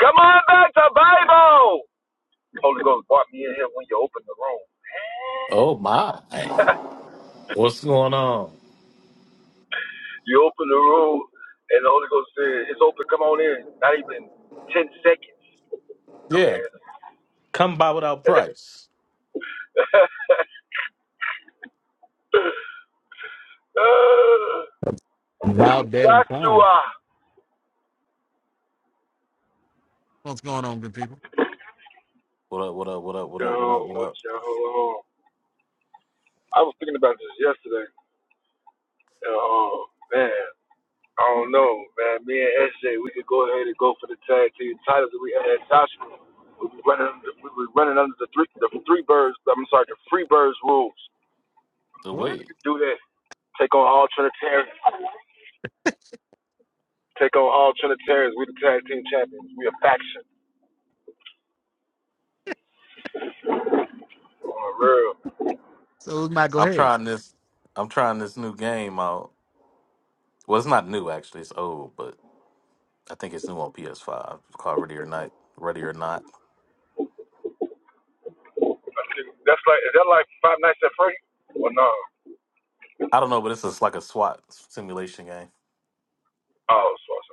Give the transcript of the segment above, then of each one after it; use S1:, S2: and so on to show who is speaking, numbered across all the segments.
S1: Come on back to Bible. The Holy Ghost brought me in here when you opened the room.
S2: Oh my! What's going on?
S1: you open the room, and the Holy Ghost said, "It's open. Come on in." Not even ten seconds. I
S2: Yeah,
S1: mean,
S2: come by without price.
S3: About damn time.
S1: Joshua.
S3: What's going on, good people?
S2: What up? What up? What up? What
S1: Yo,
S2: up? What up? What
S1: What's
S2: up?
S1: No, Joshua. I was thinking about this yesterday. Oh man. I don't know, man. Me and SJ, we could go ahead and go for the tag team titles that we had. Tasha, we was running, we was running under the three, the three birds. I'm sorry, the free birds rules.
S2: The
S3: What?
S2: way
S1: We could do that. Take on all Trinitarians. Take on all Trinitarians. We the tag team champions. We a faction. For real.
S3: So it's Michael
S2: I'm
S3: Hayes.
S2: trying this, I'm trying this new game out. Well, it's not new actually; it's old, but I think it's new on PS5. It's called Ready or Not. Ready or Not.
S1: I think that's like is that like Five Nights at Freddy? Well, no.
S2: I don't know, but it's just like a SWAT simulation game.
S1: Oh, so, so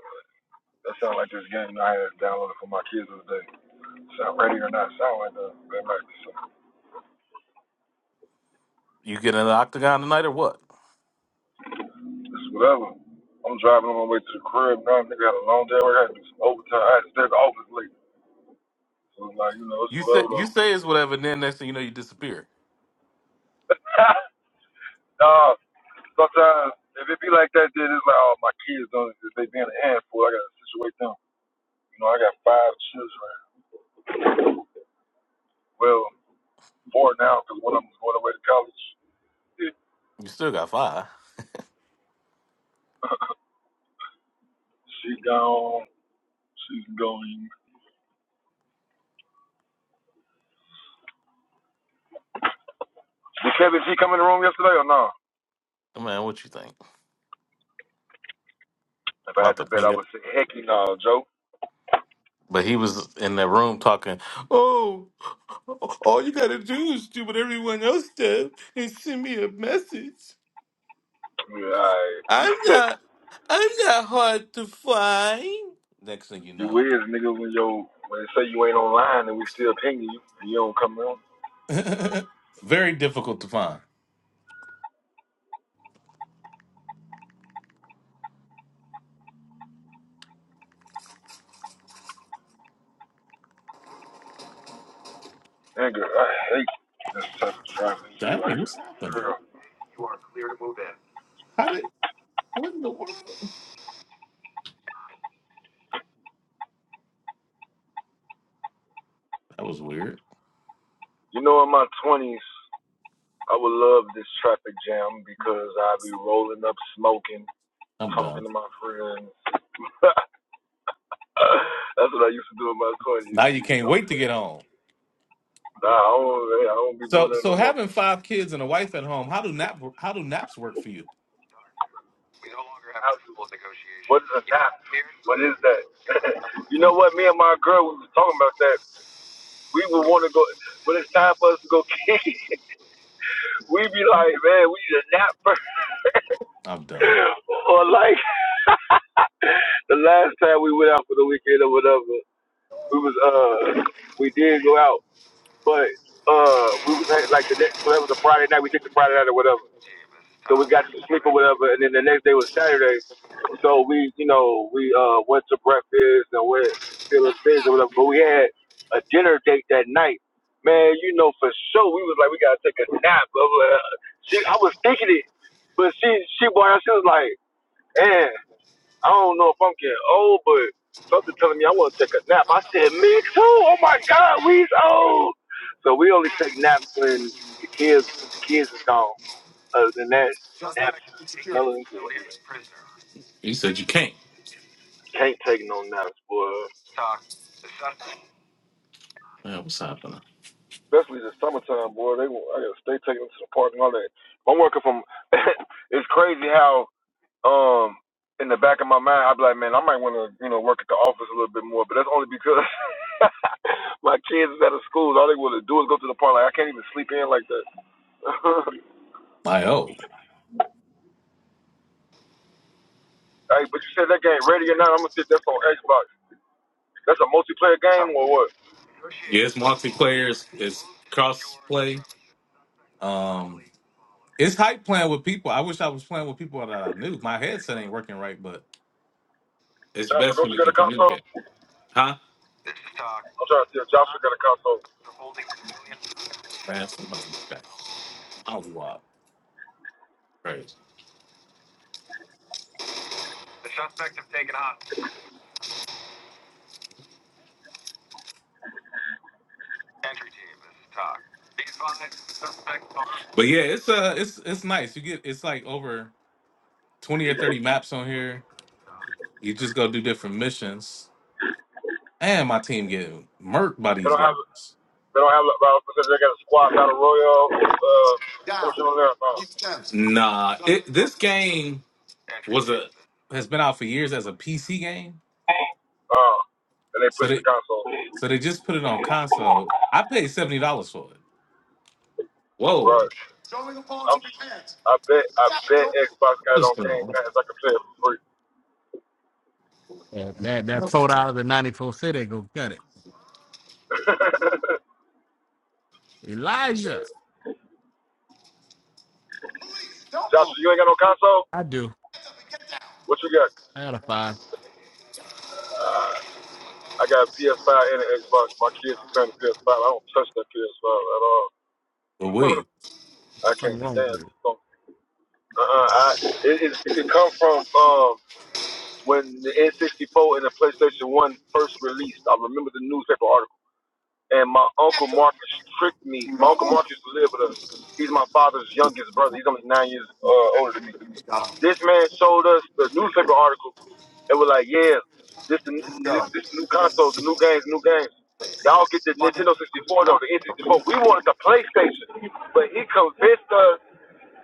S1: that sounds like this game I had downloaded for my kids the other day. Sound ready or not? Sound like that. They might.
S2: You get in an octagon tonight or what?
S1: It's whatever. I'm driving on my way to the crib now. Nigga had a long day. I had to do some overtime. I had to stay at the office late. So it's like, you know, it's
S2: You say
S1: whatever
S2: you
S1: though.
S2: say it's whatever. And then next thing you know, you disappear.
S1: nah, sometimes if it be like that, then it's like, oh, my kids don't, if they being a handful, I gotta situate them. You know, I got five children. Well, four now, because one of them's going away to college. Yeah.
S2: You still got five.
S1: She gone. She's going. Did Kevin G come in the room yesterday or no?
S2: Man, what you think?
S1: If I
S2: About
S1: had
S2: to
S1: to bet, I
S2: ping
S1: would say, heck no, Joe.
S2: But he was in the room talking, Oh, all you gotta do is do what everyone else does and send me a message.
S1: Yeah, all
S2: I'm
S1: right.
S2: not I'm not hard to find. Next thing you
S1: You
S2: know.
S1: is nigga when yo when they say you ain't online and we still pinging you and you don't come on.
S2: Very difficult to find.
S1: Nigga, I hate this type of traffic G right
S2: Dang, what's
S1: for
S2: happening?
S1: real.
S2: How did what in the world? That was weird.
S1: You know in my twenties I would love this traffic jam because I'd be rolling up smoking,
S2: I'm done.
S1: talking to my friends. That's what I used to do in my
S2: Now
S1: twenties,
S2: you can't wait to
S1: Okay.
S2: get home.
S1: Nah, I don't hey, I don't be
S2: So
S1: doing that
S2: so
S1: no more.
S2: having five kids and a wife at home, how do nap how do naps work for you?
S1: What is a nap? What is that? you know
S2: I'm,
S1: what? Me and my girl we was talking about that We would want to go when it's time for us to go kick. it. we be like, man, we need a nap first.
S2: I'm done.
S1: or like the last time we went out for the weekend or whatever, we was uh we did go out, but uh we was at, like the next so that was a Friday night. We took the Friday night or whatever. So we got to sleep or whatever, and then the next day was Saturday. So we, you know, we uh went to breakfast and went Philip things or whatever. But we had a dinner date that night. Man, you know for sure we was like we gotta take a nap. Blah, blah, blah. She, I was thinking it, but she, she boy, she was like, man, I don't know if I'm getting old, but something telling me I want to take a nap. I said, me too. Oh my God, we's old. So we only take naps when the kids, the kids is gone. Other than that, naps is melon.
S2: You said you can't.
S1: Can't take no naps, boy.
S2: Man, what's happening?
S1: Especially the summertime, boy. They want- I gotta stay taking them to the park and all that. If I'm working from. it's crazy how um in the back of my mind i be like, man, I might want to you know work at the office a little bit more, but that's only because my kids is out of school. All they want to do is go to the park. Like I can't even sleep in like that.
S2: I O,
S1: hey, but you said that game ready or not? I'm gonna sit that's on Xbox. That's a multiplayer game or what?
S2: Yeah, it's multiplayer, it's cross play. Um it's hype playing with people. I wish I was playing with people that I knew. My headset ain't working right, but it's
S1: Joshua,
S2: best
S1: don't
S2: when you
S1: you got
S2: can
S1: a
S2: communicate.
S1: console?
S2: Huh?
S1: I'm trying to see if Joshua got a console.
S2: Man, somebody's back. I was wild. Crazy. But yeah, it's uh it's it's nice. You get it's like over twenty or thirty maps on here. You just go do different missions. And my team getting murked by
S1: They
S2: these
S1: don't have
S2: guys.
S1: they don't have about they got a squad battle royale uh portion on there. No,
S2: Nah, it, this game was a has been out for years as a PC game.
S1: no, and they
S2: So
S1: put the
S2: they
S1: console
S2: so they just put it on console. I paid seventy dollars for it. Whoa,
S1: right. I'm s- i am I bet I bet Xbox got it
S2: what's
S1: on
S2: going
S1: Game Pass. I can play it for free.
S3: That that, that
S2: on?
S3: sold out of the 94 city. Go cut it. Elijah.
S1: Joshua, you ain't got no console?
S3: I do.
S1: What you got?
S3: I had a five.
S1: Uh, I got a PS5 and an Xbox. My kids are playing the PS5. I don't touch that PS5 at all.
S2: But wait,
S1: I
S3: There's
S1: can't
S3: something wrong with
S1: stand it.
S3: you.
S1: So, Uh-uh, I, it, it, it come from um, when the N64 and the PlayStation One first released. I remember the newspaper article. And my uncle Marcus tricked me. My uncle Marcus lived with us. He's my father's youngest brother. He's only nine years uh, older than me. This man showed us the newspaper article and was like, yeah, this the this, this the new console, the new games, new games. Y'all get the Nintendo 64 though, the N64. We wanted the PlayStation, but he convinced us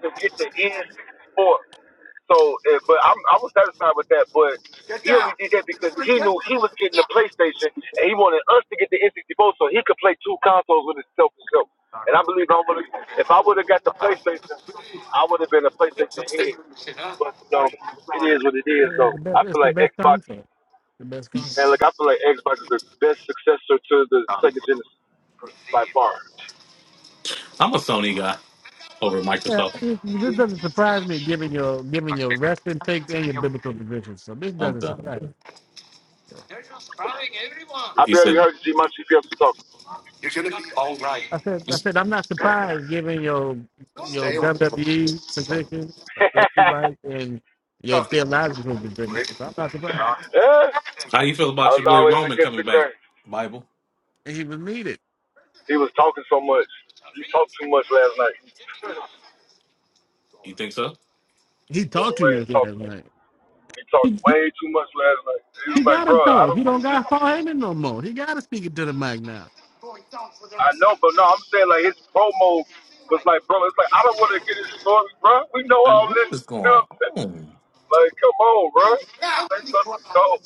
S1: to get the N64. So, eh, but I'm, I was satisfied with that. But he only did that because he knew he was getting the PlayStation and he wanted us to get the N64 so he could play two consoles with himself and himself. And I believe I would have, if I would have got the PlayStation, I would have been a PlayStation head. But um, it is what it is.
S3: It's
S1: Though
S3: the
S1: I
S3: best. It's
S1: feel
S3: the
S1: like
S3: best
S1: Xbox,
S3: concert. The best concert.
S1: man. Look, I feel like Xbox is the best successor to the Sega Genesis by far.
S2: I'm a Sony guy over at
S3: Yeah,
S2: Microsoft.
S3: this, this doesn't surprise me, given your given your resting takes and your biblical positions. So this
S2: I'm
S3: doesn't
S2: done.
S3: surprise. me.
S1: I
S2: He
S1: barely
S2: said,
S1: heard G Munchie Fields talking.
S3: I said I said I'm not surprised, given your your WWE position, what you like,
S1: yeah,
S3: and your theological position. So I'm not surprised.
S2: "How you feel
S1: I
S2: about
S1: was
S2: your boy
S1: always
S2: Roman
S1: against the
S2: coming back?"
S1: grain.
S2: Bible,
S3: He even need it.
S1: He was talking so much. He talked too much last night.
S2: you think so?
S3: He talked
S1: Roman
S3: too much
S1: Reigns talked.
S3: last night.
S1: He talked
S3: He,
S1: way too much last night. He
S3: he
S1: was like, bro,
S3: gotta
S1: I
S3: talk. He
S1: don't
S3: don't
S1: believe this.
S3: got Paul Heyman no more. He gotta speak it to the mic now.
S1: I know, but no, I'm saying like his promo was like, bro, it's like I don't want to get his story, bro. We know
S2: I mean,
S1: all
S2: what
S1: this.
S2: is
S1: You know
S2: going
S1: what I'm saying?
S2: on?
S1: Like, come on, bro. Say something cold.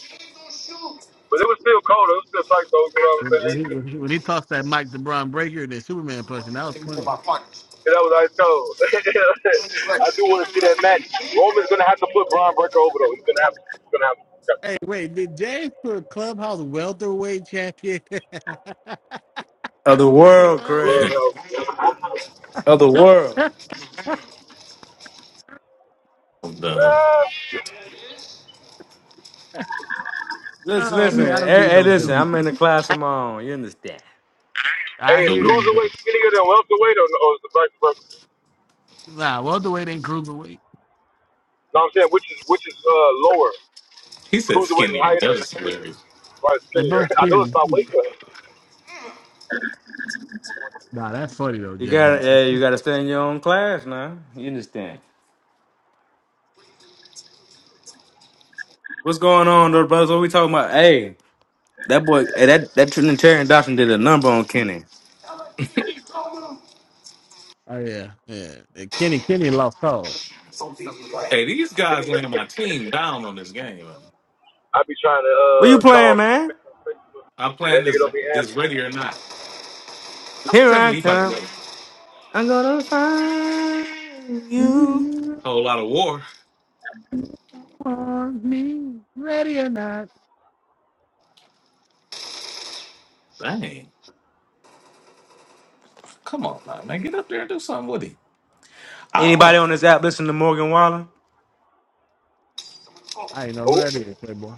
S1: But it was still cold. It was still tight, though. You know what I'm
S3: When
S1: saying?
S3: when
S1: They
S3: he when
S1: still-
S3: he, when he talks that Mike DeBron Breaker and that Superman person, that was plenty.
S1: And that was ice cold. I do want to see that match. Roman's gonna have to put Braun Breaker over though. He's gonna have to. He's gonna have to.
S3: Hey, wait, did James put Clubhouse welterweight champion?
S4: Of the world,
S1: Love
S4: Craig.
S1: help.
S4: Of the world.
S2: I'm done.
S1: Yeah.
S4: Listen,
S3: oh
S4: listen.
S3: man, I don't
S4: Hey,
S3: need
S4: hey,
S3: no
S4: listen.
S3: belt.
S4: I'm in the class of my own. You understand?
S3: I
S1: Hey, is
S2: So,
S3: hear you, brother.
S1: cruiserweight skinnier than welterweight, or, or is the vice versa?
S3: Nah, welterweight ain't cruiserweight.
S1: No, I'm saying which is which is uh, lower.
S2: he said
S1: Cruiserweight is
S2: skinnier.
S1: higher
S2: That
S1: than
S2: is hilarious.
S1: or is
S3: They
S1: skinnier.
S3: both
S1: I know it's
S3: skinny.
S1: about weight cut.
S3: Nah, that's funny though,
S4: You
S3: James.
S4: gotta, hey, you gotta stay in your own class now. You understand? What's going on, though, brothers? What we talking about? Hey, that boy, hey, that that Trinitarian doctrine did a number on Kenny.
S3: Oh yeah, yeah. And Kenny Kenny lost calls.
S2: Hey, these guys laying my team down on this game.
S1: I be trying to
S4: What
S1: uh
S4: you
S1: call
S4: playing, man?
S2: I'm
S1: that
S2: playing
S1: nigga
S2: this
S1: don't be
S2: this
S1: answering.
S2: ready or not. Don't
S4: Here
S2: tell
S4: I
S2: me he about to
S4: come.
S2: make a
S4: I'm gonna find you.
S2: whole lot of war.
S3: want me ready or not.
S2: Dang. Come on now, man. Get up there and do something with him. I don't
S4: Anybody on this app listen to Morgan Wallen?
S3: I ain't know who
S1: Ooh,
S3: that is, Playboy.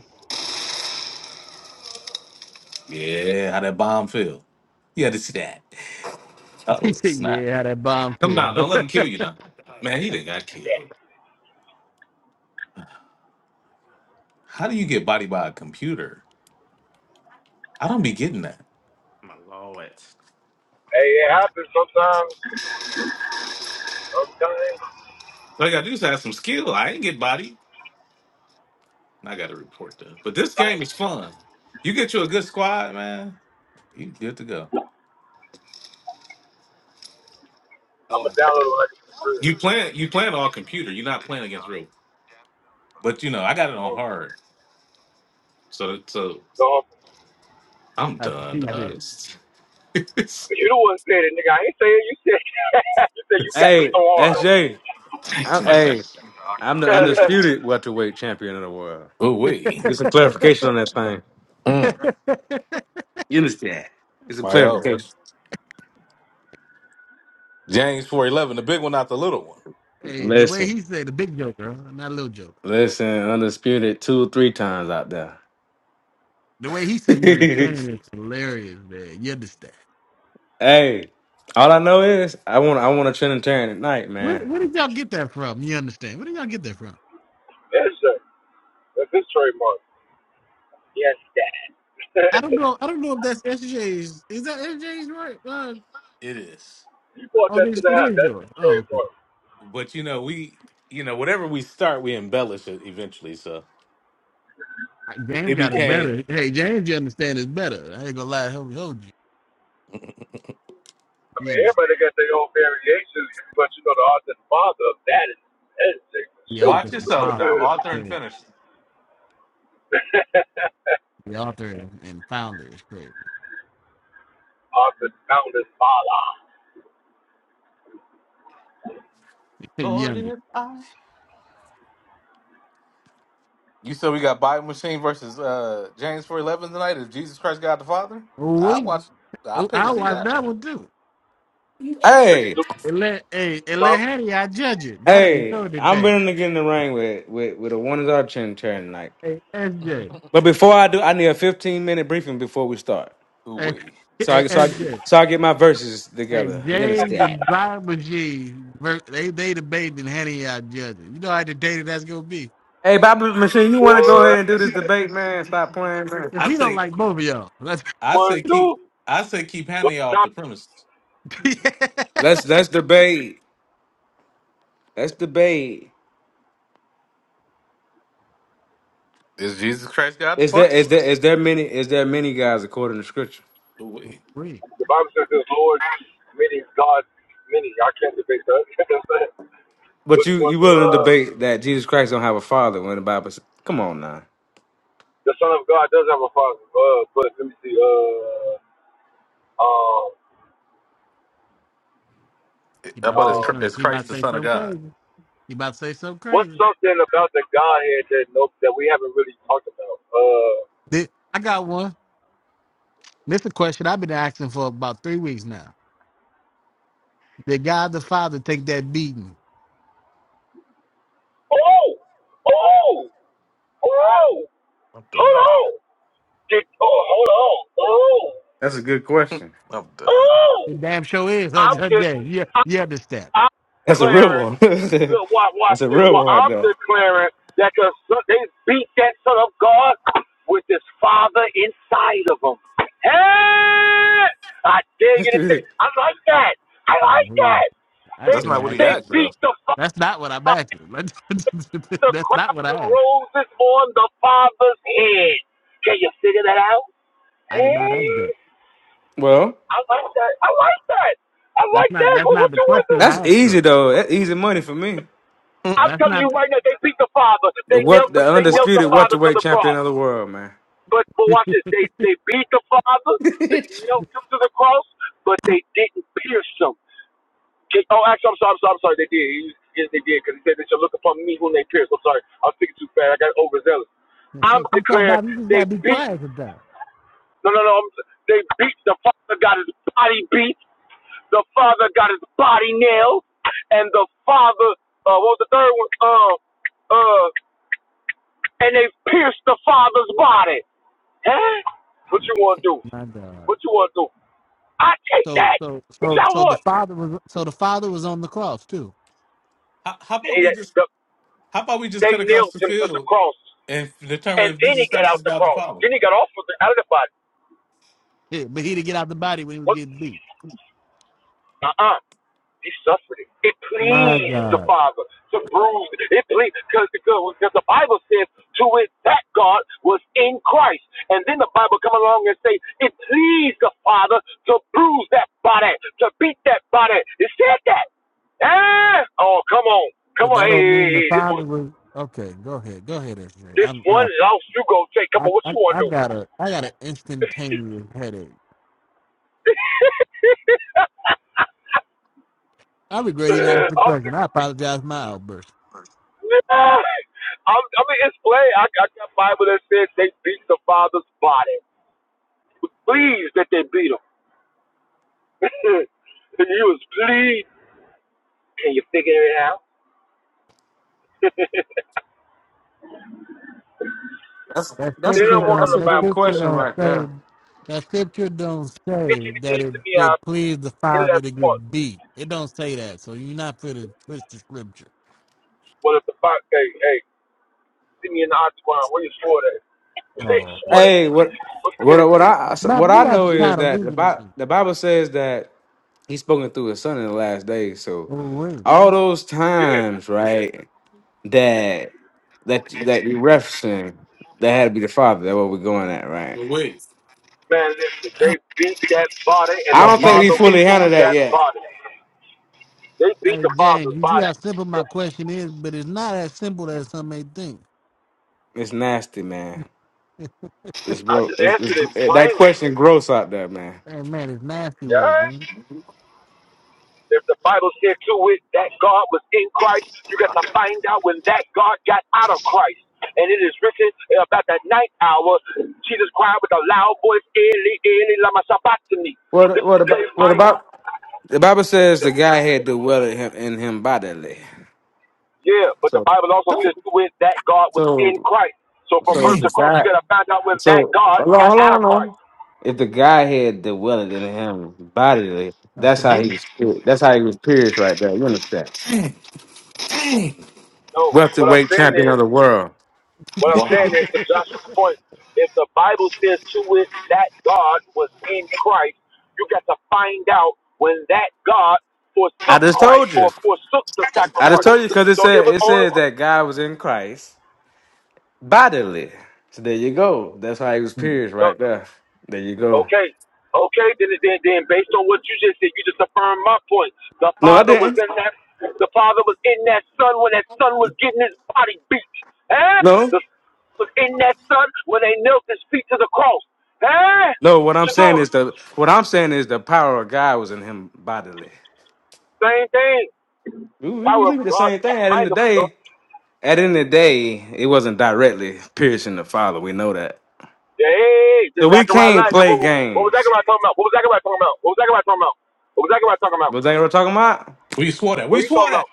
S2: Yeah, how that bomb feel. You had to see that.
S3: He
S2: Oh,
S3: said,
S2: snap.
S3: "Yeah, how that bomb
S2: Come
S3: feel."
S2: down, don't let him kill you now. Man, he done got killed. How do you get body by a computer? I don't be getting that.
S4: My lord.
S1: hey, it happens sometimes. Okay.
S2: All you gotta do is have some skill. I ain't get body. I gotta report though. But this game is fun. You get you a good squad, man. You good to go.
S1: I'm going to download it when I get to the crib.
S2: You playing you playing all computer. You're not playing against real But you know, I got it on
S1: Mm.
S2: hard. So so
S1: So,
S2: I'm
S3: That's what
S2: done,
S3: she said.
S2: dog.
S1: but
S2: Something
S1: you the one said it, nigga. I ain't saying you said You said you got
S4: Hey,
S1: EOR.
S4: SJ. am
S2: like that.
S4: hey, I'm the undisputed welterweight champion of the world.
S2: Ooh wee.
S4: Get some clarification on that thing.
S2: Mm.
S4: You understand? Get some
S2: My oh.
S4: clarification.
S2: James four eleven, the big one, not the little one.
S3: hey, the way
S4: Listen,
S3: he said, the big joker, huh? not a little Joker.
S4: listen, undisputed two, three times out there.
S3: The way he said, "You understand?" is hilarious, man. You understand?
S4: Hey, all I know is I want I want a Trinitarian at night,
S3: Where,
S4: man.
S3: where did y'all get that from? You understand? Where did y'all get that from?
S1: That's it. That's his trademark.
S3: I don't know. I don't know if that's S J's. Is that S J's right? Uh,
S2: It is.
S1: You bought
S3: oh,
S1: that to
S3: this
S1: the
S3: it
S1: house.
S3: is
S1: That's
S3: yours.
S1: his
S3: Oh, okay.
S1: trademark.
S2: But you know, we you know, whatever we start, we embellish it eventually. So it
S3: James got it
S2: became
S3: better. Hey, James, you understand is better. I ain't gonna lie, hold, hold you.
S1: I
S3: You understand.
S1: mean, everybody got their own variations, but you know, the artist father of that is, that is Jake for
S3: The
S1: shoot.
S3: author
S2: Watch
S3: and
S2: yourself now,
S3: founder. is
S2: author and
S3: Crazy.
S2: finisher.
S3: The author and, founder is crazy.
S1: artist founder's father.
S2: Lord
S3: Younger.
S2: if I You said we got Bible Machine versus uh James four eleven tonight is Jesus Christ God the Father?
S3: Oh,
S2: I
S3: we.
S2: watched I
S3: oh,
S2: pay to
S3: I'll
S2: see
S3: watch
S2: that.
S3: that one too.
S1: We can
S4: Hey,
S1: do
S3: And let hey, and let
S1: some,
S3: Hattie I judge it. That'll be
S4: hey,
S3: so
S4: I'm
S3: dictated.
S4: willing to get in the ring with with with a one is our Trinitarian tonight.
S3: Hey, SJ.
S4: But before I do, I need a 15 minute briefing before we start.
S2: Ooh
S3: Hey,
S2: wee.
S4: So
S3: hey
S4: I so I
S3: SJ.
S4: so I get my verses
S3: Hey,
S4: together. You
S3: James
S4: understand?
S3: and Brian Machine, ver- they they debating and Hattie I judge it. You know how dictated that's gonna be.
S4: Hey, Bible machine, you want to
S2: Man.
S4: go ahead
S1: boy.
S4: and do this debate, man? Stop playing, man.
S3: Because
S2: I
S3: he don't
S2: say,
S3: like both of y'all. That's
S2: I
S1: One,
S2: say, keep,
S1: do.
S2: I say, keep
S1: What's
S2: Hannah
S1: the
S2: off
S1: top
S2: the premises.
S4: Let's let's debate. Let's debate.
S2: Is Jesus Christ God the
S4: Is there
S2: Father?
S4: is there is there many is there many guys according to scripture?
S2: Wait.
S1: The Bible says his Lord, meaning God, many. I can't debate that. You understand?
S4: But
S1: Which
S4: you
S1: one?
S4: you willing to
S1: Uh,
S4: debate that Jesus Christ don't have a father when the Bible says? Come on now,
S1: the Son of God does have a father. Uh, but let me see. Uh, um,
S3: He
S2: How
S3: about to
S2: about is,
S3: say
S1: um,
S2: Chr-
S3: something.
S2: is
S3: He about
S2: Christ the
S3: to say
S2: Son of
S3: something
S2: God?
S3: crazy. He about to say something
S1: what's
S3: crazy.
S1: something about the Godhead that no, that we haven't really talked about? Uh,
S3: Did- I got one. This is a question I've been asking for about three weeks now. Did God the Father take that beating?
S1: oh, oh, oh,
S2: I'm
S1: hold
S2: done.
S1: on. Did, oh, hold on. Oh,
S4: that's a good question.
S2: I'm done.
S1: oh,
S3: The damn show is, huh,
S1: I'm
S3: huh, Jay? Yeah,
S1: good.
S3: you understand.
S1: I'm
S4: That's a real
S1: declaring,
S4: one.
S1: look, watch, watch
S4: that's a
S1: this.
S4: real
S1: Well,
S4: one right
S1: I'm declaring that the son, they beat that son of God with his father inside of him. Hey! I dare you to say,
S4: there.
S1: I like that. I
S3: Uh,
S1: like
S3: who-
S1: that.
S3: I
S1: They
S2: That's not
S3: shouldn't
S2: what
S3: ask.
S2: he
S1: they
S3: you.
S2: asked though.
S1: beat the father,
S3: That's not what I'm asking. Let's-
S1: the
S3: that's not
S1: crown
S3: what I
S1: of
S3: asked.
S1: roses on the father's head. Can you figure that out?
S3: I did not ask
S1: Hey,
S3: that.
S4: well,
S1: I like that. I like that. I
S3: That's
S1: like
S3: not.
S1: that.
S3: That's
S1: What,
S3: not
S1: what
S3: the
S1: you want to
S3: question
S1: do?
S4: that's
S3: I asked
S4: easy
S3: though.
S4: though. That's easy money for me.
S2: Mm.
S1: I'm
S3: That's
S1: telling you
S3: not.
S1: right now, they beat the Father.
S4: The
S1: They
S4: what
S1: nailed knelt.
S4: the
S1: They nailed the
S4: undisputed
S1: Father to
S4: welterweight
S1: the
S4: champion
S1: cross.
S4: of the world, man.
S1: But but watch this. They they beat the Father. They nailed him to the cross, but they didn't pierce him. Can- Oh, actually, I'm sorry. I'm sorry. I'm sorry. They did. He- Yes, they did. Because he said they should look upon me whom they pierced. I'm sorry. I was thinking too fast. I got overzealous. I'm
S3: Some- sometimes
S1: declaring
S3: Bob, you just gotta
S1: they
S3: be
S1: beat.
S3: quiet sometimes.
S1: No, no, no. I'm, they beat the Father. Got his body beat. The Father got his body nailed, and the Father. Uh, what was the third one? Uh, uh, and they pierced the father's body. Huh? What you want to do?
S3: My God.
S1: What you want to do? I take
S3: So
S1: that.
S3: so
S1: What
S3: so
S1: y'all
S3: so the
S1: want?
S3: father was so the father was on the cross too,
S2: How, how about
S1: And
S2: we just,
S1: the-
S2: how about we just
S1: they
S2: cut across
S1: nailed
S2: the
S1: him to the
S2: field
S1: cross,
S2: and determine
S1: and
S2: if
S1: then
S2: Jesus
S1: he got
S2: Christ
S1: out
S2: is
S1: the
S2: God the
S1: cross.
S2: problem?
S1: Then he got off of the, out of the body.
S3: Yeah, but he didn't get out the body when he was
S1: What?
S3: getting beat.
S1: Uh-uh. He suffered it. It
S3: My
S1: pleased the
S3: God.
S1: Father to bruise it. It pleased because because the Bible says to it that God was in Christ, and then the Bible come along and say it pleased the Father to bruise that body, to beat that body. It said that. Ah! Oh, come on, come
S3: But
S1: on.
S3: that
S1: Hey,
S3: don't mean the
S1: hey, hey. this
S3: father
S1: one,
S3: was okay. Go ahead, go ahead, SJ.
S1: this
S3: I'm
S1: one
S3: I
S1: loss you gonna take. Come
S3: I
S1: on, what
S3: I
S1: you wanna
S3: I
S1: do?
S3: got a I got an instantaneous headache. I regret even asking the
S1: I'm,
S3: question. I apologize for my outburst.
S1: I'm, I mean, it's plain. I, I got Bible that says they beat the father's body. He Was pleased that they beat him. he was pleased. Can you figure it out? they
S4: That's
S3: That
S4: that's a
S3: scripture
S1: don't
S4: good,
S1: want
S4: that's
S1: none
S3: don't
S4: a
S3: that
S1: about
S4: good
S1: him.
S3: scripture
S4: question
S3: don't
S4: right
S3: say
S4: there.
S3: that scripture don't
S1: You
S3: say
S1: bitch
S3: that
S1: anything
S3: it
S1: to me
S3: it
S1: out
S3: pleased the
S1: in
S3: father
S1: that
S3: to
S1: part.
S3: get beat. It don't say that. So you're not for to twist the scripture.
S1: What if the fox, hey, hey, see me in the octagon. Where you swore that? They
S3: Oh,
S1: swore
S4: Hey, what
S1: that.
S4: what what I
S3: Baba,
S4: what
S3: you
S4: I
S3: gotta
S4: know
S3: be
S4: is
S3: tired of
S4: that the
S3: losing to
S4: Bible,
S3: me.
S4: the Bible says that he's spoken through his son in the last days. So
S3: Oh, wait.
S4: all those
S1: yeah.
S4: times, right, that that that you're referencing, that had to be the father. That's what we're going at, right?
S2: Wait,
S1: Man, listen, they beat that body, and
S2: Oh,
S4: I
S1: the
S4: don't think we
S1: father was
S2: man.
S4: fully handled
S1: in
S4: that
S1: that
S4: yet.
S1: body. They beat
S3: Hey
S1: the
S3: James,
S1: father's
S3: you see
S1: body.
S3: how simple my
S1: The
S3: question is, but it's not as simple as some may think.
S4: It's nasty, man. It's
S1: I
S4: gross.
S1: just
S4: It's,
S1: answered it
S4: it's, that
S1: plainly.
S4: question gross out there, man.
S3: Hey man, it's nasty words,
S1: Yeah.
S3: man.
S1: If the Bible said to it that God was in Christ, you got to find out when that God got out of Christ. And it is written about the ninth hour, Jesus cried with a loud voice, Eli, Eli, lama sabachthani. This
S4: What
S1: is
S4: what
S1: the
S4: about
S1: same
S4: what
S1: Bible.
S4: about the Bible says the guy had to dwell in him, in him bodily.
S1: Yeah, but the
S4: So
S1: Bible also says
S2: don't.
S1: to it that God was in
S4: so
S1: Christ. So from
S4: so
S1: birth
S4: the
S2: Dang.
S1: to cross,
S4: guy
S1: you got to find out when that
S4: So
S1: God
S4: hold on,
S1: got
S4: hold
S1: out of
S4: on. hold
S1: Christ.
S4: on. If the guy had the willing in him bodily,
S3: That's
S4: that's
S3: the
S4: how he
S3: book.
S4: was. That's how he was pierced right there. You understand?
S1: No, what I'm
S4: Welterweight
S1: saying
S4: champion of
S1: is
S4: the world.
S1: What I'm
S2: Wow,
S1: saying is, to Joshua's point, if the Bible says to it that God was in Christ, you got to find out when that God
S4: I
S1: forsook
S4: just
S1: Christ
S4: told you.
S1: or forsook the
S4: I just
S1: sacrifice.
S4: told you because it
S1: So it
S4: said
S1: was
S4: it
S1: only
S4: says that God was in Christ bodily. So there you go. That's how he was pierced
S1: the
S4: right there. There you go.
S1: okay, okay. Then, then, then, based on what you just said, you just affirmed my point. The
S4: No, I
S1: Father was
S4: didn't.
S1: in that. The Father was in that Son when that Son was getting his body beat. Eh?
S4: No,
S1: The Son was in that Son when they knelt his feet to the cross. Hey,
S4: no. What
S1: what
S4: I'm
S1: you
S4: saying
S1: doing?
S4: is the what I'm saying is the power of God was in him bodily.
S1: Same thing.
S4: We, we
S1: Power of
S4: believe the
S1: God.
S4: same thing at the end
S1: Mind
S4: of
S1: of
S4: the day.
S1: God.
S4: At the end of the day, it wasn't directly piercing the father. We know that.
S1: Hey,
S4: So
S1: the
S4: we
S1: Zachariah
S4: can't
S1: line.
S4: play
S1: What, what, what was
S4: games.
S1: Zachariah talking about? What was Zachariah talking about? What was Zachariah talking about? What was Zachariah talking about?
S4: Was that what we're talking about?
S2: we swore that.
S1: What
S2: We
S1: are you
S2: swore
S1: talking
S2: that.
S1: about?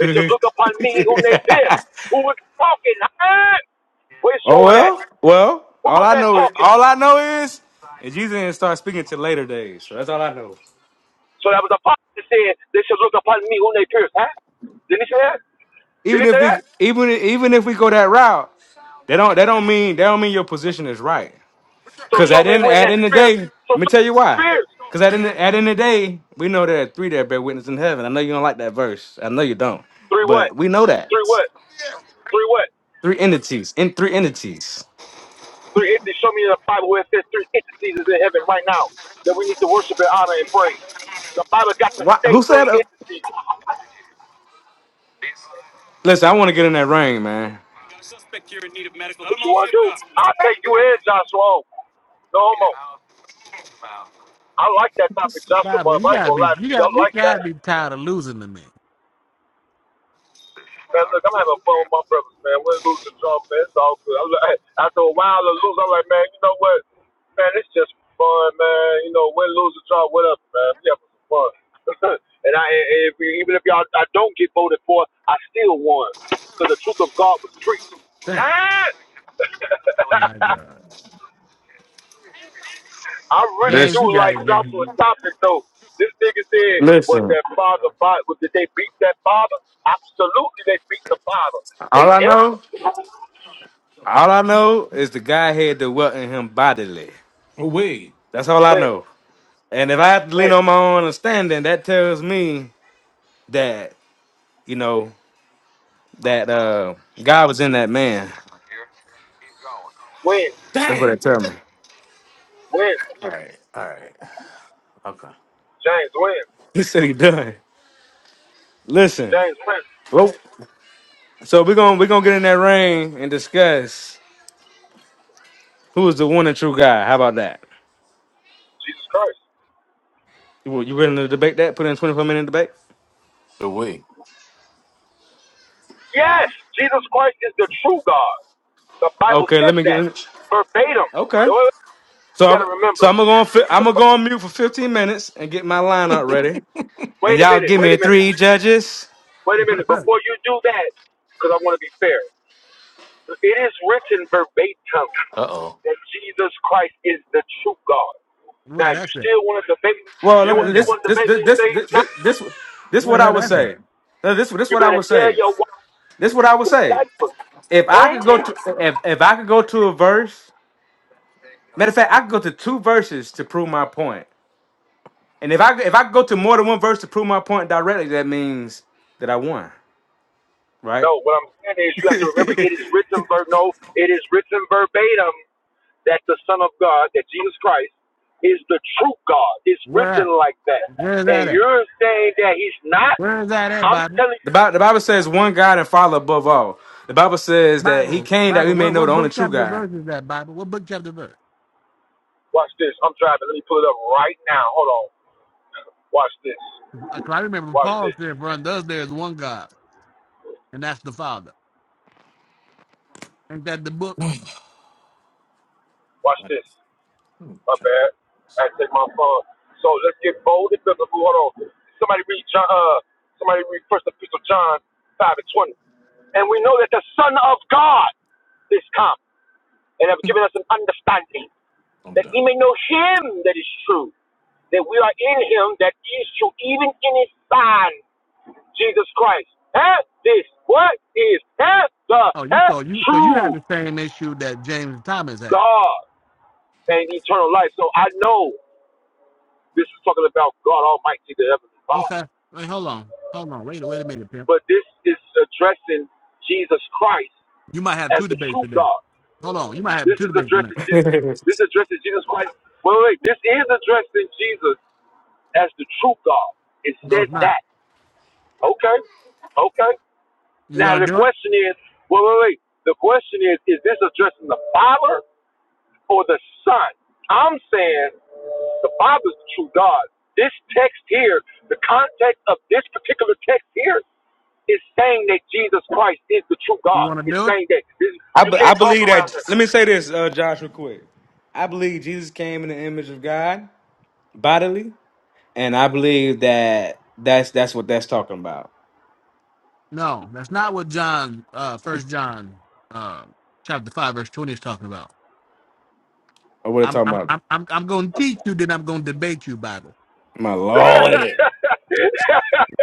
S1: They should look upon me whom they pierced. Who was talking? Huh? Where
S4: oh
S1: swore that?
S4: well, well.
S1: Who
S4: All
S1: was
S4: I
S1: that
S4: know is
S1: talking?
S4: all I know is, and Jesus didn't start speaking till later days. So that's all I know.
S1: So that was a prophet that said, they should look upon me whom they pierced. Huh? Didn't he say that? Did
S4: Even
S1: he
S4: if
S1: say
S4: we
S1: that?
S4: even even if we go that route, they don't they don't mean they don't mean your position is right.
S1: So
S4: Cause
S1: show
S4: at
S1: me
S4: end
S1: when
S4: at
S1: that
S4: end of the
S1: spirit.
S4: day, let
S1: So
S4: me
S1: show
S4: tell you
S1: me
S4: why.
S1: spirits.
S4: Cause at end at end of the day, we know there are three that bear witness in heaven. I know you don't like that verse. I know you don't,
S1: Three what?
S4: but we know that
S1: Three what? Three what?
S4: three entities in three entities.
S1: Three entities. Show me in the Bible where it says three entities is in heaven right now that we need to worship and honor and praise. The Bible got to
S4: Why?
S1: say
S4: Who said?
S1: three
S4: Uh,
S1: entities.
S4: listen, I want to get in that ring, man.
S2: Suspect you're in need of medical. Let
S1: What
S2: them
S1: you
S2: all
S1: want to
S2: zipped
S1: do?
S2: up.
S1: I'll take you in, Joshua. No homo. I like that topic, Joshua,
S3: Bible,
S1: but
S3: you
S1: I ain't
S3: gotta
S1: going to
S3: be
S1: lie to
S3: you
S1: you. I
S3: got you
S1: like
S3: gotta
S1: that.
S3: be tired of losing to me.
S1: Man, look, I'm having fun with my brothers, man. We're losing drunk, man. It's all good. I'm like, after a while of losing, I'm like, man, you know what? Man, it's just fun, man. You know, win, lose, or draw, whatever, man. We having some fun. and I, and if, even if y'all, I don't get voted for, I still won because the truth of God was preached. Ah!
S3: My God.
S1: I really
S3: James,
S1: do
S4: Listen,
S3: you got
S1: like
S3: it, James.
S1: Joshua topic though. This nigga said, was
S4: listen.
S1: that father father? did they beat that father? Absolutely, they beat the father. They
S4: All I
S1: helped
S4: know,
S1: him.
S4: all I know is the guy had to dwelt in him bodily.
S2: But Wait,
S4: That's all I
S1: When
S4: know. And if I have to lean
S1: Win,
S4: on my own understanding, that tells me that you know that uh God was in that man.
S1: win,
S4: That's what
S2: dang.
S4: it tells me.
S1: win.
S2: All right. All right. Okay.
S1: James, win.
S4: He said he done. Listen.
S1: James, win.
S4: Well, so we're gonna we're gonna get in that ring and discuss who is the one and true guy. How about that?
S1: Jesus Christ.
S4: You you willing to debate that? Put in twenty four minute debate.
S2: The we.
S1: Yes, Jesus Christ is the true God. The Bible
S4: Okay,
S1: says
S4: let me get.
S1: that
S4: Let me,
S1: verbatim.
S4: okay,
S1: So you
S4: so I'm,
S1: got to
S4: so
S1: remember.
S4: I'm gonna go on, fi- I'm
S1: So,
S4: gonna go on mute for fifteen minutes and get my lineup ready. And
S1: wait a
S4: y'all
S1: minute.
S4: give
S1: Wait
S4: me
S1: a minute.
S4: three judges.
S1: Wait a minute. Before you do that, because I want to be fair, it is written verbatim
S2: Uh oh.
S1: that Jesus Christ is the true God. Now,
S3: Where
S1: you
S3: that's at?
S1: still want to debate me?
S4: Well,
S1: You
S4: let
S3: Where
S1: will
S4: me
S3: that's
S1: still
S4: this
S3: at?
S1: want to
S4: this
S1: debate
S4: this
S1: me and say
S4: this this
S1: he's not?
S4: this this, this
S3: Where
S4: what
S3: the
S4: I
S3: hell
S4: would
S3: that's at?
S4: say. No, This this
S1: You
S4: what I
S1: better
S4: would
S1: tell
S4: say.
S1: your wife
S4: This what
S1: to
S4: I would
S1: some
S4: say.
S1: diapers.
S4: If I could go
S1: Eh?
S4: to if if I could go to a verse Matter of fact, I could go to two verses to prove my point. And if I if I go to more than one verse to prove my point directly, that means that I won, right?
S1: No, what I'm saying is you have to remember
S4: the,
S1: it is written ver- no, it is written verbatim that the Son of God, that Jesus Christ, is the true God. It's
S3: Where
S1: written
S3: at?
S1: like that.
S3: Where is that
S1: And
S3: at?
S1: you're saying that he's not?
S3: Where is that at,
S1: I'm
S3: Bible?
S1: telling you
S4: Bible, the Bible says one God and Father above all. The Bible says that He
S3: Bible,
S4: came that we
S3: Bible,
S4: may
S3: what,
S4: know the
S3: what
S4: only
S3: book
S4: true
S3: chapter
S4: God.
S3: verse is that, Bible? What book chapter verse?
S1: watch this. I'm driving. Let me pull it up right now. Hold on. Watch this.
S3: I, 'cause I remember
S1: Watch
S3: Paul
S1: this.
S3: said, For unto us there is one God, and that's the Father. Ain't that the book?
S1: Watch this.
S2: Let me
S1: My
S2: check
S1: bad. I
S2: this.
S1: had to take my phone. So let's get bold and biblical. Hold on. Somebody read John. Uh, somebody read First Epistle John five and twenty. And we know that the Son of God is come and have given us an understanding
S2: I'm
S1: that
S2: done.
S1: we may know Him that is true, that we are in Him that is true, even in His Son Jesus Christ. Huh? This what is huh? the
S3: Oh, you
S1: huh?
S3: so you so you have
S1: true
S3: the same issue that James and Thomas had.
S1: God and eternal life. So I know. This is talking about God Almighty, the Heavenly Father.
S3: Okay. Wait, hold on. Hold on. Wait, wait a minute, Pimp.
S1: But this is addressing Jesus Christ
S3: You might have
S1: as
S3: two
S1: the
S3: debates
S1: true
S3: today.
S1: God.
S3: Hold on. You might have
S1: This
S3: two
S1: is
S3: debates tonight.
S1: addressing
S4: I,
S1: Jesus. This addresses Jesus Christ. Wait, wait, wait. This is addressing Jesus as the true God. It
S3: No,
S1: says
S3: it's not.
S1: that. Okay. Okay.
S3: You
S1: Now
S3: wanna
S1: the
S3: do it?
S1: question is, wait, wait, wait. The question is, is this addressing the Father or the Son? I'm saying the Father's the true God. This text here, the context of this particular text here It's saying that Jesus Christ is the true
S3: You
S1: God.
S3: wanna
S1: It's
S3: do it?
S1: saying that this, you
S4: be- I
S1: can't talk
S4: believe that.
S1: around this.
S4: Let me say this, uh, Josh, real quick. I believe Jesus came in the image of God bodily, and I believe that that's that's what that's talking about.
S3: No, that's not what John uh first John uh chapter five verse twenty is talking about.
S4: Or what it
S3: I'm
S4: talking
S3: I'm
S4: about?
S3: I'm I'm, I'm gonna teach you, then I'm gonna debate you, Bible.
S4: My lord,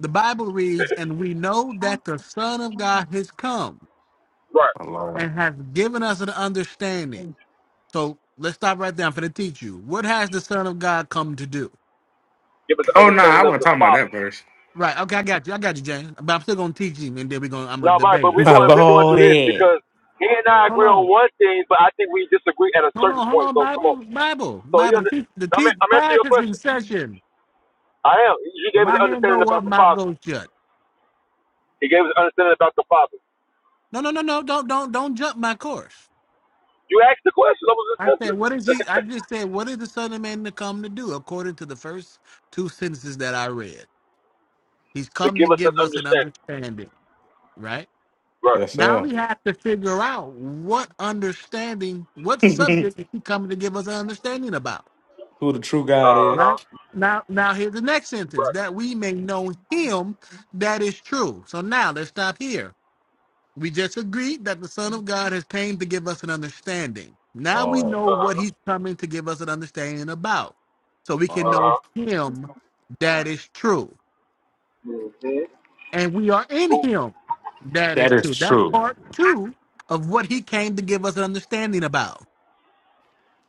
S3: The Bible reads, and we know that the Son of God has come
S1: right.
S4: my lord.
S3: and has given us an understanding. So let's stop right there. I'm gonna teach you. What has the Son of God come to do?
S1: Give us an
S4: Oh no, I
S1: understanding of
S4: wasn't
S1: the
S4: talking about
S1: Father.
S4: that verse.
S3: Right. Okay, I got you. I got you, James. But I'm still gonna teach you, and then we're gonna I'm gonna
S1: No, right,
S3: debate
S1: but
S3: it.
S1: we're
S4: My
S1: going we're going
S4: Lord.
S1: through this because he and I
S3: Hold
S1: agree on
S3: on.
S1: one thing, but I think we disagree at a
S3: Hold
S1: certain
S3: on, hold
S1: point.
S3: on,
S1: So come on.
S3: Bible, Bible,
S1: So he
S3: Bible. The
S1: under,
S3: teach, the
S1: I'm
S3: teach
S1: I'm
S3: class
S1: answering your
S3: is in
S1: question.
S3: session.
S1: I am. You
S3: So
S1: gave us
S3: my
S1: an
S3: hand go
S1: understanding about
S3: up,
S1: the
S3: mouth
S1: Father.
S3: goes shut.
S1: He gave us an understanding about the Father.
S3: No, no, no, no. Don't, don't, don't jump my course.
S1: You asked the question. I was just
S3: I said,
S1: answering
S3: what is he? I just said, what is the Son of Man to come to do? According to the first two sentences that I read, he's
S1: to
S3: come to
S1: give us an
S3: give us an
S1: understanding.
S3: understanding. Right
S1: Right.
S4: Yes,
S3: now,
S4: sir.
S3: we have to figure out what understanding, what
S4: that
S3: subject is he coming to give us an understanding about.
S4: Who the true God
S1: Uh
S4: is?
S3: Right
S1: huh.
S3: now, now here's the next sentence
S1: Right.
S3: that we may know him that is true. So now let's stop here. We just agreed that the Son of God has came to give us an understanding. Now we
S4: Lord,
S3: know
S1: Uh
S3: what
S1: huh.
S3: he's coming to give us an understanding about. So we can
S1: Uh
S4: Lord.
S3: know
S1: huh.
S3: him that is true. And we are in
S1: Who
S3: him that is
S4: is
S3: true. That's
S4: true.
S3: part two of what he came to give us an understanding about.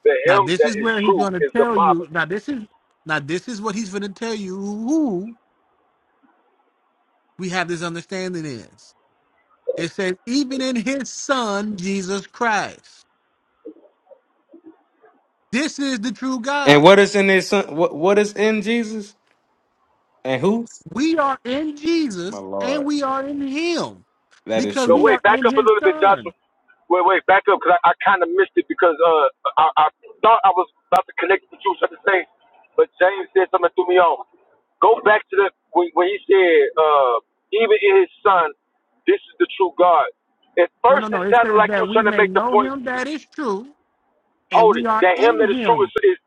S1: The
S3: Now
S1: him
S3: this
S1: that
S3: is
S1: is
S3: where he's
S1: true
S3: going to
S1: is the
S3: tell you.
S1: Father.
S3: Now this is now this is what he's going to tell you who. we have this understanding is. It says, even in his son, Jesus Christ. This is the true
S4: And
S3: God.
S4: what is in his son? What, what is in Jesus? And who?
S3: We are in
S4: My
S3: Jesus and
S4: Lord.
S3: we are in him
S4: That is
S3: because
S1: No,
S3: we
S4: true.
S1: wait,
S3: are
S1: back
S3: in
S1: up a
S3: his
S1: little bit, Joshua.
S3: son.
S1: Wait, wait, back up because I, I kind of missed it because uh I, I thought I was about to connect the truth at the same, but James said something that threw me off. Go back to the when, when he said uh even in his son, this is the true God. At
S3: No, no,
S1: first,
S3: no.
S1: it
S3: It
S1: sounded
S3: says
S1: like you
S3: that
S1: were
S3: we
S1: trying to
S3: may
S1: make the
S3: know
S1: point.
S3: him that is true and
S1: Hold
S3: we
S1: it,
S3: are
S1: that him that
S3: in
S1: is true
S3: him
S1: is, is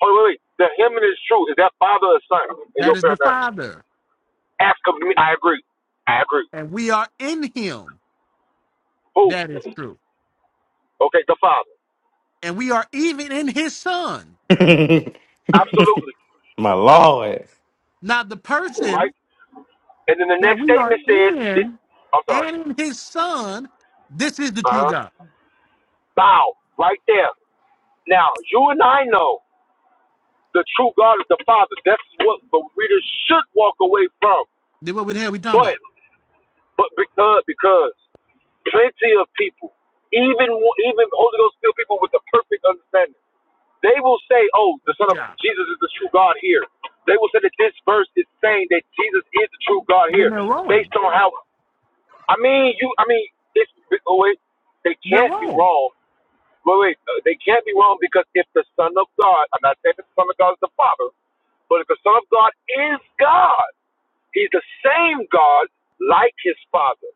S1: hold on, wait, wait, the him that is true is that father or son in
S3: that
S1: your
S3: is the
S1: paradigm.
S3: Father
S1: Ask of me, I agree, I agree.
S3: and we are in him
S1: Who?
S3: that is true
S1: Okay, the Father.
S3: and we are even in his son.
S1: Absolutely.
S4: My Lord.
S3: Not the person
S1: Right? And then the
S3: that
S1: next
S3: we are
S1: statement said, this,
S3: in
S1: I'm sorry.
S3: and in his son, this is the true
S1: Uh-huh.
S3: God.
S1: Bow. Right there. Now, you and I know the true God is the Father. That's what the reader should walk away from.
S3: Then what the hell we talking
S1: But,
S3: about?
S1: but because, because plenty of people, even, even Holy Ghost filled people with the perfect understanding, they will say, oh, the Son of
S3: Yeah.
S1: Jesus is the true God here. They will say that this verse is saying that Jesus is the true God
S3: Then
S1: here
S3: they're
S1: based
S3: wrong.
S1: on how I mean, you. I mean, it's oh, wait. They
S3: They're
S1: can't be
S3: wrong.
S1: wrong. Wait, wait. uh, They can't be wrong because if the Son of God, I'm not saying that the Son of God is the Father, but if the Son of God is God, He's the same God like His Father.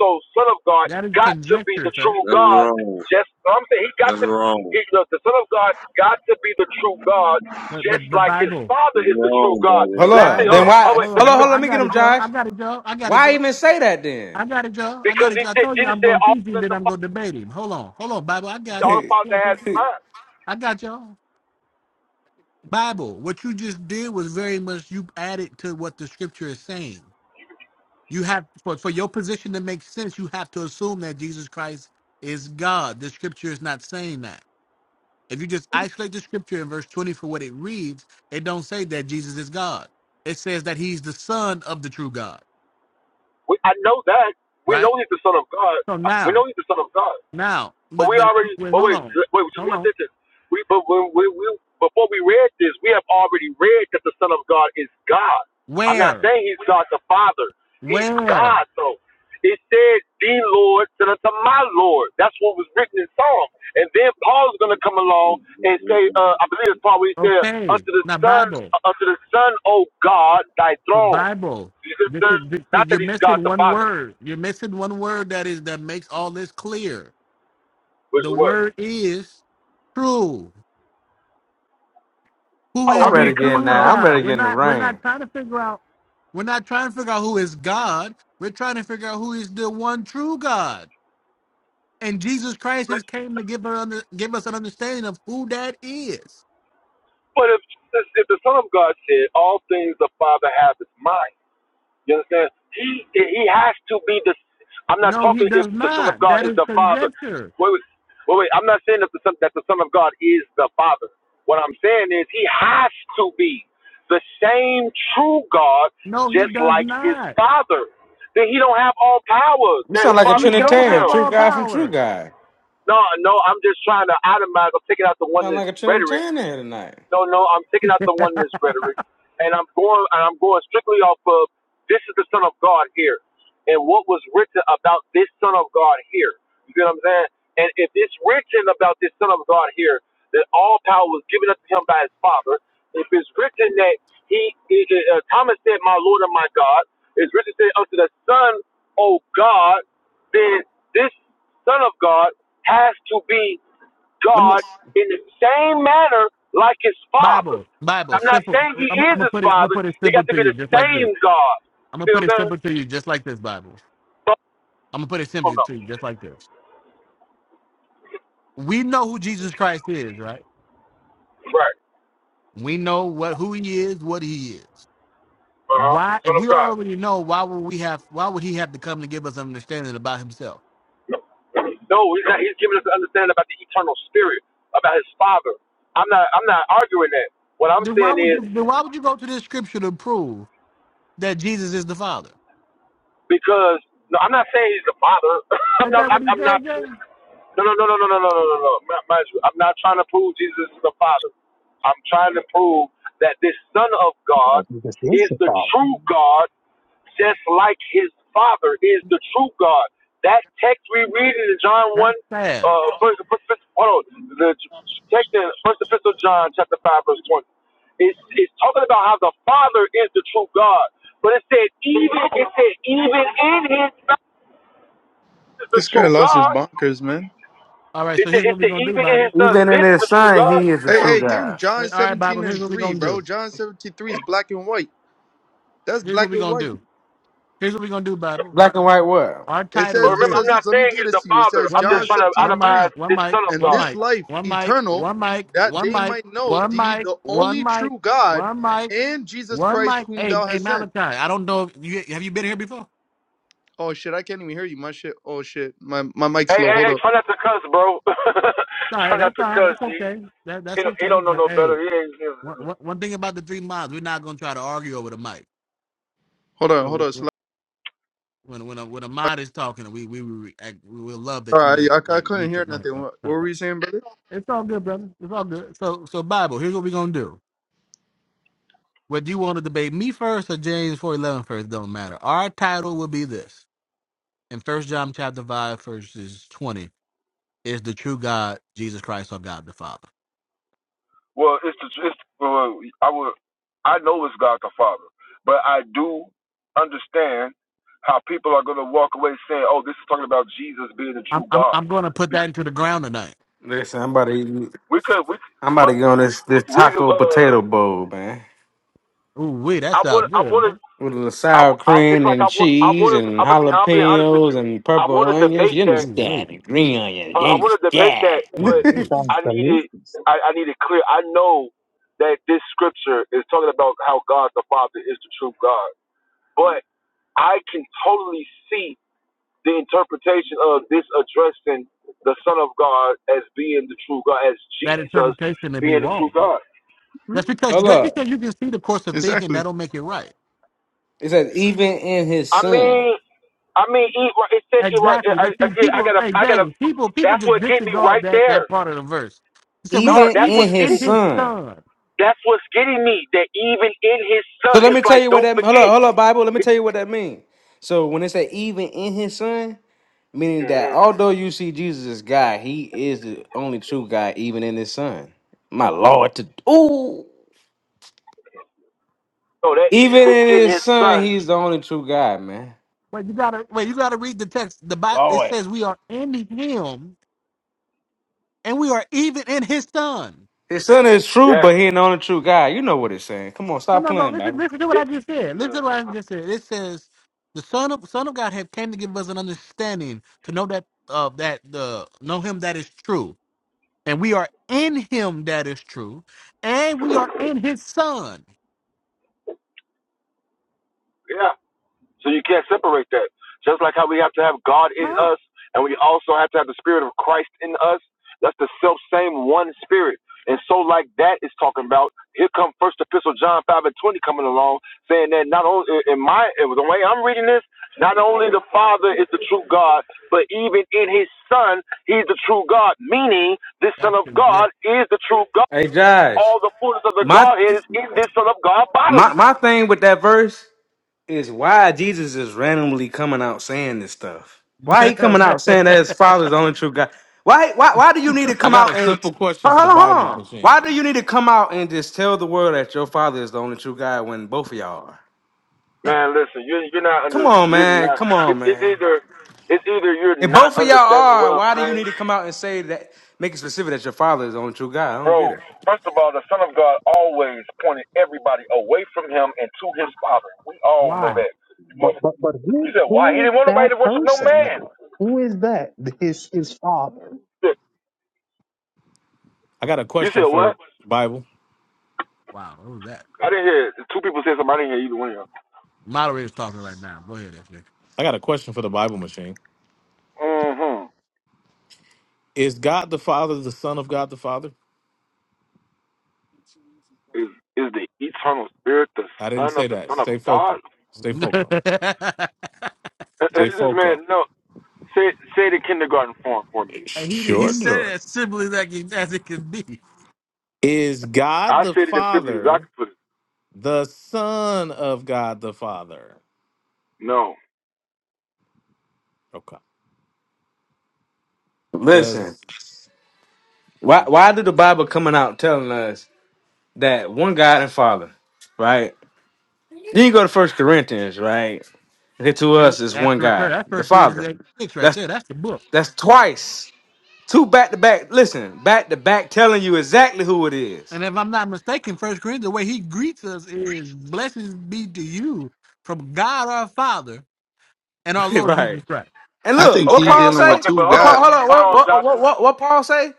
S1: So, Son of God
S3: That is
S1: got to be
S3: conjecture,
S1: the
S3: sir.
S1: true
S5: That's
S1: God.
S5: wrong.
S1: Just I'm saying, He got
S5: That's
S1: to.
S5: wrong.
S1: He, the, the Son of God got to be the true God,
S3: But
S1: just
S3: but but
S1: like His
S3: Bible.
S1: Father
S5: That's
S1: is the true God.
S4: Hold
S5: wrong,
S1: Last thing,
S4: up. Then
S1: hold on.
S3: Bible.
S1: Oh
S4: why?
S1: wait,
S3: Hold
S1: let
S4: Hold
S3: on,
S1: me.
S4: on,
S3: hold
S4: hold
S3: on.
S4: on.
S1: Finish.
S4: Let
S3: I
S4: me get
S3: got
S4: him,
S3: it, Joe.
S4: Josh.
S3: I got it, Joe. I got it,
S4: Why
S3: Joe.
S4: even say that then?
S3: I got it, Joe. I got
S1: Because
S3: it,
S1: He
S3: Joe. I
S1: said,
S3: told you
S1: Jesus
S3: I'm
S1: said,
S3: gonna
S1: "All
S3: teach him,
S1: that
S3: then
S1: the
S3: I'm
S1: Father."
S3: gonna debate him. Hold on, hold on, Bible. I
S1: the
S3: got
S1: All
S3: this. Hold
S1: Father
S3: on,
S1: has
S3: people.
S1: mind.
S3: I got y'all. Bible, what you just did was very much you added to what the scripture is saying. You have for, for your position to make sense, you have to assume that Jesus Christ is God. The scripture is not saying that. If you just isolate the scripture in verse 20 for what it reads, it don't say that Jesus is God. It says that he's the son of the true God,
S1: We, I know that. We
S3: right?
S1: know he's the Son of God.
S3: So
S1: We know
S3: now,
S1: he's the Son of God.
S3: now,
S1: But
S3: but
S1: we
S3: but
S1: already,
S3: wait,
S1: but
S3: hold
S1: wait,
S3: on.
S1: wait, just
S3: Hold
S1: one
S3: on.
S1: sentence. We, but when we, we, before we read this, we have already read that the Son of God is God. I'm not
S3: Where?
S1: saying He's God the Father. He's
S3: Where?
S1: God, though. It said, "The Lord said unto my Lord." That's what was written in Psalm. And then Paul's going to come along and
S5: brother.
S1: say, uh, "I believe it's Paul where he said,
S3: Okay.
S1: unto the
S3: Not
S1: Son,
S3: Bible,
S1: uh, unto the Son, O God, Thy
S3: but
S1: throne."
S3: Bible. This is this, see,
S1: Not that
S3: you're
S1: He's
S3: missing
S1: God the
S3: one
S1: Father,
S3: word. You're missing one word that is that makes all this clear
S1: which
S3: The
S1: is what?
S3: word is true. Who
S1: Oh, I
S4: I'm
S3: is
S4: ready
S3: the
S1: mean,
S4: to
S1: come
S4: get in
S1: on,
S3: true
S1: now. I
S4: that. I'm
S1: mean,
S4: ready
S3: God?
S4: to
S3: We're
S4: get in the
S3: not we're
S4: rain.
S3: not trying to figure out we're not trying to figure out who is God. We're trying to figure out who is the one true God. And Jesus Christ has
S1: let's
S3: came to give, her under, give us an understanding of who that is.
S1: But if if the Son of God said all things the Father has is mine, you understand? He he has to be the. I'm not
S3: No, he
S1: talking if
S3: does
S1: the Son of
S3: not.
S1: God
S3: That
S1: is
S3: is
S1: the Father.
S3: conjecture.
S1: Wait, wait, wait. wait. I'm not saying that the Son that the Son of God is the Father. What I'm saying is he has to be the same true God,
S3: No, he
S1: just
S3: does
S1: like his
S3: not.
S1: Father. Then he don't have all powers
S4: You
S1: that
S4: sound
S1: his
S4: like a
S3: He
S1: Father gave
S3: don't
S4: Trinitarian.
S3: have
S1: him.
S4: True
S3: all
S4: guy from True
S3: power.
S4: Guy.
S1: No, no. I'm just trying to itemize. or am taking out the
S4: Sound
S1: oneness
S4: like a
S1: rhetoric
S4: Trinitarian here tonight.
S1: no, no, I'm taking out the oneness rhetoric, and I'm going and I'm going strictly off of this is the Son of God here, and what was written about this Son of God here. You get what I'm saying? And if it's written about this Son of God here, that all power was given unto him by his Father. If it's written that he, he- uh, Thomas said, "My Lord and my God," it's written said unto the Son, "O God," then this Son of God has to be.
S4: Let me,
S1: God in the same manner like his father.
S3: Bible, Bible,
S1: I'm not
S3: simple.
S1: saying he
S3: I'm, I'm
S1: is
S3: gonna
S1: his
S3: put it. I'm gonna
S1: father.
S3: put it
S1: He got
S3: simple
S1: to
S3: to
S1: be
S3: you,
S1: the
S3: just like this.
S1: same God.
S3: I'm
S1: You
S3: gonna
S1: see what
S3: put
S1: I'm
S3: it
S1: saying?
S3: simple to you, just like this, Bible.
S1: But-
S3: I'm gonna put it
S1: oh,
S3: simply
S1: no.
S3: to you, just like this. We know who Jesus Christ is, right?
S1: Right.
S3: We know what who he is, what he is.
S1: Uh-huh.
S3: Why if
S1: Son of
S3: we
S1: God.
S3: already know, why would we have why would he have to come to give us an understanding about himself?
S1: No, he's not. He's giving us to understand about the eternal spirit, about his father. I'm not. I'm not arguing that. What I'm
S3: Then why
S1: saying
S3: would
S1: is
S3: you then why would you go to this scripture to prove that Jesus is the Father?
S1: because no, I'm not saying he's the father. I'm
S3: Ain't
S1: not.
S3: that what
S1: I'm,
S3: he
S1: I'm
S3: said,
S1: not.
S3: James?
S1: No, no, no, no, no, no, no, no, no, no. Ma- Mind you, I'm not trying to prove Jesus is the Father. I'm trying to prove that this Son of God
S6: Because is
S1: is
S6: the
S1: the
S6: problem.
S1: true God, just like his Father is the true God. That text we read in John 1,
S3: That's
S1: uh,
S3: sad.
S1: first, first, first, hold on, the text in First Epistle of John, chapter 5, verse 20, it's, it's talking about how the Father is the true God. But it said, even, it said, even in his Son is the
S7: This guy
S1: true
S7: lost his
S1: God.
S7: bonkers, man.
S3: All right,
S1: He
S3: so
S1: said,
S3: here's
S1: he
S3: what we're
S1: said,
S3: gonna do,
S1: even in
S3: Bible.
S1: his son,
S4: even in
S1: this is
S4: his
S1: the true
S4: son,
S1: God.
S4: he is the
S7: Hey,
S4: true
S7: hey, give him
S4: God.
S3: All
S7: John
S3: right, all right, Bible,
S7: 17
S3: here's
S7: and
S3: what we're
S7: 3,
S3: gonna do.
S7: bro. John 17 3 is black and white. That's
S3: Here's what
S7: black
S3: we're
S7: and
S3: gonna
S7: white.
S3: do. Here's what we're gonna do, Bible.
S4: Black and white what?
S3: Our
S7: It
S3: title
S1: But
S7: says,
S3: is
S7: it
S1: remember,
S3: this.
S7: says
S1: I'm
S7: this.
S1: not
S7: Let me
S1: saying
S7: get
S1: he's
S7: this
S1: the
S7: to you. It
S1: father.
S7: says
S3: one
S1: I'm just
S7: John
S3: mic,
S1: trying to
S7: 17
S3: one mic,
S7: 3,
S1: itemize
S3: one
S1: this
S3: mic,
S1: son of
S7: And
S3: one
S1: God.
S7: this
S3: mic,
S7: life
S3: one mic,
S7: eternal,
S3: one mic,
S7: that
S3: one
S7: they
S3: mic,
S7: might know
S3: one
S7: thee,
S3: mic,
S7: the
S3: one
S7: only
S3: mic,
S7: true God,
S3: one mic,
S7: and Jesus
S3: one
S7: Christ
S3: mic.
S7: whom
S3: Hey,
S7: thou
S3: hey,
S7: hast sent.
S3: Malachi, I don't know if you have you been here before.
S7: Oh shit, I can't even hear you. My shit. Oh shit. My my mic's
S1: Hey,
S7: low.
S1: hey,
S7: Hold
S1: hey,
S7: up.
S1: try not to cuss, bro.
S3: No,
S1: try
S3: that's
S1: not to
S3: fine.
S1: cuss.
S3: That's
S1: He,
S3: okay. That
S1: he,
S3: that's
S1: don't, he
S3: okay.
S1: don't know
S3: But
S1: no
S3: hey,
S1: better. He ain't,
S3: one,
S1: he-
S3: one, one thing about the three mods, we're not gonna try to argue over the mic.
S7: Hold on.
S3: So
S7: Hold
S3: when
S7: on. Slow.
S3: when when a, when a mod is talking, we we we, act- we will love that you
S7: Sorry, I,
S3: make
S7: I, I
S3: like
S7: couldn't
S3: mute
S7: hear
S3: your mic.
S7: nothing.
S3: or
S7: What, what were
S3: something.
S7: you saying, brother?
S3: It's all good, brother. It's all good. So so Bible, here's what we're gonna do. Whether you want to debate me first or James 411 first, don't matter. Our title will be this. In First John chapter 5, verses 20, is the true God, Jesus Christ, or God the Father.
S1: well, it's the, it's, well, I would, I know it's God the Father, but I do understand how people are going to walk away saying, oh, this is talking about Jesus being the
S3: I'm
S1: true
S3: I'm,
S1: God.
S3: I'm going to put that into the ground tonight.
S4: Listen, I'm about to eat,
S1: We could, we,
S4: I'm about to
S1: but
S4: get on this, this
S1: we,
S4: taco
S1: uh,
S4: potato bowl, man.
S3: Ooh, wait, that
S1: I would,
S3: sounds
S1: I
S3: good,
S1: would.
S3: man.
S4: With a little
S1: I,
S4: sour
S1: w- I- it's
S4: cream
S1: like
S4: and
S1: I, wa- I
S4: cheese
S1: want
S4: and
S1: I'm gonna be. I'm being honest with
S4: jalapenos
S1: you.
S4: and
S1: I
S4: purple
S1: want to
S4: onions.
S1: debate
S4: You
S1: that.
S3: Ooh,
S4: understand?
S3: wait.
S4: And green onions.
S1: Uh,
S4: You
S1: I want to debate that,
S4: understand?
S1: but
S3: Ooh, wait.
S6: That's
S1: I
S6: the
S1: needed.
S6: list.
S1: I, I needed clear. I know that this scripture is talking about how God the Father is the true God, but I can totally see the interpretation of this addressing the Son of God as being the true God, as
S3: That
S1: Jesus
S3: interpretation may be
S1: being the true
S3: wrong, though.
S1: God.
S7: Hmm?
S3: That's because
S4: Hold
S3: that's because
S4: up.
S3: you can see the course of thinking. That
S7: Exactly.
S3: don't make it right.
S4: It says, even in his
S1: I
S4: son.
S1: mean, I mean, it, right, it said it right.
S3: Exactly. That,
S1: I, I,
S3: see,
S1: I
S3: people,
S1: gotta,
S3: hey,
S1: I gotta.
S3: James, people, people
S1: That's
S3: just
S1: what get me
S3: disregard
S1: right
S3: that that
S1: there.
S3: part of the verse. He said,
S1: No,
S3: "We are
S4: Even
S1: that's
S4: in
S1: what's
S3: even
S4: his
S3: in
S1: getting
S3: His
S1: me.
S4: son.
S3: Son."
S1: That's what's getting me. That even in his
S4: So
S1: son,
S4: let
S1: it's
S4: me tell
S1: like
S4: you what
S1: don't
S4: that hold up,
S1: forget.
S4: hold up, Bible. Let me tell you what that means. So when it say even in his son. Meaning that
S1: hmm
S4: although you see Jesus as God, he is the only true God, even in his son. My Lord, to ooh.
S1: So that
S4: Even
S1: even
S4: in
S1: in
S4: his
S1: his
S4: son,
S1: son,
S4: he's the only true God, man.
S3: Wait, you gotta wait. You gotta read the text. The Bible it
S4: Lord.
S3: says we are in Him, and we are even in His Son.
S4: His son is true,
S1: yes,
S4: but he ain't the only true God. You know what it's saying. Come on,
S3: No,
S4: stop
S3: no, no.
S4: playing,
S3: Listen,
S4: Bible.
S3: listen to what I
S1: it's.
S3: just said. Listen to what I
S1: uh,
S3: just said. It says the Son of Son of God have came to give us an understanding to know that uh, that the know Him that is true, and we are in Him that is true, and we are in His Son.
S1: yeah. So you can't separate that. Just like how we have to have God in
S3: Huh?
S1: us and we also have to have the spirit of Christ in us. That's the self same one spirit. And so like that is talking about, here come first epistle John five and twenty coming along, saying that not only in my in the way I'm reading this, not only the Father is the true God, but even in his Son, he's the true God, meaning this Son
S3: That's
S1: of
S3: conjecture.
S1: God is the true God.
S4: Hey Josh.
S1: All the fullness of the
S4: My
S1: Godhead is in this Son of God
S4: my
S1: bodily.
S4: my thing with that verse. is why Jesus is randomly coming out saying this stuff. Why he coming out saying that his father is the only true God? Why why why do you need to
S2: I
S4: come
S2: got a
S4: out and
S2: simple question
S4: hold
S2: for the
S4: on, hold
S2: Bible
S4: on?
S2: machine.
S4: Why do you need to come out and just tell the world that your father is the only true God when both of y'all are?
S1: Man, listen, you're you're not
S4: Come
S1: under
S4: on,
S1: you're
S4: man.
S1: not
S4: Come
S1: it,
S4: on,
S1: it's
S4: man.
S1: either it's either you're
S4: If
S1: not
S4: both of y'all
S1: understanding what
S4: are,
S1: I'm
S4: why do you need
S1: saying.
S4: to come out and say that make it specific that your father is the only true God? I don't
S1: Bro,
S4: get it.
S1: first of all, the Son of God always pointed everybody away from him and to his father. We all know
S3: Why?
S1: that.
S6: But but but
S1: You
S6: who
S1: said why? He
S6: who is
S1: didn't want nobody to
S6: that
S1: worship no
S6: person
S1: man.
S6: though? Who is that? His his father.
S2: I got a
S1: You
S2: question
S1: said what?
S2: for Bible.
S3: Wow, what was that?
S1: I didn't hear it. two people said something. I didn't hear either one of y'all.
S3: Moderator's talking right now. Go ahead,
S2: I got a question for the Bible machine.
S1: Mm-hmm.
S2: Is God the Father the Son of God the Father?
S1: Is is the eternal spirit the
S2: I didn't
S1: son of
S2: say
S1: the
S2: that.
S1: son of
S2: Stay
S1: God?
S2: focused. Stay focused.
S3: SJ.
S1: Uh, uh,
S2: Stay
S1: This
S2: focused.
S1: man, no. Say say it in kindergarten form for me.
S3: And he, he
S2: Sure.
S3: said it
S2: sure.
S3: as simply like it, as it can be.
S2: Is God
S1: I
S2: the
S1: said it as simply as I
S2: Father
S1: could put it.
S2: the Son of God the Father?
S1: No.
S2: Okay.
S4: Listen,
S2: Does
S4: why why did the Bible coming out telling us that one God and Father, right? Then you go to First Corinthians, right? Okay, to
S3: Hey,
S4: us is
S3: That's
S4: one
S3: the refer.
S4: God,
S3: That's
S4: the
S3: First Corinthians
S4: Father.
S3: eight six right
S4: That's
S3: there. That's the book.
S4: that's twice, two back to back. Listen, back to back, telling you exactly who it is.
S3: And if I'm not mistaken, First Corinthians, the way he greets us is "Blessings be to you from God our Father and our Lord
S4: right.
S3: Jesus Christ."
S4: And
S7: I
S4: look,
S7: think
S4: what
S7: he
S1: Okay, n-
S4: Paul
S7: dealing with
S4: say?
S1: okay, but
S7: two
S1: hold
S4: What
S1: on,
S4: Paul? Hold
S7: gods.
S4: on.
S1: hold
S4: What
S1: on,
S4: what what
S1: Joshua,
S4: what, what Paul say?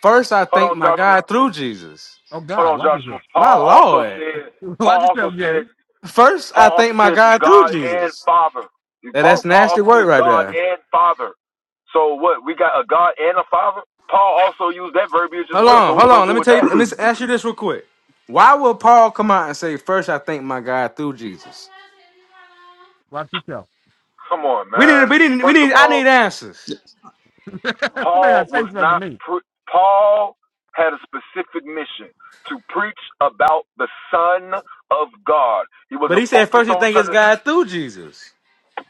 S4: First, I
S1: hold
S4: thank
S1: on,
S4: my
S1: Joshua,
S4: God through Jesus.
S3: Oh
S1: hold
S3: God,
S1: on,
S3: watch
S1: Joshua.
S3: yourself.
S4: My
S1: Paul also
S4: Lord.
S1: said,
S3: Watch
S1: Paul
S3: yourself,
S1: also said,
S3: James.
S4: First, I
S1: Paul
S4: thank
S1: also
S4: my
S1: said the
S4: God through
S1: God and
S4: Jesus.
S1: Father.
S4: Now,
S1: Paul,
S4: that's
S1: Paul
S4: nasty
S1: also
S4: word
S1: said
S4: right
S1: God
S4: there.
S1: and Father. So what? We got a God and a Father. Paul also used that verbiage as
S4: Hold
S1: well. So
S4: on,
S1: what
S4: hold
S1: we
S4: on.
S1: gonna
S4: Let
S1: do
S4: me
S1: with
S4: tell you.
S1: that?
S4: Let me ask you this real quick. Why would Paul come out and say, "First, I thank my God through Jesus"?
S3: Watch yourself.
S1: Come on,
S4: We need,
S1: man.
S4: we need, we
S1: First
S4: need.
S1: of
S4: I need
S1: all,
S4: answers.
S3: Somebody
S1: Paul
S3: not say
S1: was
S3: something
S1: not.
S3: to me.
S1: Pre- Paul had a specific mission to preach about the Son of God. He
S4: But he
S1: wasn't
S4: said
S1: focused
S4: first you
S1: on
S4: think
S1: trying
S4: it's
S1: to
S4: God through Jesus.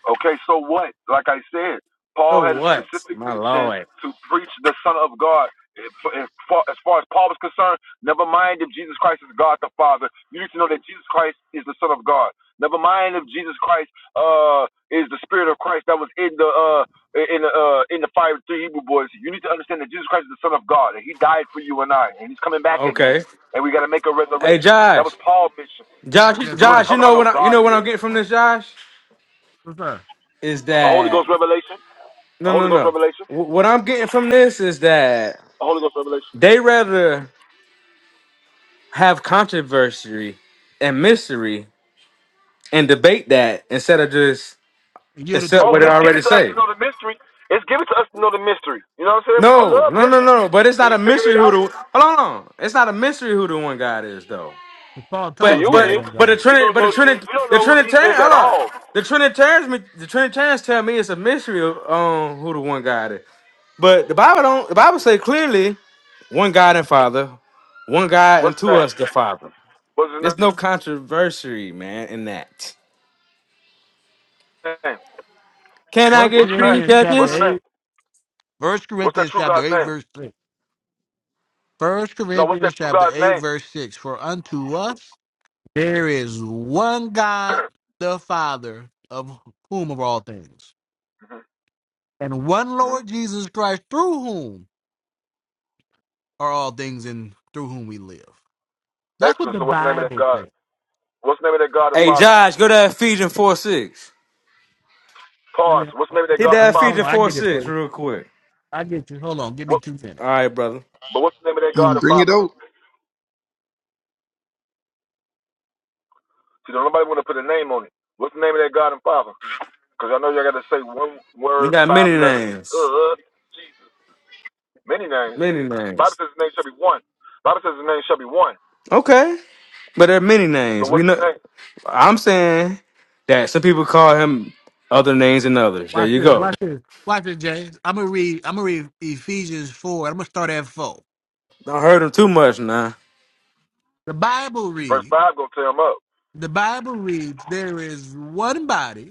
S1: Okay, so what? Like I said, Paul
S4: So
S1: had a
S4: what?
S1: specific
S4: My
S1: mission
S4: lord.
S1: to preach the Son of God. If- if- As far as Paul was concerned, never mind if Jesus Christ is God the Father. You need to know that Jesus Christ is the Son of God. Never mind if Jesus Christ uh, is the Spirit of Christ that was in the uh, in the uh, in the fire with three Hebrew boys. You need to understand that Jesus Christ is the Son of God, and He died for you and I, and He's coming back
S4: Okay.
S1: again. And we got to make a
S4: Hey
S1: resurrection. That
S4: Josh.
S1: was Paul's mission.
S4: Josh.
S3: Yes,
S1: He wasn't
S3: sir.
S4: Josh. You
S1: talking
S4: know
S1: about no
S4: what? I, you know
S1: God
S4: what I'm
S1: here.
S4: getting from this, Josh?
S3: Yes, sir.
S4: Is
S1: A Holy
S4: that
S1: Ghost revelation. A
S4: no, no,
S1: Holy Ghost
S4: no.
S1: revelation.
S4: Wh- What I'm getting from this is that
S1: The Holy Ghost revelation.
S4: they rather have controversy and mystery and debate that instead of just
S3: And yielded to
S4: accept
S3: the
S1: Oh,
S4: what they
S3: scripture.
S1: it's given
S4: already
S1: to us to
S4: say.
S1: know the mystery. It's given to us to know the mystery. You know what I'm saying? I
S4: No,
S1: love
S4: no, no,
S1: mystery.
S4: no. But it's
S1: Can
S4: not
S1: you
S4: a
S1: figure
S4: mystery
S1: it
S4: who
S1: out?
S4: the hold on. It's not a mystery who the one God is though.
S3: Paul
S1: To
S3: told us
S1: you
S4: But
S3: who
S1: it
S3: that
S4: but
S1: is.
S3: one
S4: but
S3: God
S4: the
S3: is.
S1: You
S4: Trinity
S1: don't
S4: but the
S1: know Jesus.
S4: Trinity
S1: You don't
S4: the
S1: know who Jesus
S4: Trinitarian
S1: is
S4: hold
S1: at all.
S4: up. the Trinitarians me- the Trinitarians tell me it's a mystery of um who the one God is. But the Bible don't the Bible say clearly one God and Father, one God
S1: What's his
S4: unto
S1: name?
S4: us the Father.
S1: What's his name?
S4: There's no controversy, man, in that. Can I
S3: First
S4: get
S1: What's his
S4: three
S1: name?
S3: Corinthians
S1: What's
S3: chapter
S1: his
S4: judges?
S1: name?
S3: eight. First
S1: What's that
S3: Corinthians
S1: true
S3: chapter
S1: God's
S3: eight,
S1: name?
S3: verse six. First
S1: No, what's
S3: Corinthians
S1: that true
S3: chapter
S1: God's
S3: 8,
S1: name?
S3: verse 6. For unto us there is one God, the Father, of whom are all things, and one Lord Jesus Christ, through whom are all things and through whom we live. That's what
S1: Excellent.
S3: the
S1: So what's the name of that
S3: Bible
S1: God?
S3: says.
S1: What's the name of that God and
S4: Hey
S1: Father?
S4: Josh, go to Ephesians four six.
S3: Let me
S1: Pause. What's the name of that
S4: Hit
S3: hold
S1: God and
S4: that
S3: on, hold
S1: Father?
S4: Ephesians
S3: on. I
S4: four
S3: get it for
S4: six
S3: you.
S4: real quick.
S3: I get you. Hold on. Give me
S1: What?
S3: two
S4: All
S3: minutes.
S4: right, brother.
S1: But what's the name of that God
S7: Mm,
S1: and
S7: Bring it
S1: Father?
S7: out.
S1: See, don't nobody want to put a name on it. What's the name of that God and Father? Because I know y'all got to say one
S4: We
S1: word,
S4: got many
S1: five letters.
S4: names,
S1: Uh, Jesus. Many names.
S4: many
S1: Bible
S4: names.
S1: says his name shall be one. Bible says his name shall be one.
S4: Okay, but there are many
S1: So
S4: names. We
S1: what's his
S4: know.
S1: name?
S4: I'm saying that some people call him other names than others. There
S3: Watch
S4: you
S3: this.
S4: go.
S3: Watch this. Watch this, Jay. I'm gonna read. I'm gonna read Ephesians four. I'm gonna start at four.
S4: Don't hurt him too much now.
S3: The Bible
S1: Verse
S3: reads.
S1: 5 going to tear him up.
S3: The Bible reads. There is one body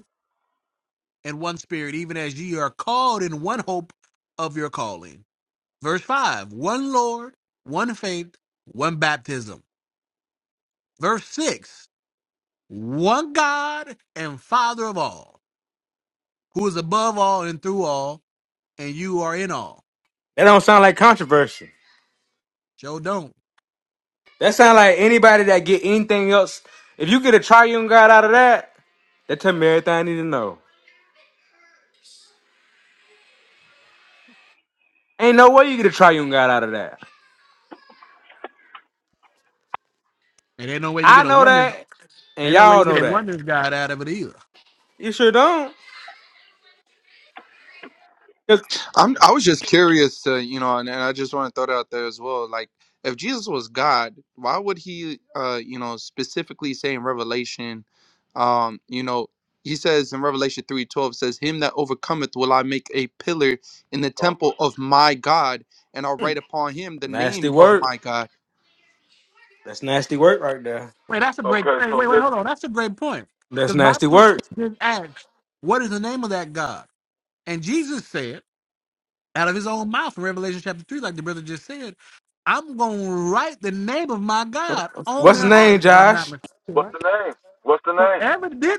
S3: and one spirit, even as ye are called in one hope of your calling. Verse 5 one Lord, one faith, one baptism. Verse 6 one God and Father of all, who is above all and through all, and you are in all.
S4: That don't sound like controversy.
S3: Joe don't.
S4: That sound like anybody that get anything else. If you get a triune God out of that, that tell me everything I need to know. Ain't no way you get a triune God out of that.
S3: And ain't no way you
S4: I
S3: get a
S4: know
S3: oneness.
S4: that, and
S3: Ain't no way
S4: y'all
S3: you get
S4: know
S3: a
S4: that.
S3: oneness God out of it either.
S4: You sure don't. 'Cause-
S7: I'm. I was just curious to you know, and, and I just want to throw that out there as well. Like, if Jesus was God, why would he, uh, you know, specifically say in Revelation, um, you know, he says in Revelation three twelve says, "Him that overcometh will I make a pillar in the
S1: Oh, my.
S7: temple of my God, and I'll write upon him the
S4: Nasty
S7: name of
S4: work.
S7: my God."
S4: That's nasty work right there.
S3: Wait, that's a great
S1: Okay,
S3: Wait,
S1: so
S3: wait, wait, hold
S1: listen.
S3: on. That's a great point.
S4: That's
S3: Because
S4: nasty
S3: Bible
S4: work.
S3: just asks, what is the name of that God? And Jesus said, out of his own mouth in Revelation chapter 3, like the brother just said, I'm going to write the name of my God on
S4: What's his
S3: their
S4: name,
S3: hearts, if I'm not
S4: Josh?
S3: mistaken,
S1: What's
S3: right?
S1: the name? What's the
S3: So
S1: name?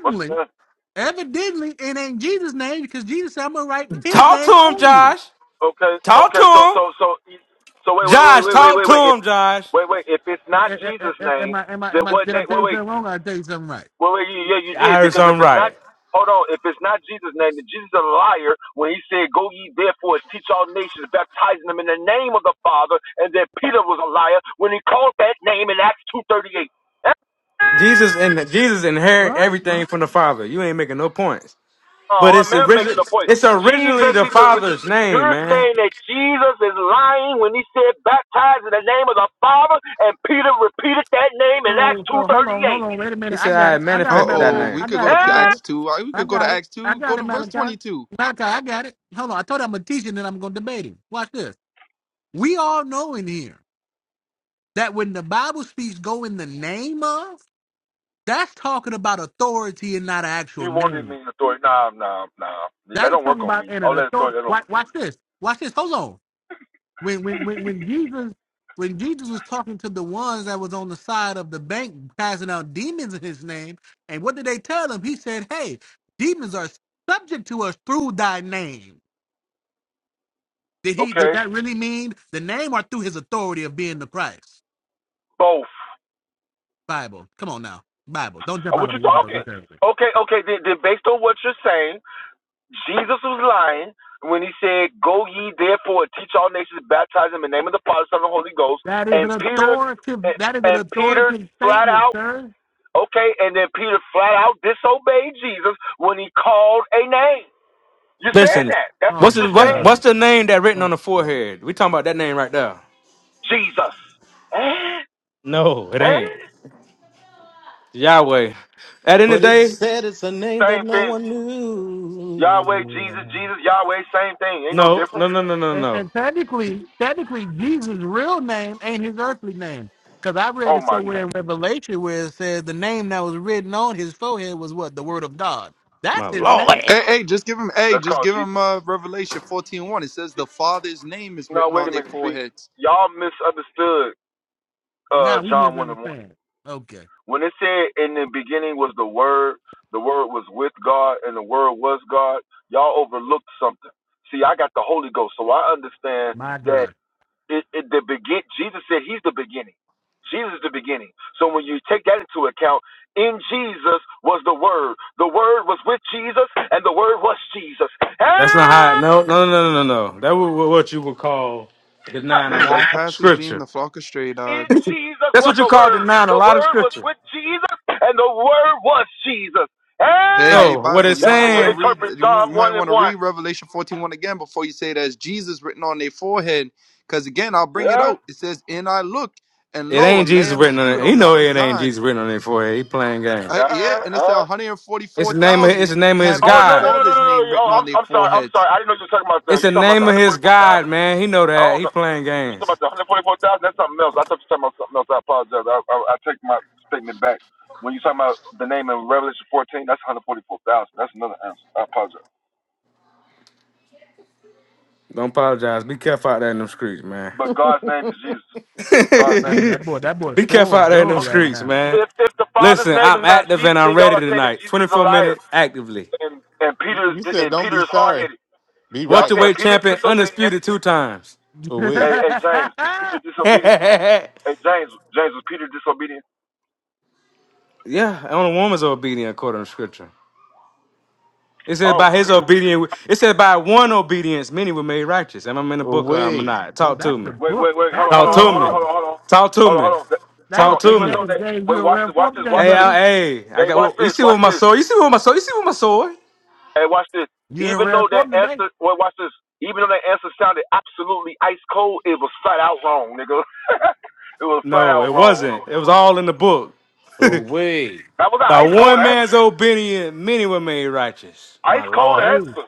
S1: What's the name?
S3: evidently, it ain't Jesus' name because Jesus said, I'm going to write his
S4: Talk
S3: name
S4: to him,
S3: on you.
S4: Josh.
S1: Okay,
S4: Talk to
S1: okay, so,
S4: him.
S1: so, so, e, so wait, wait, wait,
S4: Josh,
S1: wait, wait,
S4: talk
S1: wait,
S4: to
S1: wait. If,
S4: him, Josh.
S1: wait, wait. If it's
S3: A-
S1: not
S3: a- a- a-
S1: Jesus'
S3: Am
S1: name,
S3: I, am I, am
S1: then
S3: I,
S1: what
S3: did I
S1: name?
S3: tell
S1: Wait,
S3: you
S1: wait.
S3: something wrong or I tell you something right?
S1: Well, well, you, yeah, you
S4: I
S1: did
S4: heard
S1: because if
S4: something
S1: it's not,
S4: right.
S1: hold on, if it's not Jesus' name, then Jesus is a liar when he said, "Go ye therefore and teach all nations, baptizing them in the name of the Father," and then Peter was a liar when he called that name in Acts two thirty eight.
S4: Jesus and Jesus
S3: All
S4: inherit
S3: right.
S4: everything from the Father. You ain't making no points. But
S1: Oh, I'm
S4: it's original.
S1: making a point.
S4: It's originally
S1: Jesus
S4: the
S1: is a,
S4: Father's name,
S1: you're
S4: man.
S1: saying that Jesus is lying when he said, "Baptize in the name of the Father," and Peter repeated that name in Acts
S3: So,
S1: two
S3: so hold
S1: thirty
S3: on, hold
S1: eight.
S3: on. Wait a
S4: He
S3: minute. I
S4: said
S3: got
S4: I
S3: it. I got
S7: Uh
S3: it,
S4: manifested that
S7: oh,
S3: Malachi.
S4: name.
S7: we
S3: I
S7: could
S3: got
S7: go
S3: it. I
S7: to
S3: got it.
S7: Acts two. Uh, We
S3: I
S7: could go to
S3: got it.
S7: Acts
S3: I
S7: two. Go
S3: got it,
S7: to verse
S3: Malachi.
S7: twenty two.
S3: Malachi, I got it. Hold on. I told you I'm going to teach you and then I'm going to debate him. Watch this. We all know in here. that when the Bible speaks go in the name of, that's talking about authority and not an actual
S1: You wanted
S3: name.
S1: me to throw it? Nah, nah, nah. That
S3: That is
S1: don't
S3: talking
S1: work on
S3: about
S1: me.
S3: an
S1: All
S3: an
S1: that
S3: authority.
S1: authority, that don't work.
S3: Watch, watch this. Watch this. Hold on. When when when when Jesus when Jesus was talking to the ones that was on the side of the bank passing out demons in his name, and what did they tell him? He said, Hey, demons are subject to us through thy name. Did he did
S1: Okay,
S3: that really mean the name or through his authority of being the Christ?
S1: both.
S3: Bible. Come on now. Bible. Don't
S1: Uh,
S3: jump out
S1: What
S3: of a
S1: you
S3: window
S1: talking?
S3: this early.
S1: Okay, okay. Then, then based on what you're saying, Jesus was lying when he said, "Go ye therefore and teach all nations, baptize them in the name of the Father, Son, and Holy Ghost."
S3: That is an
S1: And Peter,
S3: authoritative.
S1: and,
S3: That is an
S1: and Peter
S3: authoritative
S1: flat
S3: statement,
S1: out,
S3: sir.
S1: okay. And then Peter flat out disobeyed Jesus when he called a name. You're saying
S4: Listen,
S1: that? That's
S3: Oh
S1: what
S4: what's the
S3: my
S1: you're
S4: what's,
S1: saying,
S3: God.
S4: what's the name that written
S3: Oh
S4: on the
S3: my God.
S4: forehead? We talking about that name right there.
S1: Jesus. Eh?
S4: No, it
S1: Eh?
S4: ain't Yahweh. At the end
S2: but
S4: of the
S2: it
S4: day,
S2: said it's a name that
S1: Same
S2: no
S1: thing.
S2: one
S1: Yahweh, Jesus,
S2: knew.
S1: Jesus, Yahweh, same thing. Ain't no
S4: no, no,
S1: difference.
S4: no, no, no,
S3: And,
S4: no.
S3: and technically, technically, Jesus' real name ain't his earthly name, because I read
S1: Oh
S3: it
S1: my
S3: somewhere in
S1: goodness.
S3: Revelation where it says the name that was written on his forehead was what the Word of God.
S4: My
S3: That's his name.
S4: Lord,
S7: Hey, hey, just give him. Hey,
S1: That's
S7: just
S1: called
S7: give
S1: G.
S7: him. Uh, Revelation fourteen one. It says the Father's name is
S1: No,
S7: written
S1: wait
S7: on
S1: a
S7: their
S1: minute. See,
S7: foreheads.
S1: y'all misunderstood uh,
S3: Nah, we
S1: John one and one.
S3: misunderstand. Okay.
S1: When it said in the beginning was the Word, the Word was with God, and the Word was God. Y'all overlooked something. See, I got the Holy Ghost, so I understand
S3: My
S1: that
S3: God.
S1: it, it the begin. Jesus said He's the beginning. Jesus is the beginning. So when you take that into account, in Jesus was the Word. The Word was with Jesus, and the Word was Jesus.
S4: that's not how.
S1: Ah!
S4: No, no, no, no, no, no. That was what you would call denying a
S7: These are the
S4: lot
S7: pastors leading
S4: scripture.
S7: the flock astray,
S1: in
S7: dog.
S1: Jesus
S4: That's
S1: was
S4: what you
S1: the
S4: call
S1: Word.
S4: denying a
S1: The
S4: lot of
S1: Word was
S4: scripture.
S1: with Jesus, and the Word was Jesus.
S7: Hey,
S1: Eh?
S7: hey,
S4: No, what
S7: Bible.
S4: it's
S7: You
S1: That's
S7: might
S1: how you
S7: want to
S4: saying,
S7: read.
S1: interpret
S7: You
S1: Psalm
S7: might
S1: 1
S7: want
S1: and
S7: to read
S1: 1.
S7: Revelation fourteen one again before you say that's Jesus written on their forehead. Because again, I'll bring it
S1: Yeah?
S7: out. It says, "And I looked, and
S4: it
S7: lo, a
S4: ain't Jesus
S7: lamb
S4: written on
S7: stood
S4: it. He
S7: on
S4: know
S7: Mountain
S4: it ain't
S7: Zion."
S4: Jesus written on it for it. He playing game.
S7: Uh,
S1: Yeah?
S7: yeah,
S1: Uh,
S7: and it said
S1: uh.
S7: one hundred forty
S4: It's
S7: four
S4: the name of it's
S7: thousand
S4: the name of his
S7: having
S1: oh,
S7: his
S1: no, no,
S4: God.
S1: no, no,
S7: Father's
S1: no, no.
S7: name
S1: Oh,
S7: written on
S1: I'm,
S7: their
S1: I'm sorry. I'm
S7: foreheads.
S1: sorry. I didn't know you were talking about the,
S4: It's the
S1: you talking about
S4: name of his God,
S1: the 144,000?
S4: man. He know
S1: I
S4: that.
S1: don't
S4: He
S1: know.
S4: playing
S1: You talking
S4: games.
S1: about the 144,000? That's something else. I thought you were talking about something else. I apologize. I, I, I take my statement back. When you talking about the name in Revelation 14, that's 144,000. That's another answer. I apologize.
S4: Don't apologize. Be careful out there in them streets, man.
S1: But God's name is Jesus. God's name
S3: That
S1: is
S3: that boy. That boy's
S4: Be careful
S3: full
S4: out there in them
S3: door
S1: Jesus.
S3: right
S4: streets,
S3: now.
S4: man.
S1: if if the Father's
S4: Listen,
S1: name
S4: I'm
S1: is not
S4: active and
S1: Jesus,
S4: I'm
S1: then
S4: ready
S1: y'all are saying that
S4: tonight.
S1: Jesus is a
S4: 24
S1: liar,
S4: minute actively.
S1: and and Peter is
S2: You said
S1: and
S2: don't be
S1: Peter is hard
S2: sorry.
S1: headed.
S2: Be
S1: Y'all
S2: right.
S1: saying
S4: Welterweight
S1: Peter is
S4: champion,
S1: disobedient.
S4: undisputed two times.
S3: oh,
S2: Away.
S1: Hey, hey James, is Peter disobedient?
S4: yeah,
S1: Hey James, James was Peter disobedient?
S4: only woman's obedient according to scripture. It says
S1: Oh,
S4: by his
S1: Peter,
S4: obedience. It says by one obedience, many were made righteous. Am I in the book or am I
S2: Away.
S4: not? Talk to
S3: that's
S4: me.
S3: the
S1: wait,
S3: book.
S1: wait, wait, hold
S3: That's
S1: on, hold
S4: Talk
S3: the
S1: on, hold
S4: to
S1: on,
S4: me.
S1: hold
S3: book.
S1: on, hold on,
S4: Talk to
S1: hold on,
S4: me.
S1: hold on, That- hold
S3: That's
S4: Talk
S1: on.
S4: to
S3: and
S1: Even
S4: me.
S1: though
S3: James.
S1: that,
S3: James, you
S1: wait,
S3: in
S1: watch
S3: rare
S1: this, watch
S3: form
S1: this,
S3: today,
S1: watch
S4: Hey,
S1: this.
S3: brother.
S4: I, hey, I
S1: Hey,
S4: got.
S1: watch
S4: oh, You
S1: this,
S4: see what
S1: watch
S4: my
S1: this.
S4: sword? You see what my sword? You see what my sword?
S1: Hey, watch this.
S3: You in
S1: Even
S3: rare
S1: though that
S3: form today?
S1: answer, wait, watch this. Even though that answer sounded absolutely ice cold, it was flat out wrong, nigga. it was flat
S4: No,
S1: out
S4: it
S1: wrong.
S4: wasn't. It was all in the book. by
S2: Away.
S1: That was an ice cold
S4: one man's
S1: answer.
S4: obedience, many were made righteous. My
S1: Ice cold
S4: lord.
S3: Really?
S1: answer.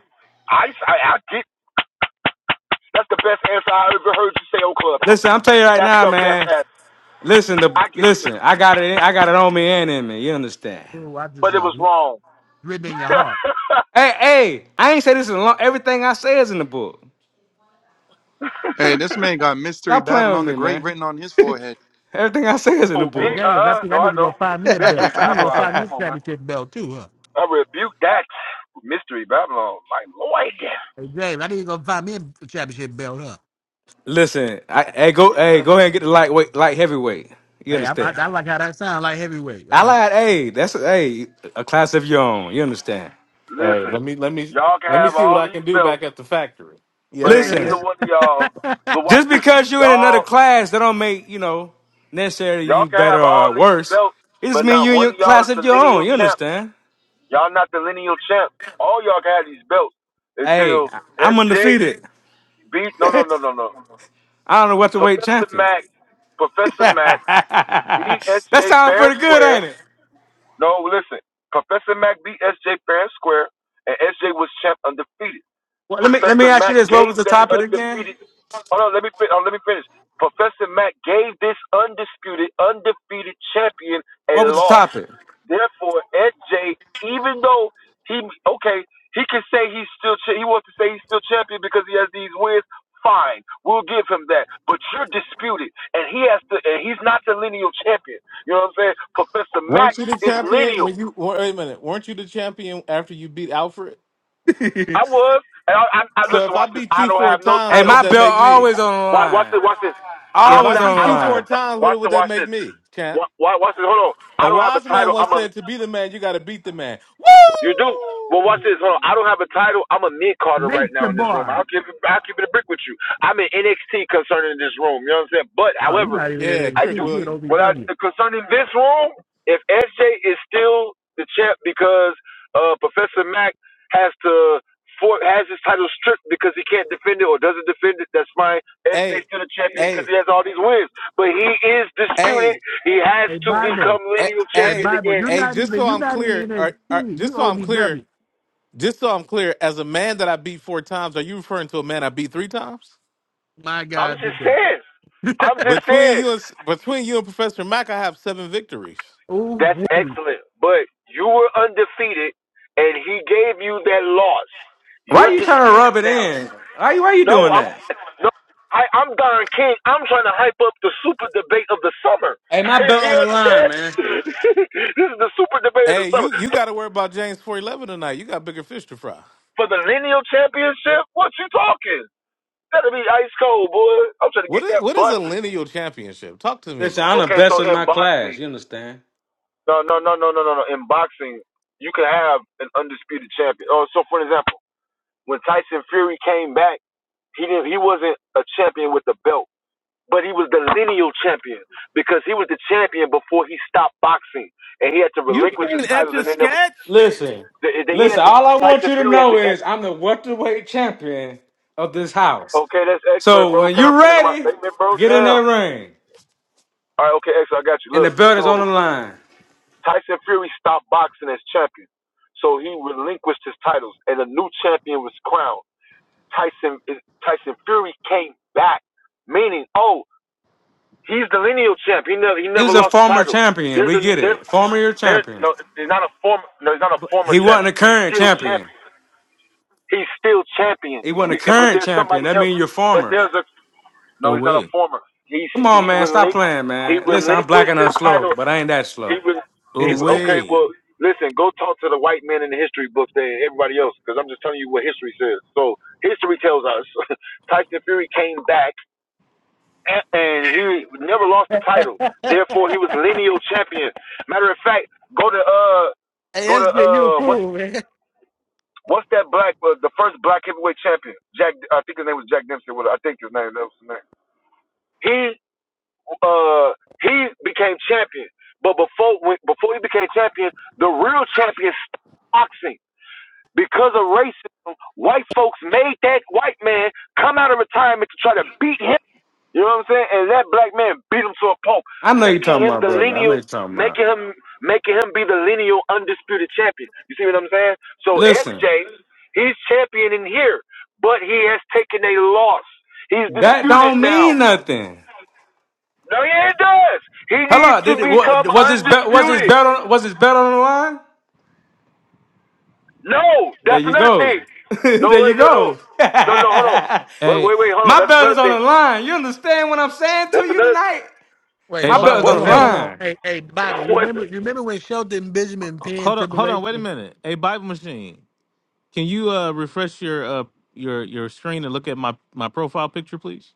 S1: Ice, I, I get. That's the best answer I ever heard you say on Clubhouse.
S4: Listen, I'm telling you right
S1: That's
S4: now,
S1: the best
S4: man.
S1: answer.
S4: Listen, the
S1: I give it to
S4: listen.
S1: you,
S4: I got it. I got it on me and in me. You understand?
S3: Cool. I just
S1: but it
S3: uh,
S1: was wrong.
S3: written in your heart.
S4: Hey, hey. I ain't say this in a long. Everything I say is in the book.
S7: Hey, this man got mystery
S4: Stop playing with
S7: Babylon the
S4: me,
S7: Great
S4: man.
S7: written on his forehead.
S4: Everything I say is in the
S1: oh
S3: Hey
S1: me? Uh,
S4: book.
S3: James, I
S1: uh
S3: think
S1: no,
S3: I
S1: I
S3: need to go
S1: don't.
S3: find me a belt.
S1: Mystery
S3: I need to go
S1: Babylon.
S3: find me a
S1: Come on, man.
S3: championship belt too, huh?
S1: I rebuke that. Mystery Babylon, my lord.
S3: Hey James, I need to go find me a championship belt, huh?
S4: Listen, I, hey, go, hey, go ahead and get the lightweight, light heavyweight. You
S3: Hey, I, I,
S4: understand?
S3: I like how that sounds like heavyweight. All right,
S4: Allied A, that's a, hey, a class of your own. You understand?
S2: Hey,
S1: Listen,
S2: let me let me
S1: y'all can
S2: let me
S1: have
S2: see what
S1: all
S2: I can
S1: these
S2: do back
S1: belts,
S2: at the factory.
S3: let
S1: but
S3: me
S2: Yes.
S1: ain't
S4: Listen,
S1: neither one of y'all. Look, watch
S4: just
S3: say,
S1: this.
S4: because you're in another
S1: y'all.
S4: class, that don't make you know necessarily
S1: Y'all
S4: you
S1: can
S4: better
S1: have
S4: or
S1: all these
S4: worse.
S1: belts,
S4: It just
S1: but
S4: means
S1: not
S4: you're in
S1: one
S4: your
S1: of y'all
S4: class
S1: is the
S4: of your own.
S1: lineal
S4: You
S1: champ.
S4: understand?
S1: Y'all not the lineal champ. All y'all can have these belts
S4: Hey,
S1: until
S4: I- I'm
S1: SJ
S4: undefeated.
S1: beat no no no no no
S4: I don't know what the weight
S1: Professor
S4: champion.
S1: Mac Professor Mac beat
S4: That
S1: SJ
S4: sounds
S1: fair
S4: pretty
S1: and
S4: good,
S1: square.
S4: ain't it?
S1: No, listen, Professor Mac beat SJ fair and square, and SJ was champ undefeated.
S4: Well, let me let me
S1: Professor
S4: ask you
S1: Mack
S4: this. What
S1: gave
S4: was the
S1: that
S4: topic again?
S1: undefeated. Hold on, let me fin- oh, let me finish. Professor Mack gave this undisputed, undefeated champion a
S4: What was the
S1: loss.
S4: topic?
S1: Therefore, SJ, even though he okay, he can say he's still cha- he wants to say he's still champion because he has these wins. Fine, we'll give him that. But you're disputed, and he has to, and he's not the lineal champion. You know what I'm saying? Professor Mack
S2: Weren't you the
S1: is
S2: champion
S1: lineal.
S2: when you wait a minute, weren't you the champion after you beat Alfred?
S1: I was, and I, I, I
S2: So
S1: listen,
S2: if I
S1: watch this.
S2: beat
S1: I
S2: you
S1: don't
S2: four
S1: have no
S2: times,
S4: Hey,
S2: what
S1: title.
S2: does
S4: my
S2: that
S4: belt
S2: make me?
S4: always on the
S1: Watch, watch
S4: line.
S1: this. Watch this.
S2: If
S1: I'm
S2: I
S4: Always
S1: not.
S4: on the
S2: beat
S1: I
S2: you
S1: don't have
S2: four
S1: a.
S4: line.
S1: T-
S2: times, what
S1: Watch
S2: would
S1: this.
S2: that
S1: Watch
S2: make
S1: this.
S2: me, champ?
S1: Wa- wa- Watch this. Hold on.
S2: A
S1: I don't have a
S2: wise man
S1: title.
S2: once
S1: I'm a.
S2: said to be the man, you gotta beat the man. Woo!
S1: You do. Well, watch this. Hold on. I don't have a title. I'm a mid Carter right now
S3: Nature
S1: in this room.
S3: boy.
S1: I'll keep it, I'll keep it a brick with you. I'm in NXT concerning this room. You know what I'm saying? But
S3: Oh, you're
S1: however,
S3: not even
S2: Yeah,
S3: in
S1: I
S2: trick
S1: do.
S3: NXT. You're at
S2: William.
S1: What I
S3: OVW.
S1: concerning this room, if SJ is still the champ because uh, Professor Mac has to for, has his title stripped because he can't defend it or doesn't defend it, that's fine. SJ's
S2: Hey,
S1: still the champion because
S2: hey,
S1: he has all these wins. But he is disputed.
S2: hey,
S1: He has
S3: Hey
S1: to
S3: Bible.
S1: become
S2: hey,
S1: lineal
S3: Hey
S2: hey,
S1: champion
S3: Bible.
S1: again
S3: You're
S2: hey,
S3: not
S2: just
S3: even.
S2: so
S3: You're
S2: I'm
S3: not even
S2: clear, or,
S3: in
S2: or
S3: NXT. You
S2: just so I'm clear,
S3: OVW.
S2: Just so I'm clear, as a man that I beat four times, are you referring to a man I beat three times?
S3: My
S1: I'm
S3: God,
S1: just
S3: today.
S1: saying. I'm just
S2: Between
S1: saying.
S2: you and between you and Professor Mack, I have seven victories.
S1: That's
S3: Ooh, wee.
S1: excellent. But you were undefeated, and he gave you that loss.
S4: Why
S1: You're
S4: you trying to rub
S1: disputed
S4: it
S1: now.
S4: in? Why you why you
S1: No,
S4: doing
S1: I'm
S4: that?
S1: no. I, I'm Don King. I'm trying to hype up the super debate of the summer.
S4: Hey, my belt on
S1: you
S4: the line,
S1: understand?
S4: man.
S1: this is the super debate of the
S2: Hey,
S1: summer
S2: you you got to worry about James four eleven tonight. You got bigger fish to fry.
S1: for the lineal championship. What you talking? That'll be ice cold, boy. I'm trying to
S2: What
S1: get
S2: is,
S1: that
S2: what is a
S1: busted.
S2: lineal championship? Talk to me
S4: Listen,
S2: about
S4: I'm the
S2: that.
S1: Okay,
S4: best
S1: so
S4: in my
S1: in boxing.
S4: class. You understand?
S1: No, no, no, no, no, no, no. In boxing, you can have an undisputed champion. Oh, so for example, when Tyson Fury came back, he didn't. He wasn't a champion with the belt, but he was the lineal champion because he was the champion before he stopped boxing, and he had to
S2: You
S1: relinquish his
S2: can't etch
S1: titles,
S2: a
S1: and they never.
S2: sketch.
S4: Listen,
S1: They, they, he had
S4: listen.
S1: to.
S4: All I want
S1: Tyson
S4: you to
S1: Fury had
S4: know
S1: to.
S4: is
S1: end-
S4: I'm the welterweight champion of this house.
S1: Okay, that's excellent,
S4: So
S1: bro.
S4: when
S1: Can I
S4: you're
S1: finish my
S4: ready,
S1: statement, bro?
S4: get in that
S1: Damn.
S4: ring.
S1: All right, okay, excellent. I got you.
S4: And
S1: Look,
S4: the belt is on
S1: so
S4: the line.
S1: Tyson Fury stopped boxing as champion. So he relinquished his titles, and a new champion was crowned. Tyson Tyson Fury came back, meaning oh he's the lineal champ. He never he
S4: He was
S1: never
S4: a
S1: lost the
S4: former
S1: title.
S4: champion.
S1: There's
S4: We
S1: a
S4: get
S1: there's
S4: it. Former year
S1: there's
S4: champion.
S1: no there's not a former no he's not a former
S4: He wasn't
S1: champion.
S4: a
S1: He's
S4: current
S1: still
S4: champion.
S1: champion. He's still champion.
S4: He wasn't a
S1: But
S4: current
S1: there's
S4: champion.
S1: somebody
S4: That
S1: else.
S4: means you're
S1: But
S4: former.
S1: there's a no he's not a
S2: Away,
S1: former. He's
S4: Come on,
S1: he
S4: man. Stop
S1: relinqu-
S4: playing,
S1: he
S4: man. Listen, I'm black
S1: relinquished his
S4: enough slow,
S1: title.
S4: but I ain't that
S1: He
S4: slow.
S1: was
S4: You
S1: he
S4: understand?
S1: okay.
S2: away.
S1: Well listen, go talk to the white men in the history books and everybody else because I'm just telling you what history says. So history tells us Tyson Fury came back and, and he never lost the title.
S3: hey
S1: Therefore, he was lineal champion. Matter of fact, go to uh, go to
S3: SJ, you a
S1: uh, what's
S3: fool, man.
S1: what's that black uh, the first black heavyweight champion? Jack, I think his name was Jack Dempsey. What I think his name that was his name. He uh, he became champion, but before when, before he became champion, the real champion stopped boxing. Because of racism, white folks made that white man come out of retirement to try to beat him. You know what I'm saying? And that black man beat him to a pulp,
S4: I know you're
S1: making
S4: talking
S1: him
S4: about,
S1: the
S4: brother. I know you're
S1: lineal,
S4: talking about.
S1: making him, making him be the lineal undisputed champion. You see what I'm saying? So
S4: Listen,
S1: SJ, he's champion in here, but he has taken a loss. He's
S4: that
S1: disputed
S4: don't mean
S1: now.
S4: nothing.
S1: No, he does. He needs
S4: Hello, did
S1: to
S4: it, wa-
S1: become
S4: was his bet? Was his
S1: undisputed.
S4: bet on? Was his bet on the line?
S1: No,
S4: There
S1: that's
S4: you
S1: another
S4: go.
S1: thing. No,
S4: there you
S1: wait, no, no,
S4: go.
S1: no, no. Hold on.
S4: My
S1: Wait,
S2: Hey,
S1: wait, wait. Hold on. That's
S4: belt is
S1: another
S4: on the
S1: thing.
S4: line. You understand what I'm saying to
S1: That's
S4: you
S1: another.
S4: tonight?
S3: Wait,
S2: hey,
S4: My
S3: hold
S4: belt is
S3: on,
S2: Bible
S4: on
S1: What
S3: hold
S4: the
S3: on,
S1: belt?
S3: hold
S2: machine.
S3: on.
S4: line.
S3: Hey, hey, Bible.
S1: what?
S3: Remember,
S1: belt?
S3: remember when Shelton Benjamin
S2: H-
S3: penned
S2: Hold on,
S3: Triple
S2: hold on.
S3: H
S2: Wait a
S3: was
S2: minute. Hey, Bible machine. Can you uh refresh your uh your your screen and look at my my profile picture, please?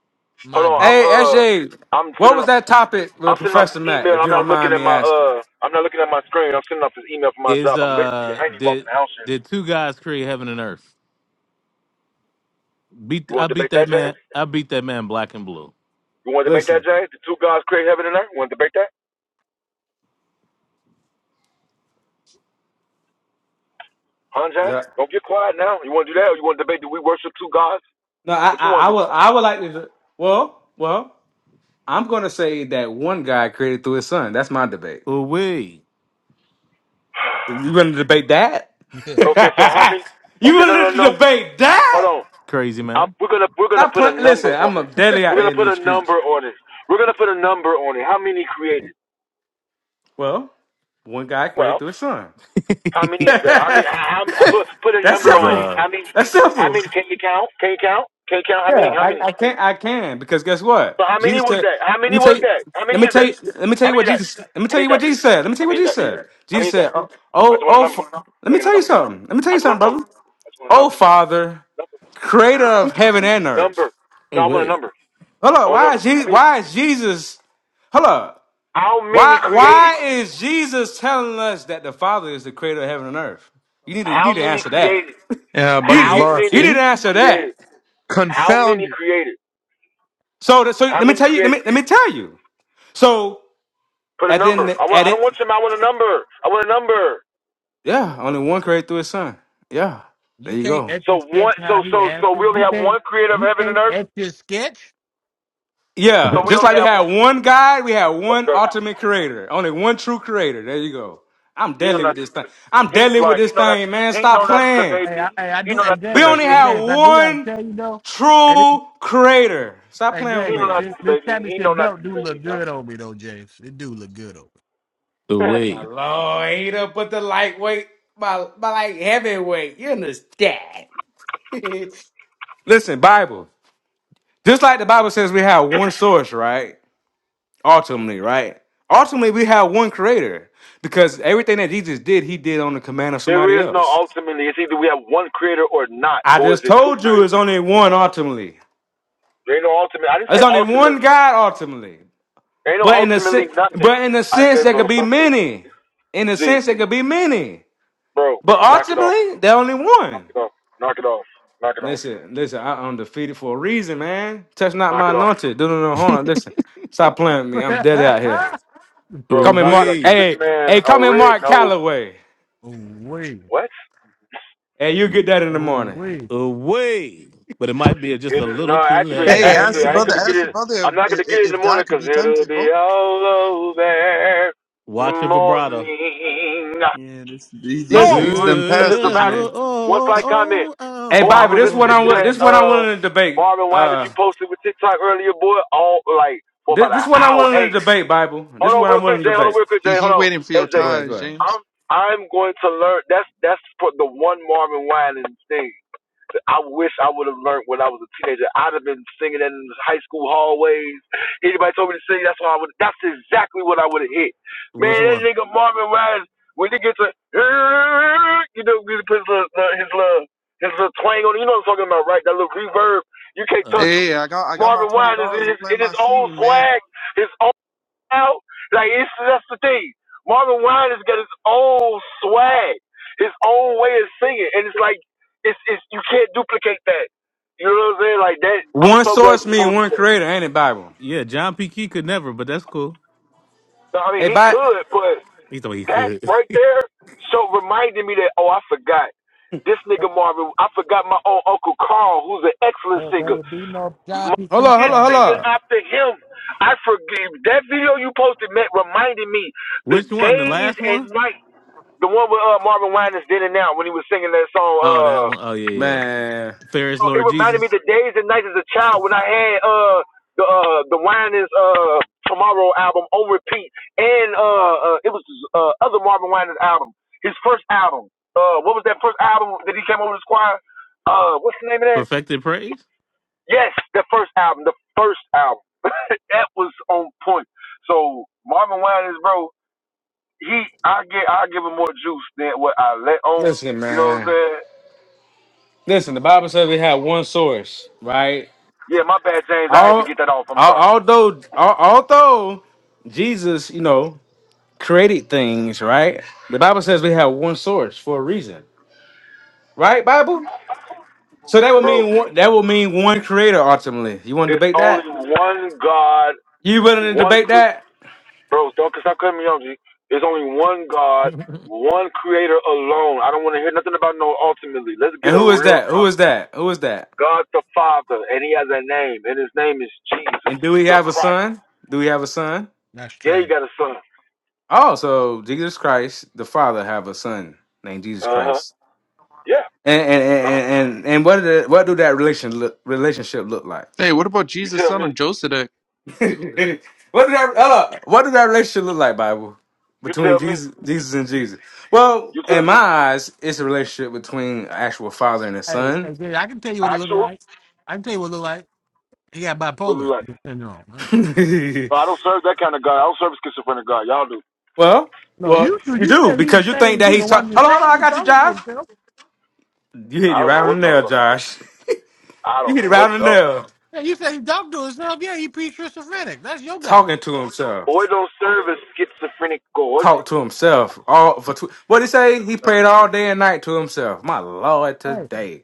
S1: Hold
S3: my
S1: on.
S3: God.
S1: I'm
S4: Hey,
S1: uh,
S4: SJ,
S1: I'm
S4: what
S1: sending
S4: was
S1: off.
S4: that topic
S1: I'm
S4: with
S1: sending off
S4: Professor
S1: this
S4: Matt,
S1: email.
S4: if you
S1: I'm
S4: don't
S1: not looking
S4: mind
S1: at
S4: me
S1: my
S4: asking?
S1: uh, I'm not looking at my screen. I'm sending off this email for my
S2: Is
S1: job. I'm literally,
S2: uh
S1: I ain't even walking
S2: did
S1: the house yet.
S2: did two guys create heaven and earth? Beat
S1: You want
S2: I
S1: to
S2: beat
S1: debate that,
S2: that
S1: Jay?
S2: man. I beat that man black and blue.
S1: You want to debate
S4: Listen,
S1: that, Jay? The two gods create heaven and earth. You want to debate that? Huh, Jay?
S4: yeah.
S1: Don't get quiet now. You want to do that? Or you want to debate? Do we worship two gods?
S4: No, I,
S1: What you
S4: I,
S1: want
S4: I
S1: to do?
S4: would, I would like to. Well, well, I'm gonna say that one guy created through his son. That's my debate.
S2: Away,
S4: You gonna debate that?
S1: okay, so how many?
S4: you
S1: Okay, no, no,
S4: gonna
S1: no.
S4: debate
S1: Hold
S4: that?
S1: on.
S2: crazy
S1: i
S2: man.
S1: we're gonna we're gonna
S4: Stop
S1: put a
S4: playing.
S1: number
S4: Listen, I'm
S1: on
S4: a
S1: it.
S4: daily out
S1: We're
S4: there
S1: gonna
S4: in
S1: put
S4: these
S1: a number
S4: streets.
S1: on it. We're gonna put a number on it. How many created?
S4: Well, one guy created
S1: Well,
S4: through his son.
S1: how many is that? How
S4: That's
S1: many? How, how I put put a number on
S4: simple.
S1: it?
S2: The
S1: How many?
S4: That's
S1: How
S4: simple.
S1: many? Can you count? Can you count? Can you count? How many?
S4: Yeah,
S1: How
S4: I,
S1: many?
S4: I can I can because guess what?
S1: So how many
S4: Jesus
S1: was
S4: said.
S1: that? How
S4: Let me
S1: many
S4: tell
S1: was
S4: you.
S1: that? How
S4: Let me
S1: many is
S4: tell
S1: that?
S4: you. Let me tell you
S1: How many
S4: what
S1: is that?
S4: Jesus. Let me
S1: How
S4: tell
S1: many
S4: you
S1: is
S4: what
S1: that?
S4: Jesus said. Let me tell
S1: How
S4: you what
S1: many is
S4: Jesus
S1: that?
S4: said.
S1: How many
S4: Jesus
S1: is that?
S4: said, "Oh,
S1: I
S4: oh,
S1: just want a
S4: oh
S1: number.
S4: fa- let
S1: Can I
S4: me
S1: get a
S4: tell you
S1: number?
S4: something. Let me tell
S1: I
S4: you
S1: just
S4: something,
S1: want a number.
S4: brother.
S1: I just want a
S4: Oh,
S1: number.
S4: Father,
S1: Number.
S4: Creator of heaven and
S1: Number.
S4: earth.
S1: No, I want a
S2: away,
S1: number.
S4: Hold
S1: I
S4: up.
S1: want a
S4: Why is
S1: number. How
S4: Jesus?
S1: many?
S4: Why is Jesus? Hold up.
S1: How many
S4: Why
S1: created?
S4: Why is Jesus telling us that the Father is the Creator of heaven and earth? You need to. You
S1: How
S4: need to
S1: many
S4: answer that.
S1: created?
S7: Yeah,
S4: you,
S7: buddy's
S1: How
S4: you
S7: lost,
S4: you
S1: many
S4: need
S7: eh?
S4: to answer that.
S1: creators? How many
S7: Confounded.
S1: creators?
S4: So, so
S1: How
S4: let me
S1: many
S4: tell you. Let me
S1: creators?
S4: let me tell you. So
S1: Put a
S4: And
S1: number.
S4: then
S1: I
S4: at
S1: want. I
S4: it,
S1: don't want some. I want a number. I want a number.
S4: yeah, only one credit through his son. Yeah, there
S3: you
S4: you
S3: can't
S4: go.
S3: etch
S1: So
S3: a sketch
S1: one.
S3: how
S1: So
S3: he
S1: so so
S3: answers.
S1: we only
S3: You
S1: have
S3: can't,
S1: one creator of
S3: you
S1: heaven and
S3: can't
S1: earth.
S3: etch your sketch.
S2: away,
S1: So
S4: Yeah,
S1: we
S4: just
S1: only
S4: like we
S1: have
S4: had
S1: one.
S4: one God, we had one
S1: Okay.
S4: ultimate creator, only one true creator. There you go. I'm
S1: He know
S4: deadly
S1: not.
S4: with
S1: To,
S4: this thing. I'm
S1: he
S4: deadly with
S1: right.
S4: this
S1: He know not.
S4: thing, man.
S1: He
S4: Stop
S1: know not to
S4: playing.
S1: debate
S3: Hey, I,
S1: me.
S3: hey, I
S1: He
S3: do.
S1: know
S3: Hey,
S1: not to
S4: We
S3: James.
S4: only
S1: debate
S3: Hey,
S1: me.
S4: have
S3: James. I do gotta
S4: one
S3: tell you though. Hey, this,
S4: true creator. Stop
S3: hey
S4: playing with
S1: He
S3: James.
S1: know
S4: me.
S1: not to
S3: This, this
S1: debate me. He know
S3: championship
S1: not to
S3: belt do
S1: debate me.
S3: look
S1: Huh?
S3: good on me though, James. It do look good on me.
S4: My
S2: away,
S4: lord, ain't up but the lightweight, my, my like heavyweight. You understand? Listen, Bible. Just like the Bible says, we have one source, right? ultimately, right? Ultimately, we have one creator because everything that Jesus did, he did on the command of
S1: there
S4: somebody
S1: is no
S4: else.
S1: ultimately. It's either we have one creator or not,
S4: I
S1: or is
S4: just
S1: it two
S4: told you
S1: creators?
S4: it's only one ultimately.
S1: There ain't no ultimate. I didn't
S4: There's
S1: say
S4: only one
S1: ultimately.
S4: God ultimately.
S1: There ain't no
S4: But in a sen-
S1: ultimately nothing.
S4: but in a
S1: I
S4: sense,
S1: hey
S4: there
S1: bro,
S4: could be
S1: stop.
S4: many. In a
S1: Z,
S4: sense, there could be many.
S1: bro,
S4: But
S1: knock it off.
S4: ultimately, they're only
S1: Knock
S4: one.
S1: it off. Knock it off. Knock it off.
S4: Listen, listen, I, am defeated for a reason, man. Touch not
S1: Knock
S4: my
S1: it off.
S4: anointed. Do no no harm. Listen, stop playing with me. I'm dead out here. Call
S1: Bro,
S4: me
S1: knock it
S4: Mark.
S1: off. Get this
S4: Hey, hey,
S1: man a
S4: call me
S1: red
S4: Mark
S1: nose.
S4: Calloway.
S3: oh wait,
S1: What?
S4: And you get that in the
S3: oh
S4: morning.
S3: wait.
S2: away. But it might be just a
S1: It is,
S2: little
S1: no,
S2: too
S1: actually,
S7: Hey, ask
S1: actually,
S7: the
S1: I ain't
S7: brother.
S1: gonna get
S7: Ask
S2: late.
S7: the
S1: it.
S7: brother
S1: I'm not
S7: if,
S1: gonna get
S7: if,
S1: it
S7: if
S1: in the morning,
S7: God could
S1: because
S7: be
S1: 'cause it'll
S7: tempted, bro.
S1: be all over in the
S2: Watch your vibrato.
S1: morning.
S7: Yeah, this These these
S4: Listen,
S7: these
S1: Oh,
S7: done
S1: it
S7: past
S1: just
S7: this
S4: I-
S1: reminded me.
S2: Oh,
S7: man.
S1: One slight comment.
S2: oh,
S4: hey,
S1: Boy, I
S4: Bible,
S1: was
S4: this what
S1: listening
S4: I'm
S2: oh,
S1: to
S4: wi-
S2: oh.
S1: that
S4: this what I'm
S1: uh
S4: willing to debate.
S1: Marvin Wine that
S4: Uh,
S1: you posted with TikTok earlier, boy. All like for
S4: this
S1: about
S4: this
S1: an
S4: what I'm
S1: hour.
S4: willing
S1: Hey,
S4: to debate. Bible,
S1: Hold
S4: this
S1: on,
S4: what I'm
S1: real quick,
S4: willing to
S1: Jay. Hold on,
S4: debate.
S1: real quick,
S7: He
S1: Jay.
S7: he
S1: Hold on,
S7: waiting for your
S1: SJ.
S4: Go ahead, go
S7: tires,
S4: ahead.
S7: James.
S1: I'm I'm going to learn. That's that's for the one Marvin Winans thing. I wish I would have learned when I was a teenager. I'd have been singing that in the high school hallways. Anybody told me to sing, that's what I would. That's exactly what I would have hit. Man,
S2: Which
S1: that
S2: one?
S1: nigga Marvin Winans when he gets a, you know, he puts his little, his little his little twang on. it. You know what I'm talking about, right? That little reverb. You can't
S2: Uh,
S1: touch
S7: Hey,
S1: him.
S7: hey, I got I got my
S1: Marvin
S7: twenty
S1: Winans
S7: dollars
S1: in
S7: to
S1: his
S7: plant
S1: in
S7: my
S1: his
S7: seed,
S1: old
S7: man.
S1: swag, his own out. Like it's that's the thing. Marvin Wine has got his own swag, his own way of singing, and it's like it's it's you can't duplicate that. You know what I'm saying? Like that. I'm
S4: One
S1: so glad
S4: source
S1: you
S4: mean
S1: posted
S4: one
S1: that.
S4: creator, ain't it? Bible.
S2: yeah, John P. Key could never, but that's cool.
S1: So, I mean,
S4: Hey,
S1: he
S4: Bible.
S1: could, but
S2: He thought he
S1: that
S2: could.
S1: right there so reminded me that oh, I forgot this nigga Marvin. I forgot my own uncle Carl, who's an excellent
S3: There, there
S1: singer.
S3: would be no
S1: M-
S3: John
S4: Hold
S3: P.
S4: on, hold
S1: His
S4: on, hold
S3: standard
S1: singing
S4: on.
S3: today.
S1: after him. I forgive that video you posted, Matt, reminded me the
S2: Which one? The
S1: days
S2: last
S1: and
S2: one?
S1: nights. The one with uh, Marvin Winans did it now when he was singing that song.
S2: Oh, that
S1: Uh,
S2: one. Oh, yeah, yeah.
S4: Man,
S2: Ferris
S1: so it
S2: Lord
S1: reminded me
S2: Jesus
S1: the days and nights as a child when I had uh the uh the Winans uh Tomorrow album on repeat, and uh, uh it was uh other Marvin Winans album, his first album. Uh, what was that first album that he came over to Squire? Uh, what's the name of that?
S2: perfected praise.
S1: Yes, the first album, the first album. that was on point. So Marvin Winans, bro, he I get I give him more juice than what I let on.
S4: listen,
S1: You know what I'm
S4: man.
S1: saying?
S4: Listen, the Bible says we have one source, right?
S1: Yeah, my bad, James. I had to
S4: All,
S1: get that off. I'm
S4: all
S1: sorry.
S4: although al- although Jesus, you know, created things, right? The Bible says we have one source for a reason. Right, Bible? So that would
S1: Bro,
S4: mean one, that would mean one creator ultimately. You want to
S1: it's
S4: debate that?
S1: only one God,
S4: You willing to
S1: one
S4: debate
S1: cre-
S4: that?
S1: bro. Don't stop cutting me off, G. It's only one God, one Creator alone. I don't want to hear nothing about no ultimately. Let's
S4: And
S1: get a
S4: who is
S1: real
S4: that? Who
S1: talk.
S4: is that? Who is that?
S1: God the Father, and He has a name, and His name is Jesus
S4: And do we
S1: the
S4: have a
S1: Christ.
S4: son? Do we have a son?
S3: That's
S1: Yeah,
S3: trash.
S1: He got a son.
S4: Oh, so Jesus Christ, the Father, have a son named Jesus
S1: Uh huh.
S4: Christ.
S1: Yeah.
S4: And and
S1: Uh huh.
S4: and and, and what did what do that relation look, relationship look like?
S7: Hey, what about
S1: You
S7: Jesus,
S1: tell
S7: son
S1: me.
S7: of Joseph?
S4: what did that hold up, what did that relationship look like, Bible?
S1: You
S4: Between
S1: tell me.
S4: Jesus Jesus and Jesus. Well,
S1: You
S4: in
S1: tell
S4: my
S1: me.
S4: eyes, it's a relationship between an actual father and a
S3: Hey,
S4: son
S3: hey, Gary, I can tell you what it looked
S1: Actual?
S3: like. I can tell you what it looked like. He got
S1: What is it
S3: bipolar
S1: like?
S3: syndrome.
S1: No, I don't serve that kind of God. I don't serve a schizophrenic God. Y'all do.
S4: well,
S3: No,
S4: well,
S3: you you
S4: you
S3: you
S4: do
S3: said he's
S4: because
S3: the
S4: you think
S3: same.
S4: that
S3: He's
S4: he's
S3: the one
S4: talking.
S3: the
S4: Hold on, hold on,
S3: same.
S4: I
S3: He's
S4: got you,
S3: talking to
S4: Josh.
S3: himself.
S4: You hit
S1: I
S4: it
S1: don't
S4: right
S1: know what
S4: on the
S1: y'all talking.
S4: nail,
S1: about.
S4: Josh.
S1: I
S4: You
S1: don't
S4: hit it
S1: know
S4: right
S1: what's
S4: on the
S1: up.
S4: nail.
S3: Yeah, you said he talking to himself. Yeah, he pre-schizophrenic. That's your God.
S4: Talking to himself,
S1: Boy, don't serve a schizophrenic god.
S4: talk to himself. All for tw- what he say? He
S1: Oh,
S4: prayed all day and night to himself. My Lord,
S3: Hey,
S4: today.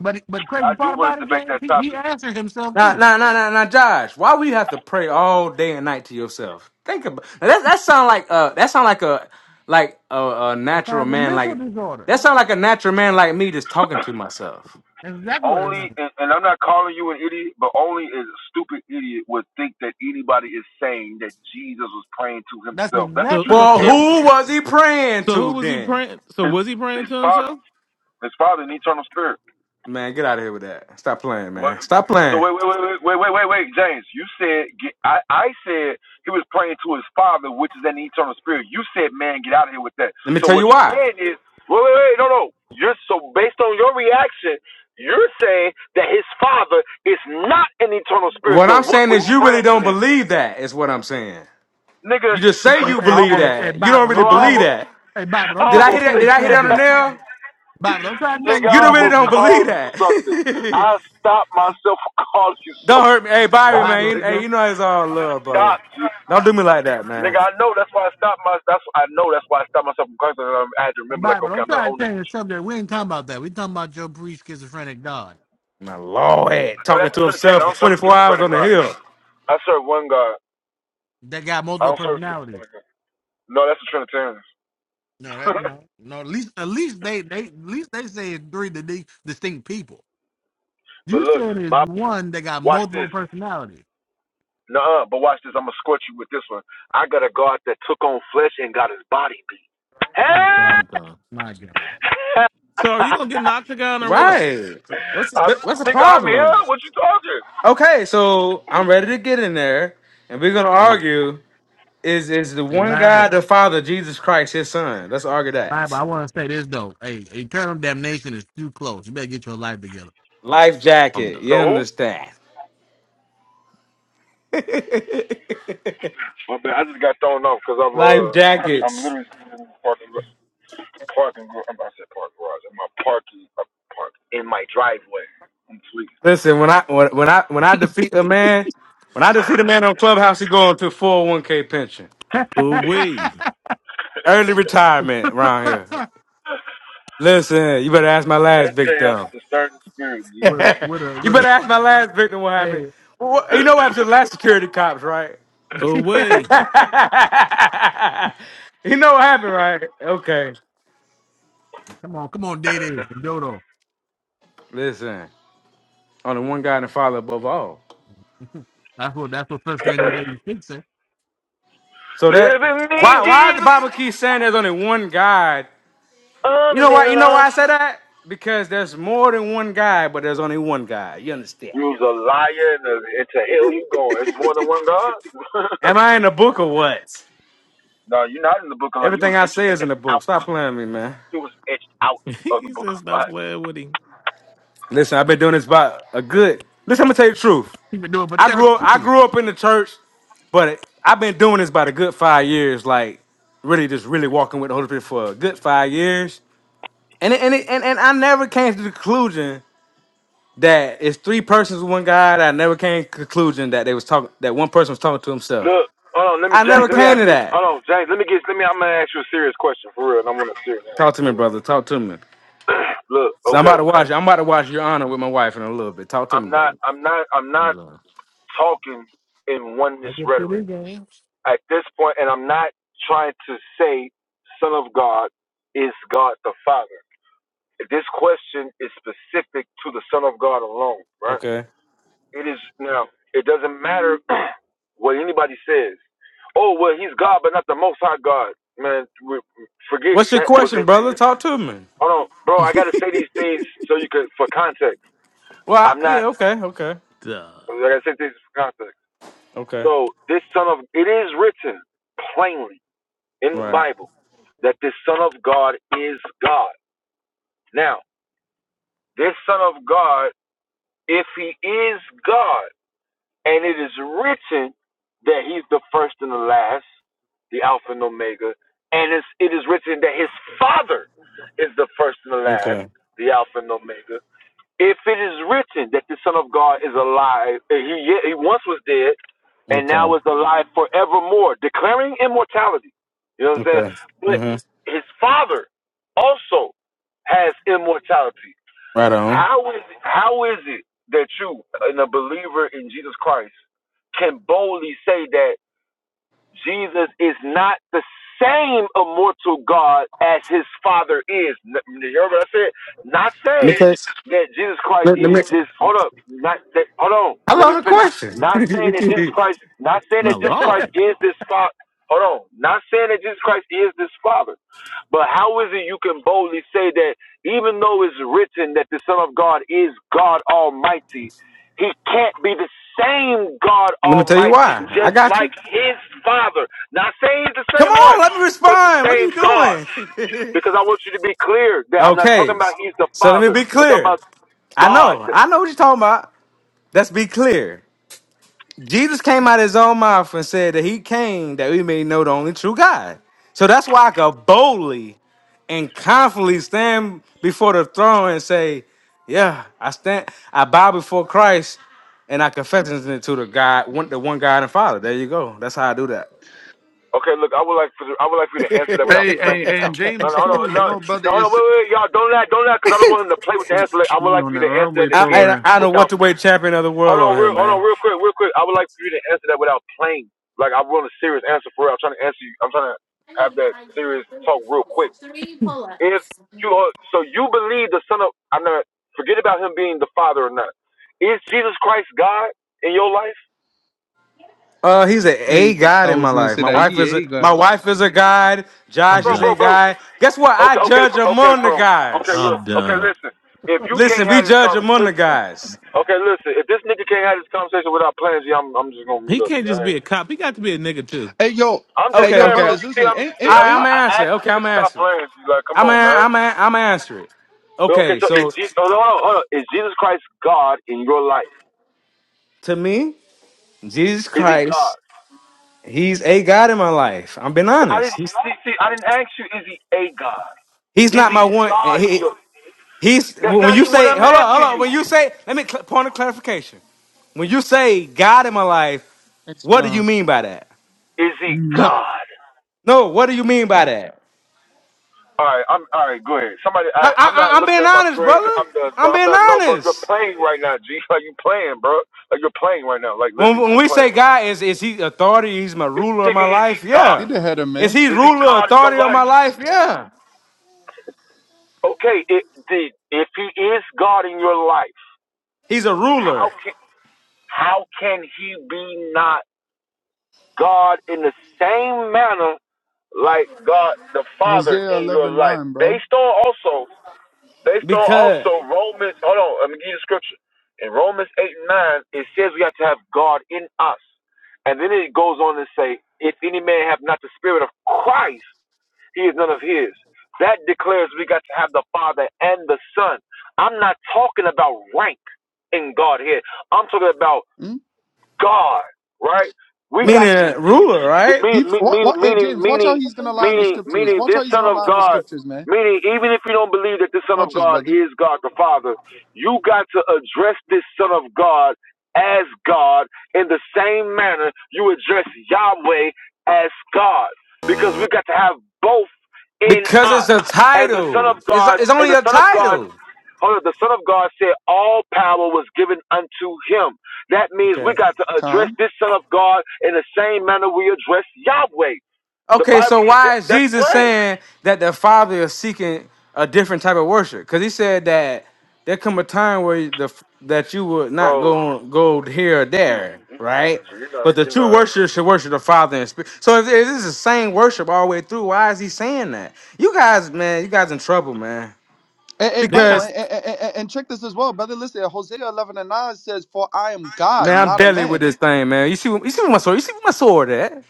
S3: but but
S1: I
S3: crazy
S1: do
S3: part
S1: want
S3: about
S1: to
S3: it,
S1: debate
S3: James,
S1: that
S3: he, he
S1: topic.
S3: answered himself
S4: Now,
S3: too.
S4: now, now, now, now, Josh. Why we have to pray all day and night to yourself? Think about now that. That sound like uh, that sound like a like a, a
S3: That
S4: natural
S3: sounds a
S4: man.
S3: mental
S4: Like
S3: disorder.
S4: that sound like a natural man like me just talking to myself.
S3: That's exactly what it
S1: Only,
S3: sounds.
S1: and, and I'm not calling you an idiot, but only a stupid idiot would think that anybody is saying that Jesus was praying to
S3: That's
S1: himself. That's the
S2: so,
S3: exactly what.
S4: Well,
S2: so,
S1: Trinitarian.
S4: who was he praying
S2: so, who
S4: to
S2: was he
S4: then?
S2: praying? So,
S1: His,
S2: was he praying
S1: his
S2: to
S1: father,
S2: himself?
S1: his father, an eternal spirit.
S4: Man, get out of here with that. Stop playing,
S1: What?
S4: man. Stop
S1: So
S4: playing.
S1: wait, wait, wait, wait, wait, wait, wait, James. You said get, I, I said he was praying to his father, which is an eternal spirit. You said, man, get out of here with that.
S4: Let me
S1: So
S4: tell you
S1: what you're
S4: why.
S1: saying is, wait, wait, wait, no, no. You're so based on your reaction, you're saying that his father is not an eternal spirit.
S4: What I'm
S1: Then what
S4: saying
S1: was
S4: is
S1: he
S4: you really
S1: praying to
S4: don't
S1: then,
S4: believe that, is what I'm saying.
S1: nigga?
S4: You just
S3: You,
S4: say
S3: hey, hey,
S4: you
S3: hey,
S1: I
S4: believe
S1: almost,
S3: hey, hey,
S4: that. You don't
S3: Bible,
S4: really
S1: bro,
S3: don't try
S1: I
S4: believe
S3: to.
S1: almost,
S4: that.
S3: Hey, Bible,
S1: I
S3: don't
S4: Did
S3: try
S4: I
S3: to
S4: hit
S1: almost
S4: that?
S1: said,
S4: Did
S3: change
S4: I hit that on the
S3: subject.
S4: nail?
S3: Bible, don't try to
S1: nigga,
S3: change
S4: You
S1: I
S4: don't really
S1: almost
S3: subject.
S4: don't believe
S1: called you
S4: that.
S1: something. I stopped myself from calling you
S4: don't
S1: something.
S4: hurt me. Hey, Bobby,
S1: Stop it,
S4: man.
S3: Bible,
S4: you-
S1: nigga.
S4: Hey,
S3: don't.
S4: you know it's all
S1: just
S4: love, brother.
S1: stop.
S4: Don't do me like that, man.
S1: nigga, I know that's why I stopped my. That's I know that's why I stopped myself from cursing. And I had to remember, like,
S3: Bible.
S1: okay,
S3: I'm
S1: I'm not
S3: trying
S1: on
S3: to
S1: that
S3: change
S1: with
S3: the
S1: you.
S3: subject. We ain't talking about that. We talking about Joe Priest, schizophrenic God.
S4: My lord,
S1: No,
S4: talking
S1: that's a
S4: to
S1: Trinitarian.
S4: himself
S1: I
S4: for
S1: don't serve a
S4: 24 hours
S1: schizophrenic
S4: on the
S1: God.
S4: hill.
S1: I serve one God.
S3: That got
S1: I
S3: multiple
S1: don't serve a
S3: personalities.
S1: schizophrenic God. No, that's a Trinitarian.
S3: No, that no, no. At least, at least they, they, at least they say it's three di- distinct people.
S1: but
S3: You
S1: look,
S3: saying it's
S1: my
S3: one that got
S1: watch
S3: multiple
S1: this.
S3: personalities.
S1: Nuh-uh, but watch this. I'm gonna scorch you with this one. I got a God that took on flesh and got his body beat. Hey,
S3: My
S2: I'm
S3: God,
S2: done.
S3: my God.
S2: So, are you gonna get an octagon or what?
S4: Right. What's
S1: I
S4: what's the
S1: think I'm here.
S4: problem?
S1: What you talking?
S4: Okay, so I'm ready to get in there, and we're gonna
S3: Hey,
S4: argue: is is the
S3: hey,
S4: one
S3: Bible,
S4: God, the Father, Jesus Christ, His Son? Let's argue
S3: Bible.
S4: that.
S3: I want to say this though. Hey, eternal damnation is too close. You better get your life together.
S4: Life
S2: I'm
S4: jacket,
S2: done.
S4: you
S1: No,
S4: understand?
S1: I just got thrown off because I'm
S4: Life
S1: uh I'm
S4: jackets.
S1: literally sitting in the parking lot. parking garage. I'm about to say park garage. In my parking uh, park in my driveway. I'm tweaking.
S4: Listen, when I when, when I when I defeat a man, when I defeat a man on Clubhouse, he going to 401k pension,
S2: Away,
S4: early retirement around here. Listen, you better ask my last
S1: SJ has a
S4: victim.
S1: discerning spirit,
S4: you
S1: dude.
S3: With a, with a, with a.
S4: better ask my last victim what happened.
S3: Hey,
S4: Well, you know what happened to the last security cops, right?
S2: away.
S4: you know what happened, right? Okay.
S3: come on, come on, Day Day, and Dodo.
S4: Listen, only one God and Father above all.
S3: That's what that's what First Corinthians eight six says.
S4: So that
S1: Live in me,
S4: why why is the
S1: Jesus.
S4: Bible keep saying there's only one God? You
S1: I'm in
S4: know why?
S1: their
S4: You know why I
S1: love.
S4: say that? Because there's more than one God, but there's only one God. You understand?
S1: You's a liar and, a, and to hell you going. It's more than one God.
S4: Am I in the book or what?
S1: no, you're not in the book of life. You
S4: Everything
S1: was
S4: I say
S1: etched,
S4: is in the
S1: etched
S4: book.
S1: out.
S4: Stop playing with me, man.
S1: You was etched out of the
S2: he
S1: book
S2: said,
S1: of
S2: "Stop
S1: life.
S2: playing with him."
S4: Listen, I've been doing this about a good. Listen, I'm gonna tell you the truth.
S3: He been doing it for
S4: I
S3: 30
S4: grew up, I
S3: years.
S4: grew up in the church, but I've been doing this about a good five years. Like really, just really walking with the Holy Spirit for a good five years. And it, and, it, and and I never came to the conclusion that it's three persons, with one God. I never came to the conclusion that they was talking that one person was talking to himself.
S1: Look, hold on, let me
S4: I never
S1: James, let me
S4: came
S1: ask
S4: to
S1: you
S4: that.
S1: hold on, James, let me get let me I'm gonna ask you a serious question for real and I am gonna serious now.
S4: Talk to me,
S1: for real.
S4: brother. Talk to me.
S1: Look,
S4: So I'm
S1: okay.
S4: about to watch. I'm about to watch Your Honor with my wife in a little bit. Talk to me,
S1: I'm not
S4: brother.
S1: I'm not I'm not
S2: I'm done.
S1: talking in
S3: I
S1: oneness
S3: get to
S1: rhetoric.
S3: this game.
S1: At this point, and I'm not trying to say Son of God is God the Father. This question is specific to the Son of God alone, right?
S4: Okay.
S1: It is now, it doesn't matter what anybody says. Oh, well, he's God, but not the Most High God. Man, re- forget
S4: What's your
S1: that was
S4: question,
S1: it.
S4: brother? Talk to me.
S1: Hold on, bro, I got to say these things so you can, for context.
S4: Well,
S1: I'm
S4: I,
S1: not,
S4: yeah. Okay. Okay.
S2: Duh.
S1: like I got to say things for context.
S4: Okay.
S1: So this son of it is written plainly in the
S4: Right.
S1: Bible that this son of God is God. Now, this son of God, if he is God, and it is written that he's the first and the last, the Alpha and Omega, and it's, it is written that his father is the first and the last,
S4: Okay.
S1: the Alpha and Omega. If it is written that the Son of God is alive, uh, he, yeah, he once was dead and
S4: Okay.
S1: now is alive forevermore, declaring immortality. You know what I'm saying?
S4: Okay.
S1: But
S4: hmm
S1: his Father also has immortality.
S4: Right on.
S1: How is it, how is it that you, in a believer in Jesus Christ, can boldly say that? Jesus is not the same immortal God as his father is. N- You hear what I said? Not saying
S4: Because
S1: that Jesus Christ is this. Hold up. Not that, hold on.
S4: I
S1: Let
S4: love
S1: me
S4: the
S1: finish.
S4: question.
S1: Not saying that Jesus Christ. Not saying
S2: My
S1: that Jesus Christ
S2: lord,
S1: is this father. Hold on. Not saying that Jesus Christ is this father. But how is it you can boldly say that even though it's written that the Son of God is God Almighty, he can't be the same God
S4: let me tell you
S1: Almighty,
S4: why. I
S1: just
S4: got
S1: like
S4: you.
S1: his Father. Not saying he's the
S4: Come
S1: same
S4: on,
S1: one,
S4: let me
S1: but the
S4: respond. What are you
S1: same God.
S4: doing?
S1: Because I want you to be clear that I'm not talking
S4: Okay.
S1: about he's the
S4: So let me
S1: Father.
S4: be
S1: We're talking
S4: clear.
S1: about
S4: I
S1: God.
S4: know. I know what you're talking about. Let's be clear. Jesus came out of his own mouth and said that he came that we may know the only true God. So that's why I could boldly and confidently stand before the throne and say, Yeah, I stand, I bow before Christ and I confess it to the God, one, the one God and Father. There you go. That's how I do that.
S1: Okay, look, I would like for I would like for you to answer that without
S7: Hey,
S1: playing
S7: hey, and
S1: now. No,
S7: James
S1: no, hold
S7: too.
S1: on,
S7: You
S1: no,
S7: know, brother
S1: no, hold on,
S7: is
S1: wait, wait, wait, y'all, don't laugh, don't laugh, because I don't want him to play with the
S7: he,
S1: answer. Like, I would
S7: he
S1: like
S7: on
S1: for
S7: the
S1: you to answer
S7: runway
S1: that
S4: I,
S1: again
S4: I,
S7: program.
S4: I know what the
S1: without
S4: weight champion of the
S1: Hold
S4: world
S1: on,
S4: on here,
S1: real, hold on,
S4: man.
S1: real quick, real quick. I would like for you to answer that without playing. Like I want a serious answer for it. I'm trying to answer you. I'm trying to have that serious talk real quick. If you are, so you believe the son of I'm not forget about him being the father or not. Is Jesus Christ God in your life?
S4: Uh, he's a a
S7: Hey, I
S4: god in my
S7: was gonna
S4: life.
S7: say
S4: My
S7: that
S4: wife
S7: he
S4: is a
S7: ain't got.
S4: my wife is a god.
S2: I'm
S4: Josh is
S1: Bro,
S4: a
S2: done.
S1: bro, bro.
S4: guy. Guess what? I
S1: Okay, okay,
S4: judge
S1: bro- okay,
S4: among the
S1: bro. Okay,
S4: guys.
S1: look.
S2: I'm
S1: Okay,
S2: done.
S1: listen. If you
S4: Listen,
S1: can't
S4: we
S1: have this
S4: judge among the
S1: conversation,
S4: guys.
S1: okay, listen. If this nigga can't have this conversation without playing, G, I'm, I'm just gonna mute
S2: He
S1: up.
S2: can't
S1: G.
S2: just be a cop. He got to be a nigga too.
S7: Hey, yo,
S1: I'm
S7: hey,
S1: just
S4: Okay,
S7: yo,
S1: saying,
S4: okay. All
S1: bro.
S7: brothers,
S1: You see,
S7: listen,
S1: I'm
S7: ain't
S1: see,
S7: ain't
S1: I,
S4: right, I'm
S1: I
S7: ain't.
S4: gonna
S1: I
S4: answer. it.
S1: asked
S4: Okay,
S1: the
S4: I'm
S1: nigga to
S4: gonna
S1: stop
S4: answer. it.
S1: playing. She's like, come
S4: I'm gonna,
S1: on, man.
S4: I'm gonna, I'm gonna answer it.
S1: Well,
S4: Okay,
S1: Okay, so is
S4: so
S1: Jesus? Hold on, hold on, hold on. Is Jesus Christ God in your life?
S4: to me, Jesus
S1: Is he
S4: Christ,
S1: God?
S4: he's a God in my life. I'm being
S1: I
S4: honest.
S1: didn't
S4: He's,
S1: see, see. I didn't ask you. Is he a God?
S4: he's
S1: Is
S4: not
S1: he
S4: my one. eh,
S1: God in
S4: He,
S1: your?
S4: he's
S1: That's
S4: when
S1: not
S4: you
S1: even what
S4: say,
S1: I'm
S4: hold on, hold
S1: asking
S4: on.
S1: you.
S4: When you say, let me cl- point of clarification. When you say God in my life,
S7: It's,
S4: what do you
S7: um,
S4: mean by that?
S1: Is he
S7: no,
S1: God?
S4: No, what do you mean by that?
S1: All right, I'm all right. Go ahead. Somebody,
S4: No, I,
S1: I, I'm
S4: I,
S1: not
S4: I'm
S1: looking
S4: being
S1: at my
S4: honest,
S1: screen.
S4: brother.
S1: I'm done,
S4: I'm
S1: bro. I'm
S4: being
S1: not. No, bro. You're
S4: honest.
S1: playing right now, G. Like you playing, bro. Like you're playing right now. Like
S4: When,
S1: literally,
S4: when
S1: you're
S4: we say
S1: playing right now.
S4: God, is is he authority? He's my
S1: This
S4: ruler of my
S1: nigga, is he
S4: life?
S1: God?
S7: you
S4: Yeah.
S7: the header,
S4: Is
S7: man.
S4: he
S1: Is he
S4: ruler,
S1: God in your
S4: authority of my
S1: life?
S4: life? Yeah.
S1: Okay, it, the, if he is God in your life,
S4: He's a
S1: how
S4: ruler.
S1: can how can he be not God in the same manner like God the Father
S7: Hosea
S1: in your
S7: eleven
S1: life?
S7: nine, bro.
S1: Based on also based on
S4: Because
S1: also Romans hold on, let me give you the scripture. In Romans eight and nine, it says we have to have God in us. And then it goes on to say, if any man have not the spirit of Christ, he is none of his. That declares we got to have the Father and the Son. I'm not talking about rank in God here. I'm talking about
S7: Hmm?
S1: God, right? We
S7: Ma-
S4: meaning
S1: got to
S4: a ruler, right?
S7: He
S1: meaning meaning
S7: what? What?
S1: meaning
S7: Hey, James, watch how
S1: meaning
S7: he's gonna lie on the
S1: meaning
S7: scriptures.
S1: meaning
S7: Watch
S1: this
S7: how he's
S1: Son
S7: gonna
S1: of
S7: lie on the
S1: God.
S7: scriptures, man.
S1: Meaning, even if you don't believe that the Son of
S7: Watch this,
S1: God
S7: brother.
S1: is God the Father, you got to address this Son of God as God in the same manner you address Yahweh as God, because we got to have both in
S4: Because
S1: us.
S4: it's a
S1: And the Son
S4: title.
S1: of
S4: It's
S1: God
S4: it's
S1: and
S4: only
S1: the
S4: a
S1: Son of God
S4: title.
S1: Hold on, the Son of God said all power was given unto him. That means we
S4: Okay.
S1: got to address
S7: Con.
S1: this Son of God in the same manner we address Yahweh. The
S4: Okay,
S1: Bible,
S4: so why
S1: that-
S4: is
S1: that's
S4: Jesus
S1: plain.
S4: saying that the Father is seeking a different type of worship? Because he said that there come a time where the that you would not go
S1: Bro,
S4: on, go here or
S1: you,
S4: there,
S1: you, you playing,
S4: right?
S1: G. You know,
S4: But the
S1: you
S4: true
S1: know,
S4: worshipers should worship the Father in spirit. So if, if this is the same worship all the way through, why is he saying that? You guys, man, you guys in trouble, man.
S7: Hey, hey,
S2: Big
S7: Bible,
S2: time.
S4: Because
S7: and, and, and, and check this as well, brother. Listen, Hosea eleven and nine says, "For I am God,
S4: man, I'm
S7: not a
S4: deadly with
S7: man."
S4: this thing, man. You see, you see where my sword. You see where my sword at?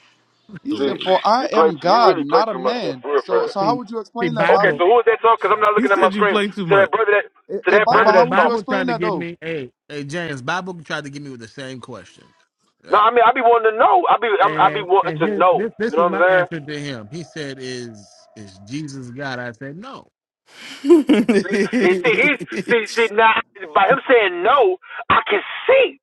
S7: He
S1: G.
S7: said, "For
S2: Away.
S7: I
S1: You play
S7: am
S1: too. You
S7: God,
S1: really play
S7: not a
S1: too much stuff
S7: man."
S1: for real, for
S7: So,
S1: real.
S7: so how
S3: See,
S7: would you
S3: see,
S7: explain that,
S1: Okay,
S7: Bible?
S3: Bible,
S1: so who is that talking? Because I'm not
S2: He
S1: looking at my
S2: said you
S1: screen.
S2: play too
S1: To
S2: much.
S1: that brother that
S7: Hey,
S1: to
S7: hey,
S1: that brother
S7: Bible,
S3: Bible,
S7: how
S1: that's
S7: would you
S3: Bible
S1: talking.
S7: explain
S3: tried to
S7: that
S3: get
S7: though?
S3: me, hey, Hey James, Bible tried to get me with the same question.
S1: No,
S3: Right.
S1: I mean I be wanting to know. I be i be
S3: and
S1: wanting
S3: and
S1: to
S3: his,
S1: know.
S3: this this
S1: You
S3: was
S1: know what I'm
S3: my
S1: saying?
S3: answer, To him. He said, Is is Jesus God? I said, No.
S1: See, he, see, he's see, see now by him saying no, I can see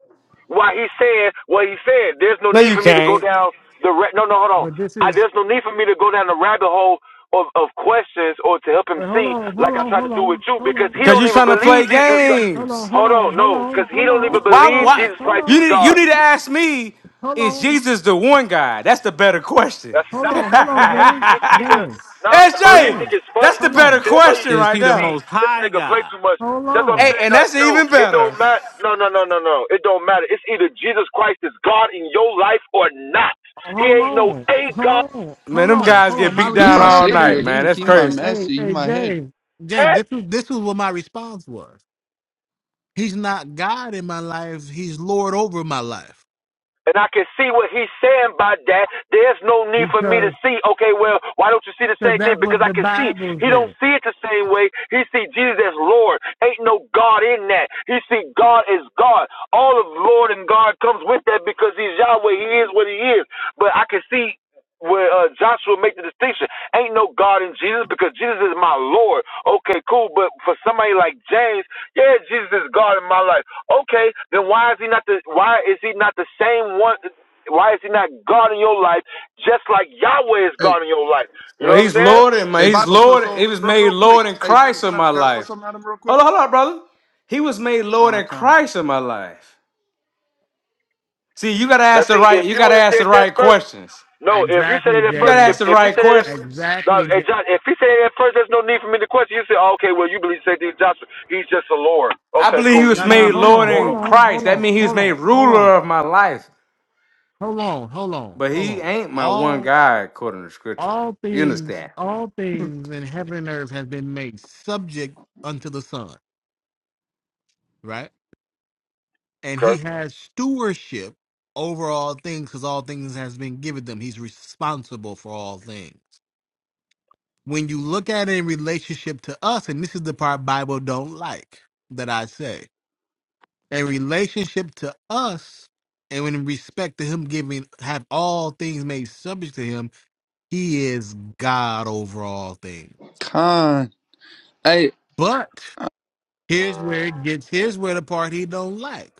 S1: why he said what he said. There's no
S4: no,
S1: need
S4: you
S1: for me to go
S4: can't.
S1: down the ra- no, no, hold on.
S3: but this
S1: I,
S3: is,
S1: there's no need for me to go down the rabbit hole of, of questions or to help him
S3: well, hold
S1: see
S3: on, hold
S1: like I
S3: on,
S1: tried
S3: hold
S1: to do with
S3: on,
S1: you
S3: hold
S1: because
S3: on,
S1: he
S4: Because
S1: don't
S4: you're
S3: Bishop.
S1: even
S4: trying to play
S1: believe Jesus. is God.
S3: Hold
S4: games.
S3: on, hold
S1: Hold
S3: on,
S1: on,
S3: hold
S1: no, because
S3: on,
S1: he
S3: hold
S1: don't even
S3: on,
S4: Why?
S3: hold
S1: believe
S3: on,
S4: Why?
S1: Jesus
S3: hold
S1: Christ
S4: You
S1: is
S3: on,
S4: need. You
S1: God.
S4: need to ask me.
S3: hold
S4: Is
S3: on,
S4: Jesus the one God? That's the better question.
S1: That's
S3: hold
S1: not
S4: SJ,
S3: on, hold
S1: to
S3: on,
S1: ask
S3: James,
S1: you. It's either
S3: James,
S1: nah, bro. You think
S3: James,
S1: it's
S4: that's
S1: funny?
S4: the
S3: hold
S4: better
S3: on,
S1: See, that's why you
S4: question
S2: Is
S4: right
S2: he the
S1: see
S4: there.
S2: most
S1: this
S2: high
S1: nigga play
S2: God?
S1: too much.
S3: hold
S1: That's what I'm
S3: on.
S4: Hey,
S1: saying.
S4: and
S1: No,
S4: that's
S1: no,
S4: even
S1: it
S4: better.
S1: don't matter. No, no, no, no, no. It don't matter. It's either Jesus Christ is God in your life or not. He
S3: Hold
S1: ain't no
S3: on,
S1: a
S3: hold
S1: God.
S3: on,
S4: Man,
S3: hold
S4: them
S3: on,
S4: guys
S3: hold on.
S4: get
S3: My
S4: beat
S7: He
S4: down
S7: my
S3: response
S4: all
S3: to that
S7: savior.
S4: night,
S3: is,
S7: He,
S4: man. That's
S7: he my
S4: crazy.
S7: master.
S3: hey,
S7: He
S3: hey,
S7: my head.
S3: James, James,
S1: Eh?
S3: this is this is what my response was. He's not God in my life. He's Lord over my life.
S1: And I can see what he's saying by that. There's no need for me
S3: because
S1: to see, okay, well, why don't you see the
S3: because
S1: same
S3: that's
S1: thing? Because
S3: what the
S1: I can see
S3: Bible
S1: he don't
S3: says.
S1: see it the same way. He see Jesus as Lord. Ain't no God in that. He see God as God. All of Lord and God comes with that because he's Yahweh. He is what he is. But I can see where uh, Joshua make the distinction. Ain't no God in Jesus because Jesus is my Lord. Okay, cool. But for somebody like James, yeah, Jesus is God in my life. Okay, then why is he not the why is he not the same one why is he not God in your life just like Yahweh is
S7: Hey,
S1: God in your life? You
S4: Well,
S1: know what I'm
S4: he's
S1: saying?
S4: Lord and my
S7: hey,
S4: he's
S7: Bible. So,
S4: Lord. He
S7: so,
S4: was
S7: real,
S4: made
S7: real quick.
S4: Lord in
S7: Hey, James,
S4: Christ
S7: can
S4: in
S7: I
S4: my
S7: can I throw
S4: life.
S7: something at him real
S4: Hold
S7: quick?
S4: on, hold on, brother. He was made Lord
S7: Ah,
S4: in
S7: con.
S4: Christ in my life. See, you gotta ask
S1: Let's
S4: the
S1: see,
S4: right,
S1: if
S4: you
S1: you
S4: gotta
S1: would have
S4: ask the
S1: said that
S4: right
S1: first
S4: questions.
S1: no, if you said
S3: Exactly,
S1: it at
S4: You gotta
S1: first if
S4: ask
S3: James.
S4: the
S1: if you
S4: right
S1: said it at
S4: questions.
S1: no,
S3: Exactly,
S1: hey
S3: James.
S1: John, if he said it at first, there's no need for me to question. You say, oh, okay, well, you believe St. Joshua. He's just a Lord.
S4: I
S1: Okay,
S4: believe
S1: cool.
S4: he
S1: You
S4: was
S3: Now,
S1: just,
S3: now,
S4: made
S1: he's
S3: hold
S1: just
S4: Lord
S3: on,
S1: Lord
S3: hold
S4: in
S1: over me.
S3: on,
S4: Christ.
S3: hold
S4: That
S3: on,
S4: means he was
S3: hold
S4: made
S3: on, hold on,
S4: ruler of my life.
S3: hold on, hold on,
S4: But
S3: hold
S4: he
S3: on.
S4: ain't my one
S3: All
S4: God, according to scripture.
S3: all
S4: You
S3: things,
S4: understand?
S3: all things in heaven and earth have been made Subject unto the Son, right? and
S1: Okay.
S3: he has stewardship over all things because all things has been given them he's responsible for all things when you look at it in relationship to us and this is the part bible don't like that i say in relationship to us and in respect to him giving have all things made subject to him he is god over all things
S7: Con. Hey,
S3: but here's where
S1: Mm.
S3: it gets here's where the part he don't like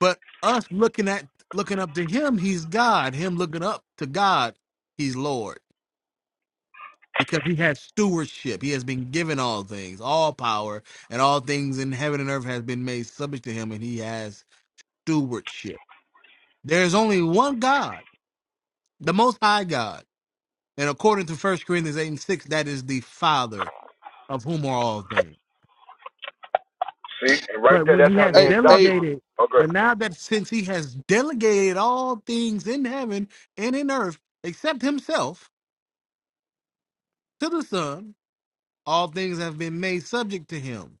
S3: But us looking at looking up to him, he's God. Him looking up to God, he's Lord. Because he has stewardship. He has been given all things, all power, and all things in heaven and earth has been made subject to him, and he has stewardship. There is only one God, the most high God. And according to First Corinthians 8 and 6, that is the Father of whom are all things.
S1: See, and right
S3: But
S1: there,
S3: when
S1: that's
S3: he
S1: how
S3: has
S1: me
S7: hey,
S1: and
S7: hey,
S1: Joshua.
S3: delegated,
S1: Okay.
S3: but now that since he has delegated all things in heaven and in earth, except himself, to the Son, all things have been made subject to him.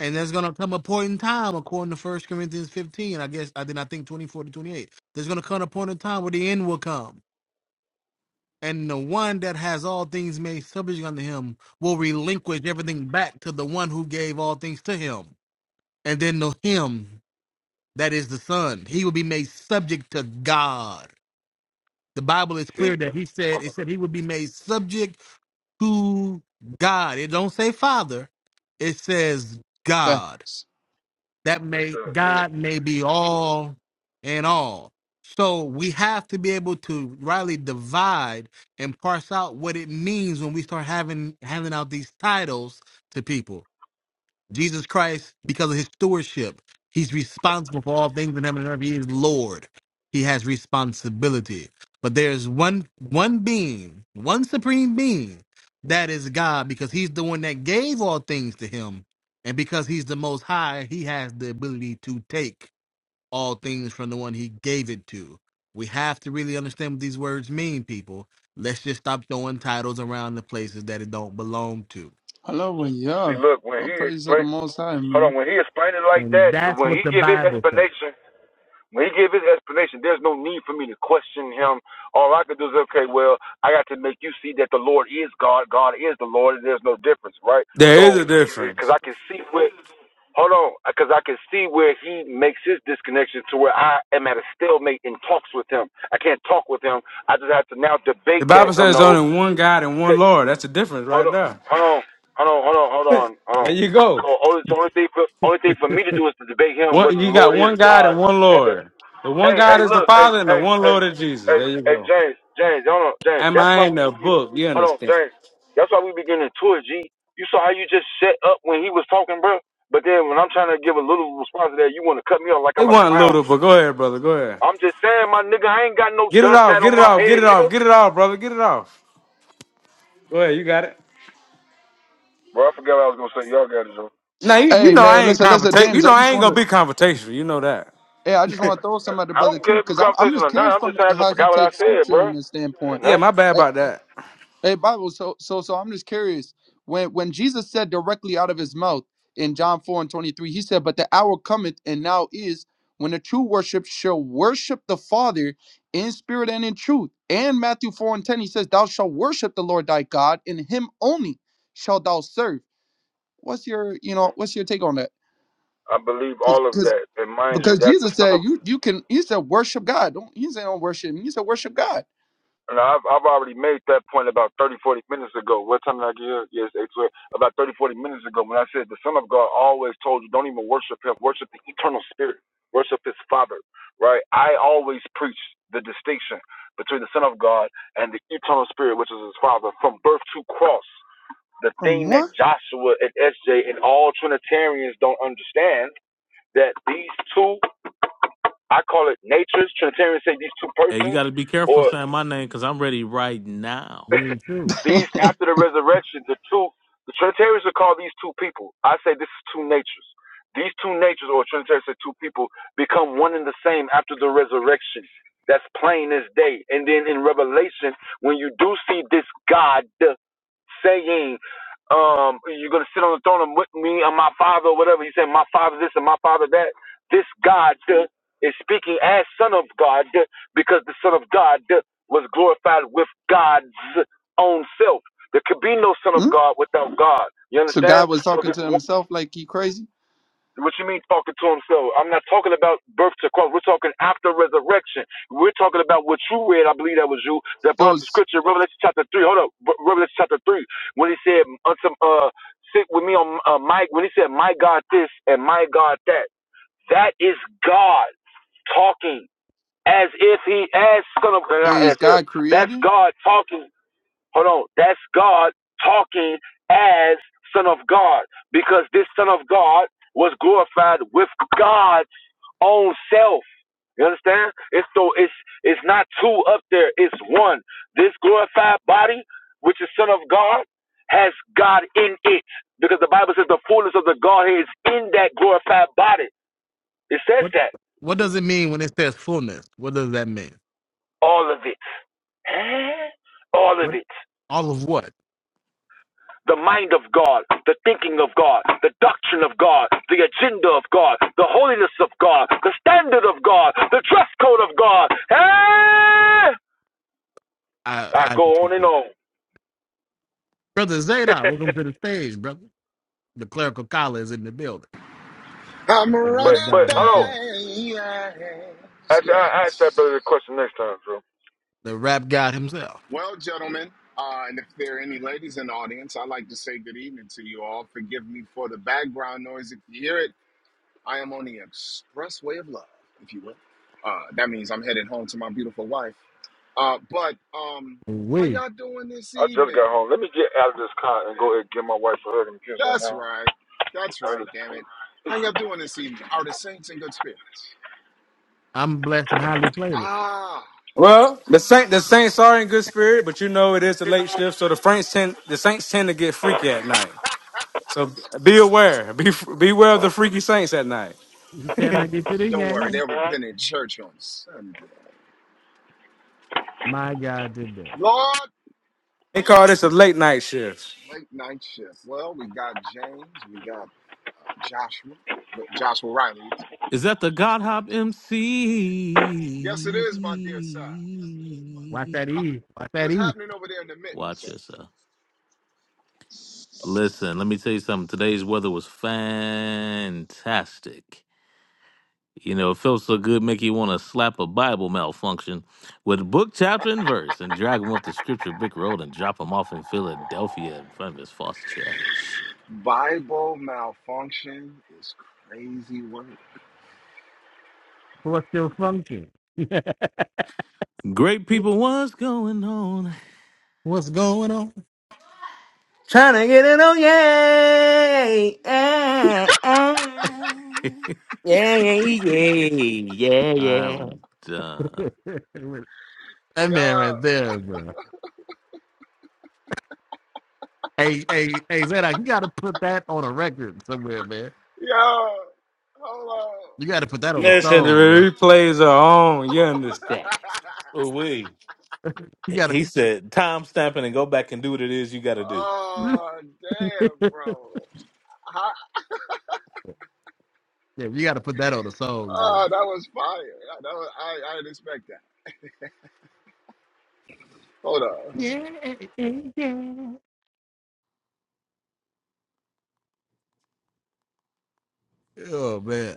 S3: And there's gonna come a point in time, according to First Corinthians 15, I guess I did I think 24 to 28. There's gonna come a point in time where the end will come. And the one that has all things made subject unto him will relinquish everything back to the one who gave all things to him. And then the him that is the son, he will be made subject to God. The Bible is clear
S1: See,
S3: that he said
S1: I'm
S3: it
S1: okay.
S3: said he would be made subject to God. It don't say Father. It says God.
S7: facts.
S3: That
S1: Right
S3: may
S1: there. See,
S3: God may be all and all. So we have to be able to rightly divide and parse out what it means when we start having handing out these titles to people. Jesus Christ, because of his stewardship, he's responsible for all things in heaven and earth. He is Lord. He has responsibility. But there's one one being, one supreme being, that is God, because he's the one that gave all things to him. And because he's the most high, he has the ability to take all things from the one he gave it to. We have to really understand what these words mean, people. Let's just stop throwing titles around the places that it don't belong to.
S7: Hello, well,
S1: See,
S7: yeah.
S1: look, when
S7: All
S1: he
S7: praise to the
S1: explain,
S7: Most High,
S1: hold
S7: man.
S1: on, when he explained it like
S3: And
S1: that,
S3: that's
S1: when
S3: what
S1: he
S3: the
S1: give his
S3: Bible says.
S1: explanation, when he give his explanation, there's no need for me to question him. All I could do is, okay, well, I got to make you see that the Lord is God, God is the Lord, and there's no difference, right?
S4: There is
S1: So,
S4: a
S1: because
S4: difference.
S1: I can see where, hold on, because I can see where he makes his disconnection to where I am at a stalemate in talks with him. I can't talk with him. I just have to now
S4: The
S1: debate
S4: Bible
S1: that, you
S4: says there's
S1: know,
S4: only one God and one Lord. That's the difference
S1: Hold
S4: right
S1: on,
S4: there.
S1: hold on, hold on, hold on, hold on, hold
S4: There
S1: on.
S4: you go.
S1: So only, so only thing for only thing for me to do is to debate him
S4: One,
S1: whether the
S4: you got
S1: Lord is
S4: one God and
S1: God.
S4: one
S1: And the,
S4: Lord. The one
S1: hey,
S4: God
S1: hey,
S4: is the
S1: look, hey,
S4: Father and the
S1: hey,
S4: one
S1: hey,
S4: Lord is Jesus.
S1: hey,
S4: There you
S1: hey,
S4: go.
S1: James, James, hold on, James.
S4: Am
S1: That's
S4: I
S1: why
S4: in
S1: we
S4: the
S1: begin,
S4: book? You
S1: hold on,
S4: understand?
S1: James. That's why we beginning to it, G. You saw how you just set up when he was talking, bro. But then when I'm trying to give a little response to that, you want to cut me off like
S4: It
S1: I'm a
S4: wasn't
S1: clown,
S4: little,
S1: G.
S4: but go ahead, brother. Go ahead.
S1: I'm just saying, my nigga, I ain't got no
S4: Get it
S1: dust
S4: off.
S1: hat on
S4: Get it
S1: my
S4: off. Get it
S1: head,
S4: off.
S1: nigga.
S4: Get it off, brother. Get it off. Go ahead. You got it.
S1: Bro, I forgot what I was gonna say. Y'all got it, Joe.
S4: Now you, you
S7: Hey,
S4: know
S7: man,
S4: I ain't
S7: listen, listen,
S4: confrontation. You
S7: James.
S4: know
S7: I just
S4: I ain't
S7: want
S4: gonna
S7: to,
S4: be confrontational. You know that.
S7: yeah, I just want to throw some at the
S1: I
S7: brother
S1: don't care
S7: too,
S1: if you
S7: cause I'm, I'm
S1: conversation
S7: just
S1: or not.
S7: curious
S1: I'm just
S7: from
S1: saying I just
S7: how he
S1: forgot what I
S7: takes
S1: said,
S7: scripture
S1: bro.
S7: in this standpoint.
S1: Ain't
S4: Yeah, my bad
S7: Hey,
S4: about that.
S7: Hey, Bible. So, so, so, I'm just curious. When when Jesus said directly out of his mouth in John four and twenty three, he said, "But the hour cometh, and now is, when the true worship shall worship the Father in spirit and in truth." And Matthew four and ten, he says, "Thou shalt worship the Lord thy God, and Him only shalt thou serve." What's your, you know, what's your take on that?
S1: I believe all of
S7: Because
S1: that. And mind you,
S7: because
S1: that's the
S7: Jesus
S1: son
S7: said,
S1: of.
S7: "You you can," he said, "Worship God." Don't he said, "Don't worship." me." He said, "Worship God."
S1: And I've, I've already made that point about 30 40 minutes ago. What time did I get here? Yes, 8, twelve. About 30 40 minutes ago when I said the Son of God always told you don't even worship him, worship the eternal spirit, worship his father, right? I always preach the distinction between the Son of God and the eternal spirit, which is his father, from birth to cross. the
S7: From
S1: thing that Joshua and SJ and all Trinitarians don't understand that these two, I call it natures, Trinitarians say these two
S2: Hey, you
S1: persons,
S2: got to be careful
S1: or
S2: saying my name because I'm ready right now.
S1: These
S7: what?
S1: after the resurrection, the two the Trinitarians would call these two people. I say this is two natures. These two natures, or Trinitarians say two people, become one and the same after the resurrection. That's plain as day. And then in Revelation, when you do see this God saying, um, you're gonna sit on the throne with me and my father or whatever. He said, My father this and my father that. This God uh, is speaking as Son of God uh, because the Son of God uh, was glorified with God's own self. There could be no son of
S7: Hmm?
S1: God without God. You
S7: So
S1: understand?
S7: God was
S1: So
S7: talking
S1: this,
S7: to himself like he crazy.
S1: what you mean talking to himself? I'm not talking about birth to cross. We're talking after resurrection. We're talking about what you read. I believe that was you that
S7: So
S1: brought the
S7: is,
S1: scripture, Revelation chapter three. Hold up, Re- Revelation chapter three, when he said unto uh, sit with me on uh, my when he said my God this and my God that. That is God talking as if he as son of not
S7: is
S1: as if
S7: God
S1: that's
S7: created?
S1: God talking Hold on. That's God talking as Son of God because this Son of God was glorified with God's own self. You understand? It's so it's it's not two up there, it's one. This glorified body, which is Son of God, has God in it. Because the Bible says the fullness of the Godhead is in that glorified body. It says
S3: What
S1: that.
S3: what does it mean when it says fullness? What does that mean?
S1: All of it. Huh? All of
S3: What
S1: it.
S3: all of what?
S1: the mind of God, the thinking of God, the doctrine of God, the agenda of God, the holiness of God, the standard of God, the dress code of God. Hey!
S3: I
S1: I
S3: I
S1: go on and
S3: disagree.
S1: on.
S3: Brother Zadok, welcome to the stage, brother. The clerical collar is in the building.
S8: I'm
S3: The
S1: But
S8: running
S3: rap
S1: but
S3: god
S1: hold
S3: himself.
S8: things.
S1: on. Actually, I I asked that
S8: Yes.
S1: brother the question next time, bro.
S3: The rap god himself.
S8: Well, gentlemen, uh, and if there are any ladies in the audience, I'd like to say good evening to you all. Forgive me for the background noise. If you hear it, I am on the expressway of love, if you will. Uh, that means I'm headed home to my beautiful wife. Uh, but um, how
S3: We.
S8: y'all doing this
S1: I just
S8: evening?
S1: got home. Get out of this car. Give my wife a hug and kiss right
S8: That's
S1: now.
S8: right. That's right. Damn it. How y'all doing this evening? Are the saints in good spirits?
S3: I'm blessed and highly flavored.
S8: Ah.
S4: Well, the Saint the Saints are in good spirit, but you know it is the late shift, so the Saints tend the Saints tend to get freaky at night. So be aware, be beware of the freaky Saints at night.
S3: You said I get to the
S8: Don't worry,
S3: game.
S8: they'll repent in church on Sunday.
S3: My God did that.
S8: Lord,
S4: They call this a late night shift.
S8: late night shift. Well, we got James, we got uh, Joshua, but Joshua Riley.
S2: Is that the God Hop
S8: Yes, it is, my dear sir.
S3: Watch
S2: MC?
S3: that
S8: Ha-
S3: E. Watch that
S8: What's
S3: E.
S8: happening over there in the mitten,
S2: Watch
S8: sir?
S2: yourself. Listen, let me tell you something. Today's weather was fantastic. You know, it felt so good, make you want to slap a Bible malfunction with book, chapter, and verse and drag him up the scripture brick road and drop him off in Philadelphia in front of his false church.
S8: Bible malfunction is crazy work.
S3: What's still function?
S2: Great people, what's going on?
S3: What's going on?
S4: Trying to get it on, yeah, yeah, yeah, yeah, yeah, yeah.
S2: I'm done.
S3: that man
S8: Yeah,
S3: right there, bro. Hey, hey, hey, Zedek, you gotta put that on a record somewhere, man.
S8: yeah. Hold on,
S3: You gotta put that on a
S8: hold
S4: Listen, the
S3: song,
S8: on.
S3: bro.
S4: replays are on. You understand?
S2: Oh wait.
S3: You gotta,
S2: He said, time stamping and go back and do what it is you gotta do.
S3: yeah,
S8: oh damn, bro! I,
S3: you gotta put that on a song,
S8: oh,
S3: Zedek.
S8: that was fire. That was, I, I didn't expect that. Hold up.
S3: Yeah, yeah, yeah. Oh man,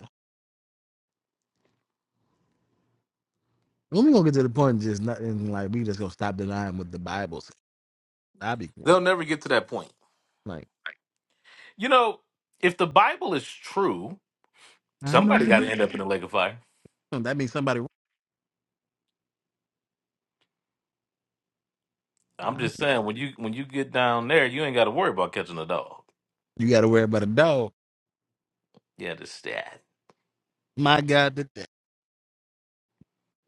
S3: when we gonna get to the point, just nothing like we just gonna stop denying what the Bible says. I be one.
S2: They'll never get to that point.
S3: Like
S2: You know, if the Bible is true,
S3: I know
S2: somebody
S3: the
S2: gotta
S3: Bible.
S2: end up in the lake of fire.
S3: That means somebody.
S2: I'm just saying, when you when you get down there, you ain't gotta worry about catching a dog.
S3: You gotta worry about a dog.
S2: You understand?
S3: My God, that, that-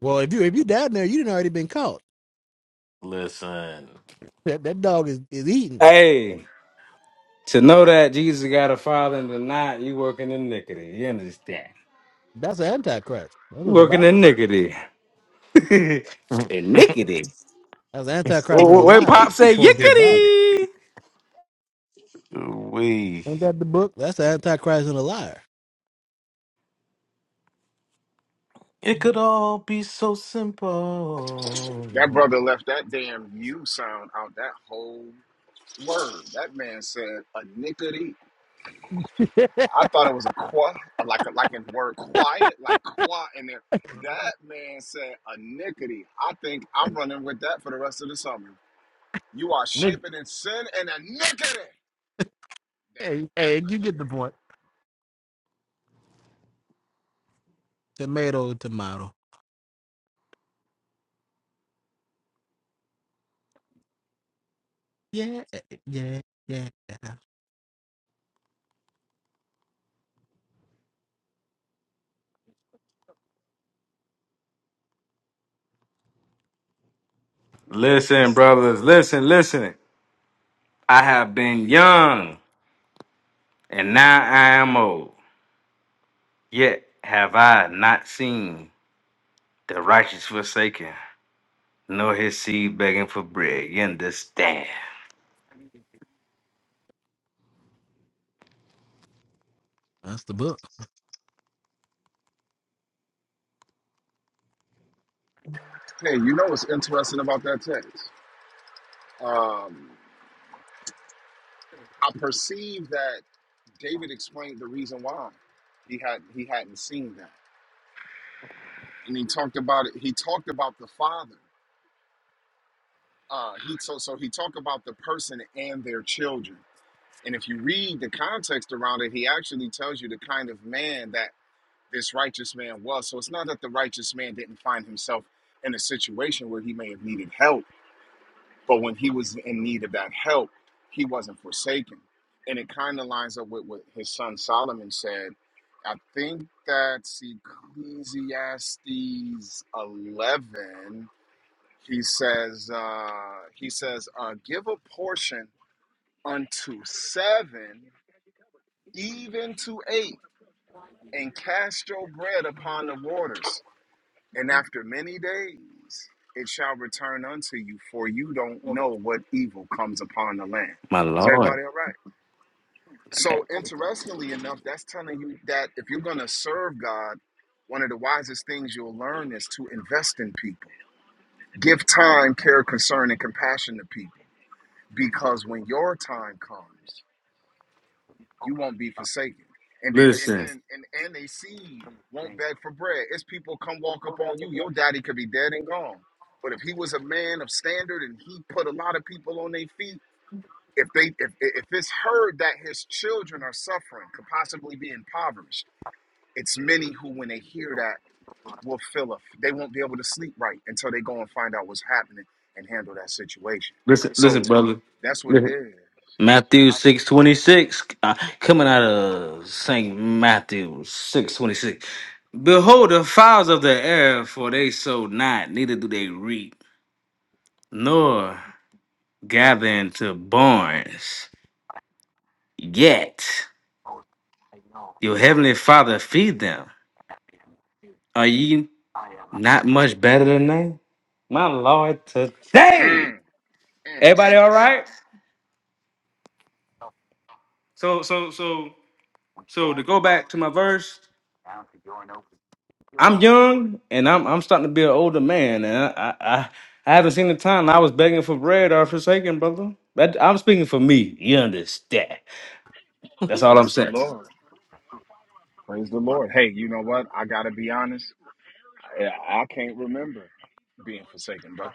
S3: well, if you if you down there, you didn't already been caught.
S2: Listen.
S3: That, that dog is is eating.
S4: Hey. To know that Jesus got a father and to not, you working iniquity. You understand?
S3: That's an antichrist. That's
S4: You
S3: what the
S4: working
S3: Bible says.
S4: iniquity. iniquity.
S3: That's the Antichrist and a
S4: Wait, wait,
S3: liar,
S4: Pop say
S3: according to the Bible.
S4: yickety.
S2: We
S3: Ain't that the book? That's the Antichrist and a liar.
S2: it could all be so
S8: That
S2: simple.
S8: brother left that damn U sound out that whole word. That man said a nickety. I thought it was a qua, like a, like in the word quiet, like qua in there. That man said a nickety. I think I'm running with that for the rest of the summer. You are
S3: Nigga,
S8: shaping in sin and a nickety. Damn it.
S3: hey, hey,
S8: A
S3: you get the
S8: nickety.
S3: point. Tomato, tomato. Yeah, yeah, yeah.
S4: Listen, brothers, listen, listen. I have been young and now I am old. Yet have I not seen the righteous forsaken, nor his seed begging for bread. You understand?
S3: That's the book.
S8: Hey, you know what's interesting about that text? Um, I perceive that David explained the reason why he had he hadn't seen that. and he talked about it. He talked about the father. Uh, he so so he talked about the person and their children. And if you read the context around it, he actually tells you the kind of man that this righteous man was. So it's not that the righteous man didn't find himself in a situation where he may have needed help, but when he was in need of that help, he wasn't forsaken. And it kind of lines up with what his son Solomon said. I think that's Ecclesiastes 11 He says, uh, he says, uh, give a portion unto seven, even to eight, and cast your bread upon the waters. And after many days, it shall return unto you, for you don't know what evil comes upon the land.
S4: My
S8: Is
S4: Lord.
S8: everybody all right? So, interestingly enough, that's telling you that if you're going to serve God, one of the wisest things you'll learn is to invest in people, give time, care, concern, and compassion to people because when your time comes, you won't be forsaken. And then and
S4: Listen,
S8: then and and they seed won't beg for bread. It's people come walk up on you. Your daddy could be dead and gone. But if he was a man of standard and he put a lot of people on their feet, if they if if it's heard that his children are suffering, could possibly be impoverished, it's many who when they hear that will fill up. They won't be able to sleep right until they go and find out what's happening and handle that situation.
S4: listen, listen,
S8: So that's what it
S4: brother.
S8: is.
S4: Matthew six twenty six, uh, coming out of Saint Matthew six twenty six. Behold the fowls of the air, for they sow not, neither do they reap, nor gather into barns. Yet your heavenly Father feed them. Are ye not much better than they? My Lord,
S8: Mm.
S4: today.
S8: Mm,
S4: Everybody,
S8: mm,
S4: all
S8: mm.
S4: right? So, so, so, so to go back to my verse. I'm young and I'm I'm starting to be an older man, and I I, I I haven't seen the time I was begging for bread or forsaken, brother. That I'm speaking for me. You understand? That's all I'm
S8: Praise the
S4: saying.
S8: Lord. Praise the Lord. Hey, you know what? I gotta be honest. I, I can't remember being forsaken, bro.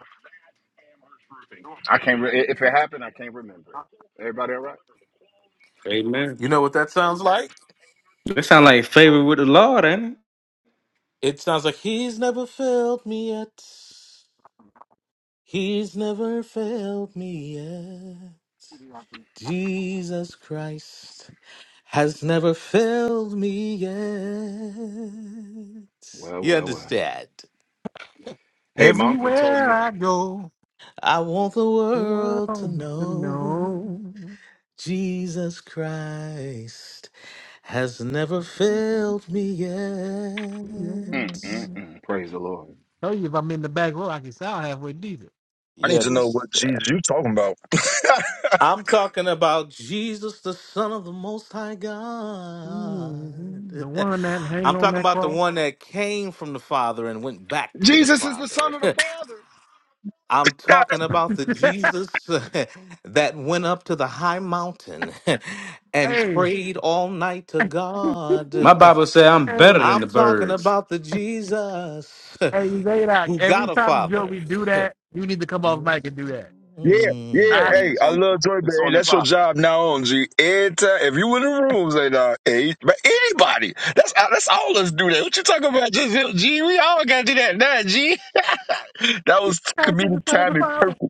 S8: I can't. Re- if it happened, I can't remember it. Everybody all right?
S4: Amen.
S2: You know what that sounds like?
S4: That sound like favor with the Lord, ain't it?
S2: It sounds like he's never failed me yet. He's never failed me yet. Jesus Christ has never failed me yet.
S8: Well,
S2: You
S8: well, well.
S2: understand?
S8: Hey, my uncle told
S3: Everywhere
S8: me.
S3: I go,
S2: I want the
S3: the
S2: world to
S3: world needs to
S2: know
S3: know.
S2: Jesus Christ has never failed me
S3: Yeah.
S8: Mm,
S2: yet.
S8: mm, mm, praise the Lord.
S3: Tell you if I'm in the back row, I can sound halfway decent.
S1: I
S2: You
S1: need to know
S2: understand?
S1: what Jesus you talking about.
S2: I'm talking about Jesus, the Son of the Most High God.
S3: hmm The one that
S2: I'm
S3: hang on
S2: talking
S3: that
S2: about the
S3: cross.
S2: one that came from the Father and went back to the
S8: Jesus is the
S2: Father.
S8: Son of the Father.
S2: I'm talking about the Jesus that went up to the high mountain and
S3: Hey,
S2: prayed all night to God.
S4: My Bible say I'm better
S3: Hey,
S4: than
S2: I'm
S4: the
S2: talking
S4: birds.
S2: about the Jesus
S3: hey, Zadok,
S2: who got
S3: every
S2: a
S3: time
S2: Father.
S3: Joey do that, you need to come off mic and do that.
S1: Yeah, yeah.
S8: Oh
S3: I
S2: Mm.
S8: yeah,
S1: Hey,
S8: it's
S1: I
S8: on. The,
S1: love Joy, but
S8: it's
S1: hey,
S8: on and
S1: that's your
S8: popping.
S1: job now on G. Every time, if you in the rooms, and uh, hey, but anybody, that's uh, that's all us do that. What you talking about? Just him, G, we all gotta do that now, G. That was
S3: pass the
S1: comedic
S3: Son of the
S1: timing
S3: Father.
S1: perfect.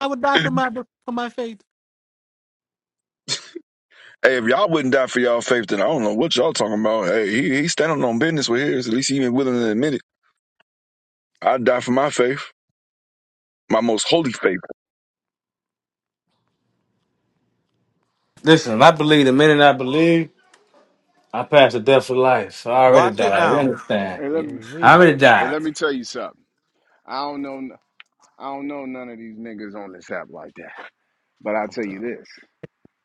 S3: I would die for my for my faith.
S1: Hey, if y'all wouldn't die for y'all faith, then I don't know what y'all talking about. Hey, he he standing on business with his. At least he even willing to admit it. i die for my faith, my most holy faith.
S4: Listen, I believe the minute I believe, I pass the death for life. I already
S2: Watch it
S4: died. You
S3: Away,
S2: now.
S4: understand?
S8: Hey, let
S4: Yeah.
S8: me.
S4: I
S3: away,
S4: already
S8: Hey,
S4: died.
S8: let me tell you something. I don't know. I don't know none of these niggas on this app like that. But I'll
S2: I'm
S8: tell you
S2: done.
S8: this.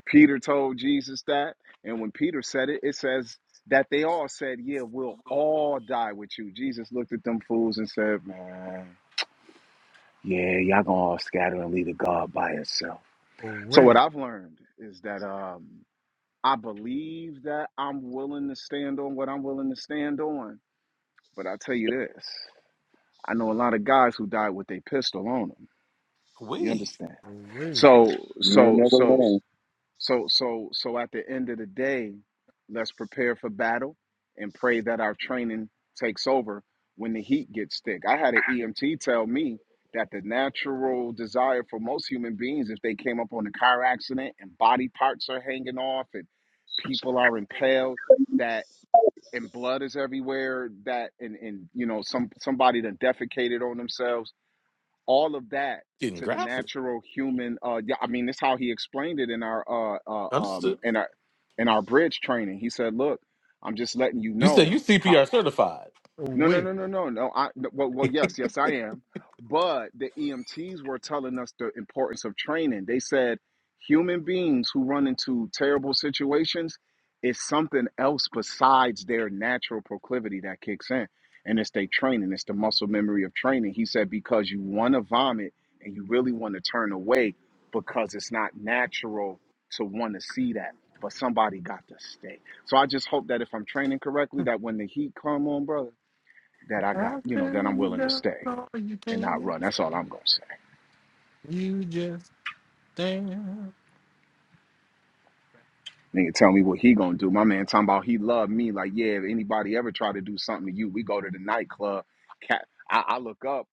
S8: Peter told Jesus that. And when Peter said it, it says that they all said, Yeah, we'll all die with you. Jesus looked at them fools and said, Man, yeah, y'all gonna all scatter and leave the God by himself. So
S3: away,
S8: what I've learned is that um I believe that I'm willing to stand on what I'm willing to stand on. But I tell you this, I know a lot of guys who died with a pistol on them. You
S2: We.
S8: understand?
S3: away,
S8: So
S1: You ain't
S8: so
S1: never
S8: so
S1: lying.
S8: So so so at the end of the day, let's prepare for battle and pray that our training takes over when the heat gets thick. I had an EMT tell me that the natural desire for most human beings if they came up on a car accident and body parts are hanging off and people are impaled that and blood is everywhere that and and you know some somebody that defecated on themselves all of that
S2: Getting
S8: to the
S2: graphic.
S8: natural human uh yeah, I mean that's how he explained it in our uh, uh um
S2: Understood.
S8: in our in our bridge training. He said, "Look, I'm just letting you
S2: You said
S8: know
S2: you
S8: how."
S2: CPR certified.
S8: No, no,
S3: away.
S8: no, no, no, no. I no, well, well, yes, yes, I am. But the EMTs were telling us the importance of training. They said human beings who run into terrible situations is something else besides their natural proclivity that kicks in, and it's their training. It's the muscle memory of training. He said because you want to vomit and you really want to turn away because it's not natural to want to see that. But somebody got to stay. So I just hope that if I'm training correctly, that when the heat come on, brother that I got,
S3: I
S8: you know,
S3: tell
S8: that I'm
S3: you
S8: willing to
S3: don't
S8: stay
S3: know you
S8: and not
S3: can.
S8: run. That's all I'm gonna say.
S3: You just stand.
S8: Nigga, tell me what he gonna do. My man talking about he loved me. Like, yeah, if anybody ever try to do something to you, we go to the nightclub. Cat, I, I look up.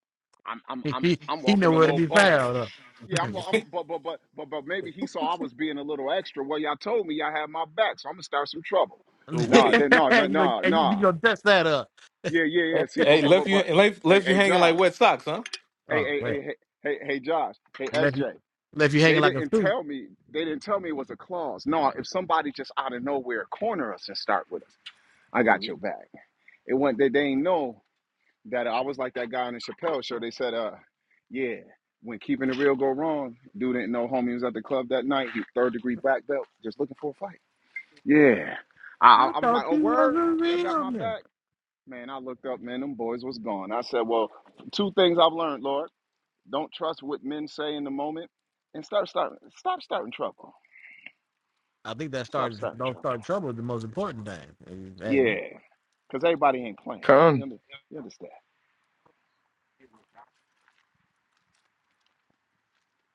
S8: I'm, I'm,
S3: He,
S8: I'm,
S3: he,
S8: I'm
S3: he know
S8: walking a
S3: where to
S8: little
S3: be
S8: bold.
S3: found. Huh?
S8: Yeah, I'm, I'm, but, but, but, but, but maybe he saw I was being a little extra. Well, y'all told me y'all had my back, so I'm gonna start some trouble.
S3: you
S8: Nah,
S2: Wait,
S8: then, nah, nah,
S3: gonna you
S8: nah,
S3: you
S8: nah.
S3: gonna dust that up?
S8: Yeah, yeah, yeah. See, but,
S2: Hey,
S8: but,
S2: left
S8: but,
S2: you
S8: but.
S2: left,
S8: Hey,
S2: left you
S8: hey,
S2: hanging like
S8: Josh.
S2: wet socks, huh?
S8: Hey,
S3: Oh
S8: hey,
S3: man,
S8: hey, hey, hey, hey, Josh. Hey,
S3: left you
S8: SJ.
S3: left you hanging
S8: They
S3: like a
S8: didn't
S3: fruit.
S8: tell me. They didn't tell me it was a clause. No, if somebody just out of nowhere corner us and start with us, I got your back. It went. They they ain't know that I was like that guy on the Chappelle show. They said, uh, yeah, when keeping it real go wrong, dude didn't know homie was at the club that night. He third degree black belt, just looking for a fight. Yeah, I I
S3: I
S8: was
S3: thought
S8: like, oh
S3: you was a
S8: word, y'all got
S3: real
S8: my
S3: nigga.
S8: back, man. I looked up, man, them boys was gone. I said, well, two things I've learned, Lord. Don't trust what men say in the moment and start start stop starting trouble.
S3: I think that
S8: Stop
S3: started
S8: starting
S3: don't
S8: trouble.
S3: start trouble is the most important thing. Hey,
S8: Yeah, because everybody ain't playing. You, under, you understand?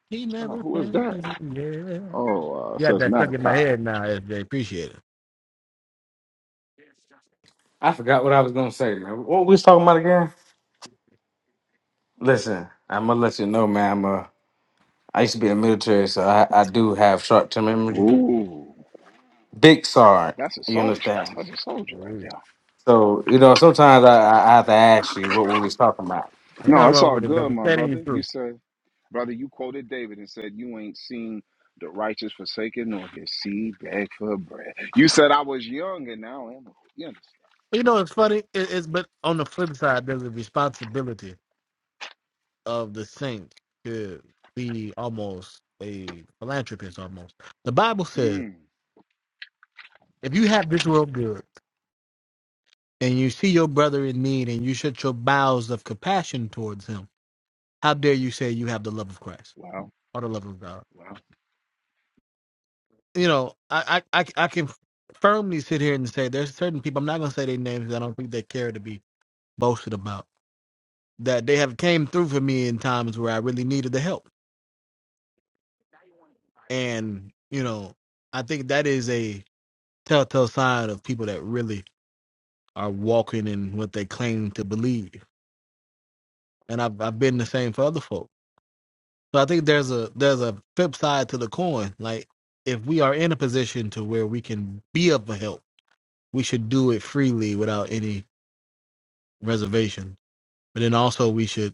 S3: He
S8: Oh,
S3: never
S8: who is
S3: said
S8: that?
S3: yeah.
S8: Oh, uh,
S3: You got
S8: says
S3: that stuck in my
S8: Malachi.
S3: head now, SJ. Appreciate it.
S4: I forgot what I was gonna say, man. What we was talking about again? Listen, I'm gonna let you know, man. I used to be in the military, so I, I do have short term memory.
S8: Ooh,
S4: Big SAR,
S8: that's a
S4: you
S8: soldier.
S4: understand?
S8: That's a soldier right there.
S4: So, you know, sometimes I, I I have to ask you what we was talking about.
S3: Ain't
S8: No,
S3: nothing
S8: it's
S3: wrong
S8: all
S3: with it,
S8: good,
S3: brother.
S8: my
S3: Standing you
S8: brother. You
S3: through.
S8: said, brother, you quoted David and said, You ain't seen the righteous forsaken nor his seed beg for bread. You said, I was young and now I am old. You understand?
S3: You know, it's funny. It, it's but on the flip side, there's a responsibility of the saint to be almost a philanthropist. Almost, the Bible says,
S8: Hmm.
S3: if you have this world good and you see your brother in need and you shut your bowels of compassion towards him, how dare you say you have the love of Christ
S8: Well,
S3: or the love of God?
S8: well.
S3: you know, I, I, I, I can firmly sit here and say there's certain people. I'm not gonna say their names. 'cause I don't think they care to be boasted about that they have came through for me in times where I really needed the help. And you know, I think that is a telltale sign of people that really are walking in what they claim to believe. And I've I've been the same for other folks. So I think there's a there's a flip side to the coin. Like if we are in a position to where we can be of help, we should do it freely without any reservation. But then also we should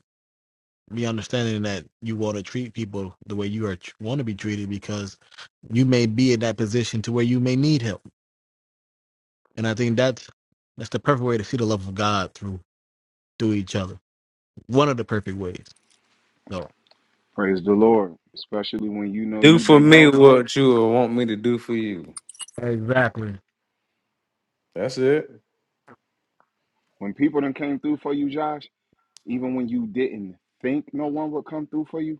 S3: be understanding that you want to treat people the way you are want to be treated because you may be in that position to where you may need help. And I think that's that's the perfect way to see the love of God through through each other. One of the perfect ways. So
S8: Praise the Lord, especially when you know
S4: Do
S8: you've
S4: for
S8: been
S4: me
S8: helped, bro.
S4: what you would want me to do for you.
S3: exactly.
S4: That's it.
S8: When people done came through for you, Josh, even when you didn't think no one would come through for you,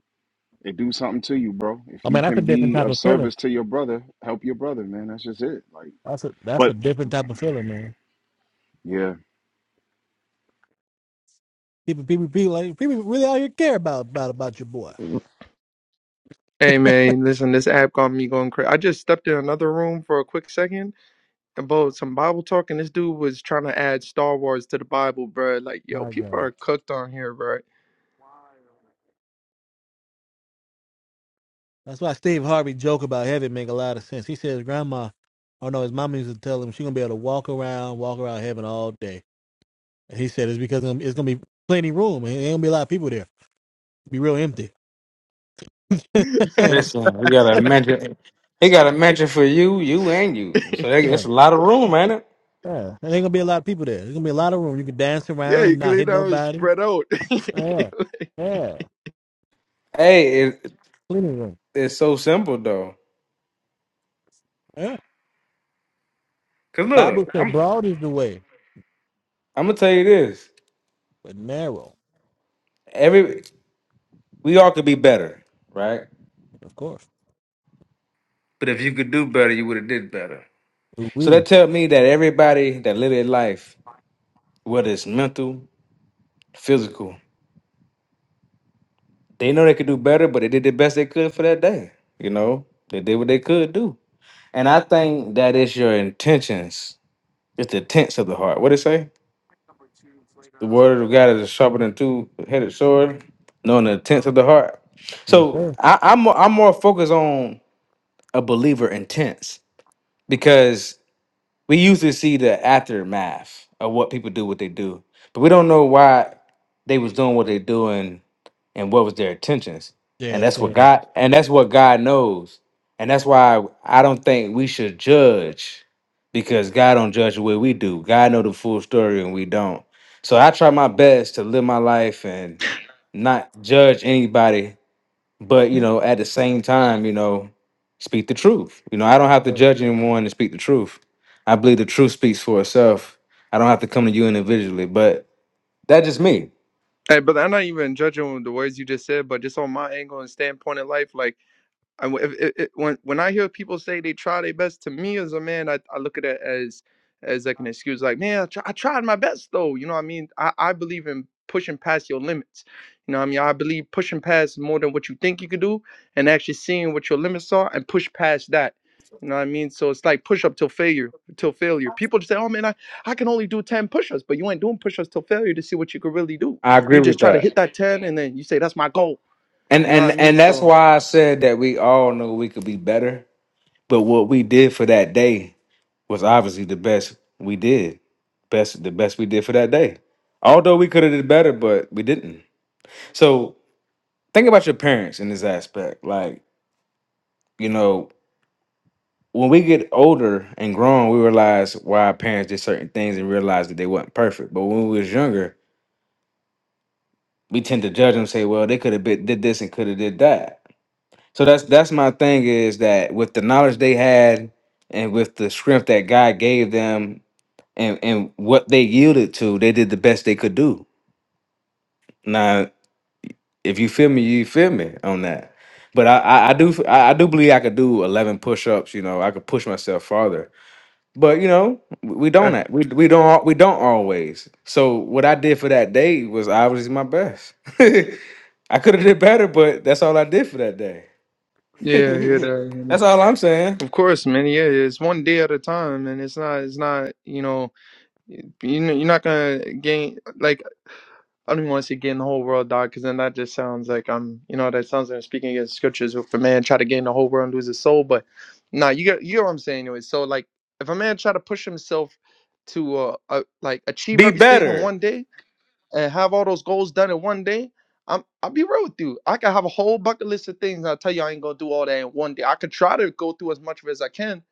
S8: it do something to you, bro. If
S3: I
S8: you
S3: mean, that's a
S8: can
S3: different
S8: be
S3: type
S8: of
S3: of feeling.
S8: service to your brother, help your brother, man. That's just it. Like,
S3: That's a that's a
S8: but
S3: different type of feeling, man.
S8: yeah,
S3: People, people, people, like, people really all you care about about about your boy.
S7: Hey man, listen, this app got me going crazy. I just stepped in another room for a quick second and about some Bible talk, and this dude was trying to add Star Wars to the Bible, bro. Like, yo,
S3: My
S7: people
S3: God.
S7: are cooked on here, bro.
S3: That's why Steve Harvey joke about heaven make a lot of sense. He says grandma, oh no, his mom used to tell him she gonna be able to walk around, walk around heaven all day. And he said it's because um, it's gonna be plenty room and ain't gonna be a lot of people there. It'll be real empty. and I,
S7: That's
S4: Listen, we got
S7: facts,
S4: a
S7: guy.
S4: mentor. He got a mentor for you, you, and you. So that,
S3: yeah,
S4: that's a lot of room, ain't it?
S3: yeah. there ain't gonna be a lot of people there. There's gonna be a lot of room. You can dance
S7: yeah,
S3: around.
S7: you
S3: You're
S7: can
S3: not
S7: lay
S3: hitting
S7: down
S3: nobody.
S7: spread out. hey,
S3: Yeah, yeah,
S4: Hey, it,
S3: plenty room.
S4: it's so simple though.
S3: Yeah.
S4: Cause look,
S3: Bible say
S4: I'm
S3: broad is the way,
S4: I'm gonna tell you this.
S3: but narrow,
S4: Every we all could be better, right?
S3: of course.
S4: But if you could do better, you would have did better. So that
S3: We,
S4: tell me that everybody that live their life, whether it's mental, physical, they know they could do better, but they did the best they could for that day. You know, they did what they could do. And I think that is your intentions. It's the intents of the heart. What it say? The word of God is sharper than two-headed sword, knowing the intents of the heart.
S3: yes
S4: So
S3: sir.
S4: I, I'm more- I'm more focused on a believer intents because we usually see the aftermath of what people do what they do but we don't know why they was doing what they doing and what was their intentions and
S3: Yes
S4: that's what
S3: sir.
S4: god and that's what god knows and that's why i don't think we should judge because god don't judge the way we do god know the full story and we don't so i try my best to live my life and not judge anybody but you know at the same time you know speak the truth you know i don't have to
S3: Yes,
S4: judge anyone to speak the truth i believe the truth speaks for itself i don't have to come to you individually but that's just me
S7: but I'm not even judging the words you just said, but just on my angle and standpoint in life, like. I, w- if- if- if- when when I hear people say they try their best, to me as a man, I, I look at it as as like an excuse, like man, I, try, I tried my best though. You know what I mean? I, I believe in pushing past your limits. You know what I mean? I believe pushing past more than what you think you could do, and actually seeing what your limits are and push past that. You know what I mean? So it's like push up till failure, till failure. People just say, "Oh man, I, I can only do ten push-ups," but you ain't doing push-ups till failure to see what you could really do.
S4: i
S7: You
S4: agree
S7: just
S4: with
S7: try to
S4: that
S7: hit that ten, and then you say, "That's my goal."
S4: and
S7: You know what I
S4: and
S7: mean?
S4: and that's
S7: So.
S4: why i said that we all know we could be better but what we did for that day was obviously the best we did best the best we did for that day although we could have did better but we didn't so think about your parents in this aspect like you know when we get older and grown, we realize why our parents did certain things and realize that they weren't perfect. But when we was younger, we tend to judge them, say, "Well, they could have been did this and could have did that." So that's that's my thing is that with the knowledge they had and with the strength that God gave them and and what they yielded to, they did the best they could do. Now, if you feel me, you feel me on that. But I I, I do I, I do believe I could do eleven push ups. You know, I could push myself farther but you know we
S7: eh.
S4: don't act- we we don't al- we don't always. So what I did for that day was obviously my best. I could have did better, but that's all I did for that day.
S7: Yeah, I hear that. I hear that.
S4: that's all I'm saying.
S7: Of course, man. Yeah, it's one day at a time, and it's not. It's not. You know, you know, you're not gonna gain. Like I don't even want to say gain the whole world, dog, because then that just sounds like I'm. You know, that sounds like I'm speaking against scriptures. If a man try to gain the whole world and lose his soul, but nah, you got. You know what I'm saying, anyway. So like, if a man try to push himself to uh, uh like achieve
S4: Be
S7: everything in
S4: better.
S7: one day, and have all those goals done in one day, I'm I'll be real with you. I can have a whole bucket list of things. I tell you, I ain't gonna do all that in one day. I could try to go through as much of it as I can,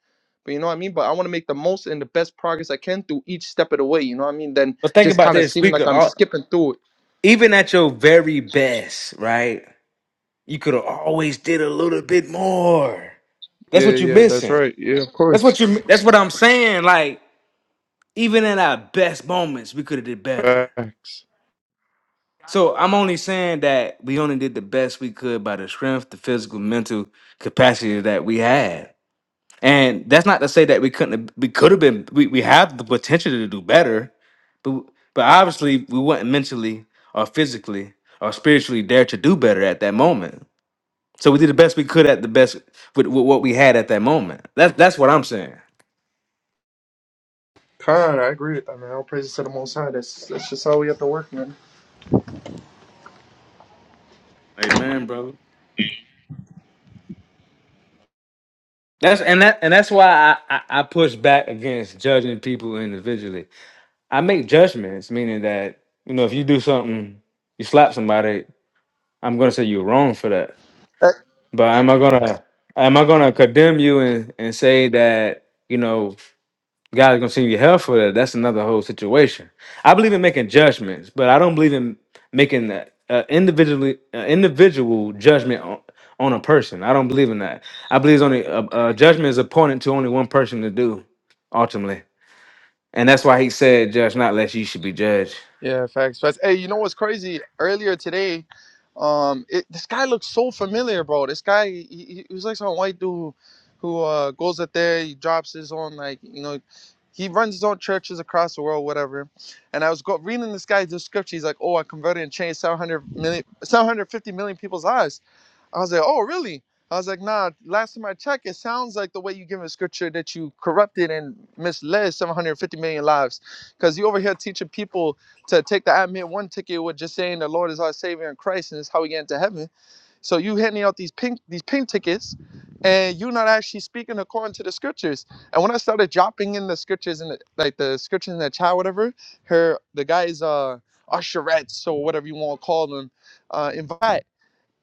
S7: but you know what I mean. But I want to make the most and the best progress I can through each step of the way. You know what I mean? Then
S4: But think
S7: just
S4: about
S7: kind of
S4: this,
S7: seem like
S4: speaker.
S7: I'm
S4: all-
S7: skipping through it.
S4: Even at your very best, right? You could have always did a little bit more. That's
S7: Yeah,
S4: what you're
S7: yeah, that's
S4: missing.
S7: right. Yeah, of
S4: That's what
S7: course.
S4: you. That's what I'm saying. Like even in our best moments, we could have did better.
S7: Facts.
S4: So I'm only saying that we only did the best we could by the strength, the physical, mental capacity that we had. And that's not to say that we couldn't have, we could have been we, we have the potential to do better, but but obviously we weren't mentally or physically or spiritually there to do better at that moment. So we did the best we could at the best with, with what we had at that moment. That's that's what I'm saying.
S7: Con, I agree with that, man. All praises to the Most High. That's that's just how we have to work, man.
S4: Amen, brother. That's and that and that's why I, I, I push back against judging people individually I make judgments, meaning that you know if you do something, you slap somebody, I'm gonna say you're wrong for that. But am I gonna am I gonna condemn you and, and say that you know God's gonna send you hell for that? That's another whole situation. I believe in making judgments, but I don't believe in making that uh, individually uh, individual judgment on, on a person. I don't believe in that. I believe it's only uh, uh, judgment is appointed to only one person to do ultimately, and that's why He said, "Judge not, lest you should be judged."
S7: Yeah, facts, facts. Hey, you know what's crazy? Earlier today, um, it, this guy looks so familiar, bro. This guy, he, he he was like some white dude who uh goes up there, he drops his own like, you know, he runs his own churches across the world, whatever. And I was go- reading this guy's description. He's like, "Oh, I converted and changed seven hundred million, seven hundred fifty million people's lives." I was like, oh, really? I was like, nah, last time I checked, it sounds like the way you give a scripture that you corrupted and misled 750 million lives. Because you over here teaching people to take the admit one ticket with just saying the Lord is our Savior in Christ and it's how we get into heaven. So you handing out these pink these pink tickets and you're not actually speaking according to the scriptures. And when I started dropping in the scriptures in the, like the scriptures in the chat, whatever, her the guys uh usherettes or whatever you want to call them, uh invite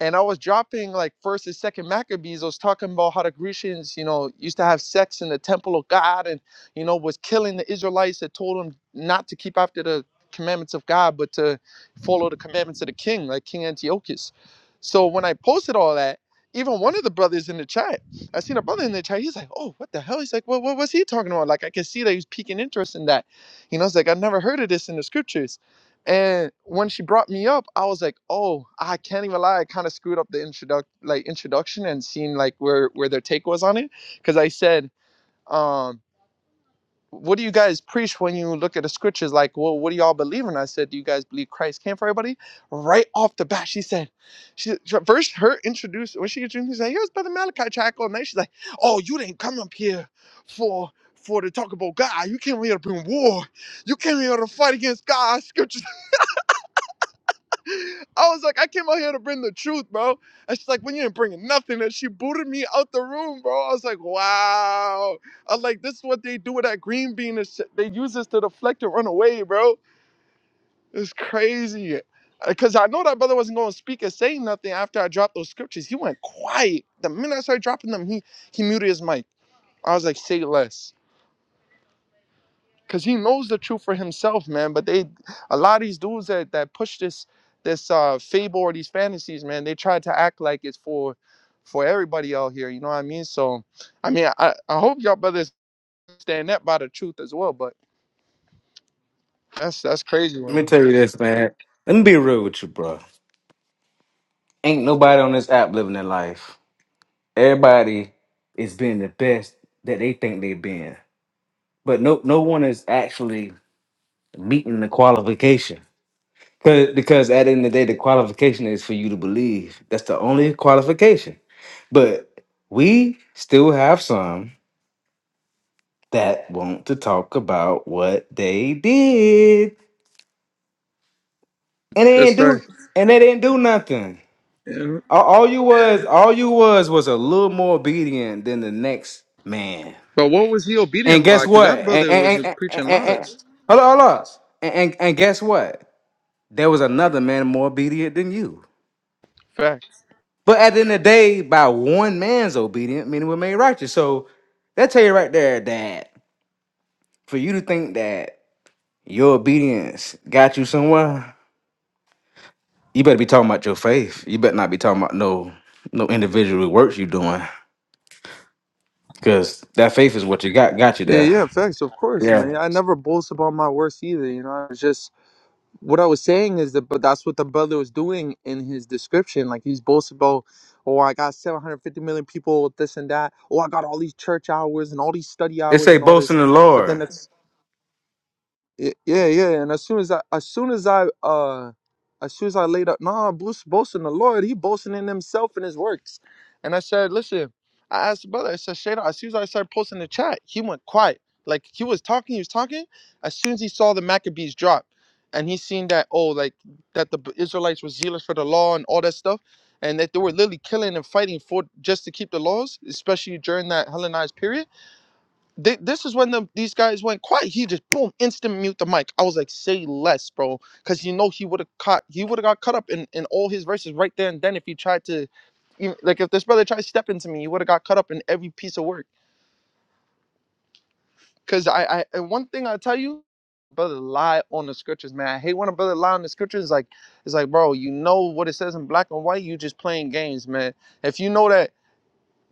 S7: and I was dropping like first and second Maccabees. I was talking about how the Grecians, you know, used to have sex in the temple of God and, you know, was killing the Israelites that told them not to keep after the commandments of God, but to follow the commandments of the king, like King Antiochus. So when I posted all that, even one of the brothers in the chat, I seen a brother in the chat, he's like, oh, what the hell? He's like, well, what was he talking about? Like, I could see that he was piquing interest in that. You know, it's like, I've never heard of this in the scriptures. And when she brought me up, I was like, "Oh, I can't even lie. I kind of screwed up the introduct like introduction and seeing like where where their take was on it, because I said, um, "What do you guys preach when you look at the scriptures? Like, well, what do y'all believe?" in?" I said, "Do you guys believe Christ came for everybody?" Right off the bat, she said, "She first her introduced when she introduced me, she's like, here's Brother Malachi Chaco, and then she's like, "Oh, you didn't come up here for." For to talk about God, you came here to bring war. You came here to fight against God. Scripture I was like, I came out here to bring the truth, bro. And she's like, when you ain't bringing nothing. And she booted me out the room, bro. I was like, wow. I was like, this is what they do with that green bean and shit. They use this to deflect and run away, bro. It's crazy. Because I know that brother wasn't going to speak and say nothing after I dropped those scriptures. He went quiet. The minute I started dropping them, he, he muted his mic. I was like, say less. because he knows the truth for himself, man. But they, a lot of these dudes that that push this this uh fable or these fantasies, man, they try to act like it's for for everybody out here. You know what I mean? So, I mean, I I hope y'all brothers stand up by the truth as well. But that's that's crazy,
S4: Let me
S7: man.
S4: tell you this, man. Let me be real with you, bro. Ain't nobody on this app living their life. Everybody is being the best that they think they been, but no, no one is actually meeting the qualification. 'Cause- Because at the end of the day, the qualification is for you to believe. That's the only qualification. But we still have some that want to talk about what they did, and they
S7: That's
S4: didn't
S7: right.
S4: do, and they didn't do nothing.
S7: Yeah.
S4: All, all you was, all you was, was a little more obedient than the next man.
S7: But what was he
S4: And
S7: obedient by?
S4: guess
S7: Because
S4: what?
S7: that
S4: And,
S7: brother was
S4: and, and,
S7: preaching
S4: and, and, and
S7: lots.
S4: hold on, hold on. And, and, and guess what? There was another man more obedient than you.
S7: Fact.
S4: But at the end of the day, by one man's obedient, many were made righteous. So that tell you right there that for you to think that your obedience got you somewhere, you better be talking about your faith. You better not be talking about no no individual works you doing. Cause that faith is what you got got you
S7: Yeah,
S4: there.
S7: yeah, facts. Of course,
S4: Yeah.
S7: man. I never boast about my works either. You know, it's just what I was saying is that, but that's what the brother was doing in his description. Like he's boasting about, oh, I got 750 million people with this and that. Oh, I got all these church hours and all these study
S4: It
S7: hours
S4: say
S7: and all
S4: boast
S7: this.
S4: in the
S7: But then
S4: Lord.
S7: it's Y- Yeah, yeah. And as soon as I, as soon as I, uh, as soon as I laid up, nah, Bruce boasting the Lord. He boasting in himself and his works. And I said, listen, I asked the brother. I said, Shada. As soon as I started posting the chat, he went quiet. Like he was talking, he was talking. As soon as he saw the Maccabees drop, and he seen that oh, like that the B- Israelites were zealous for the law and all that stuff, and that they were literally killing and fighting for just to keep the laws, especially during that Hellenized period Thi- this is when the, these guys went quiet. He just boom, instant mute the mic. I was like, say less, bro, because you know he would have caught, he would have got cut up in in all his verses right there and then if he tried to, you- like if this brother tried to step into me, he would have got cut up in every piece of work. Cause I, I and one thing I tell you, brother, lie on the scriptures, man. I hate when a brother lie on the scriptures. Like it's like, bro, you know what it says in black and white. You just playing games, man. If you know that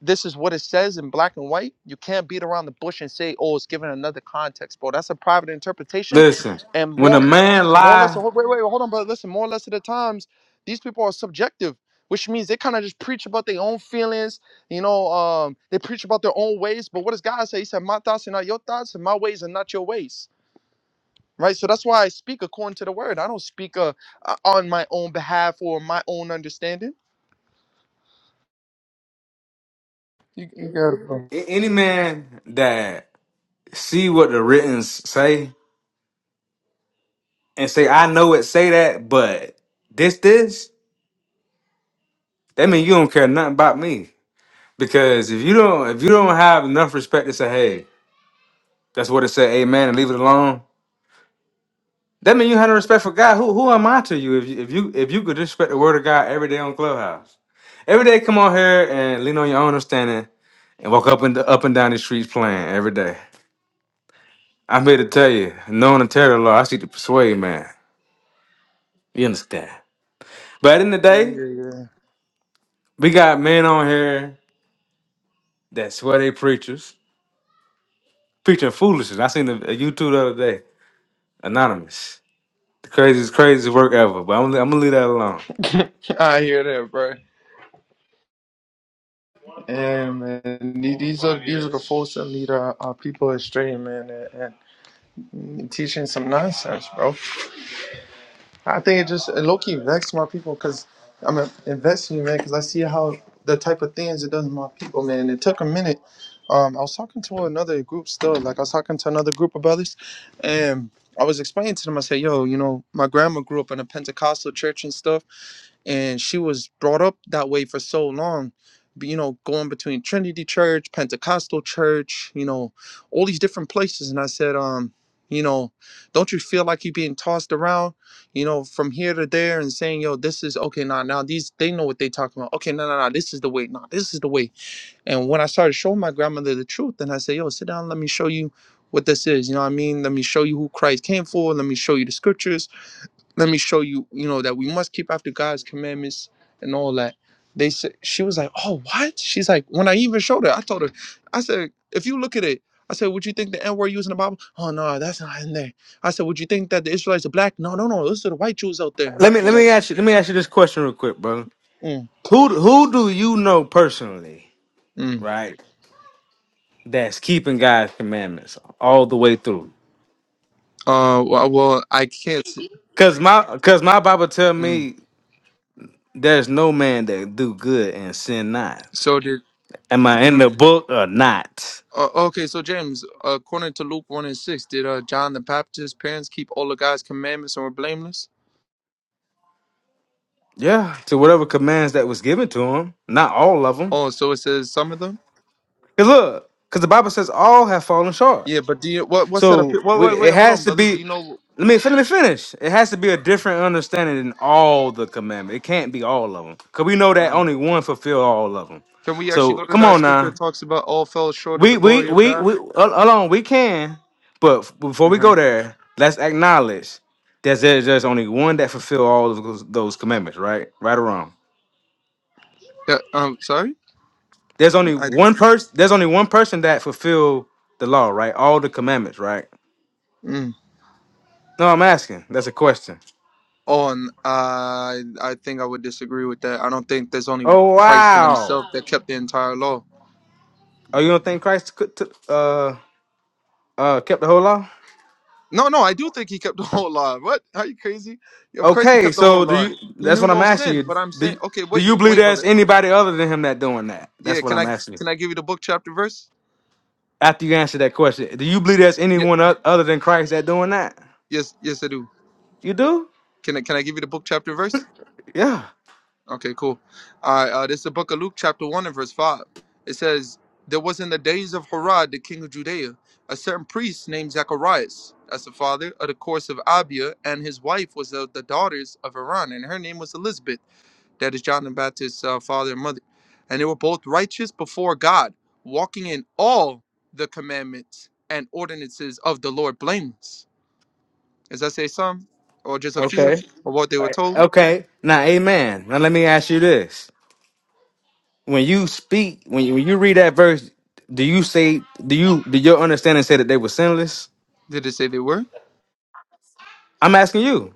S7: this is what it says in black and white. You can't beat around the bush and say, "Oh, it's given another context, bro." That's a private interpretation,
S4: Listen,
S7: and
S4: when a
S7: more,
S4: man
S7: more or less.
S4: lie,
S7: Wait, wait, wait, hold on, brother. Listen, more or less of the times, these people are subjective, which means they kind of just preach about their own feelings. You know, um, they preach about their own ways. But what does God say? He said, "My thoughts are not your thoughts, and my ways are not your ways." Right, so that's why I speak according to the word. I don't speak uh, uh, on my own behalf or my own understanding. You, you got it, bro.
S4: a- any man that see what the writings say and say, I know it say that, but this, this, that mean you don't care nothing about me. Because if you don't if you don't have enough respect to say, hey, that's what it said, amen, and leave it alone, that mean you have no respect for God. Who who am I to you if you if you if you could disrespect the word of God every day on Clubhouse? Every day come on here and lean on your own understanding and walk up and up and down the streets playing every day. I'm here to tell you, knowing the terror law, I see the persuade man. You understand? But in the
S7: Yeah,
S4: day,
S7: yeah, yeah.
S4: we got men on here that swear they preachers, preaching foolishness. I seen a, a YouTube the other day, anonymous. The craziest, craziest work ever. But I'm, I'm gonna leave that alone.
S7: I hear that, bro. And man, the- these are these are the folks that lead our, our people astray, man, and, and teaching some nonsense, bro. I think it just it low key vexed my people because I'm a- it vexed me, man, because I see how the type of things it does to my people, man. It took a minute. Um, I was talking to another group still, like I was talking to another group of brothers, and I was explaining to them. I said, "Yo, you know, my grandma grew up in a Pentecostal church and stuff." and she was brought up that way for so long b- you know going between trinity church pentecostal church you know all these different places and i said um you know don't you feel like you're being tossed around you know from here to there and saying yo this is okay nah, now these they know what they talking about okay no no no this is the way nah, this is the way and when i started showing my grandmother the truth and i said yo sit down let me show you what this is you know what i mean let me show you who christ came for let me show you the scriptures let me show you, you know, that we must keep after God's commandments and all that. They said she was like, Oh, what? She's like, when I even showed her, I told her, I said, if you look at it, I said, Would you think the N word used in the Bible? Oh no, that's not in there. I said, Would you think that the Israelites are black? No, no, no, those are the white Jews out there. Huh?
S4: Let me let
S7: When I,
S4: me ask you let me ask you this question real quick, brother.
S7: mm,
S4: Who who do you know personally,
S7: mm.
S4: right? That's keeping God's commandments all the way through.
S7: Uh well, well, I can't see.
S4: Cause my cause my Bible tell
S7: Mm.
S4: me There's no man that do good and sin not.
S7: So did
S4: Am I in the book or not?
S7: uh, okay, so James, according to Luke 1 and 6, did uh, John the Baptist's parents keep all of God's commandments and were blameless?
S4: Yeah, to whatever commands that was given to him. Not all of them.
S7: Oh, so it says some of them?
S4: Cause look, because the Bible says all have fallen short.
S7: Yeah, but do you what what's that?
S4: So
S7: Appeal? Wait,
S4: we,
S7: wait, wait,
S4: it
S7: hold on,
S4: has to
S7: brother. Do
S4: be.
S7: you know?
S4: Let me let me finish. It has to be a different understanding than all the commandments. It can't be all of them. Cause we know that
S7: Uh,
S4: only one fulfill all of them.
S7: can we actually
S4: So
S7: go to
S4: come
S7: that
S4: on
S7: scripture
S4: now.
S7: that talks about all fell short of
S4: We
S7: the
S4: we
S7: glory of
S4: we
S7: God?
S4: we hold hold on, we can, but f- before
S7: Uh
S4: we
S7: huh.
S4: go there, let's acknowledge that there's there's only one that fulfill all of those, those commandments, right? Right or wrong?
S7: Yeah. Um. Sorry.
S4: There's only
S7: I.
S4: one person. There's only one person that fulfill the law, right? All the commandments, right?
S7: Mm.
S4: No, I'm asking. That's a question.
S7: Oh, and I I think I would disagree with that. I don't think there's only
S4: Oh
S7: Christ in
S4: wow!
S7: Himself that kept the entire law.
S4: Oh, you don't think Christ could t- uh uh kept the whole law?
S7: No, no, I do think He kept the whole law. What? Are you crazy? Yeah, Of course He
S4: Okay,
S7: kept the whole
S4: so do
S7: law.
S4: you?
S7: He
S4: That's
S7: knew
S4: what I'm
S7: no
S4: asking
S7: sin.
S4: you.
S7: But I'm
S4: Do
S7: saying, okay,
S4: do
S7: wait,
S4: you believe
S7: wait,
S4: there's
S7: brother.
S4: anybody other than him that doing that? That's
S7: Yeah.
S4: what
S7: Can
S4: I'm
S7: I
S4: asking you.
S7: can I give you the book chapter verse?
S4: After you answer that question, do you believe there's
S7: Yeah.
S4: anyone oth- other than Christ that doing that?
S7: Yes. Yes, I do.
S4: You do?
S7: Can I can I give you the book chapter verse?
S4: Yeah.
S7: Okay, cool. All right, uh, this is the book of Luke, chapter 1 and verse 5. It says, There was in the days of Herod, the king of Judea, a certain priest named Zacharias, as the father of the course of Abia, and his wife was of the daughters of Iran, and her name was Elizabeth. That is John the Baptist's uh, father and mother. And they were both righteous before God, walking in all the commandments and ordinances of the Lord blameless. Does that say some, or just a few
S4: Okay.
S7: of what they were
S4: Alright.
S7: told?
S4: Okay. Now, Amen. Now, let me ask you this: When you speak, when you, when you read that verse, do you say, do you, do your understanding say that they were sinless?
S7: Did it say they were?
S4: I'm asking you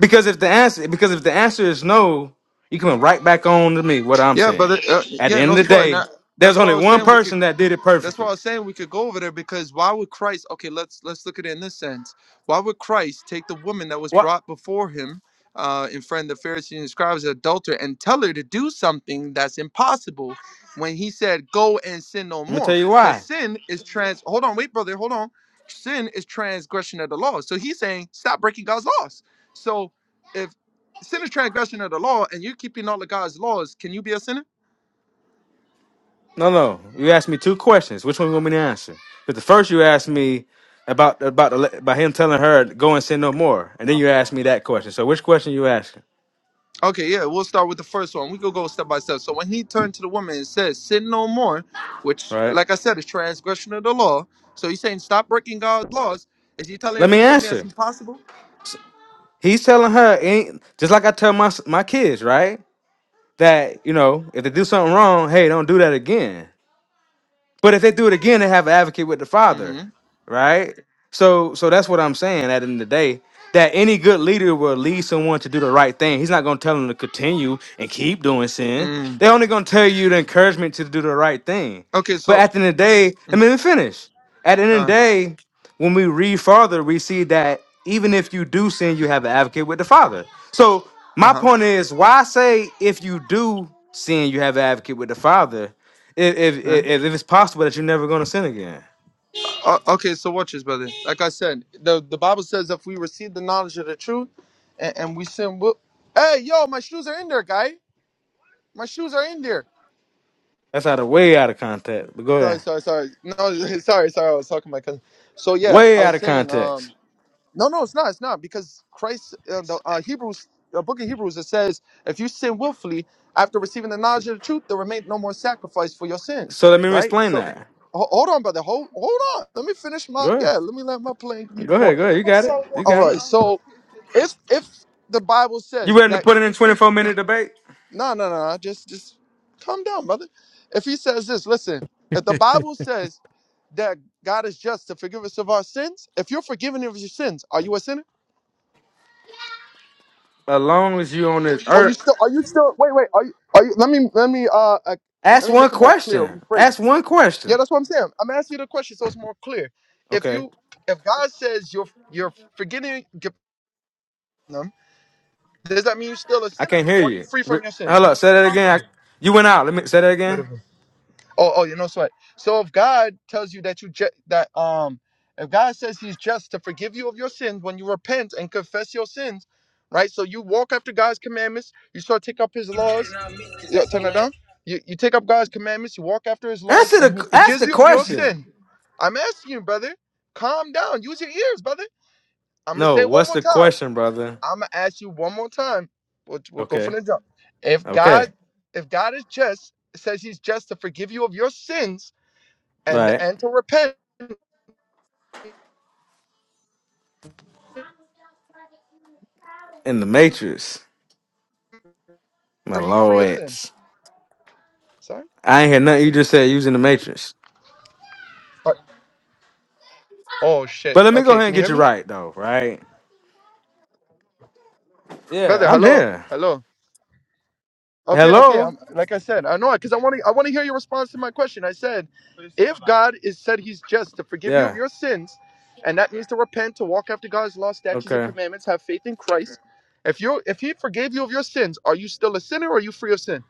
S4: because if the answer, because if the answer is no, you coming right back on to me what I'm
S7: Yeah, but
S4: saying.
S7: uh,
S4: At the
S7: yeah, no
S4: end of the
S7: sweat. And
S4: day,
S7: I,
S4: there's
S7: that's why
S4: only
S7: I was
S4: one
S7: saying we could.
S4: person that did it
S7: That's why
S4: perfectly.
S7: I was saying we could go over there because why would Christ? Okay, let's let's look at it in this sense. Why would Christ take the woman that was
S4: What?
S7: brought before him uh, in front of the Pharisees and scribes, an adulterer, and tell her to do something that's impossible when he said, "Go and sin no
S4: Let me tell
S7: more,"
S4: you
S7: because
S4: why.
S7: sin is trans. Hold on, wait, brother, hold on. Sin is transgression of the law. So he's saying, stop breaking God's laws. So if sin is transgression of the law, and you're keeping all of God's laws, can you be a sinner?
S4: No, no. You asked me two questions. Which one you want me to answer? But the first you asked me about about the, le- about him telling her go and sin no more, and then you asked me that question. So which question you asking?
S7: Okay, yeah, we'll start with the first one. We could go step by step. So when he turned to the woman and said, Sin no more, which,
S4: Right?
S7: like I said, is transgression of the law. So he's saying, Stop breaking God's laws. Is he telling her
S4: Let
S7: to
S4: me
S7: do something that's
S4: answer.
S7: impossible?
S4: He's telling her ain't just like I tell my s- my kids, right? That you know if they do something wrong, hey, don't do that again. But if they do it again, they have an advocate with the Father,
S7: Mm
S4: right? So, so that's what I'm saying. At the end of the day, that any good leader will lead someone to do the right thing. He's not going to tell them to continue and keep doing
S7: hmm.
S4: sin.
S7: Mm.
S4: They're only going to tell you the encouragement to do the right thing.
S7: Okay,
S4: But
S7: so.
S4: at the end of the day, I
S7: Mm,
S4: mean, let me finish. At the end of the
S7: uh
S4: day, when we read farther, we see that even if you do sin, you have an advocate with the Father. So
S7: huh.
S4: my
S7: Uh-huh.
S4: point is, why say if you do sin, you have an advocate with the Father, if if
S7: Uh,
S4: if, if it's possible that you're never going to sin again?
S7: O- okay, so watch this, brother. Like I said, the, the Bible says if we receive the knowledge of the truth and, and we sin, we'll... hey, yo, my shoes are in there, guy. My shoes are in there.
S4: That's out of way out of context. But go
S7: Sorry,
S4: ahead,
S7: sorry, sorry. No, sorry, sorry. I was talking to my cousin. So yeah, I
S4: way out
S7: was
S4: of
S7: saying, um,
S4: context.
S7: No, no, it's not. It's not because Christ, uh, the uh, Hebrews, the book of Hebrews, it says, if you sin willfully after receiving the knowledge of the truth, there remain no more sacrifice for your sins.
S4: So let me
S7: Right.
S4: explain
S7: So,
S4: that.
S7: ho- hold on, brother. Hold, hold on. Let me finish my.
S4: Go ahead,
S7: Yeah. Let me let my plane be
S4: go
S7: point.
S4: ahead, go ahead. You got it. You
S7: All
S4: got it.
S7: right. So, if if the Bible
S4: You
S7: says
S4: ready to
S7: that,
S4: put it in 24 minute debate?
S7: no, no, no, no, just just calm down, brother. If he says this, listen. If the
S3: sir.
S7: Bible says that God is just to forgive us of our sins, if you're forgiven of your sins, are you a sinner?
S4: As long as you on this
S7: Are you
S4: earth,
S7: still? Are you still? Wait, wait. Are you? Are you? Let me. Let me. Uh, uh, let
S4: ask
S7: me make
S4: one
S7: it more clear.
S4: question.
S7: Rephrase.
S4: Ask one
S7: Yeah,
S4: question.
S7: that's what I'm saying. I'm asking you the question so it's more clear. If
S4: Okay.
S7: you, if God says you're you're forgetting them, does that mean you're still a
S4: I
S7: sinner,
S4: can't hear
S7: or you
S4: you.
S7: free
S4: Re-
S7: from your sin?
S4: Hello, say that again. I- you went out. Let me say that again.
S7: Oh, oh, you know what? So if God tells you that you ju- that um, if God says He's just to forgive you of your sins when you repent and confess your sins, right? So you walk after God's commandments. You start to take up His laws. Yeah, turn that down. You you take up God's commandments. You walk after His laws,
S4: Answer
S7: and He
S4: the ask
S7: forgives
S4: the
S7: you of your
S4: question.
S7: sin. I'm asking you, brother, calm down. Use your ears, brother. I'm gonna
S4: No,
S7: say it one
S4: what's
S7: more
S4: the
S7: time.
S4: question, brother?
S7: I'm gonna ask you one more time. We'll, we'll go from
S4: Okay,
S7: the jump. If
S4: okay,
S7: God, if God is just, says He's just to forgive you of your sins and
S4: right.
S7: and to repent.
S4: In the Matrix, my
S7: Are you free of sin?
S4: lords.
S7: Sorry.
S4: I ain't hear nothing you just said using the Matrix.
S7: Uh, Oh shit.
S4: But let me go
S7: Okay,
S4: ahead and
S7: can you
S4: get
S7: hear
S4: you
S7: me,
S4: right though, right? Yeah,
S7: brother?
S4: I'm
S7: Hello,
S4: here.
S7: hello. Okay, okay.
S4: Hello.
S7: I'm like I said. I know because I want to. I want to hear your response to my question. I said, if God is said He's just to forgive you of
S4: Yeah.
S7: your sins, and that means to repent, to walk after God's law, statutes, and
S4: Okay.
S7: commandments, have faith in Christ. If you if He forgave you of your sins, are you still a sinner or are you free of sin?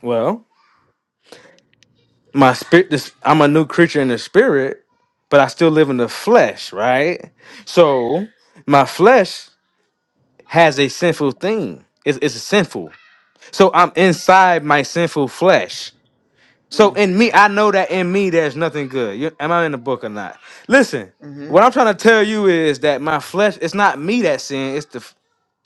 S4: Well, my spirit. This, I'm a new creature in the spirit, but I still live in the flesh, right? So my flesh. has a sinful thing. It's, it's sinful. So I'm inside my sinful flesh. So
S7: Mm,
S4: in me, I know that in me there's nothing good. You- am I in the book or not? Listen, what
S7: mm-hmm.
S4: I'm trying to tell you is that my flesh, it's not me that sin, It's the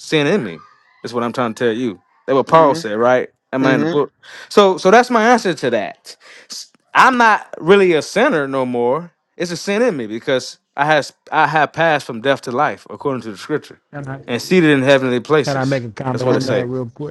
S4: sin in me. Is what I'm trying to tell you. That what Paul
S7: Mm-hmm.
S4: said, right? Am I in the
S7: Mm-hmm.
S4: book? So, so that's my answer to that. S- I'm not really a sinner no more. It's a sin in me because I has I have passed from death to life according to the Scripture,
S3: Can I
S4: and seated in heavenly
S3: can I
S4: places.
S3: make a
S4: That's
S3: comment
S4: what it
S3: on that
S4: say.
S3: real quick?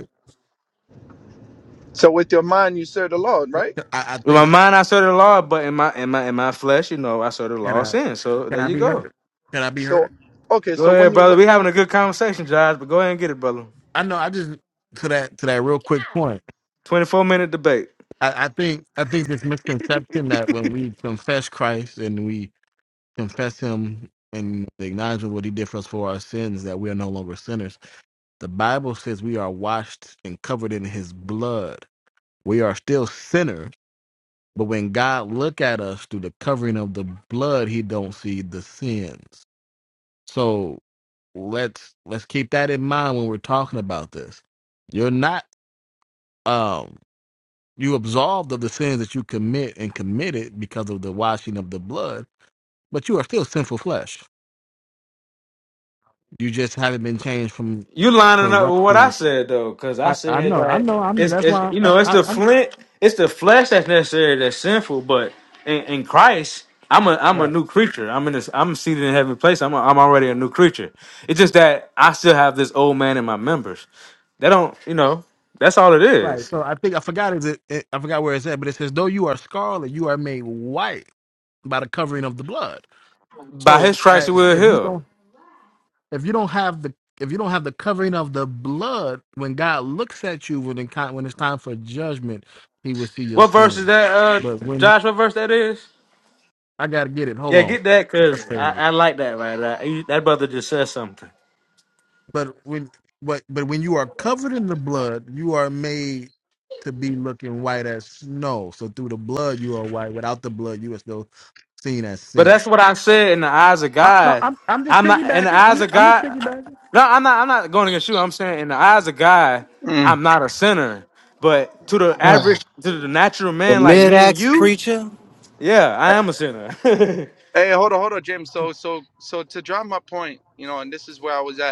S7: So with your mind you serve the Lord,
S3: I,
S7: right?
S3: I
S4: With my
S3: think
S4: mind, I serve the law, but in my in my in my flesh, you know, I serve the
S3: can
S4: law of
S3: I
S4: sin. So
S3: can
S4: there
S3: I
S4: you
S3: be
S4: go.
S3: heard? Can I be
S7: So
S3: heard?
S7: okay.
S4: Go
S7: So when
S4: ahead,
S7: you
S4: brother. We having a good conversation, Josh. But go ahead and get it, brother.
S3: I know. I just to that to that real quick point.
S4: Twenty four minute debate.
S3: I, I think I think this misconception that when we confess Christ and we confess Him and acknowledge what He did for us for our sins, that we are no longer sinners. The Bible says we are washed and covered in His blood. We are still sinners, but when God look at us through the covering of the blood, He don't see the sins. So let's let's keep that in mind when we're talking about this. You're not um you absolved of the sins that you commit and committed because of the washing of the blood, but you are still sinful flesh. You just haven't been changed from
S4: You lining up with what I
S3: corruption.
S4: said though, because I
S3: I, I
S4: said
S3: know, I
S4: that
S3: know. I'm
S4: it's,
S3: that's
S4: it's
S3: why
S4: you
S3: I'm,
S4: know it's
S3: I, I,
S4: the
S3: I'm
S4: flint, it's the flesh that's necessary that's sinful, but in, in Christ, I'm a I'm a
S3: right,
S4: new creature. I'm in this I'm seated in heavenly place. I'm a, I'm already a new creature. It's just that I still have this old man in my members. They don't you know that's all it
S3: right.
S4: is.
S3: So I think I forgot is it, it I forgot where it's at, but it says though you are scarlet, you are made white by the covering of the blood.
S4: By
S3: So
S4: His stripes you
S3: as
S4: will
S3: if you
S4: heal.
S3: don't if you don't have the if you don't have the covering of the blood when god looks at you when it, ki- when it's time for judgment he will see your
S4: What verse is
S3: sins
S4: that,
S3: but
S4: uh,
S3: when
S4: Josh? What verse that is?
S3: i gotta get it hold
S4: Yeah,
S3: on
S4: get that because I,
S3: Paraphrase.
S4: I like that right. there. That brother just said something.
S3: but when but but when you are covered in the blood you are made to be looking white as snow so through the blood you are white without the blood you are still seen as
S4: But
S3: sin
S4: that's what I said in the eyes of
S3: I, no,
S4: God.
S3: I'm, I'm just
S4: I'm not in the
S3: piggybacking
S4: eyes
S3: i'm,
S4: of
S3: I'm just
S4: God.
S3: piggybacking
S4: No, I'm not. I'm not going against you. I'm saying in the eyes of God,
S7: look.
S4: I'm not a sinner. But to the average,
S7: hey,
S4: to the natural
S9: The
S4: man like me and
S9: mid-axe
S4: you,
S9: preacher.
S4: yeah, I am a sinner.
S7: hold on, hold on, Jim. So, so, so to drive my point, you know, and this is where I was at.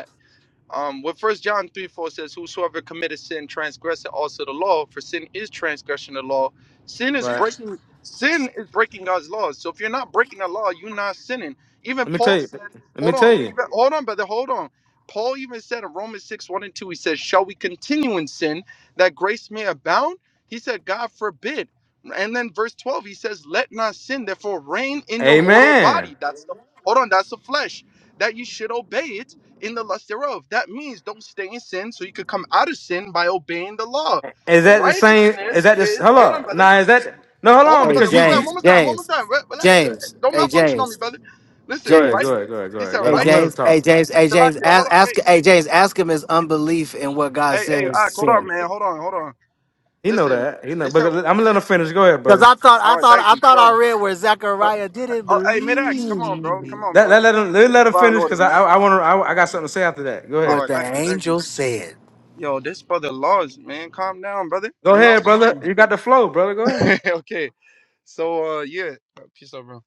S7: Um, what First John three four says, "Whosoever committeth sin transgresseth also the law, for sin is transgression of the law. Sin is
S4: right?
S7: breaking sin is breaking God's laws. So if you're not breaking the law, you're not sinning. Even
S4: Let me
S7: Paul
S4: tell you.
S7: said,
S4: Let me
S7: "Hold on,
S4: tell you.
S7: even, hold on, brother, hold on." Paul even said in Romans six one and two, he says, "Shall we continue in sin that grace may abound?" He said, "God forbid." And then verse twelve, he says, "Let not sin therefore reign in your mortal
S4: Amen.
S7: body." That's the hold on, that's the flesh that you should obey it in the lust thereof. That means don't stay in sin so you could come out of sin by obeying the law.
S4: Is that the same?
S7: Righteousness
S4: Is that this?
S7: is hold on,
S4: Hello.
S7: brother.
S4: Now is that? No, hold
S7: Hold
S4: on.
S7: on,
S9: Hey
S7: brother.
S4: Because you
S7: Wait, wait, I'm
S9: James,
S4: you
S7: almost done. I'm almost
S9: James,
S7: done. Wait, wait,
S9: James.
S7: don't
S9: Hey
S7: malfunction on me,
S9: James,
S7: brother.
S4: go
S7: Listen,
S4: ahead.
S7: right?
S4: Go
S9: James.
S4: ahead. Go ahead. Go
S7: He
S4: ahead.
S7: said
S4: Go ahead.
S9: Hey
S4: I'm gonna let him
S9: James, hey
S4: talk.
S7: righteousness.
S9: James, hey James.
S7: Salakia, hold
S9: Ask,
S7: on. Hey,
S9: ask hey James, ask him his unbelief in what God
S7: hey,
S9: said
S7: hey, all
S9: is
S7: right, hold on,
S9: sin.
S7: man. Hold on, hold on.
S4: He know
S7: Listen,
S4: that. He know.
S7: it's
S4: But
S7: a
S4: I'm gonna let him finish. Go ahead,
S9: Cause
S4: brother.
S9: I thought,
S7: all
S9: I
S7: right,
S9: thought,
S7: thank
S9: I
S7: you.
S9: thought I
S7: Sure.
S9: read where
S7: Uh,
S9: Zechariah didn't
S7: uh, hey, mid axe, come on, bro.
S9: believe
S7: Come on,
S4: Let,
S7: bro.
S4: let,
S7: Do
S4: let him
S7: things
S4: let,
S7: in
S4: let him
S7: divine
S4: finish
S7: order,
S4: because I I
S7: man.
S4: I want to I, wanna- I I got something to say after that. Go
S7: All
S4: ahead.
S9: what
S7: right,
S9: the
S7: thank you, thank you.
S9: angel said.
S7: Yo, this brother laws, man. Calm down, brother.
S4: Go
S7: You
S4: ahead, brother.
S7: malfunctioning.
S4: You got the flow, brother. Go ahead.
S7: okay. So uh yeah, uh, peace out, bro.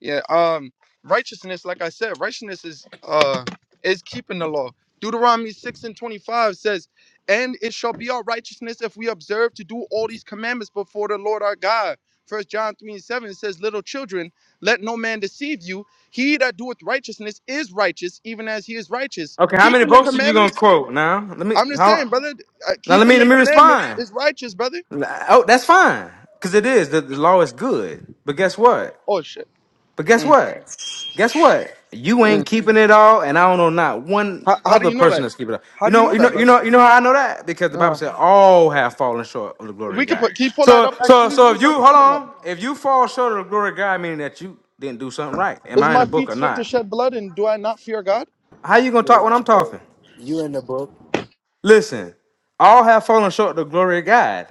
S7: Yeah, um righteousness, like I said, righteousness is uh is keeping the law. Deuteronomy 6 and 25 says, And it shall be our righteousness if we observe to do all these commandments before the Lord our God. First John 3 and 7 says, Little children, let no man deceive you. He that doeth righteousness is righteous, even as he is righteous.
S4: Okay, how many
S7: Keeping the
S4: verses you gonna
S7: commandments,
S4: quote now? Let me
S7: I'm just
S4: how
S7: saying, brother, uh,
S4: now let
S7: keeping
S4: me
S7: the
S4: let me
S7: commandments
S4: respond.
S7: is righteous, brother.
S4: Oh, that's fine. Cause it is. The, the law is good. But guess what?
S7: Oh shit.
S4: But guess
S7: Mm.
S4: what? Guess what? You
S7: Yeah.
S4: ain't keeping it all, and I don't know not one
S7: How, how do
S4: other
S7: you know
S4: person
S7: that?
S4: that's keeping it. All.
S7: How
S4: You
S7: do you
S4: know,
S7: know
S4: you know,
S7: that,
S4: you
S7: brother?
S4: know, you know how I know that because the Bible
S7: Uh,
S4: said all have fallen short of the glory
S7: we
S4: of
S7: could
S4: God.
S7: put. Can you pull that
S4: So,
S7: up?
S4: so,
S7: Actually,
S4: so
S7: who's
S4: if you
S7: that
S4: hold
S7: talking about?
S4: on, if you fall short of the glory of God, meaning that you didn't do something right. Am
S7: Is
S4: I in
S7: my
S4: a book
S7: feet
S4: or
S7: swift to
S4: not?
S7: shed blood, and do I not fear God?
S4: How you gonna talk when I'm talking?
S9: You in the book?
S4: Listen, all have fallen short of the glory of God.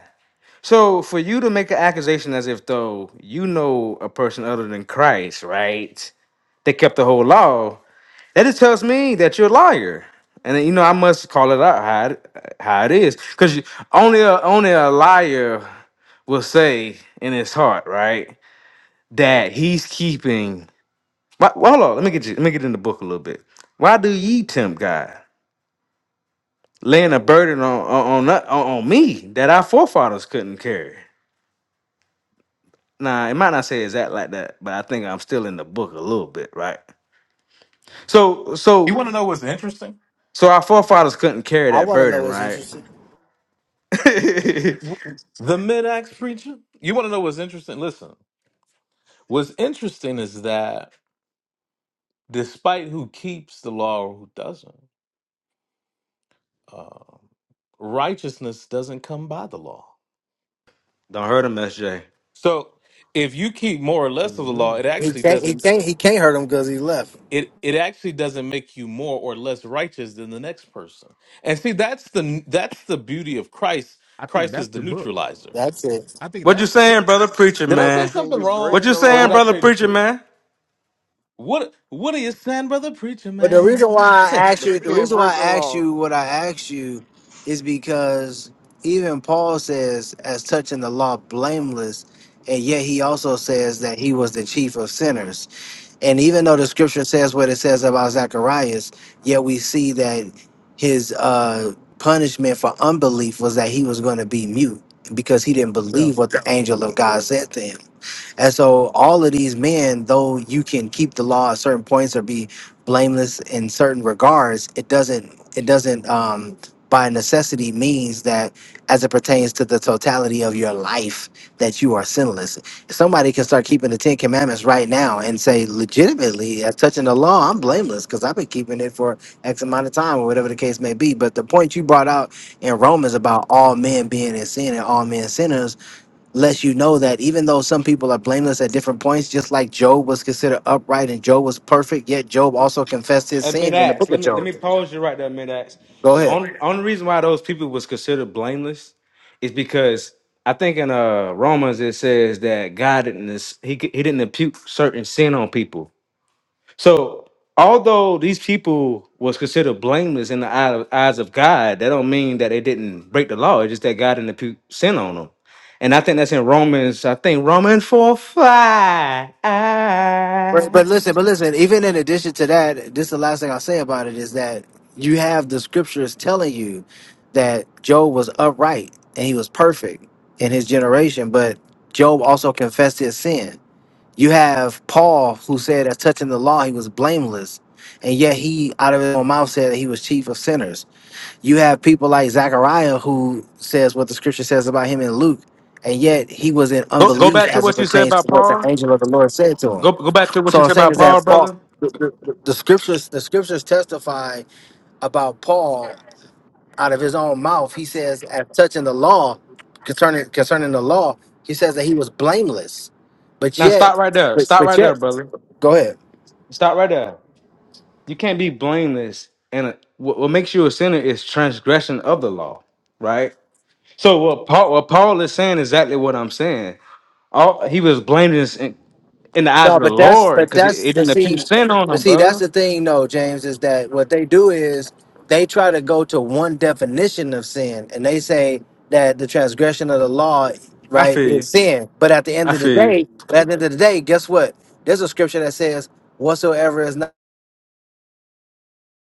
S4: So for you to make an accusation as if though you know a person other than Christ, right? They kept the whole law. That just tells me that you're a liar, and then, you know I must call it out how it, how it is, because only a, only a liar will say in his heart, right, that he's keeping. Why, well, hold on, let me get you. Let me get in the book a little bit. Why do ye tempt God, laying a burden on on on, on me that our forefathers couldn't carry? Now it might not say exact like that, but I think I'm still in the book a little bit, right? So
S2: You
S4: so
S2: want to know what's interesting?
S4: so our forefathers couldn't carry
S9: I
S4: that
S9: want to know
S4: burden,
S9: what's
S4: right?
S9: interesting.
S2: You- the mid axe preacher. You want to know what's interesting? Listen, what's interesting is that despite who keeps the law or who doesn't, um, righteousness doesn't come by the law.
S4: Don't hurt him, SJ.
S2: So if you keep more or less
S3: Ooh,
S2: of the law,
S3: wait.
S2: it
S9: He
S2: actually
S9: can't, he
S2: doesn't.
S9: can't, he can't hurt him because he left.
S2: it it actually doesn't make you more or less righteous than the next person. And see, that's the that's the beauty of Christ.
S3: i think
S2: Christ
S3: that's
S2: is the
S3: the book
S2: neutralizer.
S9: That's it.
S3: i think
S4: What you
S3: that's the book
S4: saying, brother preacher
S2: Did I
S10: Yeah,
S2: say
S10: but
S4: man?
S10: can
S2: something
S10: you
S4: What
S10: break
S4: you
S2: wrong,
S10: the
S2: or did
S4: saying,
S2: I
S10: law?
S4: brother
S2: tell you the
S4: preacher
S2: truth?
S4: man?
S2: What What are you saying, brother preacher
S9: But the reason
S2: man?
S9: why I asked
S10: But
S9: you,
S10: you
S9: the
S10: can't
S9: reason why
S10: break
S9: I
S10: the
S9: asked
S10: law.
S9: you what I asked you is because even Paul says, as touching the law, blameless, and yet he also says that he was the chief of sinners. And even though the scripture says what it says about Zacharias, yet we see that his uh, punishment for unbelief was that he was going to be mute because he didn't
S3: So,
S9: believe what the angel of God said to him. And so all of these men, though you can keep the law at certain points or be blameless in certain regards, it doesn't it doesn't um by necessity means that as it pertains to the totality of your life that you are sinless. Somebody can start keeping the Ten Commandments right now and say legitimately as touching the law, I'm blameless because I've been keeping it for X amount of time or whatever the case may be. But the point you brought out in Romans about all men being in sin and all men sinners lets you know that even though some people are blameless at different points, just like Job was considered upright and Job was perfect, yet Job also confessed his
S4: At
S9: sin in the
S4: mid-acts,
S9: book
S4: let
S9: of
S4: me let
S9: Job.
S4: me pause you right there, mid-acts.
S9: Go
S4: The
S9: ahead.
S4: only only reason why those people was considered blameless is because I think in uh Romans it says that God didn't this, he c- he didn't impute certain sin on people. So although these people was considered blameless in the eye of- eyes of God, that don't mean that they didn't break the law. It's just that God didn't impute sin on them. And I think that's in Romans, I think Romans 4 5.
S9: But, but listen, but listen, even in addition to that, this is the last thing I'll say about it is that you have the scriptures telling you that Job was upright and he was perfect in his generation, but Job also confessed his sin. You have Paul who said, as touching the law, he was blameless, and yet he, out of his own mouth, said that he was chief of sinners. You have people like Zechariah who says what the scripture says about him in Luke, and yet he was in
S4: Go, go
S9: unbelief
S4: back to
S9: as it
S4: what you said
S9: pertains
S4: about
S9: to what the
S4: Paul.
S9: angel of the Lord said to
S4: Go,
S9: him.
S4: go back to what
S9: So
S4: you
S9: I'm
S4: said
S9: saying
S4: about
S9: is that
S4: Paul,
S9: Paul,
S4: brother.
S9: the, the the scriptures, the scriptures testify about Paul out of his own mouth. He says, as touching the law, concerning concerning the law, he says that he was blameless, but
S4: Now stop
S9: yet,
S4: right there.
S9: but,
S4: Stop
S9: but
S4: right there,
S9: yet,
S4: brother.
S9: go ahead.
S4: Stop right there. You can't be blameless. And uh, what, what makes you a sinner is transgression of the law, right? So what Paul, what Paul is saying exactly what I'm saying. All he was blamed in, in, the eyes
S9: No,
S4: of the
S9: but that's
S4: Lord
S9: but
S4: because it, it
S9: that's the
S4: didn't impute
S9: see
S4: sin on
S9: but
S4: him,
S9: see that's
S4: brother.
S9: the thing though, James, is that what they do is they try to go to one definition of sin and they say that the transgression of the law,
S4: I
S9: right,
S4: feel you.
S9: is sin. But at the
S4: I
S9: end of the
S4: feel you.
S9: day, at the end of the day, guess what? There's a scripture that says, Whatsoever is not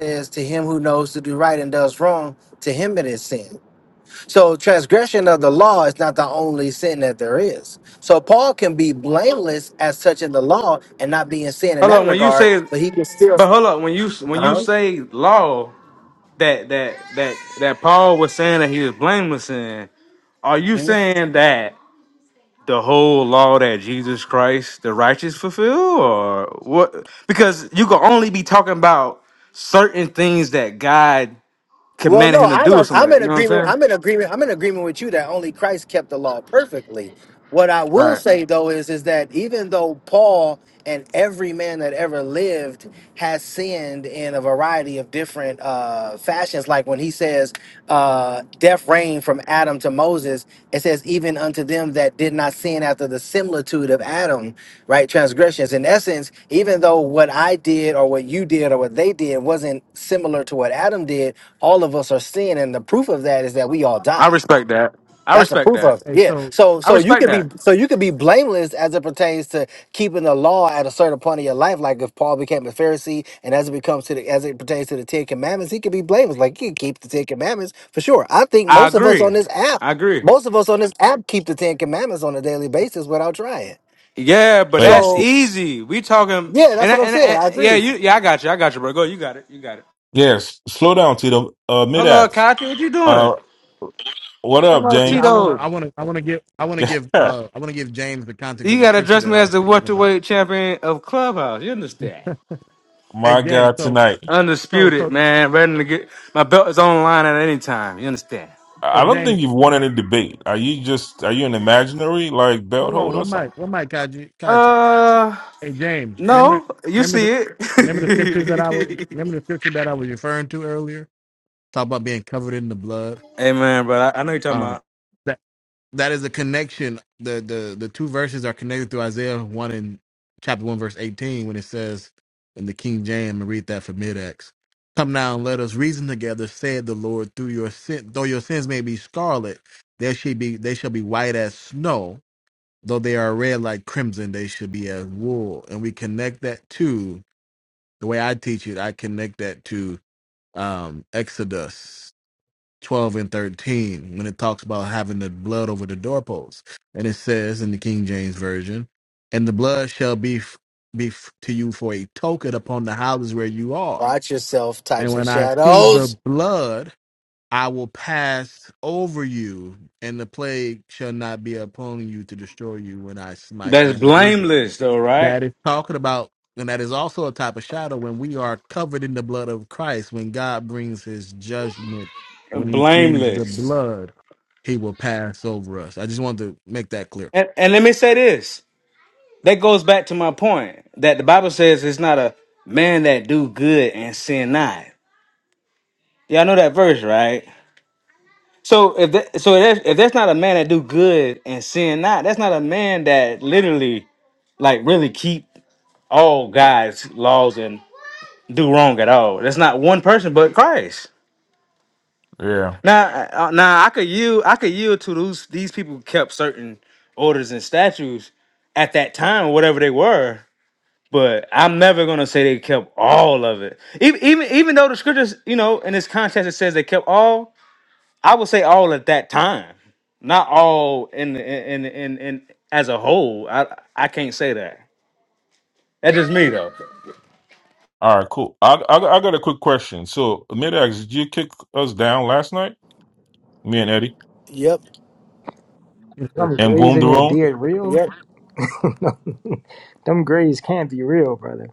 S9: is to him who knows to do right and does wrong, to him it is sin. So transgression of the law is not the only sin that there is. So Paul can be blameless as such in the law and not be in sin in
S4: Hold
S9: that
S4: on, when you
S9: regard,
S4: say,
S9: but he can still.
S4: but hold up, when you when you
S9: Uh
S4: say law that that that that Paul was saying that he was blameless in, are you
S9: huh.
S4: saying that the whole law that Jesus Christ the righteous fulfill, or what? Because you can only be talking about certain things that God
S9: Well, no,
S4: commanding him to
S9: I'm
S4: do or
S9: a,
S4: something.
S9: I'm
S4: like that,
S9: in
S4: You know what I'm
S9: agreement.
S4: saying?
S9: I'm in agreement. I'm in agreement with you that only Christ kept the law perfectly. What I will
S4: Right.
S9: say though is is that even though Paul and every man that ever lived has sinned in a variety of different uh, fashions, like when he says uh, death reigned from Adam to Moses, it says even unto them that did not sin after the similitude of Adam, right? Transgressions. In essence, even though what I did or what you did or what they did wasn't similar to what Adam did all of us are sin and the proof of that is that we all
S4: I
S9: die
S4: respect that. I
S9: that's the
S4: respect
S9: proof
S4: that.
S9: of it
S3: Hey,
S9: yeah
S3: so,
S9: so
S4: I
S9: so you
S4: respect
S9: could be
S4: that.
S9: so you could be blameless as it pertains to keeping the law at a certain point in your life like if paul became a pharisee and as it becomes to the as it pertains to the ten commandments he could be blameless like he could keep the ten commandments for sure i think
S4: I
S9: most of us
S4: agree.
S9: on this app
S4: I agree.
S9: most of us on this app keep the ten commandments on a daily basis without trying
S4: Yeah, but
S11: Wait,
S4: that's
S11: s-
S9: so
S4: easy. We talking
S9: yeah
S4: and
S9: that's what i'm
S4: and,
S9: saying
S4: and
S9: i agree
S4: yeah,
S9: with
S4: you
S9: you
S4: yeah, I got you. I got you, bro. Go, you got it. You got it.
S11: yes, slow down, Tito. Uh, mid
S4: Hello,
S11: axe.
S4: Kathy. What you doing?
S11: Uh, what
S4: Come
S11: up,
S4: on,
S3: Yeah, I
S11: James?
S3: wanna, I
S4: Tito.
S3: wanna, I wanna give, I wanna give, uh, I wanna give James the context of
S4: You
S3: the
S4: gotta
S3: scripture
S4: address
S3: that
S4: me
S3: I
S4: as
S3: was
S4: the
S3: thinking about.
S4: welterweight champion of Clubhouse. You understand?
S3: Hey,
S11: My
S3: James.
S11: God,
S3: So,
S11: tonight.
S3: so,
S4: Undisputed,
S3: so,
S4: man. Ready to get my belt is on the line at any time. You understand?
S3: so,
S11: I don't
S3: James.
S11: think you've won any debate. Are you just are you an imaginary like belt
S3: Hold on,
S11: holder or
S3: one mic,
S11: something?
S3: one mic, Kaji, Kaji.
S4: Uh,
S3: Hey, James. Remember,
S4: no, you
S3: remember the,
S4: see
S3: remember the scriptures that I was,
S4: it.
S3: remember the scripture that I was referring to earlier. Talk about being covered in the blood.
S4: Hey man, but I, I know you're talking
S3: Um,
S4: about
S3: that is a connection. The the the two verses are connected through Isaiah one and chapter one verse eighteen when it says in the King James and read that for mid X. Come now and let us reason together, said the Lord, through your sin though your sins may be scarlet, there shall be they shall be white as snow, though they are red like crimson, they should be as wool. And we connect that to the way I teach it, I connect that to um Exodus 12 and 13 when it talks about having the blood over the doorposts. And it says in the King James Version, and the blood shall be, f- be f- to you for a token upon the houses where you are.
S9: watch yourself
S3: And
S9: types and
S3: when I see the
S9: shadows
S3: blood, I will pass over you, and the plague shall not be upon you to destroy you when I smite the
S4: that's
S3: land of Egypt
S4: blameless though, right?
S3: that is talking about and that is also a type of shadow when we are covered in the blood of christ when god brings his judgment when he sees the
S4: Blameless.
S3: blood he will pass over us i just wanted to make that clear
S4: And, and let me say this. That goes back to my point that the Bible says it's not a man that do good and sin not. Y'all know that verse, right? So if that, so if that's, if that's not a man that do good and sin not, that's not a man that literally like really keep all God's laws and do wrong at all. That's not one person but Christ.
S11: Yeah.
S4: Now, uh, now I could yield. I could yield to those these people who kept certain orders and statues at that time, whatever they were. But I'm never gonna say they kept all of it. Even even even though the scriptures, you know, in this context it says they kept all. I would say all at that time, not all in in in in, in as a whole. I I can't say that. That's just me though.
S11: All right, cool. I I, I got a quick question. So, mid axe, did you kick us down last night, me and Eddie,
S9: yep
S12: Them
S11: and
S12: grays
S11: boom the
S12: in your
S11: room?
S12: beard real?
S9: Yep.
S12: no, them grays can't be real, brother.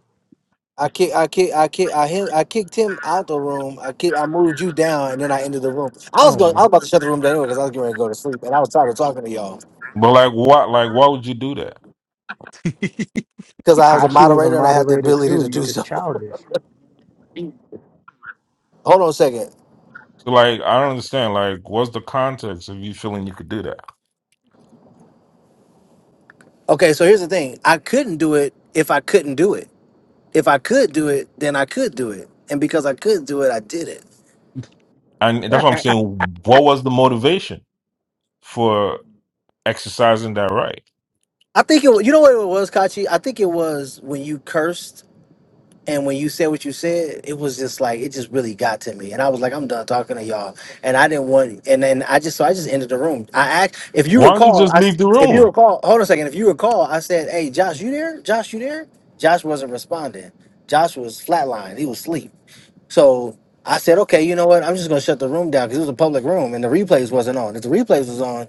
S9: I kick, I kick, I kick, I him, I kicked him out the room. I kick, I moved you down, and then I ended the room. I was
S3: oh my
S9: going, I
S3: god
S9: was about to shut the room down anyway because I was getting ready to go to sleep, and I was tired of talking to y'all
S11: But like, what? Like, why would you do that?
S9: because I was a
S12: Kashi was a
S9: moderator and I had the
S12: moderator
S9: ability
S12: too.
S9: to
S12: You
S9: do
S12: just
S9: so.
S12: childish.
S9: Hold on a second.
S11: So, like, I don't understand. Like, what's the context of you feeling you could do that?
S9: Okay, so here's the thing: I couldn't do it if I couldn't do it. If I could do it, then I could do it, and because I could do it, I did it.
S11: And that's what I'm saying. What was the motivation for exercising that right?
S9: I think it. wa- You know what it was, Kachi? I think it was when you cursed And when you said what you said, it was just like it just really got to me, and I was like, I'm done talking to y'all, and I didn't want, and then I just so I just ended the room. I act, if you
S11: Why don't you
S9: recall,
S11: just
S9: I s-
S11: leave the
S9: if you
S11: room?
S9: recall, hold on a second, if you recall, I said, hey, Josh, you there? Josh, you there? Josh wasn't responding. Josh was flatlined. He was asleep. So I said, okay, you know what? I'm just gonna shut the room down because it was a public room and the replays wasn't on. If the replays was on,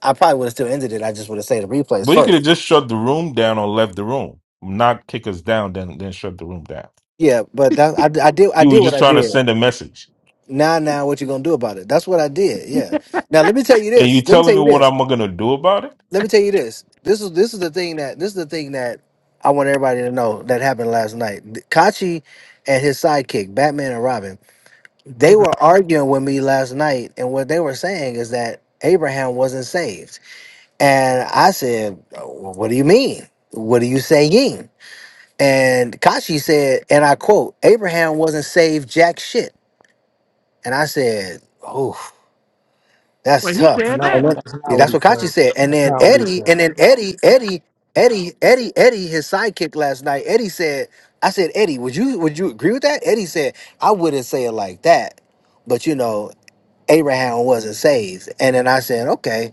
S9: I probably would have still ended it. I just would have said the replays
S11: But you could have
S9: first.
S11: just shut the room down or left the room, not kick us down, then then shut the room down.
S9: Yeah, but that I, I did I
S11: You
S9: did
S11: were
S9: what
S11: just
S9: I
S11: trying to
S9: did.
S11: send a message,
S9: Now, now, what you gonna do about it? That's what I did. Yeah. Now, let me tell you
S11: and you
S9: this. Let me tell
S11: telling me
S9: you
S11: what
S9: this.
S11: I'm gonna do about it.
S9: Let me tell you this. This is this is the thing that this is the thing that I want everybody to know that happened last night. Kachi and his sidekick, Batman and Robin, they
S3: okay
S9: were arguing with me last night, and what they were saying is that Abraham wasn't saved, and I said, "Well, "What do you mean? What are you saying?" And Kachi said, and I quote, "Abraham wasn't saved jack shit." And I said, "Oh." That's
S3: well he
S9: tough.
S3: said
S12: No,
S9: And then,
S3: that
S12: that's
S9: yeah,
S12: not what
S9: that's
S12: he
S9: what Kachi
S12: said.
S9: said. And
S12: That's
S9: then
S12: not what he
S9: Eddie,
S12: said.
S9: and then Eddie, Eddie, Eddie, Eddie, Eddie, his sidekick last night. Eddie said, I said, Eddie, would you would you agree with that? Eddie said, I wouldn't say it like that. But you know, Abraham wasn't saved. And then I said, Okay.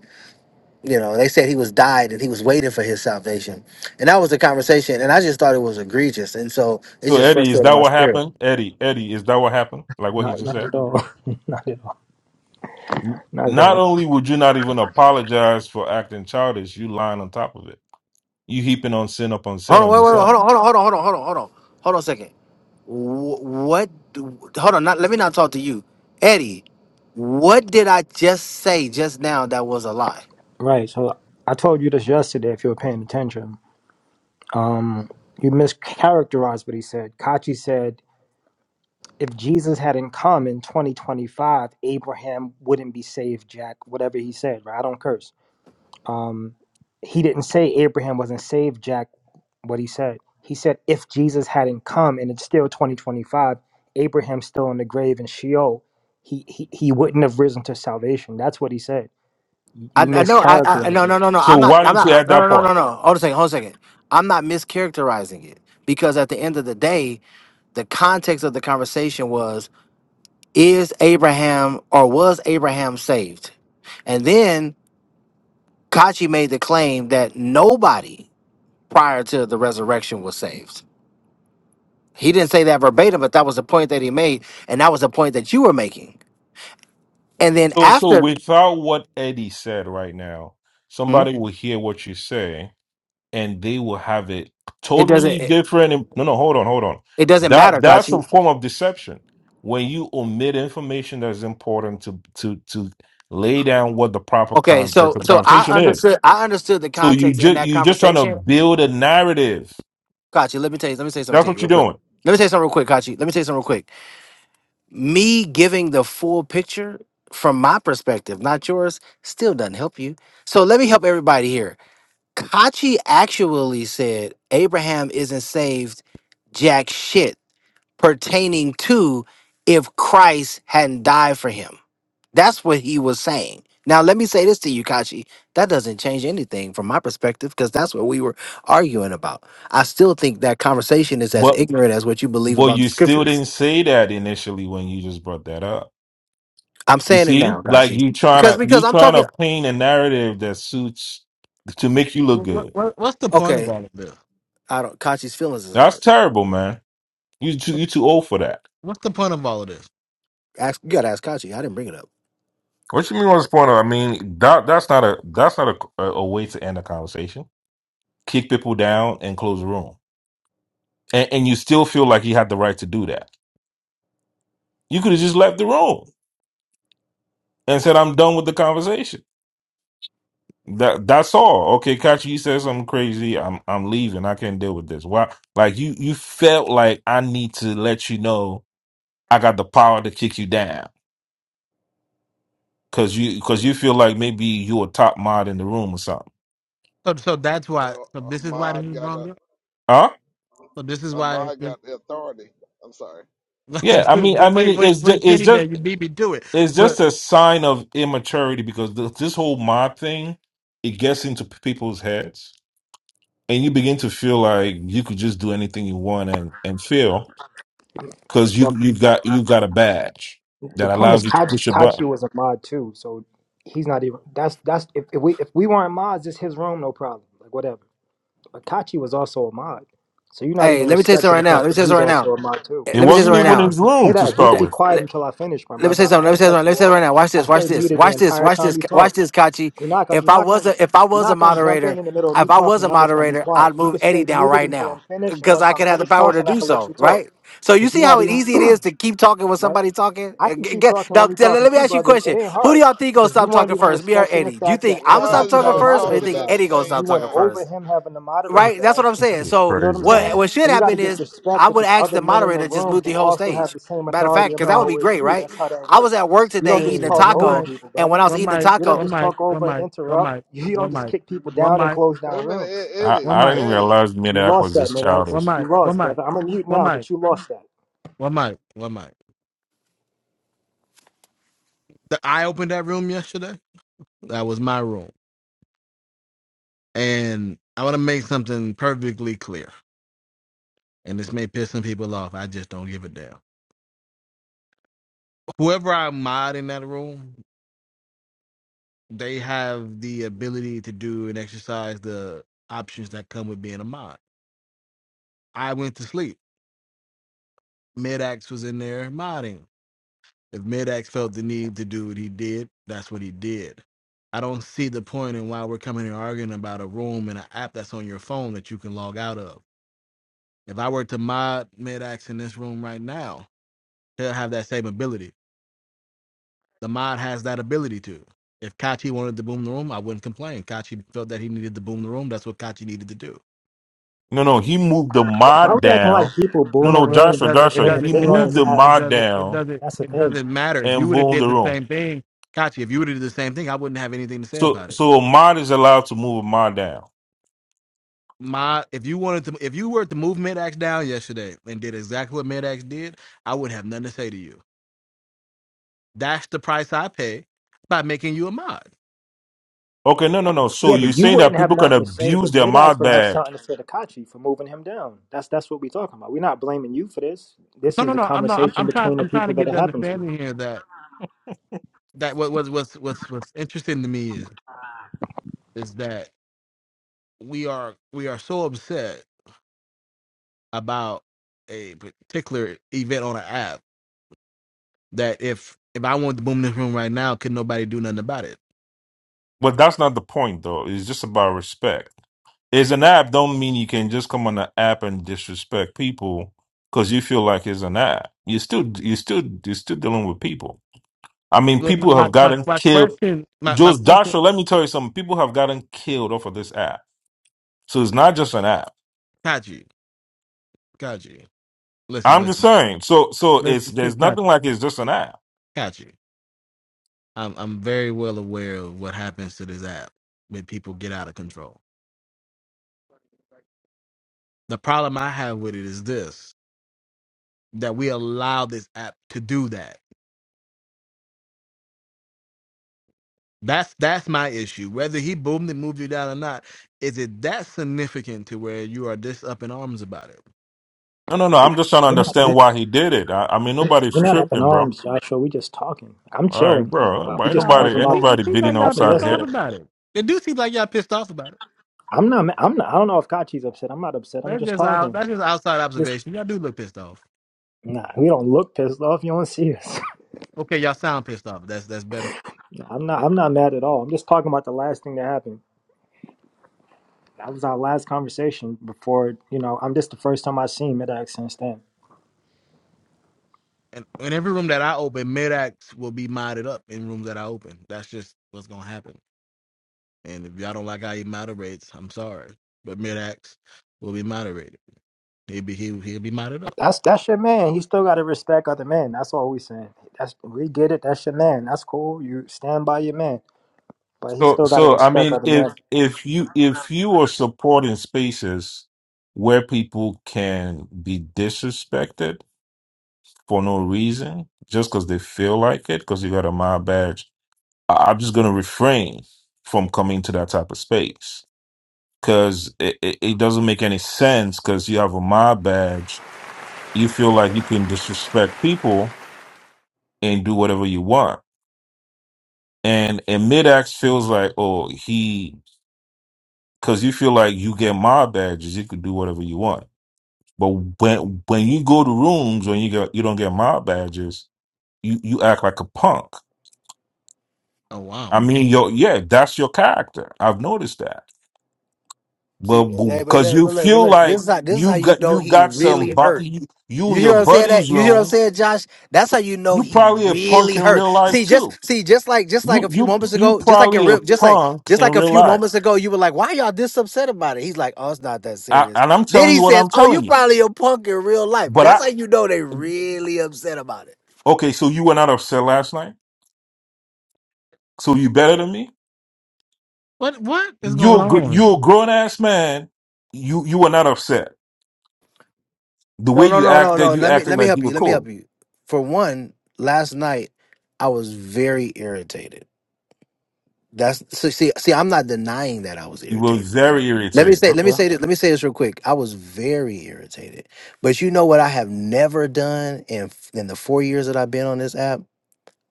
S9: You know, they said he was died and he was waiting for his salvation. And that was the conversation. And I just thought it was egregious. And so it
S11: So
S9: just
S11: Eddie, is
S9: frustrated
S11: that
S9: my
S11: what
S9: spirit.
S11: happened? Eddie, Eddie, is that what happened? Like what he
S12: Not,
S11: just
S12: not at
S11: said.
S12: all. not at all.
S11: N-
S12: Not at
S11: Not
S12: all.
S11: only would you not even apologize for acting childish, you lying on top of it. You heaping on sin up on sin
S9: Hold on,
S11: on
S9: wait, wait, wait, hold
S11: yourself.
S9: on, hold on, hold on, hold on, hold on, hold on, hold on a second. Wh- What? do- Hold on, not, let me not talk to you, Eddie. What did I just say just now that was a lie?
S12: Right. So I told you this yesterday. If you were paying attention, um, you mischaracterized what he said. Kachi said if Jesus hadn't come in 2025, Abraham wouldn't be saved. Jack, whatever he said. Right. I don't curse. Um, he didn't say Abraham wasn't saved, Jack. what he said. He said, if Jesus hadn't come and it's still 2025, Abraham's still in the grave in Sheol, he, he, he wouldn't have risen to salvation. That's what he said. You you
S9: I, I know, I, I
S12: mischaracterized
S9: no,
S12: me.
S9: no, no, no.
S11: So
S9: I'm not,
S11: why
S9: I'm
S11: didn't you
S9: not,
S11: add
S9: no,
S11: that
S9: no, no,
S11: part?
S9: no, no. Hold a second, hold a second. I'm not mischaracterizing it because at the end of the day, the context of the conversation was: Is Abraham or was Abraham saved? And then Kachi made the claim that nobody prior to the resurrection was saved. He didn't say that verbatim, but that was the point that he made, and that was the point that you were making. And then
S11: So so
S9: after,
S11: without what Eddie said right now,
S9: Hmm?
S11: somebody will hear what you say and they will have it
S9: it doesn't
S11: totally
S9: it,
S11: different. im- No, no, hold on, hold on.
S9: it doesn't
S11: That
S9: matter,
S11: that's a
S9: Kachi.
S11: form of deception when you omit information that's important to to to lay down what the proper
S9: Okay,
S11: context
S9: so
S11: of the
S9: so I
S11: conversation is.
S9: understood I understood the
S11: So you
S9: context in
S11: just
S9: that
S11: you just trying to
S9: conversation.
S11: build a narrative.
S9: Kachi, let me tell you, let me say something
S11: That's
S9: to you
S11: what
S9: real
S11: you're
S9: quick.
S11: doing.
S9: Let me say something real quick, Kachi. Let me say something real quick. Me giving the full picture from my perspective, not yours, still doesn't help you. So let me help everybody here. Kachi actually said Abraham isn't saved jack shit pertaining to if Christ hadn't died for him. That's what he was saying. Now, let me say this to you, Kachi. That doesn't change anything from my perspective because that's what we were arguing about. I still think that conversation is as
S11: But
S9: ignorant as what you believe
S11: Well,
S9: about the
S11: you still
S9: scriptures.
S11: didn't say that initially when you just brought that up.
S9: I'm
S11: You
S9: saying it
S11: see,
S9: now,
S11: like
S9: Kachi,
S11: you trying
S9: because
S11: to
S9: because
S11: you
S9: I'm
S11: trying
S9: talking.
S11: to paint a narrative that suits to make you look
S3: what,
S11: good.
S3: what, what's the point of
S9: Okay,
S3: all of this
S9: I don't. Kachi's feelings is
S11: That's
S9: hurt.
S11: terrible, man. You too you too old for that.
S3: what's the point of all of this
S9: Ask you gotta ask Kachi. I didn't bring it up.
S11: What you mean on this point? I mean that that's not a that's not a, a, a way to end a conversation. Kick people down and close the room, and, and you still feel like you had the right to do that. You could have just left the room and said, "I'm done with the conversation." That that's all. Okay, Kachi, you said something crazy. I'm I'm leaving. I can't deal with this. Why? Like you you felt like I need to let you know I got the power to kick you down because you because you feel like maybe you a top mod in the room or something.
S3: so, so that's why
S10: Well,
S3: so this is why this
S10: Ahmad
S3: is
S10: got a
S3: wrong
S11: Huh?
S3: so this is why
S10: Ahmad
S3: this,
S10: got the authority. I'm sorry, but
S11: Yeah.
S10: go
S3: like,
S11: I
S10: ahead.
S11: mean I mean
S3: wait
S11: it-
S3: wait
S11: it's just
S3: wait
S11: it's
S3: kenny
S11: just
S3: man you beat me to it
S11: it's
S3: but
S11: just a sign of immaturity because th- this whole mod thing it gets into p- people's heads and you begin to feel like you could just do anything you want and and feel. because you
S12: Well,
S11: you got you got a badge
S12: the
S11: that
S12: point is,
S11: allows you to
S12: Kachi,
S11: push a button.
S12: Kachi was a mod too, so he's not even. That's that's if, if we if we weren't mods, it's his room, no problem. Like whatever. But Kachi was also a mod, so you're not even
S9: Hey, let me tell you something
S12: respecting
S9: right
S12: the
S9: now. Let
S12: fact
S9: me
S12: that
S9: tell you something
S12: he's
S9: right now.
S12: also a mod too.
S9: Eh,
S11: It
S9: Let me tell you
S11: wasn't
S12: You cut
S11: even in
S9: something
S11: his
S12: Hey,
S11: room to
S12: that. You could
S11: start
S9: right
S12: be
S11: with.
S9: now.
S12: quiet until I finish, my
S9: let me say
S12: brother.
S9: something.
S12: I
S9: Let me
S12: didn't
S9: say
S12: cut
S9: something. Let
S12: you
S9: me say it
S12: off.
S9: right now. Watch
S12: I
S9: this. Watch
S12: stayed
S9: this.
S12: muted the
S9: Watch this.
S12: entire
S9: Watch
S12: time
S9: this.
S12: you talked.
S9: Watch this, Kachi.
S12: You're not gonna
S9: If
S12: you're
S9: I
S12: not
S9: was
S12: gonna
S9: a if I
S12: you're
S9: was a
S12: not gonna jump in
S9: moderator,
S12: in the middle of me
S9: if I
S12: talking
S9: was a
S12: and I'm just gonna be
S9: moderator,
S12: quiet.
S9: I'd
S12: You
S9: move
S12: can stay
S9: Eddie down
S12: muted
S9: right
S12: until I'm
S9: now
S12: finished, and
S9: because
S12: once
S9: I
S12: I'm
S9: could have the
S12: finished
S9: power to
S12: talking, I
S9: do
S12: can let you
S9: so.
S12: talk.
S9: Right. So you
S12: Cause you're
S9: see
S12: not
S9: how
S12: even
S9: easy it is to keep talking when
S12: right.
S9: somebody talking.
S12: I
S9: Uh,
S12: can
S9: g-
S12: keep
S9: g-
S12: talking
S9: Now
S12: when you're
S9: t-
S12: talking
S9: let me
S12: too,
S9: ask you a
S12: brother. It
S9: question.
S12: ain't
S9: Who do
S12: hard.
S9: y'all think gonna
S12: Cause you
S9: stop
S12: weren't
S9: talking
S12: even
S9: first? Me or
S12: respecting the
S9: Eddie? Do you
S12: fact
S9: think
S12: that
S9: I'm gonna
S10: Why
S9: stop
S10: is
S12: Akachi had
S9: talking
S12: a
S10: y'all
S9: first, or you
S12: moderator
S10: talking
S9: think
S10: at the
S12: badge,
S9: Eddie gonna
S12: and
S10: same
S12: you
S9: stop
S12: went
S9: talking
S10: time?
S9: first?
S12: over him having the moderator
S9: right? That's
S12: badge.
S9: what I'm saying.
S11: You're
S9: So
S12: You know what
S11: crazy
S12: I'm
S11: man.
S12: saying?
S9: what what should
S12: But you got to
S9: happen
S12: just
S9: is
S12: respect
S9: I
S12: that
S9: would
S12: there's
S9: ask
S12: other
S9: the
S12: men in
S9: moderator
S12: the
S9: to just
S12: room
S9: move
S12: who
S9: the whole
S12: also have
S9: stage.
S12: the same
S9: Matter of
S12: authority
S9: fact,
S12: and
S9: because that would
S3: so
S9: be
S12: power as
S9: great,
S12: you.
S9: right?
S12: That's how that
S9: I was
S12: works.
S9: at work
S12: You
S9: today
S12: don't
S3: hey
S12: just
S9: eating a
S12: talk
S3: what
S12: over
S3: might
S9: taco,
S12: people,
S9: and
S12: brother.
S9: when I was
S3: one
S9: eating the
S3: mic,
S12: You don't
S9: taco,
S3: one
S12: just
S3: mic,
S12: talk
S3: one
S12: over and
S3: mic, one
S12: interrupt.
S3: mic,
S12: You don't
S3: one
S12: just
S3: mic,
S12: kick people
S3: one
S12: down and
S3: mic,
S12: close
S10: Wait a
S12: down
S10: minute,
S12: rooms.
S10: E-
S11: I,
S10: Eddie,
S3: one
S11: I
S3: mic,
S11: didn't
S10: Eddie.
S11: realize
S12: You
S11: mid-app
S12: lost
S11: was
S12: that,
S11: this
S12: Midax.
S3: one
S11: childish.
S12: You
S3: mic, one
S12: lost,
S3: mic,
S12: brother. I'm a mute
S3: one
S12: now,
S3: mic,
S12: but you lost that.
S3: one mic, one mic. The, I opened that room yesterday. That was my room. And I want to make something perfectly clear. And this may piss some people off. I just don't give a damn. Whoever I mod in that room, they have the ability to do and exercise the options that come with being a mod. I went to sleep. Mid-Ax was in there modding. If Midax felt the need to do what he did, that's what he did. I don't see the point in why we're coming here arguing about a room and an app that's on your phone that you can log out of. If I were to mod Midax in this room right now, he'll have that same ability. The mod has that ability to. If Kachi wanted to boom the room, I wouldn't complain. Kachi felt that he needed to boom the room. That's what Kachi needed to do.
S11: No, no, he moved the
S12: Why why
S11: mod
S3: That,
S12: we acting like
S11: down.
S12: people
S11: No,
S12: booming
S3: but
S11: no,
S3: it, it
S11: Joshua,
S12: rooms
S3: doesn't. It
S11: Joshua,
S12: ain't a
S11: he
S3: doesn't.
S12: thing
S3: It
S12: on
S11: moved
S12: this
S11: the
S3: doesn't.
S12: app?
S3: It
S11: mod
S3: doesn't. It
S11: down
S3: doesn't.
S12: That's the
S3: It
S12: thing.
S3: doesn't matter. If you
S11: and
S3: would have
S11: boomed
S3: did
S11: the
S3: the
S11: room.
S3: same thing, Kachi, if you would have did the same thing, I wouldn't have anything to say
S11: So,
S3: about it.
S11: so a mod is allowed to move a mod down.
S3: my if you wanted to if you were to move axe down yesterday and did exactly what Axe did, I would have nothing to say to you. That's the price I pay by making you a mod.
S11: Okay, no, no, no. So
S12: Yeah,
S11: you're
S12: but you
S11: saying
S12: wouldn't
S11: that
S12: have
S11: people can
S12: nothing to say,
S11: abuse
S12: but
S11: their
S12: Midax
S11: mod
S12: would have
S11: badge,
S12: something to say to Kachi for moving him down. That's that's what we're talking about. We're not blaming you for this. This
S3: No,
S12: is
S3: no,
S12: the
S3: no. I'm not. I'm,
S12: conversation
S3: I'm trying.
S12: between the
S3: I'm trying
S12: people
S3: to
S12: that
S3: get
S12: it
S3: the
S12: happened to.
S3: understanding here that that what was what's what's what's interesting to me is is that we are we are so upset about a particular event on an app that if if I wanted to boom this room right now, could nobody do nothing about it?
S11: but that's not the point, though. It's just about respect It's an app don't mean you can just come on the app and disrespect people because you feel like it's an app. You still you still you're still dealing with people. I mean,
S3: Look, My
S11: people
S3: my
S11: have
S3: my,
S11: gotten
S3: my
S11: killed.
S3: question. My my
S11: Just
S3: question.
S11: Joshua, let me tell you something. People have gotten killed off of this app. So it's not just an app.
S3: Kaji, Kaji. listen,
S11: I'm just
S3: listen,
S11: saying. So so
S3: listen.
S11: it's there's
S3: Shit, got
S11: nothing
S3: you.
S11: like it's just an app.
S3: Got you. I'm I'm very well aware of what happens to this app when people get out of control. The problem I have with it is this: that we allow this app to do that. That's that's my issue. Whether he boomed and moved you down or not, is it that significant to where you are this up in arms about it?
S11: No, no, no.
S12: We-
S11: I'm just trying to
S12: We're not
S11: understand why he did it. I, I mean, nobody's
S12: we're not up in
S11: tripping, bro.
S12: arms, Joshua. We're just talking. I'm
S11: All right,
S12: chilling.
S11: bro. But
S12: we're
S11: ain't
S12: just
S3: No, it,
S12: talking
S11: nobody
S3: it,
S11: ain't
S12: about
S3: seems- it
S11: nobody
S3: seems
S12: what
S11: beating
S3: like y'all
S12: happened
S11: upside
S3: pissed
S11: of here.
S3: off
S12: yesterday.
S3: about it. It do seem like y'all pissed off about it.
S12: I'm not. ma- I'm not. I don't know if Kachi's upset. I'm not upset. I'm
S3: That's
S12: just
S3: just out.
S12: talking.
S3: That's just outside
S12: This.
S3: observation. Y'all do look pissed off.
S12: Nah, we don't look pissed off. You don't see us.
S3: Okay, y'all sound pissed off. That's that's better.
S12: Nah, I'm not. I'm not mad at all. I'm just talking about the last thing that happened. That was our last conversation before. You know, I'm just the first time I seen Midax since then.
S3: And in every room that I open, mid acts will be modded up in rooms that I open. That's just what's gonna happen. And if y'all don't like how he moderates, I'm sorry, but mid acts will be moderated. He'll be he'll, he'll be modded up.
S12: That's that's your man. He still got to respect other men. That's all we saying. That's we get it. That's your man. That's cool. You stand by your man, but he
S11: So,
S12: still got to
S11: so I
S12: respect
S11: mean,
S12: other
S11: if
S12: men.
S11: if you if you are supporting spaces where people can be disrespected for no reason, just because they feel like it, because you got a mob badge, I, I'm just gonna refrain from coming to that type of space because it, it, it doesn't make any sense. Because you have a mob badge, you feel like you can disrespect people and do whatever you want, and and mid-ax feels like, oh, he because you feel like you get mob badges, you could do whatever you want. But when when you go to rooms when you get you don't get mob badges, you you act like a punk.
S3: Oh wow,
S11: I mean, your yeah, that's your character. I've noticed that. But
S9: see, eh, but,
S11: because
S9: look-
S11: you
S9: but look, but
S11: feel
S9: look, this
S11: like
S9: is how this is how
S11: you
S9: you
S11: got
S9: know
S11: you
S9: he
S11: got some
S9: really
S11: bu-
S9: hurt.
S11: you, you
S9: You
S11: and
S9: hear
S11: your
S9: what I'm saying? That
S11: buddies
S9: you hear what I'm
S11: room,
S9: saying, Josh? That's how you know
S11: you
S9: he
S11: probably a punk
S9: really
S11: in
S9: hurt.
S11: real life
S9: See,
S11: too.
S9: just see, just like just like
S11: You
S9: a few
S11: you
S9: moments
S11: you
S9: ago, just like your
S11: probably a
S9: rip, just like
S11: punk
S9: just
S11: in
S9: like a
S11: real
S9: few
S11: life.
S9: moments ago, you were like, "Why y'all this upset about it?" He's like, "Oh, it's not that
S11: I,
S9: serious."
S11: and I'm
S9: Then
S11: telling
S9: he
S11: you what
S9: says,
S11: I'm
S9: "Oh, you
S11: telling you.
S9: probably a punk in real life."
S11: But I
S9: That's how you know they really upset about it.
S11: okay, so you were not upset last night. So you better than me.
S3: what what is
S11: you
S3: going
S11: are gr-
S3: on here?
S11: you a grown ass man. You you were not upset. The
S9: No,
S11: way
S9: no,
S11: you
S9: no, no,
S11: acted,
S9: no.
S11: you
S9: Let me
S11: acted
S9: let me
S11: like
S9: help
S11: you were
S9: you. Let me
S11: cool.
S9: help you. For one, last night I was very irritated. That's so see, see, I'm not denying that I was
S11: You were
S9: irritated.
S11: very
S9: Let me
S11: irritated.
S9: say, let me
S11: Okay.
S9: say this, let me say this real quick. I was very irritated. But you know what I have never done in f- in the four years that I've been on this app?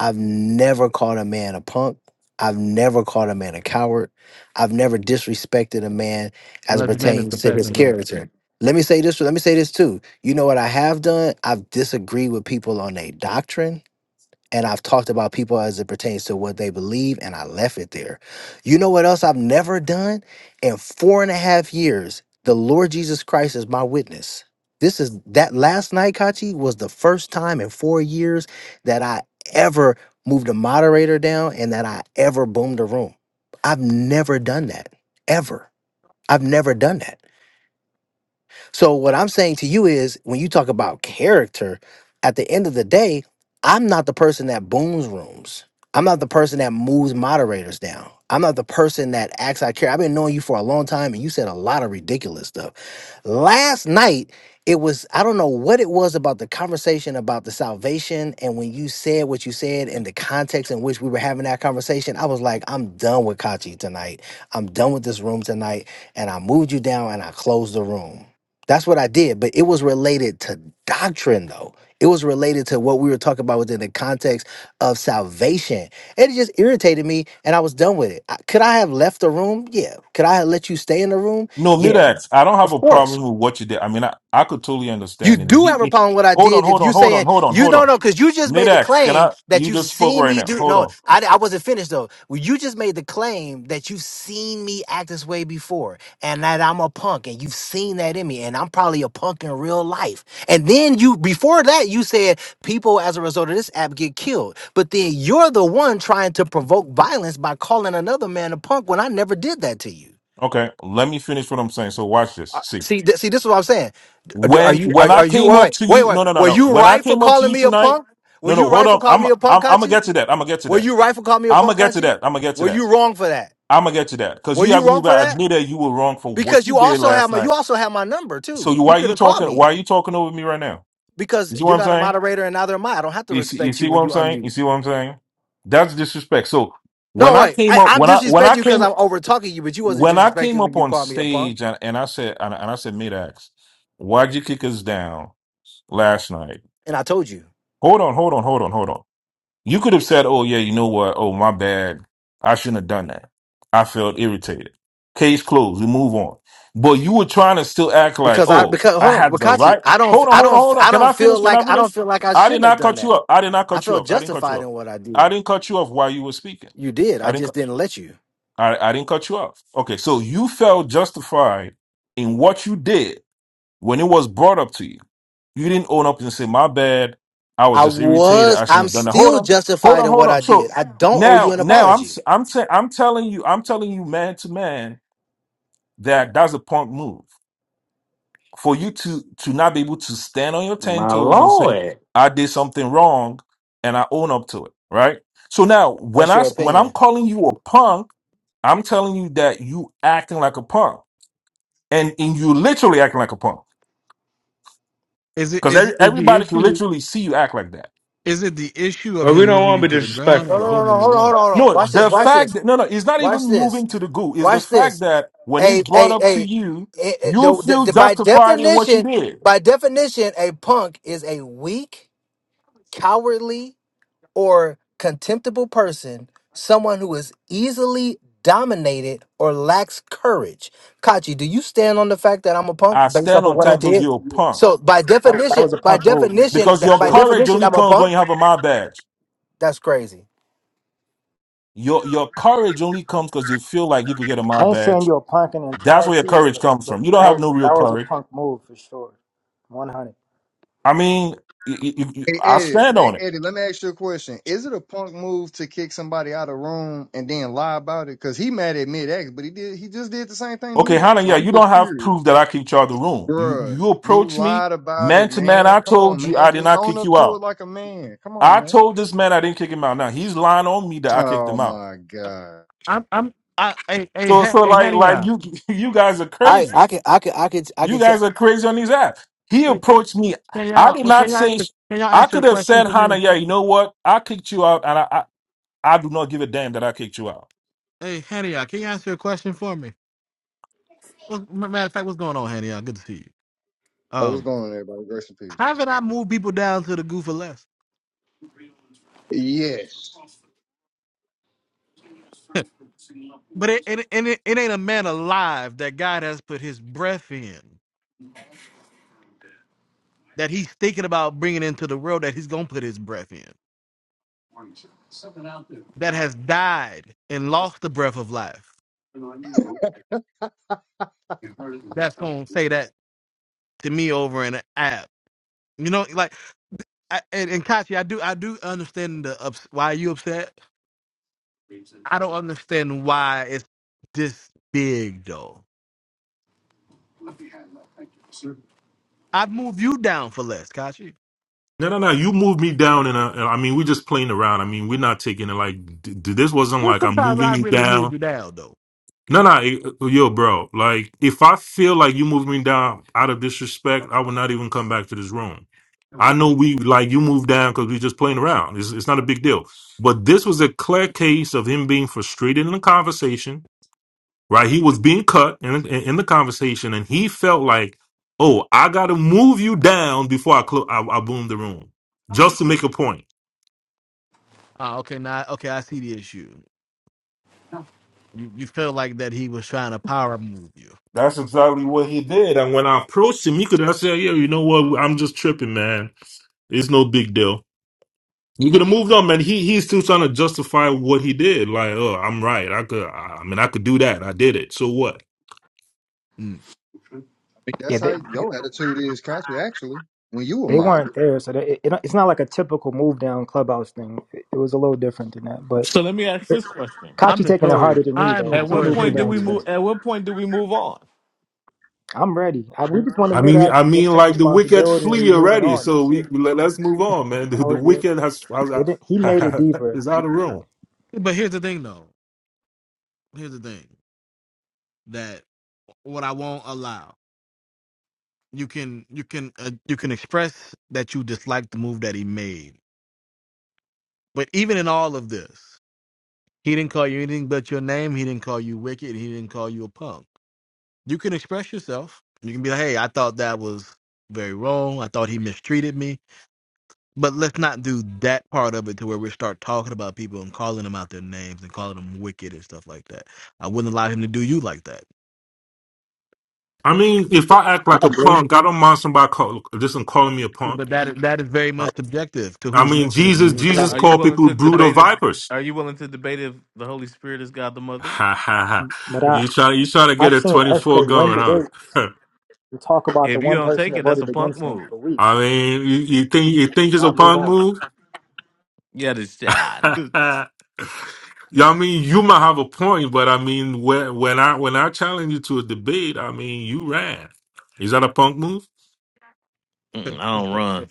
S9: I've never called a man a punk. I've never called a man a coward. I've never disrespected a man as it
S3: Unless his name is
S9: pertains to
S3: Professor
S9: his
S3: Man.
S9: character. Let me say this, let me say this too. You know what I have done? I've disagreed with people on their doctrine and I've talked about people as it pertains to what they believe, and I left it there. You know what else I've never done? In four and a half years, the Lord Jesus Christ is my witness. This is that last night, Kachi, was the first time in four years that I ever moved a moderator down and that I ever boomed a room. I've never done that, ever. I've never done that. So what I'm saying to you is when you talk about character, at the end of the day, I'm not the person that booms rooms. I'm not the person that moves moderators down. I'm not the person that acts out of care. I've been knowing you for a long time and you said a lot of ridiculous stuff last night it was i don't know what it was about the conversation about the salvation and when you said what you said and the context in which we were having that conversation i was like i'm done with kachi tonight i'm done with this room tonight and i moved you down and i closed the room that's what i did but it was related to doctrine though it was related to what we were talking about within the context of salvation and it just irritated me and i was done with it I- could i have left the room yeah could i have let you stay in the room
S11: No,
S9: yeah
S11: Midax, I don't have
S9: of
S11: a
S9: course
S11: problem with what you did. I mean, I, I could totally
S9: you
S11: understand. And
S9: do
S11: he,
S9: have a
S11: he-
S9: problem with what I
S11: hold on,
S9: did if
S11: hold
S9: you
S11: on, hold on,
S9: saying
S11: hold on,
S9: you
S11: hold
S9: don't
S11: on.
S9: know because you just made the
S11: Midax, can
S9: claim
S11: I?
S9: that
S11: You
S9: you've
S11: just spoke
S9: seen
S11: right
S9: me
S11: now.
S9: do.
S11: Hold
S9: No,
S11: on.
S9: I, I wasn't finished though. Well, you just made the claim that you've seen me act this way before and that I'm a punk and you've seen that in me and I'm probably a punk in real life. And then you, before that, you said people as a result of this app get killed. But then you're the one trying to provoke violence by calling another man a punk when I never did that to you.
S11: Okay, let me finish what I'm saying. So watch
S9: Uh,
S11: this. See,
S9: See, th- see, this is what I'm saying. D- Are
S11: when
S9: you, are,
S11: when I
S9: are you,
S11: came up
S9: wait,
S11: to
S9: wait, wait,
S11: you,
S9: wait.
S11: no, no, no,
S9: Were
S11: no.
S9: you
S11: When I
S9: right for
S11: came up to
S9: calling
S11: you
S9: me a
S11: tonight,
S9: punk? Were
S11: no, no,
S9: you
S11: hold
S9: right for
S11: up.
S9: calling
S11: I'm
S9: me a punk,
S11: I'm I'm gonna
S9: Kachi?
S11: get to that. I'm gonna get to
S9: Were
S11: that.
S9: you right for calling me a
S11: I'm
S9: punk,
S11: gonna get to
S9: Kachi?
S11: that. I'm gonna get to
S9: Were
S11: that.
S9: you wrong for that?
S11: I'm gonna get to that because
S9: Were
S11: you
S9: you
S11: haven't
S9: wrong
S11: even
S9: for that?
S11: admitted you were wrong for what
S9: Because
S11: you
S9: you
S11: did
S9: also have
S11: last
S9: my, you
S11: night.
S9: also have my number
S11: So
S9: too.
S11: you,
S9: You
S11: why are
S9: could
S11: you
S9: have called
S11: talking? Why
S9: me
S11: are you talking over me right now?
S9: because
S11: You see what
S9: you're
S11: I'm
S9: not a
S11: saying?
S9: moderator and neither am I. I don't have to
S11: You see, you
S9: respect you
S11: see
S9: when
S11: what I'm
S9: you
S11: saying?
S9: unmute.
S11: You see what I'm saying? That's disrespect. So when
S9: No,
S11: I
S9: wait,
S11: came
S9: I,
S11: up,
S9: I'm
S11: when I when
S9: disrespecting
S11: I
S9: you because
S11: came
S9: I'm over talking you, but you wasn't
S11: when I came
S9: disrespecting when
S11: up
S9: you
S11: on
S9: called me a punk,
S11: stage and, and I said and, and I said Midax, why'd you kick us down last night?
S9: and I told you
S11: Hold on, hold on, hold on, hold on. You could have said, Oh yeah, you know what? Oh my bad. I shouldn't have done that. I felt irritated. Case closed. We move on. But you were trying to still act like,
S9: because I
S11: oh,
S9: because
S11: I
S9: hold on,
S11: had the
S9: Wakati,
S11: right.
S9: I don't
S11: Hold on,
S9: I
S11: hold on,
S9: don't
S11: hold on.
S9: I
S11: Can
S9: don't
S11: I
S9: feel
S11: finish? Can I
S9: like I don't
S11: finish?
S9: feel like I
S11: I did
S9: shouldn't have
S11: not
S9: done
S11: cut
S9: that
S11: you up. I did not
S9: I
S11: cut you
S9: felt
S11: up. I didn't cut you
S9: justified
S11: up.
S9: in what I
S11: I
S9: did.
S11: didn't cut you off while you were speaking.
S9: You did.
S11: I
S9: I
S11: didn't
S9: just didn't let you.
S11: I, I didn't cut you off. Okay, so you felt justified in what you did when it was brought up to you. You didn't own up and say, My bad, I was
S9: I
S11: just irritated.
S9: was.
S11: I shouldn't
S9: I'm
S11: have done that. Hold
S9: still
S11: on, hold
S9: justified
S11: on,
S9: in
S11: hold
S9: what
S11: on.
S9: I did.
S11: So
S9: I don't owe you
S11: now
S9: an
S11: now I'm
S9: apology.
S11: s- I'm t- I'm telling you, I'm telling you man to man that that's a punk move. For you to to not be able to stand on your ten
S4: My
S11: toes and say,
S4: lord.
S11: I did something wrong and I own up to it, right? So now when
S9: That's
S11: I
S9: your
S11: s- when I'm
S9: opinion.
S11: calling you a punk I'm telling you that you acting like a punk, and and you literally acting like a punk
S3: Is it
S11: because
S3: is it is the
S11: everybody can
S3: issue
S11: literally see you act like that.
S3: is it the issue of
S4: But we
S3: him
S4: don't
S3: moving
S4: want
S3: you
S4: to be
S3: to the ground
S4: disrespectful,
S9: No,
S3: or
S9: no, no,
S4: brother.
S9: no.
S3: booming the
S9: Hold on,
S3: room?
S9: hold on, hold on.
S11: No,
S9: Watch this.
S11: the
S9: Watch
S11: fact
S9: this.
S11: that no, no, it's not even
S9: Watch this.
S11: moving to the goo. It's the
S9: Watch
S11: fact
S9: this.
S11: that when it's
S9: Hey,
S11: brought
S9: hey,
S11: up to
S9: hey.
S11: you,
S9: Eh, eh,
S11: you
S9: the- the-
S11: feel
S9: the- by
S11: justified in what you
S9: definition,
S11: did.
S9: by definition, a punk is a weak, cowardly, or contemptible person, someone who is easily dominated or lacks courage. Kachi, do you stand on the fact that I'm a punk
S11: I
S9: based off
S11: stand
S9: of
S11: on
S9: what I
S11: ten toes.
S9: did?
S11: You're a punk
S9: So by
S12: That, that was a
S9: definition, by
S12: punk move, man. That's
S9: definition,
S11: because
S12: for
S11: your
S9: by
S12: sure.
S11: courage
S9: definition,
S11: only
S9: I'm a
S11: comes when
S9: punk.
S11: you have a my badge.
S9: That's crazy.
S11: Your your courage only comes because you feel like you could get a my
S12: I ain't saying
S11: badge.
S12: you're a punk in
S11: That's where your
S12: entirety,
S11: courage
S12: but
S11: comes
S12: but
S11: from. You don't have
S12: that
S11: no real
S12: that was a
S11: courage.
S12: punk move for sure, one hundred.
S11: I mean, y- y- y-
S13: Hey
S11: I
S13: Eddie,
S11: stand on
S13: hey
S11: it.
S13: Eddie, let me ask you a question. Is it a punk move to kick somebody out of room and then lie about it? Cause he mad at mid X, but he did he just did the same thing to
S11: Okay,
S13: me.
S11: Hannah,
S13: So
S11: yeah,
S13: I'm
S11: you don't
S13: just
S11: have
S13: curious.
S11: proof that I kicked you out of the room. You
S13: Bruh,
S11: you
S13: you
S11: approached me
S13: lied about
S11: man
S13: it,
S11: to man.
S13: man.
S11: I
S13: Come on,
S11: told you
S13: man.
S11: I did
S13: Just
S11: not
S13: own
S11: kick
S13: up
S11: you
S13: to it
S11: out.
S13: like a man. Come on,
S11: I
S13: man.
S11: told this man I didn't kick him out. Now he's lying on me that I kicked
S13: Oh
S11: him out.
S13: my God.
S3: I- I'm I'm I hey hey
S11: So
S3: hey,
S11: so
S3: hey
S11: like
S3: Hannah,
S11: like
S3: y'all.
S11: you you guys are
S9: I
S11: crazy.
S9: I can I can I can I can
S11: You
S9: tell.
S11: guys are crazy on these apps. He
S3: wait can,
S11: approached me.
S3: can
S11: I
S3: y'all
S11: did
S3: well,
S11: not
S3: can y'all
S11: say.
S3: can y'all
S11: I
S3: answer a
S11: could have
S3: question
S11: said,
S3: for me?
S11: Hannah, yeah, you know what? I kicked you out, and I I, I do not give a damn that I kicked you out.
S3: Hey, Hania, can you answer a question for me? Well, m- matter of fact, what's going on, Hania? Good to see you.
S13: Hey, what's
S3: Um,
S13: going on, everybody? Grace and peace.
S3: haven't I moved people down to the goo for less?
S13: Yes.
S3: but it, it, and it, it ain't a man alive that God has put his breath in, that he's thinking about bringing into the world, that he's going to put his breath in, that has died and lost the breath of life. That's going to say that to me over an app. You know, like, I, and, and Kachi, I do, I do understand the ups, why you upset. I don't understand why it's this big though. I'd move you down for less, Kashi.
S11: No, no, no. You moved me down, and I mean, we're just playing around. I mean, we're not taking it like d- d- this wasn't
S3: Well,
S11: like I'm
S3: sometimes
S11: moving
S3: I
S11: you
S3: really
S11: down.
S3: move you down though.
S11: No, no, it- yo, bro. Like, if I feel like you moved me down out of disrespect, I would not even come back to this room. I know we like you moved down because we just playing around. It's, it's not a big deal. But this was a clear case of him being frustrated in the conversation, right? He was being cut in, in, in the conversation, and he felt like, oh, I got to move you down before I, clo- I I boom the room just to make a point.
S3: Ah, okay, now okay, I see the issue. You you feel like that he was trying to power move you.
S11: That's exactly what he did. And when I approached him, he could have said, yeah, you know what? I'm just tripping, man. It's no big deal." You could have moved on, man. He he's still trying to justify what he did. Like, oh, I'm right. I could. I I mean, I could do that. I did it. So what?
S3: Mm.
S13: I mean
S12: Yeah,
S13: That's
S12: they
S13: how your attitude is, Kachi, actually. When you were
S12: they
S13: mine.
S12: weren't there, so they, it, it's not like a typical move down clubhouse thing. It, it was a little different than that, but
S2: so let me ask this question:
S3: I'm
S12: Kachi taking it
S3: notorious.
S12: harder than me though,
S3: I'm
S2: At
S12: because he
S2: what
S3: notorious
S12: moved me
S2: point
S3: move
S2: do
S3: you
S12: down
S2: we
S3: with
S12: too.
S3: that.
S2: move? At what point do we move on?
S12: I'm ready. I, we just wanted
S11: I
S12: mid
S11: mean,
S12: ax
S11: I
S12: to
S11: mean,
S12: just take
S11: like the wicked
S12: responsibility and
S11: flee
S12: we moving
S11: already.
S12: on.
S11: So
S12: That's
S11: we
S12: it.
S11: let, us move on, man. The,
S12: That
S11: the
S12: was it.
S11: wicked has, has
S12: it
S11: out-
S12: didn't, he made it deeper.
S11: is out of room.
S3: But here's the thing though. Here's the thing that what I won't allow. You can you can uh, you can express that you dislike the move that he made. But even in all of this, He didn't call you anything but your name. He didn't call you wicked. He didn't call you a punk. You can express yourself. You can be like, hey, I thought that was very wrong. I thought he mistreated me. But let's not do that part of it to where we start talking about people and calling them out their names and calling them wicked and stuff like that. I wouldn't allow him to do you like that.
S11: I mean, if I act
S12: I
S11: like a
S12: agree,
S11: punk, I don't mind somebody call, just calling me a punk.
S3: But that is, that is very much subjective to
S11: I
S3: who's
S11: mean,
S3: listening
S11: Jesus,
S3: and
S11: Jesus
S2: Are you
S11: called
S2: willing
S11: people
S2: to
S11: brood of
S2: debate if
S11: vipers.
S2: Are you willing to debate if the Holy Spirit is God the Mother?
S11: Ha ha ha!
S12: but
S3: who
S12: I
S11: You try, you trying to get
S12: I've
S11: a
S12: seen
S11: twenty four
S12: FK win
S11: going, huh?
S12: debates to talk about the
S2: If you
S12: one
S2: don't
S12: person
S2: take
S12: that
S2: it, that's a
S12: voted
S2: punk
S12: against him
S2: move.
S12: for
S11: I
S12: weeks,
S11: mean, you, you think you think it's a
S12: not move
S11: punk
S12: on.
S11: move?
S2: Yeah, this I,
S11: Yeah, I mean, you might have a point, but I mean, when when I when I challenge you to a debate, I mean, you ran. Is that a punk move?
S2: I don't
S3: said
S2: run.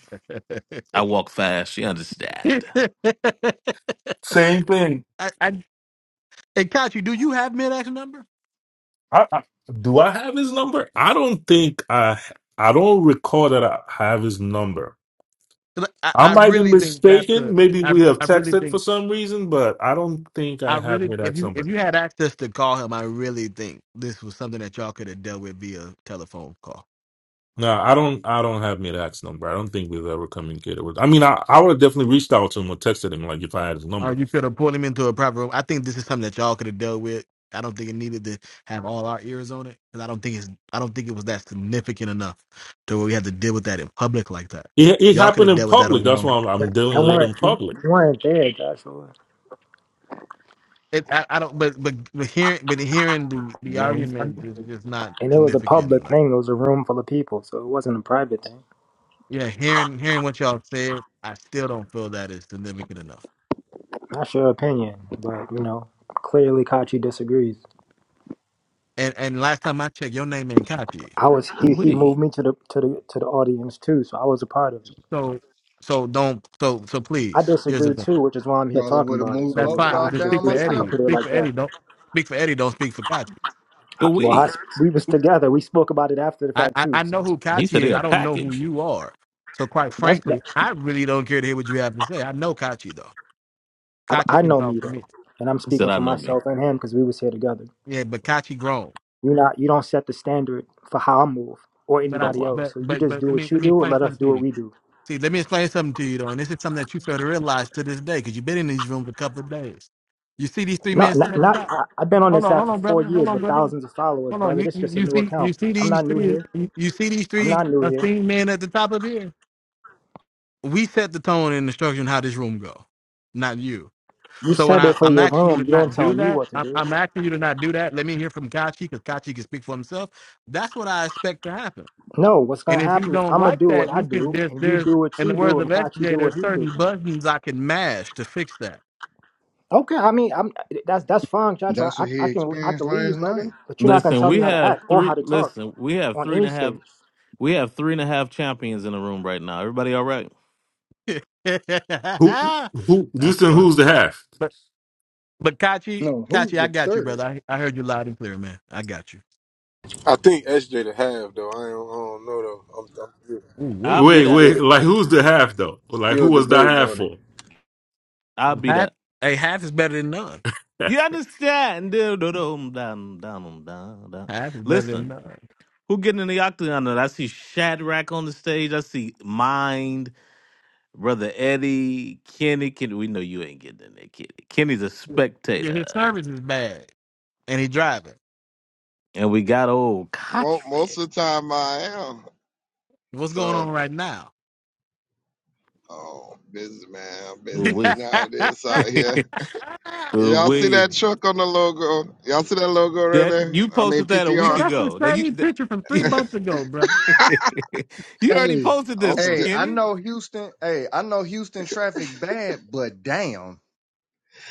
S3: it.
S2: I walk fast. You understand?
S11: Same thing.
S3: I, I, and Kachi, do you have mid-ax number?
S11: I, I, do I have his number? I don't think I I don't recall that I have his number.
S3: 'Cause I,
S11: I
S3: I
S11: might be
S3: really think that's a.
S11: mistaken. Maybe
S3: I
S11: we have
S3: I really
S11: texted
S3: think.
S11: for some reason, but I don't think
S3: I
S11: I have
S3: really, if
S11: Midax
S3: you if
S11: number.
S3: you had access to call him, I really think this was something that y'all could have dealt with via telephone call,
S11: No, I don't. I don't have Midax number. I don't think we've ever communicated with. I mean, I, I would have definitely reached out to him or texted him like if I had his
S3: or
S11: number.
S3: you could have pulled him into a private room. I think this is something that y'all could have dealt with. I don't think it needed to have all our ears on it because I don't think it's I don't think it was that significant enough to where we had to deal with that in public like that.
S11: It, it
S3: Y'all could
S11: happened
S3: have
S11: in
S3: dealt with that on
S11: public.
S3: your
S11: That's
S3: own.
S11: why I'm, I'm
S12: I
S11: dealing with it
S12: weren't
S11: in
S12: you
S11: public.
S12: weren't there, Joshua.
S3: It, I, I don't, but but but hearing but hearing the the
S2: Ooh
S3: argument is just not
S12: And it was a
S3: significant
S12: public
S3: enough.
S12: thing. It was a room full of people, so it wasn't a private thing.
S3: Yeah, hearing hearing what y'all said, I still don't feel that is significant enough.
S12: That's your opinion, but you know, clearly Kachi disagrees.
S3: and and last time I checked, your name ain't Kachi.
S12: I was he he
S2: wee,
S12: moved me to the to the to the audience too, so I was a part of it.
S3: So so don't so so
S12: I
S3: please. Here's the
S12: disagree
S3: thing.
S12: too, which is why I'm here
S13: Probably
S12: talking
S13: would have
S12: about it.
S13: moved
S3: That's
S12: So
S13: both
S3: fine.
S12: I,
S3: Well,
S12: I
S13: y'all
S12: could
S3: just
S12: just
S3: speak
S13: down
S3: for
S12: leave it. I could
S13: myself.
S3: Eddie.
S12: put it
S3: Speak for
S12: like that.
S3: Eddie. Don't speak for Eddie. Don't speak for Kachi.
S2: ooh
S12: I, well, I,
S2: wee.
S12: we was together. We spoke about it after the
S3: I,
S12: fact
S3: I
S12: too.
S3: I
S12: So
S3: know who
S2: He said
S3: Kachi
S2: they
S3: is.
S2: a
S3: I don't know who
S2: package.
S3: you are. So quite
S12: that's that,
S3: frankly, I really don't care to hear what you have to say. I know Kachi though.
S12: I,
S3: Kachi
S12: I
S3: can
S12: know me
S3: talk to
S12: though,
S3: me.
S12: and I'm
S2: He said
S12: speaking
S2: I
S12: for
S2: know me.
S12: myself and him because we was here together.
S3: Yeah, but Kachi grown.
S12: You not you don't set the standard for how I move or
S3: But
S2: Oh
S3: I
S12: anybody
S2: wow.
S12: else.
S3: but
S12: So you
S3: but
S12: just
S3: but
S12: do
S3: let me
S12: what you
S3: let me
S12: do and
S3: explain
S12: let us do
S3: something to
S12: what
S3: you.
S12: we do.
S3: See, let me explain something to you though, and this is something that you fail to realize to this day because you've been in these rooms a couple of days. You see these three
S12: No,
S3: men sitting
S12: not,
S3: at the
S12: not
S3: top.
S12: I, I've been on
S3: Hold
S12: this
S3: on,
S12: app
S3: hold
S12: for
S3: on,
S12: four
S3: brother. Hold
S12: years
S3: on,
S12: with
S3: brother.
S12: thousands of followers,
S3: Hold on.
S12: brother.
S3: You
S12: This is
S3: you,
S12: just a
S3: you
S12: new
S3: see
S12: account.
S3: you see
S12: I'm
S3: these
S12: not new
S3: three
S12: here.
S3: you, you see these
S12: I'm
S3: three
S12: not new here.
S3: esteemed men at the top of here. We set the tone and the structure and how this room go, not you.
S12: You
S3: So when
S12: said
S3: I
S12: it for
S3: I'm
S12: your
S3: asking you to
S12: room. You don't
S3: not
S12: tell
S3: do
S12: me
S3: that,
S12: what to
S3: I'm,
S12: do.
S3: I'm asking you to not do that. Let me hear from Kachi because Kachi can speak for himself. That's what I expect to happen.
S12: No, what's gonna
S3: And if you
S12: happen is
S3: don't
S12: I'm gonna
S3: like
S12: do what
S3: that,
S12: I
S3: you can
S12: do,
S3: there's
S12: and you
S3: there's
S12: do what
S3: in the
S12: you do,
S3: words of
S12: and Kachi do
S3: SJ,
S12: what
S3: there's
S12: he do.
S3: certain buttons I can mash to fix that.
S12: Okay, I mean, I'm that's that's fine, Chacho.
S13: That's
S12: I,
S13: what he
S12: I can I
S13: experienced
S12: can
S13: last
S12: leave, brother,
S13: night.
S12: but you're not gonna
S2: Listen,
S12: tell me
S2: we
S12: how to
S2: have
S12: act or
S2: three.
S12: how to talk
S2: Listen, we have
S12: on
S2: three and
S12: any
S2: a half.
S12: stage.
S2: We have three and a half champions in the room right now. Everybody, all right?
S11: Who, who,
S3: That's
S11: this and
S3: funny.
S11: who's the half?
S3: but. But Kachi,
S13: No, who's
S3: Kachi, I
S13: the
S3: got you,
S13: third?
S3: brother. I, I heard you loud and clear, man. I got you.
S14: I think SJ to have though. I don't, I don't know though. I'm, I'm,
S3: Ooh,
S14: still,
S2: I'll
S3: wait.
S2: be
S14: I'm
S11: Wait,
S2: that.
S11: wait,
S14: still
S11: like who's the half though? Like who
S14: still
S11: was that
S14: debating
S11: half
S14: on it.
S11: for?
S2: I'll be
S3: Half
S2: that.
S3: hey, half is better than none.
S2: You understand? Dum, dum, dum, dum, dum, dum, dum.
S3: Half is better
S2: Listen,
S3: than none.
S2: who getting in the octagon? tonight? I see Shadrack on the stage. I see Mind. Brother Eddie, Kenny, Kenny, we know you ain't getting in there, Kenny. Kenny's a
S3: Yeah, his
S2: spectator.
S3: service is bad. And he driving.
S2: And we got old
S10: Mo-
S2: Cottrell.
S10: Most of the time I am.
S3: What's going
S10: So,
S3: on right now?
S10: oh, busy man, I'm
S2: Ooh,
S10: busy.
S3: man,
S10: You
S2: we.
S3: that's
S10: know how it is out here.
S2: Ooh,
S10: Y'all see
S2: we.
S10: that truck on the logo? Y'all see that logo right
S2: That
S10: there?
S2: you
S10: I mean
S2: posted that a week
S10: PTR.
S3: the
S2: ago. Now you
S3: same picture from three
S2: that-
S3: months ago, brother.
S2: you already
S13: Hey,
S2: posted
S10: I'm
S2: this one,
S13: hey,
S10: still,
S13: I
S2: Kenny.
S13: know Houston. Hey, I know Houston traffic bad, but damn,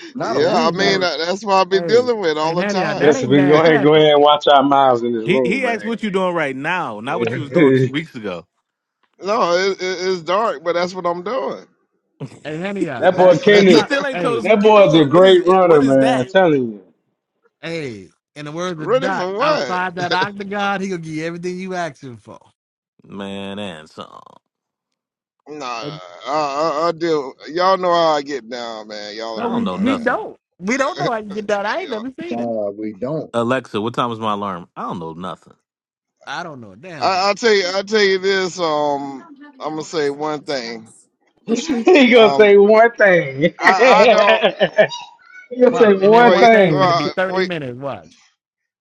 S13: not
S3: Oh,
S13: a
S10: yeah.
S3: that
S10: I
S13: week
S3: ain't
S10: mean
S3: bad.
S13: worth.
S10: that- that's what I be
S3: Hey,
S10: dealing with all
S3: hey,
S10: the
S3: honey, uh, that
S10: time.
S4: Listen,
S3: ain't
S4: we can go
S3: bad
S4: ahead, go
S3: traffic.
S4: ahead and watch our mouths in this
S2: He
S4: room,
S2: he asked
S4: man.
S2: what you doing right now, not what you was doing two
S4: that
S2: weeks ago.
S10: No, it, it, it's dark, but that's what I'm doing.
S3: Hey, honey, uh,
S4: boy
S3: that that's
S2: You
S4: Kenny,
S3: not.
S2: still ain't told us
S3: Hey,
S4: that
S2: what you
S4: boy,
S2: doing. What is it? What is
S4: man, I'm
S2: that?
S4: telling you.
S3: hey. In the words of
S10: Ready
S3: Doc,
S10: for what?
S3: outside that octagon, he gonna give you everything you asking for.
S2: Man, and song.
S10: Nah, I,
S3: And
S10: I, I deal. Y'all know how I get down, man. Y'all
S2: I
S3: no,
S2: don't
S10: already
S3: we
S2: know
S10: know
S3: we
S2: nothing.
S3: don't. We don't know
S10: that.
S3: how you get down. I ain't
S10: yeah.
S3: never seen it.
S13: Nah, we don't.
S2: Alexa, what time is my alarm? I don't know nothing.
S3: I don't know a damn thing.
S10: I, I tell you, I tell you this. Um, I'm gonna say one thing.
S4: he gonna
S10: Um,
S4: say one thing. he
S10: I, I don't.
S4: gonna say
S3: Watch, and that
S4: one
S3: one
S10: Wait,
S3: thing's gonna be
S4: thing.
S10: well,
S3: thirty
S10: wait.
S3: minutes. Watch.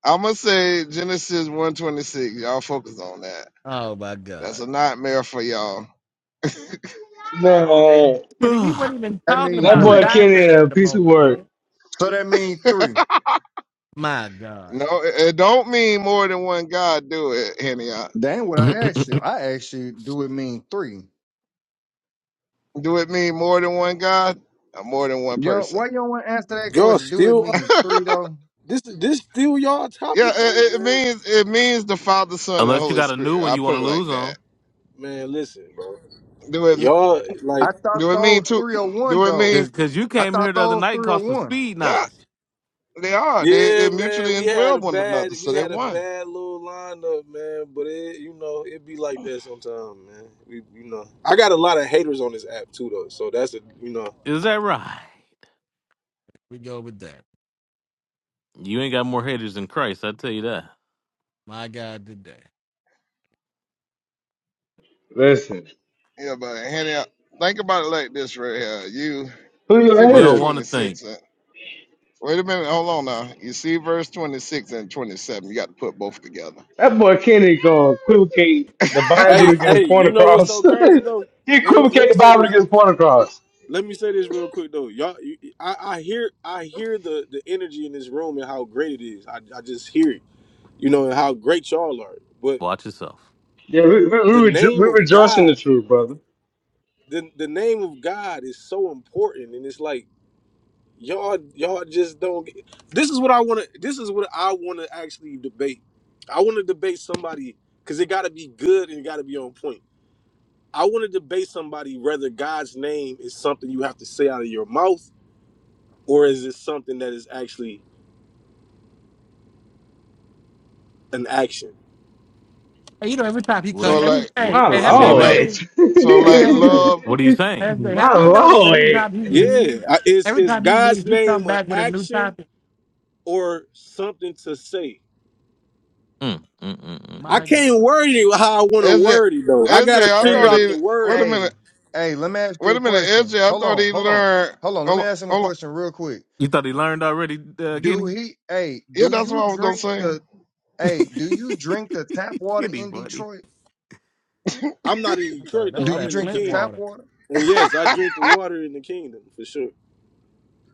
S10: I'm gonna say Genesis 126. Y'all focus on that.
S3: Oh my
S10: That's
S3: god.
S10: a nightmare for y'all.
S3: And
S4: Man,
S3: shit, he wasn't even
S13: That
S3: talking
S13: mean
S4: that
S3: about
S13: three.
S4: boy Kenny
S3: doctorate
S4: a
S3: at the
S4: piece of
S3: moment,
S4: work.
S3: man.
S13: So that mean three.
S3: My god.
S10: No, it, it don't mean more than one God do it, Henny.
S13: That ain't what I
S2: Mm.
S13: asked you. I asked you, do it mean three?
S10: Do it mean more than one God? Or more than one
S13: You know,
S10: person?
S13: why you don't want to answer that
S14: Y'all
S13: question? Do it
S14: still
S13: mean three though?
S14: this this still y'all
S10: Yeah,
S14: topic
S10: it,
S14: though,
S10: it it
S14: man.
S10: means it means the Father, Son, and
S2: Unless you
S10: Holy
S2: got a new
S10: Spirit.
S2: one
S10: I
S2: you want
S10: put
S2: to
S10: it
S2: lose
S10: like
S2: on.
S10: that.
S14: Man, listen, bro.
S10: Do it
S14: Y'all
S13: I
S14: like
S13: thought
S10: do it mean
S13: those
S10: two?
S13: three or one
S10: Do it
S13: though.
S2: Cause,
S10: mean
S2: Cause you
S13: I
S2: came here
S13: thought
S2: the other
S13: those
S2: night and
S13: three or
S2: caught some
S13: one.
S2: speed
S10: yeah?
S2: knots.
S10: They are. They
S14: yeah,
S10: they mutually
S14: man. We had
S10: indwell
S14: a
S10: one
S14: bad
S10: another,
S14: we
S10: so they
S14: had a
S10: one.
S14: bad little lineup, man. But it you know it be like that sometimes, man. We you know I got a lot of haters on this app too though, so that's a you know.
S2: Is that right?
S3: We go with that.
S2: You ain't got more haters than Christ, I tell you that.
S3: My god, today.
S4: Listen,
S10: Yeah, but Hannah, Think about it like this right here. You
S4: who
S10: see
S4: your
S2: We
S10: verse
S2: don't
S4: haters?
S2: want to
S10: twenty
S2: think.
S10: six. And, wait a minute. Hold on now. You see verse twenty six and twenty seven. You got to put both together.
S4: That boy Kenny gonna equivocate the Bible
S14: Hey
S4: to get his
S14: hey,
S4: point
S14: you know what's
S4: across.
S14: so
S4: he
S14: crazy though? Let me let
S4: equivocate
S14: me
S4: the
S14: say
S4: Bible to
S14: this.
S4: get his point across.
S14: let me say this real quick though, y'all. You, I, I hear I hear the the energy in this room and how great it is. I, I just hear it, you know, and how great y'all are. But
S2: Watch yourself.
S4: Yeah, we we,
S14: the
S4: we, rejo- we
S14: name of
S4: rejoice in the
S14: God,
S4: truth, brother.
S14: the the name of God is so important, and it's like y'all y'all just don't. Get, this is what I want to. This is what I want to actually debate. I want to debate somebody because it got to be good and it got to be on point. I want to debate somebody whether God's name is something you have to say out of your mouth or is it something that is actually an action.
S3: Hey, you know, every time he
S2: What
S10: So
S2: do
S3: cut,
S2: you
S10: like
S3: every
S2: what,
S3: hey,
S4: My
S3: hey,
S2: what,
S3: have
S2: what do
S3: y'all
S10: so
S2: you
S10: like
S4: lord.
S2: mean?
S3: noticed?
S10: so
S3: Hey,
S10: like
S3: S J
S10: love.
S2: What are you
S3: S
S2: saying?
S3: J
S4: My
S3: have you noticed every time he
S4: lord.
S14: Yeah,
S3: leaves,
S14: I- is
S3: every
S14: is
S3: time he
S14: God's
S3: leaves, he come
S14: name an
S3: back with a new
S14: action
S3: topic.
S14: or something to say?
S2: Mm, mm, mm, mm,
S14: I
S2: mm.
S3: My god.
S14: can't word it how I want to
S10: S J,
S14: word it though. I
S10: S J, I
S14: gotta figure
S10: thought
S14: out
S13: Hey,
S10: he.
S14: the
S10: Wait a
S14: wording.
S10: minute.
S13: hey, hey, let me ask you
S10: Wait a
S13: a
S10: minute, S
S13: question.
S10: J, I
S13: Hold
S10: thought
S13: on,
S10: he
S13: hold on,
S10: learned.
S13: hold on. Let
S10: Hold
S13: me
S10: on.
S13: ask him a
S10: Hold on.
S13: question real quick.
S2: You thought he learned already, uh,
S13: Do
S2: Kenny?
S13: he? Hey,
S10: Yeah,
S13: do
S10: that's what
S13: you
S10: I was gonna
S13: drink
S10: say.
S13: the? Hey, do you drink the tap water
S2: Kenny,
S13: in
S2: buddy.
S13: Detroit?
S14: I'm not in
S3: That's that,
S14: Detroit though.
S3: that's
S13: Do you
S14: I'm
S3: that
S14: in the
S13: drink
S3: Flint
S13: the
S14: kingdom,
S13: tap
S3: water.
S13: water?
S14: and yes, I drink the water in the kingdom for sure.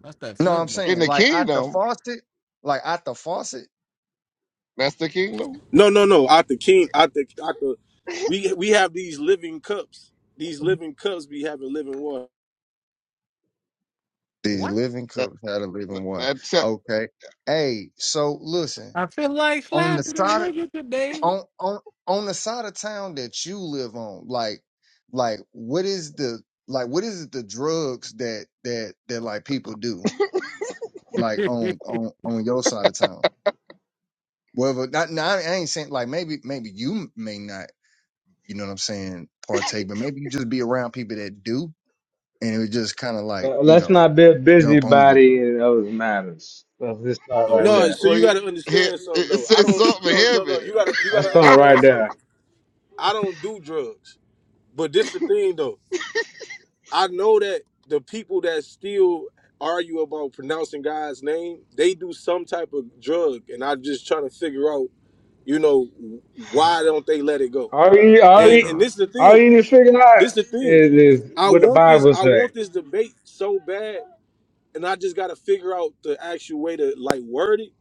S3: That's that
S13: No, I'm
S3: Flint water.
S10: In
S13: saying
S10: the
S13: like at the
S10: kingdom,
S13: faucet, like at the faucet.
S10: that's the kingdom.
S14: No, no, no. Out the king, out the, out the. We we have these living cups. These living cups be having living water.
S13: The
S3: What?
S13: living
S10: That
S13: cups had a living one.
S10: that te-
S13: Okay. Hey, so listen
S3: I feel like
S13: on the
S3: slapping a
S13: side of,
S3: nigga today.
S13: on on on the side of town that you live on, like like what is the like what is it the drugs that that that like people do like
S3: you
S13: on on on your side of town? Well, but not, no, I I ain't saying like maybe maybe you may not, you know what I'm saying, partake, but maybe you just be around people that do, and it would just kind of like
S4: Let-
S13: you
S4: Let's
S13: know
S4: not be a
S13: jump on
S4: busybody
S13: you.
S4: in other matters. Let's just start right
S2: We.
S14: No,
S4: there.
S14: so
S10: well,
S14: you
S10: you,
S14: gotta
S10: here,
S14: understand something
S10: it, it
S14: though. I
S10: says
S14: don't.
S10: something
S14: No, no,
S10: heavy.
S14: no. You gotta you
S4: Let's
S14: gotta
S4: start right
S14: understand something.
S4: there.
S14: I don't do drugs. But this the thing though. I know that the people that still argue about pronouncing God's name, they do some type of drug, and I'm just trying to figure out, you know, why don't they let it go?
S4: All you, all
S2: I'm
S14: And
S4: you,
S14: and
S2: done.
S14: this is the
S4: all
S14: thing.
S4: you need to figure
S14: This
S4: out
S14: is the thing.
S4: is, is
S14: I
S4: what the
S14: want this.
S4: Bible
S14: I
S4: say.
S14: want this debate so bad, and I just got to figure out the actual way to like word it.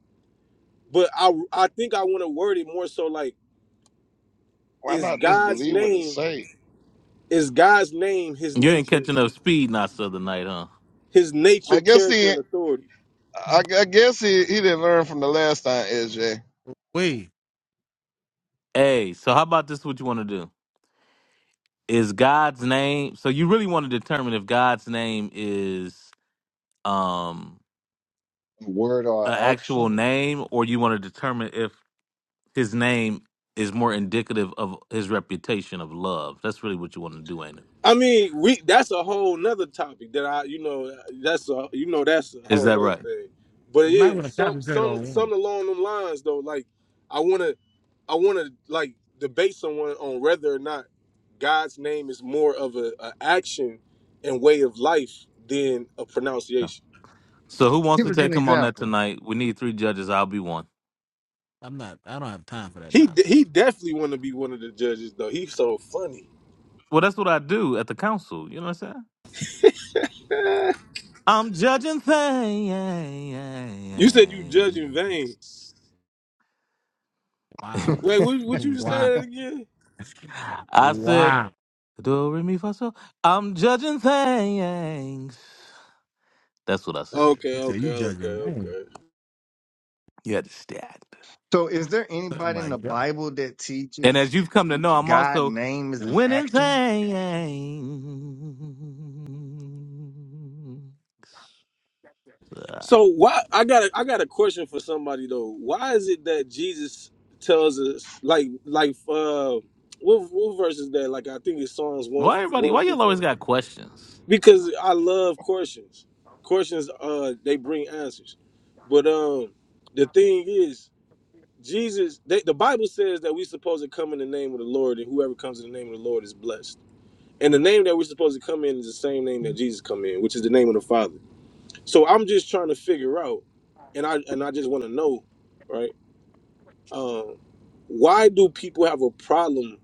S14: But I I think I want to word it more so like
S10: Why
S14: is
S10: not just
S14: God's
S10: believe what it
S14: name
S10: say?
S14: is God's name His
S2: You ain't
S14: nature
S2: catching up speed not the other night, huh?
S14: His
S10: I
S14: nature
S10: guess
S14: character
S10: he.
S14: and authority.
S10: I, I guess he, he didn't learn from the last time, SJ,
S3: Wait,
S2: Hey, so how about this? What you want to do is God's name. So you really want to determine if God's name is um
S13: Word
S2: an
S13: or
S2: actual
S13: action?
S2: name, or you want to determine if His name is more indicative of His reputation of love. That's really what you want to do, ain't it?
S14: I mean, we that's a whole nother topic that I, you know, that's a you know that's a
S2: Is
S14: whole
S2: that
S14: nother
S2: right?
S14: thing. But it
S3: might
S14: is
S3: want to
S14: some
S3: concentrate
S14: some
S3: on one.
S14: something along them lines though. Like I wanna I wanna like debate someone on whether or not God's name is more of a, a action and way of life than a pronunciation.
S2: So who wants
S13: Give
S2: to
S13: us an
S2: take him on that
S13: example.
S2: tonight? We need three judges. I'll be one.
S3: I'm not. I don't have time for that
S14: He de-
S3: nonsense.
S14: he definitely wanna be one of the judges though. He's so funny.
S2: Well, that's what I do at the council. You know what I'm saying? I'm judging things.
S14: You said you judge in vain.
S3: Wow.
S14: Wait, what what you just say
S3: Wow.
S14: that again?
S2: I said,
S3: Wow.
S2: do re mi fa so. I'm judging things. That's what I said.
S3: he
S14: Okay,
S3: said you
S14: okay, okay,
S3: judging. Man.
S14: okay.
S2: You understand?
S13: so, is there anybody
S3: My
S13: in the
S3: God.
S13: Bible that
S2: And
S13: teaches
S2: as you've come to know, I'm
S13: God
S2: also
S13: name is an
S2: winning
S13: action?
S2: things. Uh,
S14: So why I got a, I got a question for somebody though. Why is it that Jesus tells us like like uh what what verse is that? Like I think it's Psalms one
S2: Why everybody?
S14: one
S2: Why y'all
S14: fifteen.
S2: always got questions?
S14: Because I love questions. Questions uh they bring answers. But um the thing is Jesus they, the Bible says that we're supposed to come in the name of the Lord and whoever comes in the name of the Lord is blessed. And the name that we're supposed to come in is the same name that Jesus come in, which is the name of the Father. So I'm just trying to figure out, and I and I just want to know, right? Um, why do people have a problem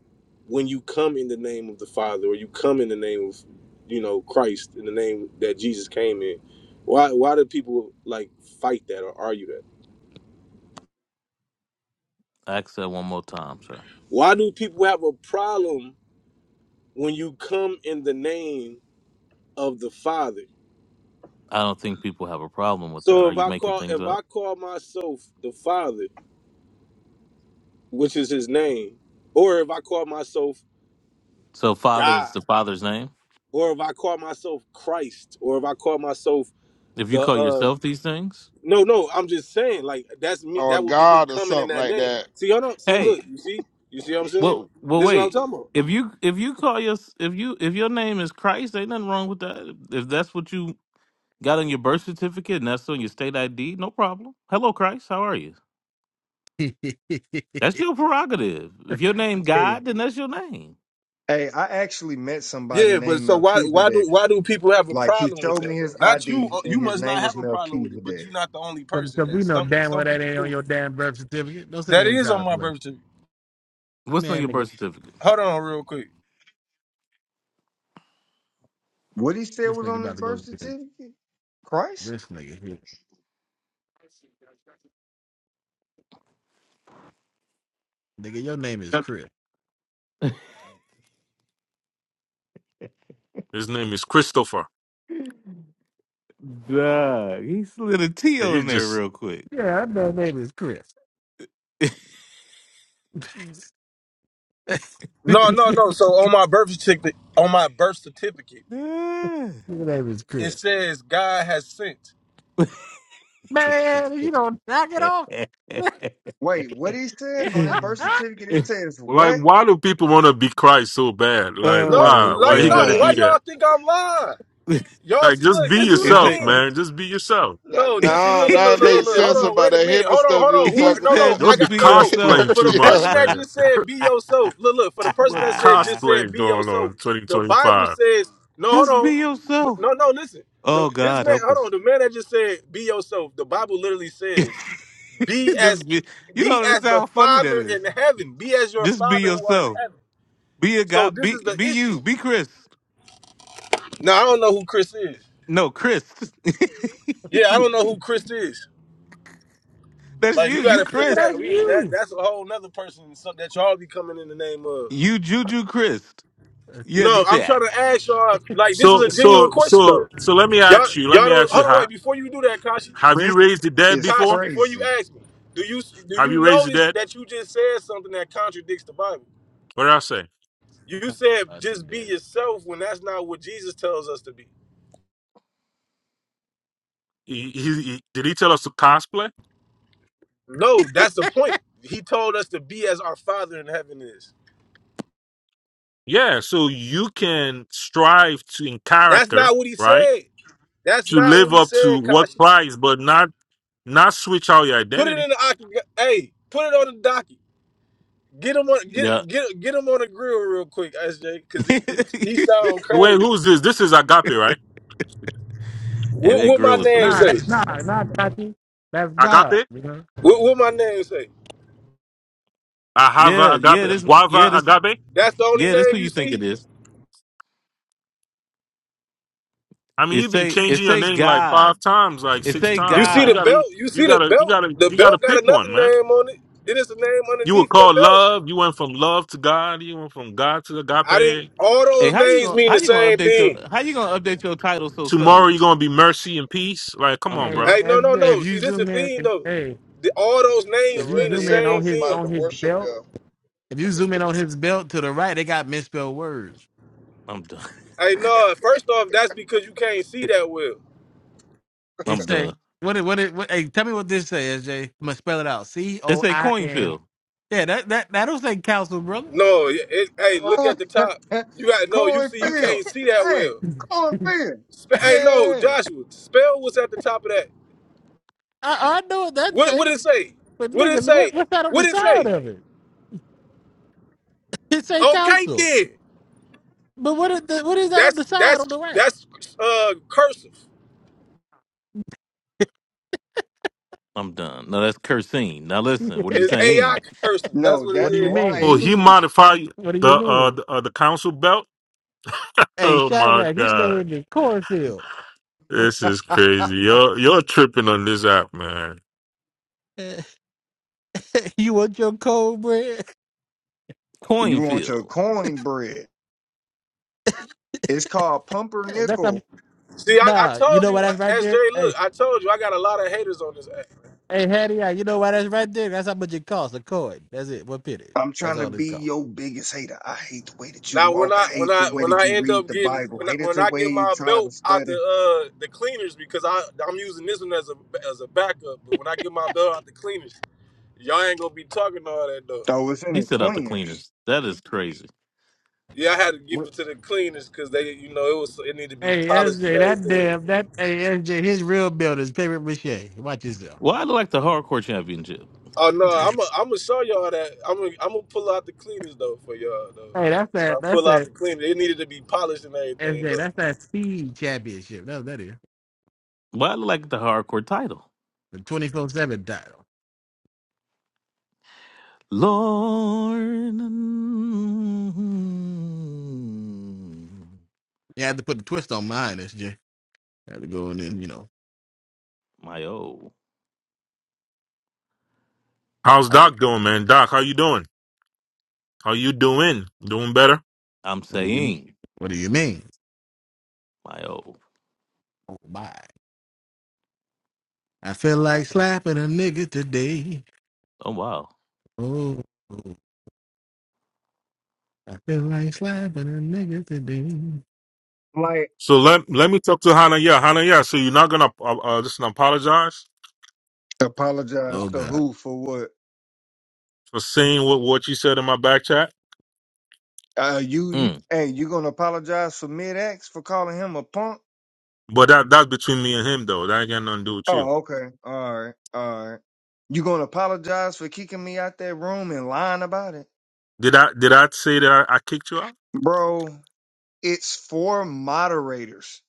S14: when you come in the name of the Father or you come in the name of, you know, Christ in the name that Jesus came in? Why why do people like fight that or argue that?
S2: Ask that one more time, sir.
S14: Why do people have a problem when you come in the name of the Father?
S2: I don't think people have a problem with that.
S14: So
S2: Are
S14: if
S2: you
S14: I
S2: making
S14: call
S2: things
S14: if
S2: up?
S14: I call myself the Father, which is His name, or if I call myself
S2: So father
S14: God.
S2: is the father's name.
S14: or if I call myself Christ, or if I call myself
S2: If you
S14: the
S2: call
S14: uh
S2: yourself these things,
S14: no no, I'm just saying like that's me
S10: or
S14: that would be me
S10: God or
S14: coming in
S10: something
S14: that
S10: like
S14: name.
S10: that.
S14: See, hold on, see, look,
S2: hey,
S14: you see, you see what I'm saying?
S2: well, well,
S14: This is what I'm
S2: wait.
S14: talking about.
S2: If you if you call your if you if your name is Christ, ain't nothing wrong with that. If that's what you got on your birth certificate and that's on your state ID, no problem. Hello, Christ. How are you? That's your prerogative. If your name
S13: Hey,
S2: God, then that's your name.
S13: hey, I actually met somebody
S14: Yeah, but
S13: named
S14: so why why do
S13: Melchizedek.
S14: why do people have a
S13: Like he
S14: problem with
S13: showed me
S14: that though?
S13: his
S14: Not you.
S13: ID,
S14: uh, You
S13: and his
S14: must not
S13: name was
S14: have a problem with it, but
S13: Melchizedek.
S14: you're not the only person
S3: Because
S14: that
S3: we know
S14: some
S3: damn
S14: some
S3: well that
S14: people
S3: ain't on
S14: do.
S3: your damn birth certificate. Don't sit
S14: That
S3: there and
S14: is
S3: try
S14: on
S3: to
S14: my
S3: play.
S14: birth certificate.
S2: What's on
S3: Man,
S2: your
S3: nigga,
S2: birth certificate?
S14: Hold on, real quick.
S13: What he said
S3: this
S13: was
S3: nigga
S13: on his
S3: about to go
S13: birth
S3: to jail.
S13: certificate, Christ.
S3: this nigga here. Nigga, your name is Chris.
S11: His name is Christopher.
S2: Duh, he slid a T
S11: He
S2: on there
S11: just
S2: real quick.
S3: Yeah, I know his name is Chris.
S14: No, no, no. So on my birth certificate, on my birth certificate,
S2: Yeah.
S3: His name is
S14: it
S3: Chris.
S14: says God has sent.
S3: Man, you don't knock it off.
S13: Wait, what he said on his birth certificate? It says
S11: like
S13: what?
S11: why do people want to be Christ so bad? Like
S14: No,
S2: oh
S11: why? Why
S14: like
S11: you
S14: no.
S11: got to
S14: Why
S11: do
S2: god.
S11: that?
S14: y'all think I'm lying? Y'all
S11: Like
S14: see,
S11: just
S14: look,
S11: be
S3: Cause
S14: this is the
S3: you
S2: It's
S11: yourself,
S2: like
S3: lying.
S14: thing.
S11: man. Just be yourself.
S14: No,
S2: he
S14: this see,
S10: Now,
S14: look, look,
S10: now
S14: look,
S10: it
S14: look,
S2: said
S14: look,
S10: makes
S14: look.
S2: just
S14: Hold
S10: sense
S14: on,
S10: about
S14: wait a
S10: that
S14: minute.
S10: heavy
S14: Hold on,
S10: stuff
S14: hold
S10: you
S14: on.
S10: was
S2: he
S14: Who?
S10: talking
S14: No,
S10: about
S2: said
S14: no, I
S11: Don't
S2: just
S11: be
S14: got
S2: be
S14: no, no.
S11: cosplaying
S2: yourself.
S14: For
S11: too
S14: the
S10: earlier.
S14: person
S11: much,
S14: that
S11: man.
S14: just said be yourself, look, look. For the person
S11: What
S14: that said just said
S11: cosplaying
S14: be
S11: going on
S14: yourself, the Bible
S11: 2025?
S14: says no. Hold
S2: just be
S14: on,
S2: yourself.
S14: no, no. Listen,
S2: Oh
S14: the, this
S2: God
S14: man.
S2: help
S14: Hold
S2: us.
S14: on, the man that just said be yourself. The Bible literally says be as
S2: just be you
S14: be
S2: don't
S14: as
S2: understand
S14: the
S2: how funny that
S14: Father
S2: is.
S14: in heaven. Be as your
S2: Just be
S14: Father who are in
S2: yourself.
S14: heaven.
S2: Be a
S14: So
S2: guy
S14: this
S2: be
S14: is the
S2: be you.
S14: issue.
S2: Be Chris.
S14: Now I don't know who Chris is.
S2: No, Chris.
S14: Yeah, I
S3: Nigga,
S14: don't know who Chris is.
S2: That's
S14: Like
S2: you.
S14: you got
S2: You
S14: to
S3: nigga,
S14: figure
S2: Chris.
S14: that
S3: That's
S14: we that
S3: you.
S14: that's a whole nother person so- that y'all be coming in the name of.
S2: You Juju Chris. You
S14: No, I'm trying
S2: understand?
S14: to ask y'all. Like this is
S11: So,
S14: a genuine
S11: so,
S14: question though.
S11: so, so let me
S14: Y'all
S11: ask you. Let
S14: y'all
S11: me
S14: don't
S11: ask you.
S14: hold on wait
S11: ha-
S14: before you do that, Kashi
S11: Have you
S13: Chris
S11: raised the dead
S13: is
S11: before?
S14: Kashi before you
S13: crazy.
S14: ask me. Do you do
S11: Have
S14: you
S11: you raised your
S14: notice
S11: dead?
S14: that you just said something that contradicts the Bible?
S11: What did I say?
S14: You said
S3: Not
S14: just be
S3: today.
S14: yourself when that's not what Jesus tells us to be.
S11: He, he, he- did he tell us to cosplay?
S14: No, that's the point. He told us to be as our Father in heaven is.
S11: Yeah, so you can strive to in
S14: That's
S11: character,
S14: not what he
S11: right?
S14: said. That's
S11: To
S14: not what
S11: live
S14: he
S11: up to
S14: said,
S11: what
S14: Kashi.
S11: price, but not not switch out your
S14: Put it
S11: identity.
S14: in the octagon. Hey, put it on the docket. Get him on
S2: Yeah.
S14: get get get him on the grill real quick, SJ, because he,
S2: and
S14: he he sound
S11: Wait,
S14: crazy.
S11: who's this? This is agape, right?
S14: What
S2: that
S14: what my
S2: grill is
S14: name
S3: Nah,
S14: say?
S3: that's
S2: hilarious.
S3: nah, not Tati. That's God,
S11: Agape?
S3: you know.
S14: What what my name say?
S11: Ahava
S2: Yeah, yeah,
S11: agape,
S2: this yeah,
S11: guava
S2: this
S11: agape.
S14: That's the only
S2: yeah, this who
S14: name you
S2: you think it
S14: see.
S2: is.
S11: I mean,
S2: It
S11: you've been
S2: say it
S11: changing your
S2: say
S11: name like
S2: God.
S11: five times, like
S2: It
S11: six
S2: say
S14: You
S11: times.
S14: see
S11: Like you
S14: the
S2: God.
S11: gotta,
S14: belt. You
S11: you
S14: see the
S11: gotta, you
S14: belt.
S11: gotta,
S14: The
S11: you gotta
S14: belt
S11: pick
S14: got another
S11: one, man.
S14: name on it. Then it's a name
S11: You were
S14: underneath that
S11: called
S14: belt.
S11: love. You went from love to God. You went from God to
S14: I
S11: agape
S14: think all
S2: Hey,
S14: those
S2: how you
S14: names
S2: gonna
S14: mean
S2: how
S14: the
S2: you gonna
S14: same
S2: update your
S14: thing.
S2: how you gonna update your title so
S11: tomorrow you're
S2: subtly?
S11: gonna be mercy and peace. Like, come
S2: I'm
S11: on, bro.
S3: Hey,
S2: done.
S14: Hey, no,
S3: that's,
S14: no,
S3: if
S14: no.
S3: you
S14: See, this is the
S3: zoom in,
S14: thing
S3: if,
S14: though.
S3: hey,
S14: The, all those
S10: The
S3: if
S14: names
S3: you
S14: mean
S10: red
S14: the
S3: zoom
S10: hill
S3: in
S14: same
S3: on
S10: wants
S3: his
S10: somebody
S14: thing.
S3: on
S10: to
S3: his
S10: worship
S3: belt,
S10: him.
S3: if you zoom in on his belt to the right, they got misspelled words.
S2: I'm done.
S14: Hey, no. First off, that's because you can't see that well.
S3: It
S2: I'm
S3: say
S2: done.
S3: what it what it what, hey, tell me what this says, SJ. am gonna spell it out. C
S2: It
S3: O
S2: say
S3: I N.
S2: Coinfield.
S3: Yeah, that that that don't say council, brother.
S14: No, it, it- hey, look
S13: Oh,
S14: at the top. You got no. You see, you
S13: Cornfield.
S14: can't see that
S13: Hey,
S14: well.
S3: I
S13: cornfield.
S14: Spe- hey, no,
S13: Yeah.
S14: Joshua, spell what's at the top of that.
S3: I know what that
S14: What
S3: say.
S14: what did it say?
S3: But
S14: What did it
S3: nigga,
S14: say?
S3: what, what's that on
S14: What
S3: the
S14: did it
S3: side
S14: say?
S3: of it? It say
S14: Okay,
S3: council.
S14: then.
S3: But what is the, what is that on
S14: That's
S3: the side
S14: that's
S3: on the right?
S14: that's uh cursive.
S2: I'm done. No, that's cursing. Now listen, what are you
S14: It's AI
S2: saying?
S14: cursive. That's
S13: No,
S14: what it
S3: what do
S13: that's
S3: you
S14: is.
S3: mean?
S11: Will he
S13: lying.
S11: modify
S3: What do
S11: the
S3: you
S11: uh
S3: mean?
S11: the, uh, the council belt?
S3: Hey,
S11: Oh my
S3: Chirac, his
S11: god,
S3: name is Cornfield.
S11: this is crazy. You're you're tripping on this app, man.
S3: you want your cold bread?
S13: you want your
S2: Coinfield.
S13: coin bread. It's called
S3: That's how,
S13: pumpernickel.
S14: See, I, I
S3: nah. You
S14: told
S3: know why
S14: you, uh,
S3: that's right
S14: SJ.
S3: there? Hey,
S14: Look, I told you, I got a lot of haters on this app.
S3: hey, Hattie, I- you know why that's right there? That's how much it costs a coin. That's it. One penny.
S13: I'm
S3: That's
S13: trying to
S3: all it
S13: be
S3: costs.
S13: your biggest hater. I hate the way that you
S14: Now when
S13: walk.
S14: I
S13: I
S14: when
S13: hate the
S14: I
S13: way
S14: when
S13: that
S14: I
S13: you
S14: end
S13: read
S14: up
S13: the
S14: getting
S13: Bible.
S14: when I,
S13: Hate it
S14: when
S13: the
S14: I
S13: way
S14: get
S13: you
S14: my
S13: try to
S14: belt out the
S13: study.
S14: uh the cleaners because I I'm using this one as a as a backup, but when I get my belt out the cleaners, y'all ain't gonna be talking all that though.
S13: Oh, it's in
S2: He
S13: a
S2: set out the
S13: cleaners.
S2: cleaners. That is crazy.
S14: Yeah, I had to give
S13: What-
S14: it to the cleaners because they you know it was it needed to be
S3: Hey,
S14: polished and
S3: SJ, that
S14: everything.
S3: damn, that hey, SJ, his real build is paper mache. Watch yourself.
S2: Why I look like the hardcore championship?
S14: Oh no,
S3: hey,
S14: I'm i I'm gonna show y'all that I'm i I'm gonna pull out the cleaners though for y'all though. man.
S3: that's
S14: When I
S3: that. That's
S14: pull out
S3: that.
S14: the cleaners, it needed to be polished and
S3: And
S14: everything
S3: then that's
S14: though.
S3: that speed championship. That's what that is
S2: Why I look like the hardcore title?
S3: the twenty four seven title.
S2: Lord,
S3: You had to put the twist on mine, SJ. had to go in and you know
S2: my oh,
S11: How's
S2: I,
S11: Doc doing, man? Doc, how you doing? How you doing? Doing better.
S2: am
S3: what do you mean?
S2: saying
S3: What do you mean?
S2: my oh.
S3: Oh my! I feel like slapping a nigga today.
S2: Oh wow,
S3: Oh, oh. I feel like slapping a nigga today.
S13: Like,
S11: So let let me talk to Hannah. Yeah, Hannah. Yeah. So you're not gonna uh, uh, listen. Apologize
S13: apologize
S3: Oh
S13: to
S3: god!
S13: who for what?
S11: for saying what what you said in my back chat,
S13: Uh, you,
S2: mm,
S13: hey, you gonna apologize for mid X for calling him a punk?
S11: but that that's between me and him, though. That ain't got nothing to do with you.
S13: Oh, okay. All right. All right. You gonna apologize for kicking me out that room and lying about it?
S11: Did I did I say that I, I kicked you out?
S13: Bro, it's four moderators.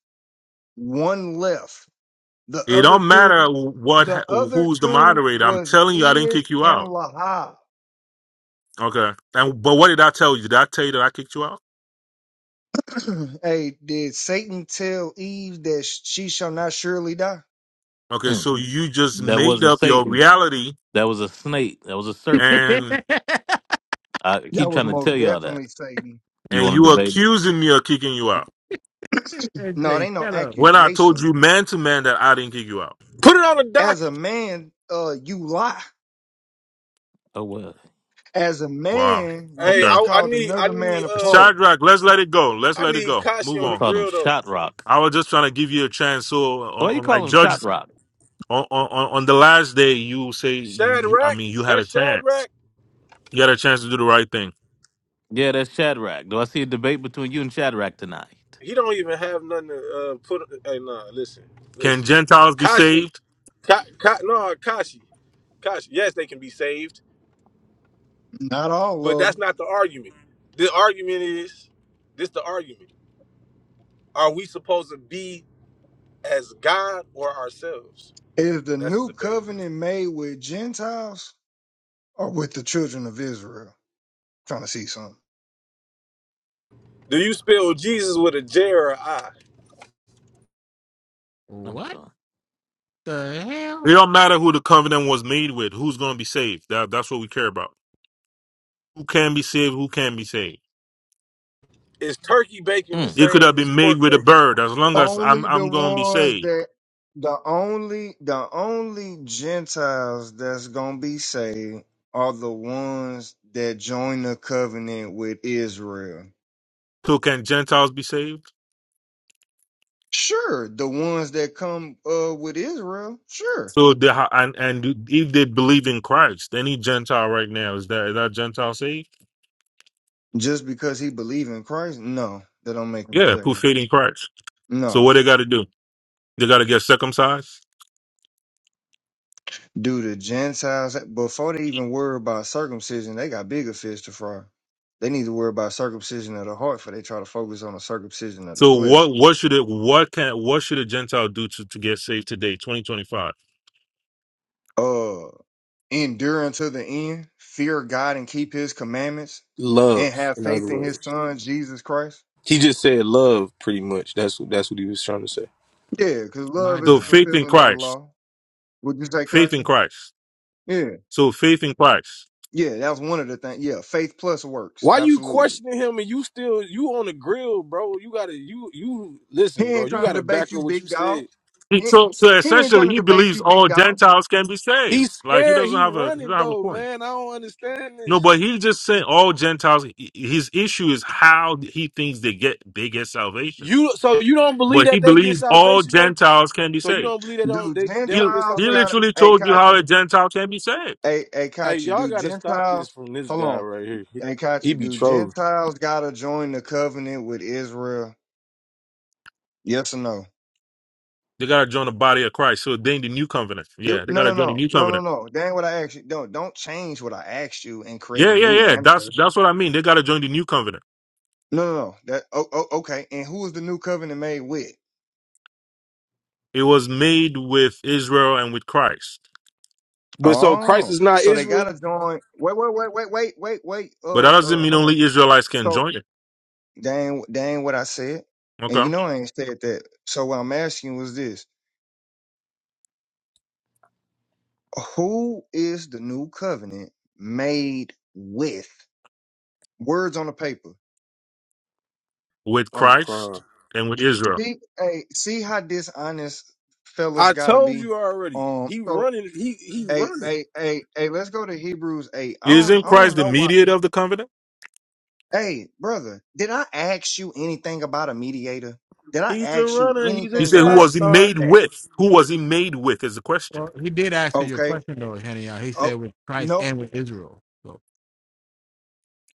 S13: One left. The
S11: It
S13: other
S11: don't matter
S13: two,
S11: what
S13: the other
S11: who's the
S13: two
S11: moderator. I'm
S13: was
S11: telling you, I didn't
S13: Iz
S11: kick you
S13: and
S11: out.
S13: Lahab.
S11: Okay, and but what did I tell you? Did I tell you that I kicked you out?
S13: hey, did Satan tell Eve that sh- she shall not surely die?
S11: Okay,
S2: mm.
S11: so you just
S2: that
S11: made
S2: wasn't
S11: up your
S2: Satan.
S11: reality
S2: That was a snake. That was a serpent.
S11: and
S2: I
S13: That
S2: keep
S13: was
S2: trying to tell
S13: most
S2: y'all that.
S13: definitely Satan.
S2: You
S11: and
S2: want to
S11: you
S2: debate it?
S11: accusing me of kicking you out
S13: No, it
S3: SJ,
S13: ain't no
S3: shut up!
S11: when I told
S13: accusation.
S11: you man to man that I didn't kick you out.
S14: Put it on the
S13: As a
S14: docket.
S13: man, uh, you lie.
S2: Oh well,
S13: As a
S11: Wow.
S13: man, you
S14: Hey,
S11: Okay,
S13: just
S14: I, I
S13: called
S14: need I
S13: another man
S14: need
S13: a
S14: uh
S13: punk.
S11: Shadrach, let's let it go. Let's
S14: I
S11: let it
S14: need
S11: go.
S14: Kashi
S11: Move
S2: you
S14: on the
S11: on.
S2: call him
S14: grill though.
S2: Shot Rock.
S11: I was just trying to give you a chance. So on,
S2: Why you
S11: on like
S2: call him Shot
S11: Judge
S2: Rock?
S11: on, on on the last day, you say you, you I
S14: Shadrach,
S11: mean you had
S14: that
S11: a chance.
S14: Shadrach,
S11: You had a chance to do the right thing.
S2: Yeah, that's Shadrach. Do I see a debate between you and Shadrach tonight?
S14: he don't even have nothing to uh, put. Hey, nah, listen,
S11: Can
S14: listen.
S11: Gentiles be
S14: Kashi,
S11: saved?
S14: Ka, Ka, no, Kashi, Kashi. Yes, they can be saved,
S13: Not
S14: but
S13: all of
S14: that's
S13: them.
S14: not the argument. The argument is this: the argument. Are we supposed to be as God or ourselves?
S13: Is the
S14: That's
S13: new
S14: the debate.
S13: covenant made with Gentiles or with the children of Israel? Trying to see something.
S14: Do you spell Jesus with a J or a I?
S2: I'm
S3: What
S2: done.
S3: the hell?
S11: It don't matter who the covenant was made with. Who's going to be saved? That, that's what we care about. Who can be saved? Who can be saved?
S14: Is turkey bacon the
S2: Mm.
S11: It could have
S14: same as
S11: been
S14: pork
S11: made with a
S14: bacon?
S11: bird. As long as I'm,
S13: Only the
S11: I'm going to be
S13: ones
S11: saved.
S13: that the only the only Gentiles that's gonna be saved are the ones that join the covenant with Israel.
S11: So can Gentiles be saved?
S13: Sure, the ones that come uh with Israel, sure
S11: So they, ha- and and if they believe in Christ, any Gentile right now is that is that Gentile saved?
S13: Just because he believe in Christ, no, that don't make him
S11: Yeah, put
S13: saved.
S11: faith in Christ. So
S13: No,
S11: what they got to do? They got to get circumcised.
S13: do the Gentiles before they even worry about circumcision, they got bigger fish to fry. They need to worry about circumcision of the heart, for they try to focus on the circumcision of the
S11: So
S13: flesh.
S11: what what should it what can what should a Gentile do to, to get saved today, 2025?
S13: Uh, endure unto the end, fear God and keep His commandments,
S14: Love,
S13: and have
S14: in other
S13: faith in His
S14: words.
S13: Son Jesus Christ.
S14: He just said love pretty much. That's that's what he was trying to say.
S13: Yeah, because
S3: My
S13: love is
S11: So
S13: the
S3: god!
S11: faith in
S13: fulfilling of the
S11: Christ,
S13: law. Would you say,
S11: faith in
S13: Coxman?
S11: Christ.
S13: Yeah,
S11: So faith in Christ.
S13: yeah, that was one of the things. Yeah, faith plus works,
S14: Why you
S13: absolutely.
S14: questioning him and you still you on the grill, bro? You gotta you you
S13: He
S14: listen, bro.
S13: ain't
S14: You
S13: trying to
S14: gotta back
S13: debate you,
S14: up what you
S13: big dog.
S14: said.
S11: He-
S13: He,
S11: So so
S13: he ain't
S11: essentially,
S13: trying to
S11: he
S13: debate
S11: believes
S13: you, big
S11: all
S13: dog.
S11: Gentiles can be saved.
S14: He's
S11: Like he
S14: scared.
S11: doesn't
S14: He
S11: have a he
S14: running
S11: doesn't have a
S14: though,
S11: point.
S14: man. I don't understand this.
S11: No, but he just saying all Gentiles. h- His issue is how he thinks they get they get salvation.
S14: You so you don't believe
S11: But he
S14: that they get
S11: believes all
S14: salvation though?
S11: Gentiles can be
S14: So you
S11: saved.
S14: don't believe they don't
S13: Do
S14: they, they
S11: He
S14: don't get
S13: Gentiles
S11: he
S14: salvation?
S13: got
S11: literally
S13: a hey,
S11: told you how
S13: Kachi?
S11: a Gentile can be saved.
S13: Hey, hey,
S14: Hey,
S13: Kachi,
S14: y'all
S13: do
S14: gotta stop this
S13: Gentiles,
S14: from this
S13: hold
S14: guy
S13: on.
S14: right here. He,
S13: Hey,
S14: he
S13: Kachi,
S14: be
S13: do
S14: trolling.
S13: Gentiles got to join the covenant with Israel? Yes or no?
S11: They gotta join the body of Christ. So they in the new covenant.
S13: You,
S11: Yeah, they
S13: no,
S11: gotta
S13: no,
S11: join the
S13: no,
S11: new
S13: no, no,
S11: covenant.
S13: no. That ain't what I asked you. Don't, don't change what I asked you and create
S11: Yeah,
S13: a
S11: yeah,
S13: new
S11: yeah. That's
S13: answer.
S11: that's what I mean. They gotta join the new covenant.
S13: No, no, no. That, oh, oh, okay. And who is the new covenant made with?
S11: It was made with Israel and with Christ.
S14: But so Christ
S13: Oh,
S14: is not
S13: so they got
S14: Israel.
S13: to join. Wait, wait, wait, wait, wait, wait, wait.
S11: But
S13: Uh,
S11: that doesn't
S13: uh,
S11: mean
S13: hold on.
S11: only Israelites can
S13: So
S11: join it.
S13: That ain't, that ain't what I said. And
S11: Okay.
S13: you know I ain't said that. So what I'm asking was this. Who is the new covenant made with? Words on the paper.
S11: With
S14: I'm
S11: Christ
S14: crying.
S11: and with Israel.
S13: See, hey, see how dishonest fellas
S14: I
S13: gotta
S14: told
S13: be.
S14: you already.
S13: Um
S14: He
S13: so
S14: running. He he
S13: hey,
S14: running.
S13: hey, hey, hey, let's go to Hebrews 8. I don't
S11: Isn't
S13: I don't
S11: Christ the
S13: know why.
S11: mediator of the covenant?
S13: Hey, brother, did I ask you anything about a mediator? Did I
S14: He's a
S13: ask you
S14: runner. He's a
S11: He
S13: anything
S11: said, Who
S14: track
S13: about
S11: was he
S14: star.
S11: made
S13: that?
S11: with? Who was he made with is the question.
S3: Well, he did answer your
S13: Okay.
S3: question though, Henny. He
S13: Oh
S3: said with Christ
S13: no.
S3: and with Israel. So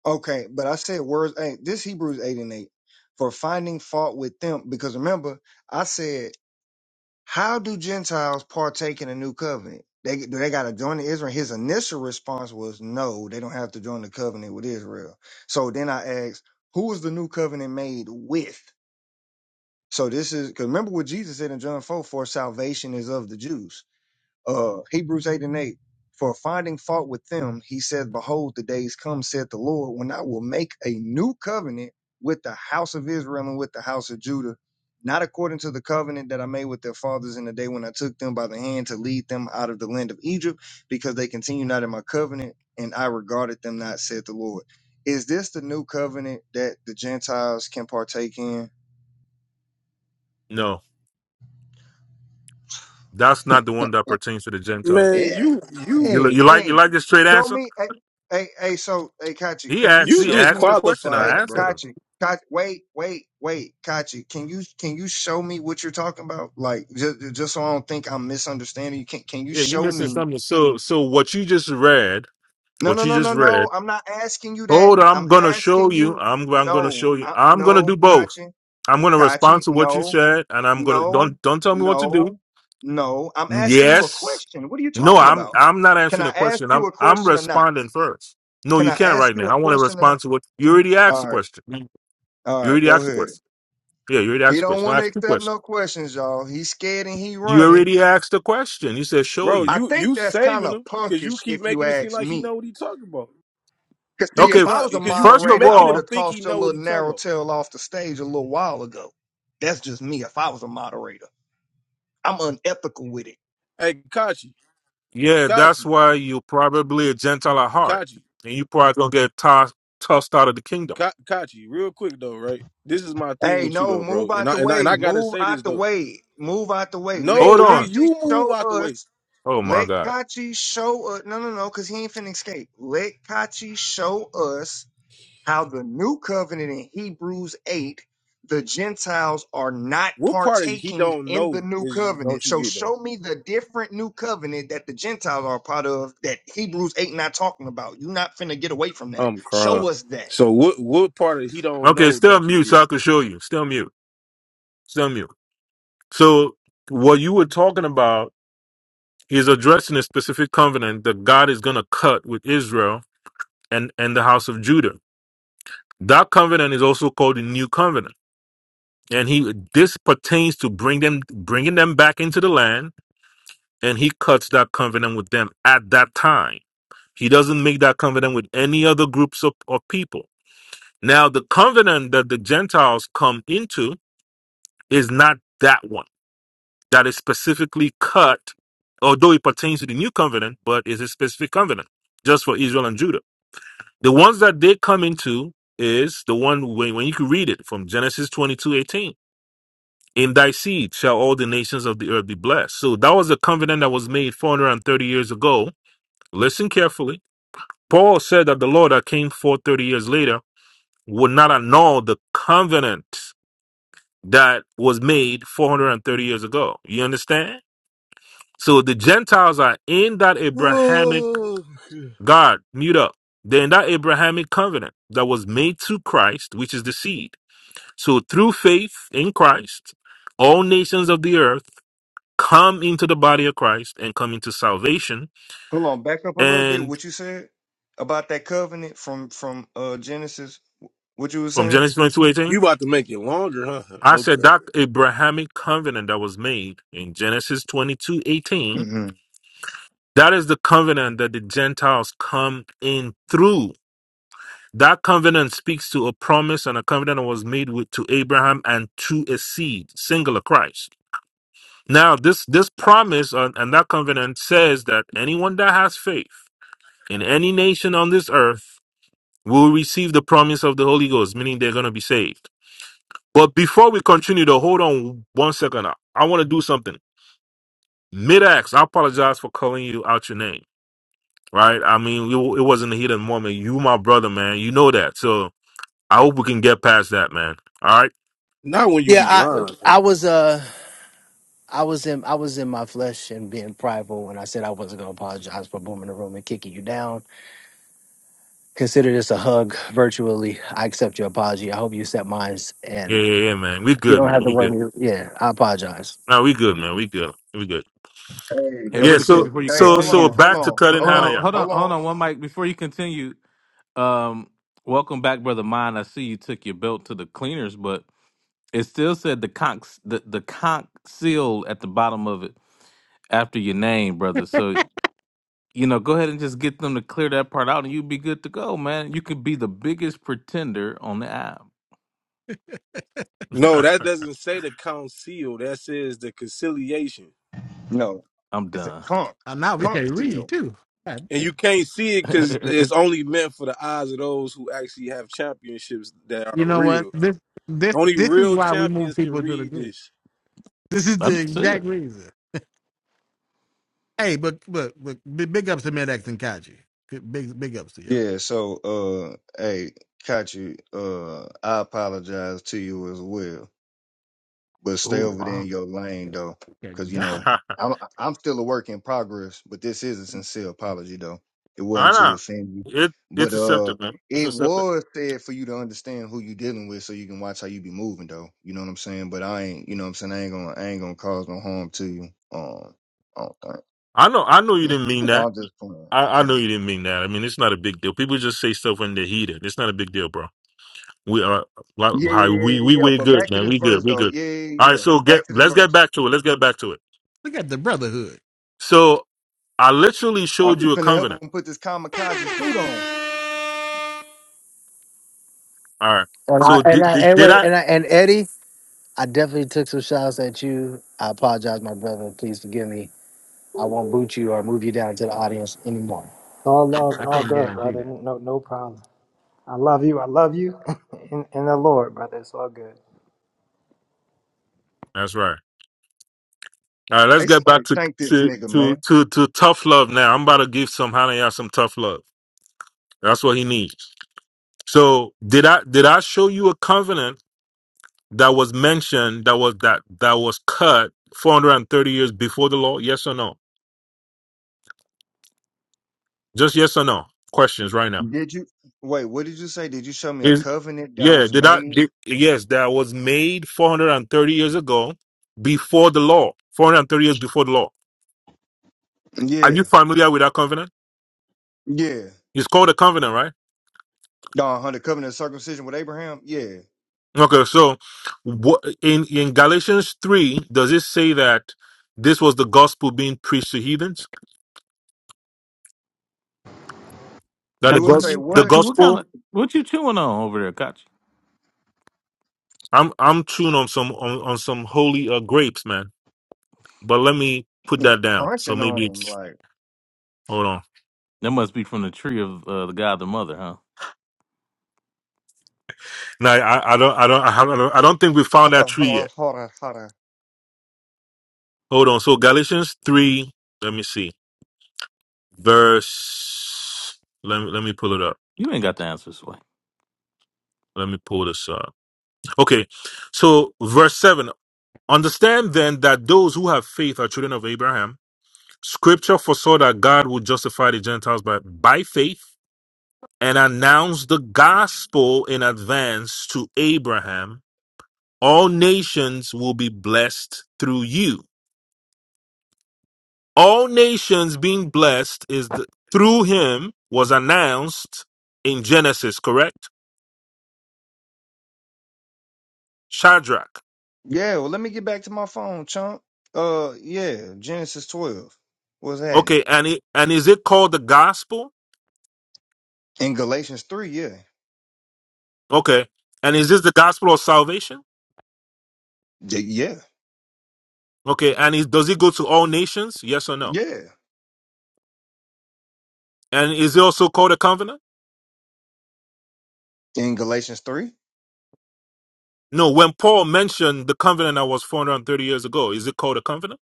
S13: Okay, but I said words ain't this Hebrews eight and eight for finding fault with them because remember I said how do Gentiles partake in a new covenant? They do they got to join the Israel? His initial response was no, they don't have to join the covenant with Israel. So then I asked, who is the new covenant made with? So this is because remember what Jesus said in John four for salvation is of the Jews uh, Hebrews 8 and 8. For finding fault with them, he said, Behold, the days come, said the Lord, when I will make a new covenant with the house of Israel and with the house of Judah, not according to the covenant that I made with their fathers in the day when I took them by the hand to lead them out of the land of Egypt, because they continue not in my covenant, and I regarded them not, said the Lord. Is this the new covenant that the Gentiles can partake in?
S11: No, that's not the one that pertains to the Gentiles.
S14: Man,
S13: Yeah.
S14: you you
S11: You, li-
S13: Hey,
S11: you like you
S13: hey,
S11: like this straight
S13: show
S11: answer?
S13: me. Hey, hey, hey, so, hey, Kachi,
S11: He
S13: can you
S14: You
S11: actually
S13: show
S11: asked
S13: me?
S11: the question.
S13: Hey,
S11: I
S14: disqualified,
S11: answered
S14: bro.
S11: him.
S13: Kachi, Kachi, wait, wait, wait, Kachi, can you can you show me what you're talking about? Like, just just so I don't think I'm misunderstanding you. Can can you
S11: Yeah, you
S13: show
S11: missing
S13: me?
S11: something. So, so what you just read,
S13: No,
S11: what
S13: no,
S11: you
S13: no,
S11: just
S13: no, no.
S11: read.
S13: I'm not asking you that.
S11: Hold on,
S13: I'm
S11: I'm gonna show
S13: asking
S11: you.
S13: you.
S11: I'm I'm gonna
S13: No,
S11: show you.
S13: I,
S11: I'm gonna do
S13: no,
S11: both.
S13: Kachi,
S11: I'm gonna respond
S13: Kachi,
S11: to what you
S13: no,
S11: said, and I'm gonna
S13: no,
S11: don't don't tell me what to do.
S13: no, no. I'm asking you a
S11: Yes,
S13: question. What are you
S11: no,
S13: talking
S11: I'm
S13: about?
S11: I'm not
S13: Can
S11: answering
S13: I
S11: the
S13: ask
S11: question.
S13: you
S11: I'm
S13: a
S11: I'm
S13: question or not?
S11: responding first. No,
S13: Can
S11: you
S13: I
S11: can't
S13: ask
S11: right
S13: you
S11: now.
S13: a
S11: I want to
S13: question or
S11: respond
S13: not?
S11: to what you already asked
S13: All
S11: the
S13: right,
S11: question. You
S13: all right,
S11: already
S13: go
S11: asked the
S13: ahead.
S11: question. Yeah, you already asked
S13: He
S11: the
S13: don't
S11: question. I
S13: want to
S11: asked two
S13: accept
S11: questions.
S13: no questions, y'all. He's scared and he
S11: You
S13: running.
S11: already asked the question. You said show
S14: Bro,
S11: you.
S13: I
S14: you
S13: think
S14: you
S13: that's kind
S14: saving
S13: of
S14: him because you
S13: punkish,
S14: keep
S13: if you
S14: making it seem
S13: ask
S14: like he
S13: me.
S14: know what he talking about.
S13: Cause
S14: You
S13: see, if
S11: Okay,
S14: keep
S13: I
S14: not
S11: f-
S13: was a
S14: because you
S11: first
S14: you
S11: of
S13: moderator, I
S14: making
S13: would
S14: him
S11: all,
S13: have
S14: think he
S13: tossed your
S14: know what he
S13: little
S14: talking
S13: narrow
S14: about.
S13: tail off the stage a little while ago. That's just me. If I was a moderator, I'm unethical with it.
S14: Hey, Kachi,
S11: yeah, that's
S14: Kachi,
S11: why you're probably a Gentile at heart,
S14: Kachi,
S11: and you probably gonna get tossed tossed out of the kingdom.
S14: Ka- Kachi. Real quick though, right? This is my thing
S13: Hey,
S14: with you
S13: no,
S14: though,
S13: move
S14: bro. And
S13: out
S14: I,
S13: the
S14: and I and
S13: way.
S14: I gotta
S13: Move
S14: say this
S13: out the
S14: though.
S13: way. Move out the way. Let
S11: Hold
S14: No, nigga,
S11: on.
S13: Kachi
S14: you move
S13: show
S14: out the way.
S13: us.
S11: Oh my
S13: Let
S11: God.
S13: Kachi show us. No, no, no, because he ain't finna escape. Let Kachi show us how the new covenant in Hebrews 8, the Gentiles are not
S14: What part of he
S13: partaking
S14: don't
S13: in the
S14: know
S13: new
S14: is don't
S13: covenant.
S14: you
S13: So
S14: get though?
S13: show me the different new covenant that the Gentiles are a part of that Hebrews 8 not talking about. you are not finna get away from that.
S14: I'm crying.
S13: Show us that.
S14: So what what part of he don't
S11: Okay,
S14: know
S11: still
S14: don't
S11: mute,
S14: you
S11: so I can show you. Still mute. Still mute. So what you were talking about is addressing a specific covenant that God is gonna cut with Israel and and the house of Judah. That covenant is also called the New Covenant, and he this pertains to bring them bringing them back into the land and he cuts that covenant with them at that time. He doesn't make that covenant with any other groups of, of people. Now, the covenant that the Gentiles come into is not that one that is specifically cut, although it pertains to the new covenant, but is a specific covenant just for Israel and Judah. The ones that they come into is the one when, when you can read it from Genesis twenty-two eighteen. In thy seed shall all the nations of the earth be blessed. So that was a covenant that was made 430 years ago listen carefully Paul said that the law that came forth 30 years later would not annul the covenant that was made 430 years ago. You understand? So the Gentiles are in that Abrahamic
S14: get?
S11: God, mute up. They're in that Abrahamic covenant that was made through Christ, which is the seed. So through faith in Christ, all nations of the earth come into the body of Christ and come into salvation.
S13: Hold on, back up a little bit.
S11: And
S13: What you said about that covenant from from uh Genesis? What you were
S11: from
S13: saying?
S11: Genesis 22:18.
S14: You about to make it longer, huh?
S11: I said
S14: Okay.
S11: that Abrahamic covenant that was made in Genesis twenty two eighteen.
S13: hmm
S11: that is the covenant that the Gentiles come in through. That covenant speaks to a promise and a covenant that was made with, to Abraham and to a seed, singular Christ. Now, this, this promise and, and that covenant says that anyone that has faith in any nation on this earth will receive the promise of the Holy Ghost, meaning they're going to be saved. But before we continue, though, hold on one second. I, I want to do something. Mid-ax, I apologize for calling you out your name, right? I mean, you, it wasn't the heat of the moment. You my brother, man. You know that. So I hope we can get past that, man. All right?
S14: Not when you
S9: Yeah,
S14: be
S9: I
S14: lying
S9: I
S14: though.
S9: was uh I was in I was in my flesh and being prideful when I said I wasn't gonna apologize for booming the room and kicking you down. Consider this a hug virtually. I accept your apology. I hope you accept mine, and.
S11: Yeah, yeah, yeah, man. We
S9: You
S11: good,
S9: don't
S11: man.
S9: have to
S11: We good.
S9: worry. me- Yeah, I apologize.
S11: No, we good, man. We good. We good.
S13: Hey,
S2: Hey,
S14: That's
S11: Yeah,
S2: really
S14: what's
S2: quick
S11: so
S14: up.
S2: before you
S13: hey,
S11: so
S13: hold
S11: so
S2: continue,
S13: on, hold
S11: back to
S13: on,
S2: Ho-
S11: cutting
S13: hold
S2: Hold on,
S13: on,
S11: Hanaya.
S2: hold on,
S13: hold
S2: hold
S13: on.
S2: on. One mic before you continue. Um, welcome back, brother mine. I see you took your belt to the cleaners, but it still said the conch the, the conch seal at the bottom of it after your name, brother. So you know, go ahead and just get them to clear that part out, and you'll be good to go, man. You could be the biggest pretender on the app.
S14: No, that doesn't say the council. That says the conciliation.
S13: No,
S2: I'm
S13: it's a
S2: done.
S13: conch,
S3: uh, now we
S13: conch
S3: can read
S13: seal.
S3: too.
S14: And you can't see it because it's
S2: I'm
S14: only meant for the eyes of those who actually have championships that are
S3: You know what?
S14: real.
S3: This this
S14: Only
S3: this is
S14: real
S3: why we move
S14: champions can
S3: people to the
S14: read
S3: group.
S14: this.
S3: This is the
S2: serious.
S3: exact reason. Hey, but but, but big big ups to Medax and Kaji. Big big ups to y'all.
S13: Yeah. So, uh, hey, Kachi, uh, I apologize to you as well. but stay
S2: Oh
S13: over there
S2: wow,
S13: in your lane though,
S3: Okay,
S13: because you
S3: no,
S13: know
S11: I
S13: I'm I'm still a work in progress. But this is a sincere apology though. It wasn't to
S11: know.
S13: offend you,
S11: It it's
S13: but uh,
S11: accepted, man. It's
S13: it
S11: accepted.
S13: was said for you to understand who you dealing with, so you can watch how you be moving though. You know what I'm saying? But I ain't, you know what I'm saying? I ain't gonna I ain't gonna cause no harm to you. Um, I don't
S11: I know I know you didn't mean
S13: think
S11: that.
S13: I'm just playing.
S11: I, I know
S13: Hmm.
S11: you didn't mean that. I mean it's not a big deal. People just say stuff when they're heated. It's not a big deal, bro. We are lot-
S13: Yeah,
S11: hi,
S13: yeah, yeah,
S11: we we
S13: yeah. yeah.
S11: we
S13: But
S11: good,
S13: back to
S11: man.
S13: this
S11: We good.
S13: verse
S11: We
S13: though.
S11: good.
S13: Yeah, yeah, yeah.
S11: All right,
S13: yeah.
S11: so get
S13: Back to the
S11: let's get
S13: verse.
S11: back to it. Let's get back to it.
S3: Look at the brotherhood.
S11: So I literally
S13: I'm
S11: showed you
S13: just
S11: a
S13: gonna help
S11: covenant.
S13: him put this kamikaze suit on.
S11: All right.
S9: And I
S11: So
S9: and
S11: did
S9: I
S11: did,
S9: and,
S11: did
S9: wait,
S11: I?
S9: and, I, and Eddie, I definitely took some shots at you. I apologize, my brother. Please forgive me. I won't boot you or move you down to the audience anymore.
S12: All love
S3: I
S12: all
S3: can't
S12: good,
S3: guarantee
S12: brother.
S3: that.
S12: No, no problem. I love you. I love you in, in the Lord, brother. It's all good.
S11: That's right. All right. Let's
S13: Hey,
S11: get back
S13: somebody
S11: to
S13: thank this
S11: to
S13: nigga, man.
S11: to to, to tough love now. I'm about to give some Hanaya some tough love. That's what he needs. So did I did I show you a covenant that was mentioned that was that that was cut 430 years before the law? Yes or no? Just yes or no questions right now
S13: Did you wait? What did you say? Did you show me a covenant that
S11: Yeah,
S13: was
S11: did I?
S13: made?
S11: Did, yes, that was made 430 years ago, before the law. 430 years before the law. Are
S13: Yeah,
S11: you familiar with that covenant?
S13: yeah.
S11: It's called a covenant, right?
S13: No, under covenant of circumcision with Abraham. Yeah.
S11: Okay, so what, in in Galatians three, does it say that this was the gospel being preached to heathens? That the
S13: Do it say
S11: gospel,
S2: Kachi,
S11: the
S13: what?
S2: Kachi, what
S11: gospel.
S2: kind of what you chewing on over there, Kachi?
S11: I'm I'm chewing on some on, on some holy uh, grapes, man. But let me put that down. So
S13: Crunching on
S11: maybe
S13: 'em,
S11: it's
S13: like
S11: hold on.
S2: That must be from the tree of uh, the God, the Mother, huh?
S11: No, I, I don't I don't I have not I don't think we found that
S13: hotter,
S11: tree yet.
S13: hotter, hotter, hotter.
S11: Hold on. So Galatians 3, let me see. Verse let me let me pull it up.
S2: You ain't got the answers,
S11: Let me pull this up. Okay. So verse 7. Understand then that those who have faith are children of Abraham. Scripture foresaw that God would justify the Gentiles by, by faith and announce the gospel in advance to Abraham. All nations will be blessed through you. all nations being blessed is the, through him was announced in Genesis, correct? Shadrach.
S13: Yeah. Well, let me get back to my phone, chunk. Uh, yeah. Genesis twelve. What's happening
S11: Okay, and it, and is it called the gospel?
S13: in Galatians three? Yeah.
S11: Okay, and is this the gospel of salvation?
S13: Y- yeah.
S11: Okay, and is, does it go to all nations? Yes or no?
S13: Yeah.
S11: And is it also called a covenant?
S13: In Galatians three.
S11: No. When Paul mentioned the covenant that was 430 years ago, is it called a covenant?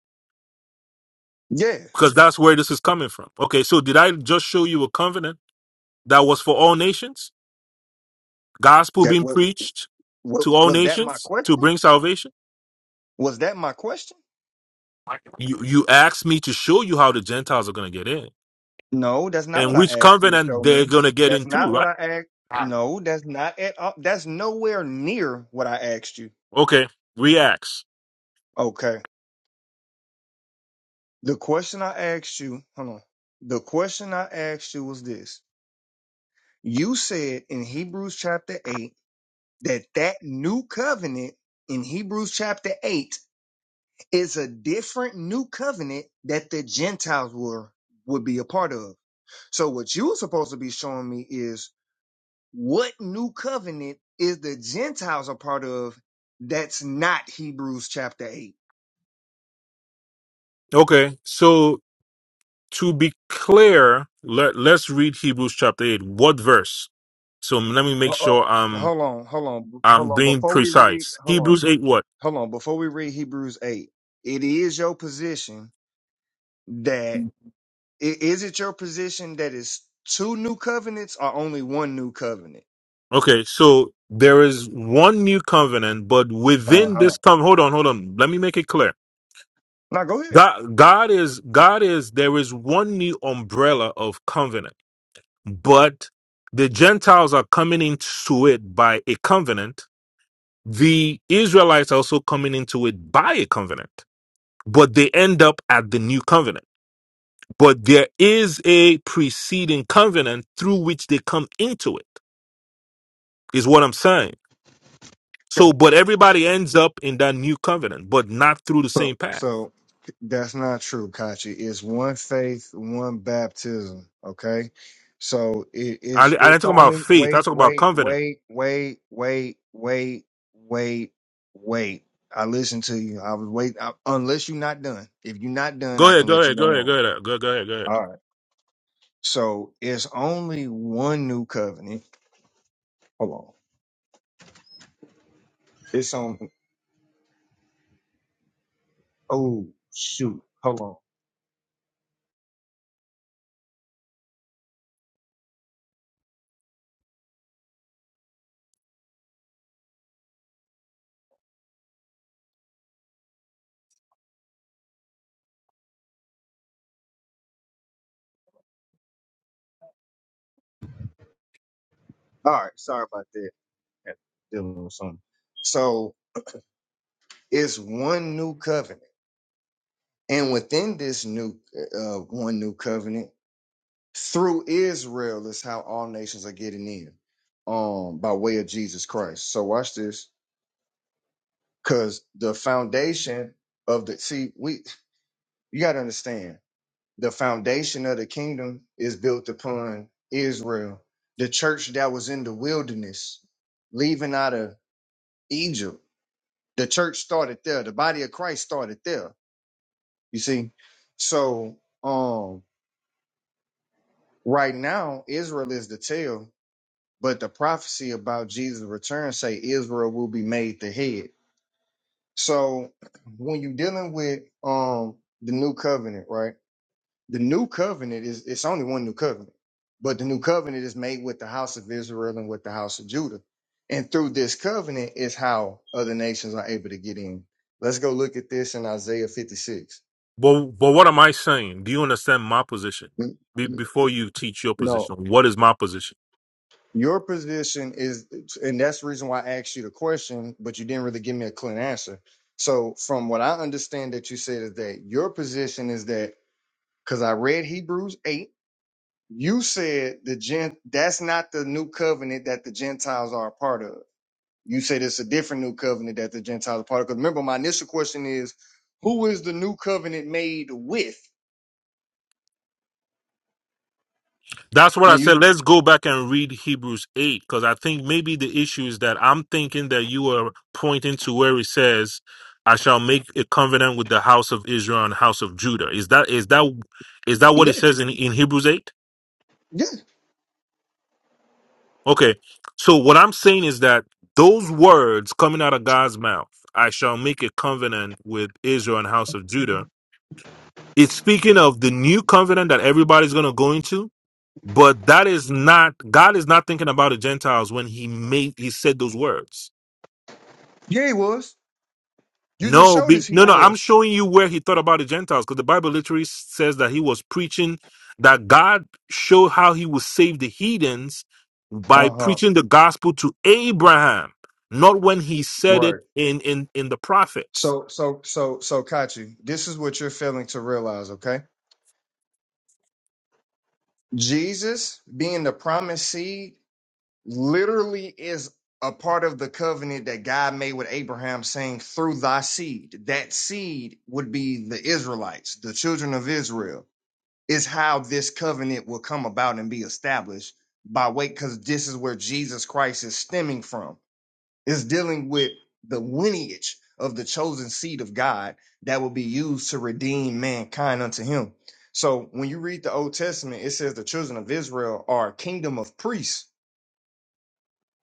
S13: Yeah.
S11: Because that's where this is coming from. Okay, so did I just show you a covenant that was for all nations? gospel
S13: That
S11: being
S13: what?
S11: preached
S13: What
S11: to all
S13: was that? My
S11: nations to
S13: question?
S11: bring salvation.
S13: Was that my question?
S11: You you asked me to show you how the Gentiles are going to get in
S13: No, that's not
S11: and
S13: what I
S11: which
S13: asked you to
S11: covenant
S13: show me.
S11: they're going to get
S13: That's
S11: into,
S13: not what
S11: right?
S13: I asked. No, that's not at all. That's nowhere near what I asked you.
S11: Okay, reacts.
S13: Okay. The question I asked you, hold on. The question I asked you was this. You said in Hebrews chapter 8 that that new covenant in Hebrews chapter 8 is a different new covenant that the Gentiles were would be a part of. So what you were supposed to be showing me is What new covenant is the Gentiles a part of that's not Hebrews chapter 8?
S11: Okay, so to be clear, let let's read Hebrews chapter eight. What verse? So let me
S13: Uh,
S11: make
S13: uh,
S11: sure I'm
S13: hold on, hold on,
S11: I'm
S13: hold on.
S11: being
S13: Before we read,
S11: precise.
S13: hold on,
S11: Hebrews eight. What?
S13: hold on. Before we read Hebrews 8, it is your position that, i- is it your position that it's two new covenants or only one new covenant?
S11: Okay, so there is one new covenant, but
S13: Uh
S11: within
S13: huh.
S11: this covenant, hold on, hold on. Let me make it clear
S13: Now go ahead.
S11: God, God is God is there is one new umbrella of covenant, but the Gentiles are coming into it by a covenant. The Israelites are also coming into it by a covenant, but they end up at the new covenant. But there is a preceding covenant through which they come into it, is what I'm saying. So, but everybody ends up in that new covenant, but not through the same
S13: So,
S11: path.
S13: so that's not true, Kachi. It's one faith, one baptism. Okay. So it
S11: I, I
S13: is, it's
S11: didn't talk about
S13: only
S11: faith. I
S13: wait,
S11: talk about
S13: wait,
S11: covenant.
S13: wait, wait, wait, wait, wait, wait. I listened to you. I was waiting. I, unless you're not done. If you're not done,
S11: Go
S13: I
S11: ahead,
S13: can
S11: go
S13: let you
S11: ahead, go
S13: go
S11: ahead, go
S13: on.
S11: ahead, go, go ahead, go ahead.
S13: All right. So it's only one new covenant. Hold on. It's on. Oh, shoot. Hold on. All right. Sorry about that. Dealing with something. So. It's one new covenant. And within this new uh, uh, one new covenant, through Israel is how all nations are getting in um by way of Jesus Christ. So watch this cuz the foundation of the see we you got to understand the foundation of the kingdom is built upon Israel. The church that was in the wilderness leaving out of Egypt, the church started there. The body of Christ started there You see? So um right now Israel is the tail, but the prophecy about Jesus' return say Israel will be made the head. So when you're dealing with um the new covenant, right? The new covenant is it's only one new covenant, but the new covenant is made with the house of Israel and with the house of Judah. And through this covenant is how other nations are able to get in. Let's go look at this in Isaiah 56.
S11: But but what am I saying? Do you understand my position? Be, before you teach your
S13: No.
S11: position, what is my position?
S13: Your position is, and that's the reason why I asked you the question, but you didn't really give me a clean answer. So, from what I understand that you said is that your position is that because I read Hebrews 8, you said the gent that's not the new covenant that the Gentiles are a part of. You said it's a different new covenant that the Gentiles are part of. Because remember, my initial question is, who is the new covenant made with?
S11: That's what
S13: And
S11: I said.
S13: you,
S11: Let's go back and read Hebrews eight because I think maybe the issue is that I'm thinking that you are pointing to where it says, "I shall make a covenant with the house of Israel and house of Judah." Is that is that is that what
S13: yeah,
S11: it says in in Hebrews eight?
S13: yeah,
S11: Okay, so what I'm saying is that those words coming out of God's mouth, "I shall make a covenant with Israel and house of Judah." it's speaking of the new covenant that everybody's going to go into but that is not god is not thinking about the gentiles when he made he said those words
S13: yeah, he was. You just
S11: no
S13: showed
S11: be,
S13: us he
S11: no no i'm
S13: was.
S11: showing you where he thought about the gentiles because the bible literally says that he was preaching that god showed how he would save the heathens by
S13: Uh huh.
S11: preaching the gospel to abraham not when he said
S13: Right.
S11: it in in in the prophets
S13: So, so, so, so, Kachi, this is what you're failing to realize, okay? Jesus being the promised seed literally is a part of the covenant that God made with Abraham, saying, through thy seed. That seed would be the Israelites, the children of Israel, is how this covenant will come about and be established by way, because this is where Jesus Christ is stemming from. It's dealing with the lineage of the chosen seed of God that will be used to redeem mankind unto him. So when you read the Old Testament, it says the children of Israel are a kingdom of priests.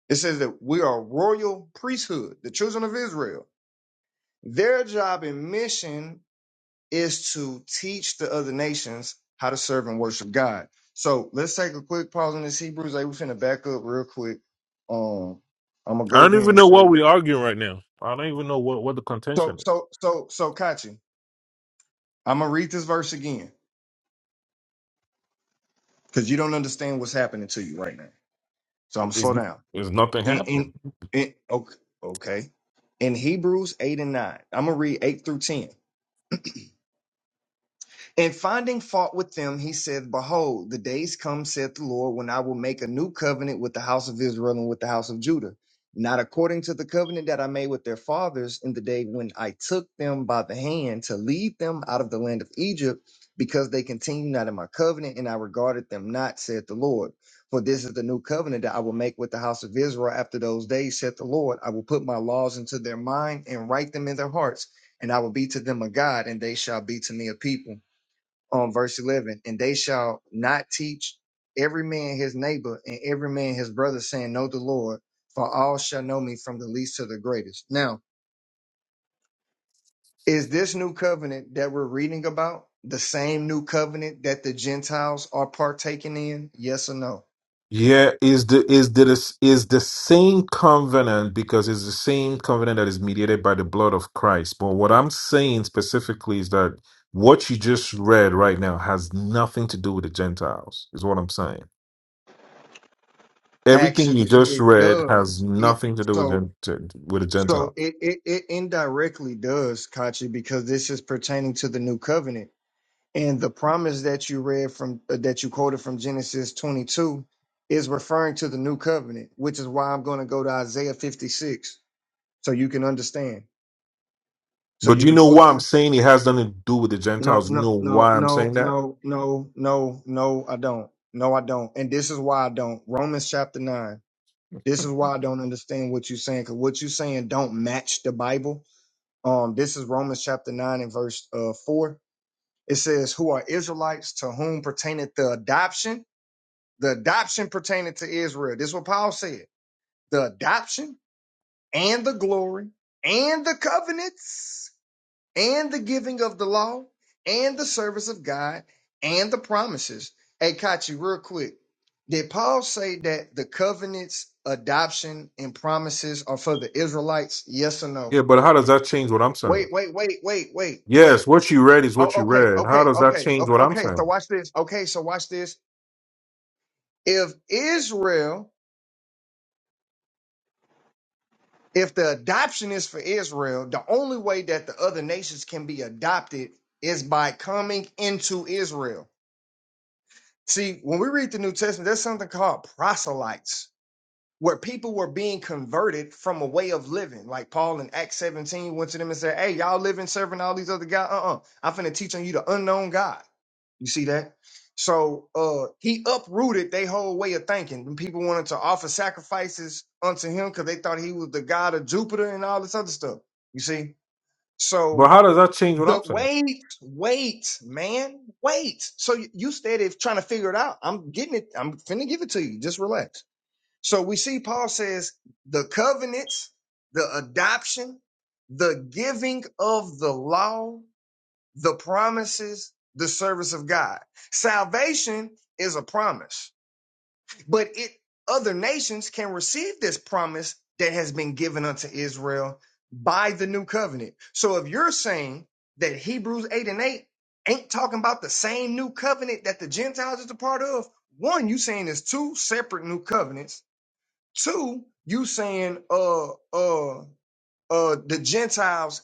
S13: It says that we are a royal priesthood, the children of Israel. Their job and mission is to teach the other nations how to serve and worship God. So let's take a quick pause on this Hebrews. Like we're finna back up real quick. Um, I'm gonna
S11: i
S13: go over
S11: don't
S13: here
S11: even
S13: and
S11: know
S13: show
S11: what
S13: you.
S11: we're arguing right now i don't even know what what the
S13: So,
S11: contention
S13: so, so, so, Kachi, I'm gonna read this verse again because you don't understand what's happening to you right now. So I'm
S11: is
S13: gonna
S11: it's,
S13: slow down.
S11: it's nothing
S13: And,
S11: happening
S13: and, and okay, okay. In Hebrews eight and nine, I'm gonna read eight through ten. And finding fault with them, he said, Behold, the days come, saith the Lord, when I will make a new covenant with the house of Israel and with the house of Judah, not according to the covenant that I made with their fathers in the day when I took them by the hand to lead them out of the land of Egypt, because they continued not in my covenant, and I regarded them not, saith the Lord. For this is the new covenant that I will make with the house of Israel after those days, saith the Lord. I will put my laws into their mind and write them in their hearts, and I will be to them a God, and they shall be to me a people on verse 11 and they shall not teach every man his neighbor and every man his brother saying know the lord for all shall know me from the least to the greatest now is this new covenant that we're reading about the same new covenant that the gentiles are partaking in yes or no
S11: Yeah, is the is the is the same covenant because it's the same covenant that is mediated by the blood of Christ. But what I'm saying specifically is that what you just read right now has nothing to do with the Gentiles. Is what I'm saying. Everything you
S13: actually
S11: just
S13: it
S11: read
S13: does
S11: has
S13: it
S11: nothing to do with
S13: so
S11: the, to- with the
S13: so
S11: Gentile.
S13: it it, it indirectly does kachi because this is pertaining to the new covenant And the promise that you read from uh, that you quoted from Genesis 22 is referring to the new covenant, which is why I'm going to go to Isaiah 56 so you can understand. So
S11: But
S13: you
S11: you
S13: can
S11: know
S13: fully
S11: why I'm
S13: understand.
S11: saying it has nothing to do with the
S13: No,
S11: Gentiles? You know
S13: no, no,
S11: why I'm
S13: no,
S11: saying that?
S13: no, no, no, no, I don't. No, I don't. And this is why I don't. Romans chapter 9. This is why I don't understand what you're saying cuz what you're saying don't match the Bible. Um this is Romans chapter 9 and verse uh 4. It says, "Who are Israelites to whom pertaineth the adoption?" The adoption pertaining to Israel. This is what Paul said. The adoption and the glory and the covenants and the giving of the law and the service of God and the promises. Hey, Kachi, real quick. Did Paul say that the covenants, adoption, and promises are for the Israelites? Yes or
S11: Yeah,
S13: no?
S11: but how does that change what I'm
S13: Wait,
S11: saying?
S13: wait, wait, wait, wait, wait.
S11: Yes, what you read is what
S13: Oh,
S11: you
S13: okay,
S11: read. How
S13: okay,
S11: does that
S13: okay,
S11: change
S13: okay.
S11: what I'm
S13: okay. So
S11: saying?
S13: watch this. Okay, so watch this. If Israel if the adoption is for Israel, the only way that the other nations can be adopted is by coming into Israel. See, when we read the New Testament, there's something called proselytes where people were being converted from a way of living. Like Paul in Acts 17 went to them and said, Hey, y'all living serving all these other guys. Uh-uh. I'm finna teach on you the unknown God. You see that? So uh he uprooted their whole way of thinking. And people wanted to offer sacrifices unto him because they thought he was the god of Jupiter and all this other stuff. You see?
S11: But
S13: So
S11: how does that change what
S13: the
S11: I'm saying?
S13: wait, wait, man, wait. So you you steady trying to figure it out. I'm getting it. I'm finna give it to you. Just relax. So we see Paul says the covenants, the adoption, the giving of the law, the promises, the service of God. Salvation is a promise, but it other nations can receive this promise that has been given unto Israel by the new covenant. So if you're saying that Hebrews 8 and 8 ain't talking about the same new covenant that the Gentiles is a part of, one, you saying there's two separate new covenants Two, you saying uh uh uh the Gentiles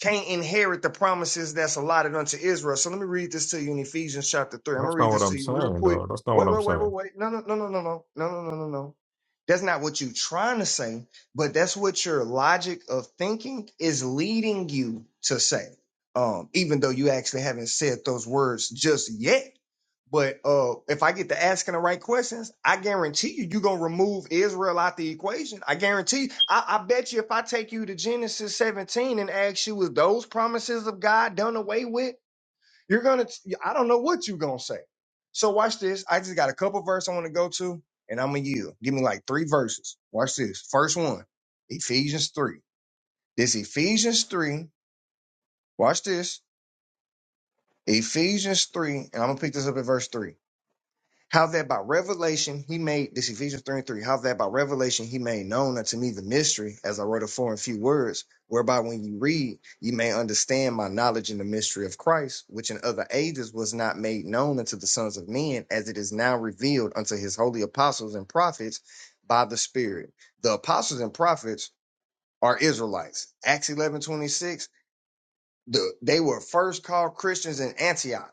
S13: can't inherit the promises that's allotted unto Israel. So let me read this to you in Ephesians chapter three. I'm gonna
S11: That's not
S13: read
S11: what
S13: this
S11: I'm
S13: to you real
S11: saying,
S13: quick.
S11: though. That's not
S13: Wait,
S11: what I'm
S13: wait, wait, wait,
S11: saying.
S13: wait. No, no, no, no, no, no, no, no, no, no, no. That's not what you're trying to say, but that's what your logic of thinking is leading you to say. Um, even though you actually haven't said those words just yet but uh, if I get to asking the right questions, I guarantee you, you're going to remove Israel out the equation. I guarantee you. I, I bet you if I take you to Genesis 17 and ask you, is those promises of God done away with? You're going to, I don't know what you're going to say. So watch this. I just got a couple verses I want to go to, and I'm going to yield. Give me like three verses. Watch this. First one, Ephesians 3. This Ephesians 3, watch this. Ephesians 3, and I'm going to pick this up at verse 3. How that by revelation he made this Ephesians 3 and 3, how that by revelation he made known unto me the mystery, as I wrote afore in few words, whereby when you read, you may understand my knowledge in the mystery of Christ, which in other ages was not made known unto the sons of men, as it is now revealed unto his holy apostles and prophets by the Spirit. The apostles and prophets are Israelites. Acts eleven twenty six. the, they were first called Christians in Antioch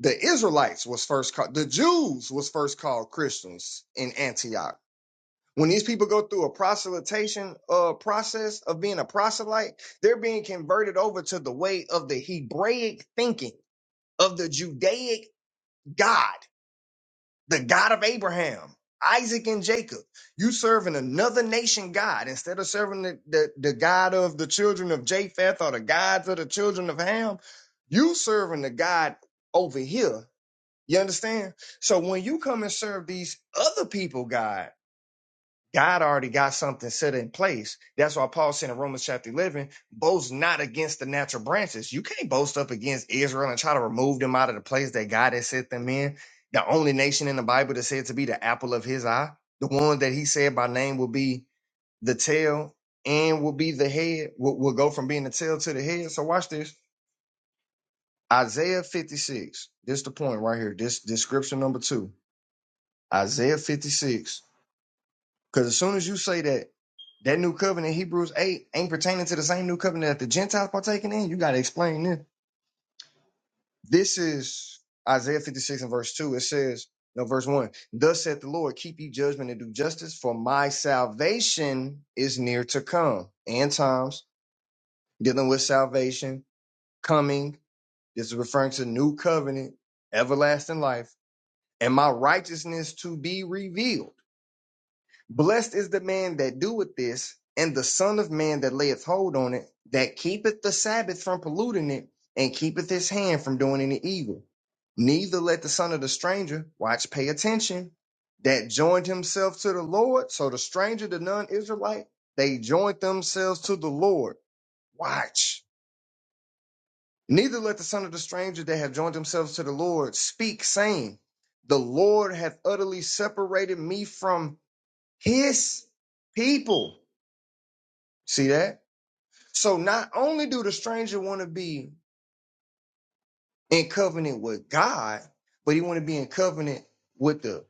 S13: the Israelites was first called the Jews was first called Christians in Antioch. When these people go through a proselytation uh, process of being a proselyte, they're being converted over to the way of the Hebraic thinking of the Judaic God, the God of Abraham, Isaac, and Jacob. You serving another nation God instead of serving the, the, the God of the children of Japheth or the gods of the children of Ham. You serving the God over here you understand? So when you come and serve these other people, God, God already got something set in place. That's why Paul said in Romans chapter 11, boast not against the natural branches. You can't boast up against Israel and try to remove them out of the place that God has set them in. The only nation in the Bible that said to be the apple of his eye, the one that he said by name will be the tail and will be the head, will, will go from being the tail to the head. So watch this. Isaiah 56. This is the point right here. This, this scripture number two. Isaiah 56. Because as soon as you say that that new covenant, Hebrews 8, ain't pertaining to the same new covenant that the Gentiles partaking in, you got to explain this. This is Isaiah 56 and verse 2. It says, no, verse 1 Thus saith the Lord, keep ye judgment and do justice, for my salvation is near to come. And times dealing with salvation, coming. This is referring to new covenant, everlasting life, and my righteousness to be revealed. Blessed is the man that doeth this, and the son of man that layeth hold on it, that keepeth the Sabbath from polluting it, and keepeth his hand from doing any evil. Neither let the son of the stranger, watch, pay attention, that joined himself to the Lord. So the stranger, the non Israelite, they joined themselves to the Lord. Watch. Neither let the son of the stranger that have joined themselves to the Lord speak, saying, The Lord hath utterly separated me from his people. See that? So not only do the stranger want to be in covenant with God, but he want to be in covenant with the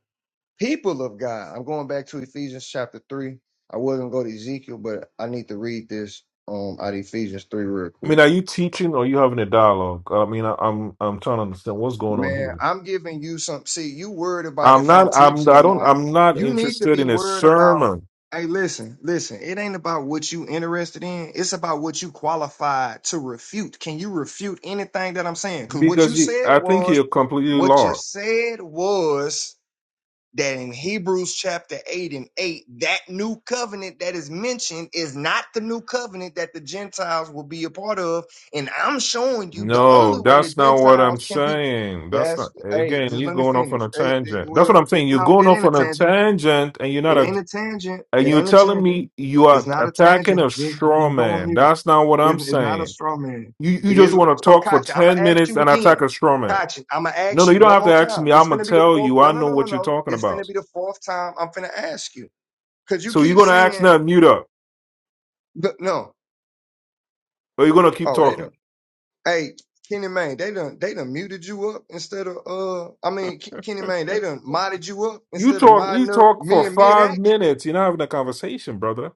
S13: people of God. I'm going back to Ephesians chapter three. I was gonna go to Ezekiel, but I need to read this um out of Ephesians three real
S11: I mean,
S13: quick.
S11: are you teaching or are you having a dialogue? I mean, I, I'm I'm trying to understand what's going on here.
S13: Man, I'm giving you some. See, you worried about
S11: I'm
S13: if I'm
S11: not. I'm.
S13: teaching or
S11: I don't.
S13: not.
S11: I'm not
S13: You need to
S11: interested
S13: be
S11: in a
S13: worried about.
S11: sermon
S13: Hey, listen, listen. It ain't about what you interested in. It's about what you qualified to refute. Can you refute anything that I'm saying? Because what you
S11: because you.
S13: said
S11: I think
S13: was,
S11: you're completely
S13: what
S11: lost.
S13: you said was that in Hebrews chapter 8 and 8, that new covenant that is mentioned is not the new covenant that the Gentiles will be a part of. And I'm showing you the only
S11: No,
S13: way the
S11: that's not what I'm
S13: Gentiles can be.
S11: saying. That's
S13: That's,
S11: not,
S13: hey,
S11: again,
S13: just
S11: you're
S13: let me
S11: going off on
S13: finish.
S11: a
S13: Hey, it-
S11: tangent. That's what
S13: well,
S11: I'm
S13: it-
S11: saying. You're
S13: no,
S11: going
S13: it
S11: off
S13: ain't a
S11: on a
S13: tangent.
S11: tangent and you're not
S13: It
S11: a,
S13: ain't a tangent.
S11: and
S13: It
S11: you're
S13: ain't a
S11: telling
S13: tangent.
S11: me you
S13: It's
S11: are
S13: not a
S11: attacking
S13: tangent.
S11: a
S13: Just
S11: straw
S13: just go on
S11: man.
S13: mute.
S11: That's not what I'm
S13: It's, it's not a
S11: saying.
S13: straw man.
S11: You, you
S13: It
S11: just
S13: is
S11: want to
S13: so
S11: talk for
S13: Katya, I'ma
S11: 10
S13: ask
S11: minutes
S13: you
S11: and attack
S13: again.
S11: a straw man.
S13: Katya, I'ma
S11: No,
S13: ask
S11: no,
S13: you
S11: you don't
S13: one
S11: have
S13: more
S11: to ask
S13: time.
S11: me.
S13: This
S11: I'm going
S13: finna
S11: to
S13: be the
S11: tell
S13: fourth.
S11: you. I
S13: No, no,
S11: know
S13: no, no,
S11: what you're
S13: no.
S11: talking
S13: This finna
S11: about.
S13: be the fourth time I'm finna ask you. Cause you
S11: So you're
S13: keep
S11: going to ask
S13: saying
S11: now, mute up,
S13: look, no.
S11: or you're going to keep
S13: Oh, they
S11: talking.
S13: done. Hey, Kenny Mayne, they done they done muted you up instead of uh I mean K- Kenny Mayne, they done modded you up
S11: You
S13: instead of
S11: talk, you
S13: modding up
S11: talk
S13: me
S11: for
S13: and mid
S11: five minutes. You're not having a conversation, brother.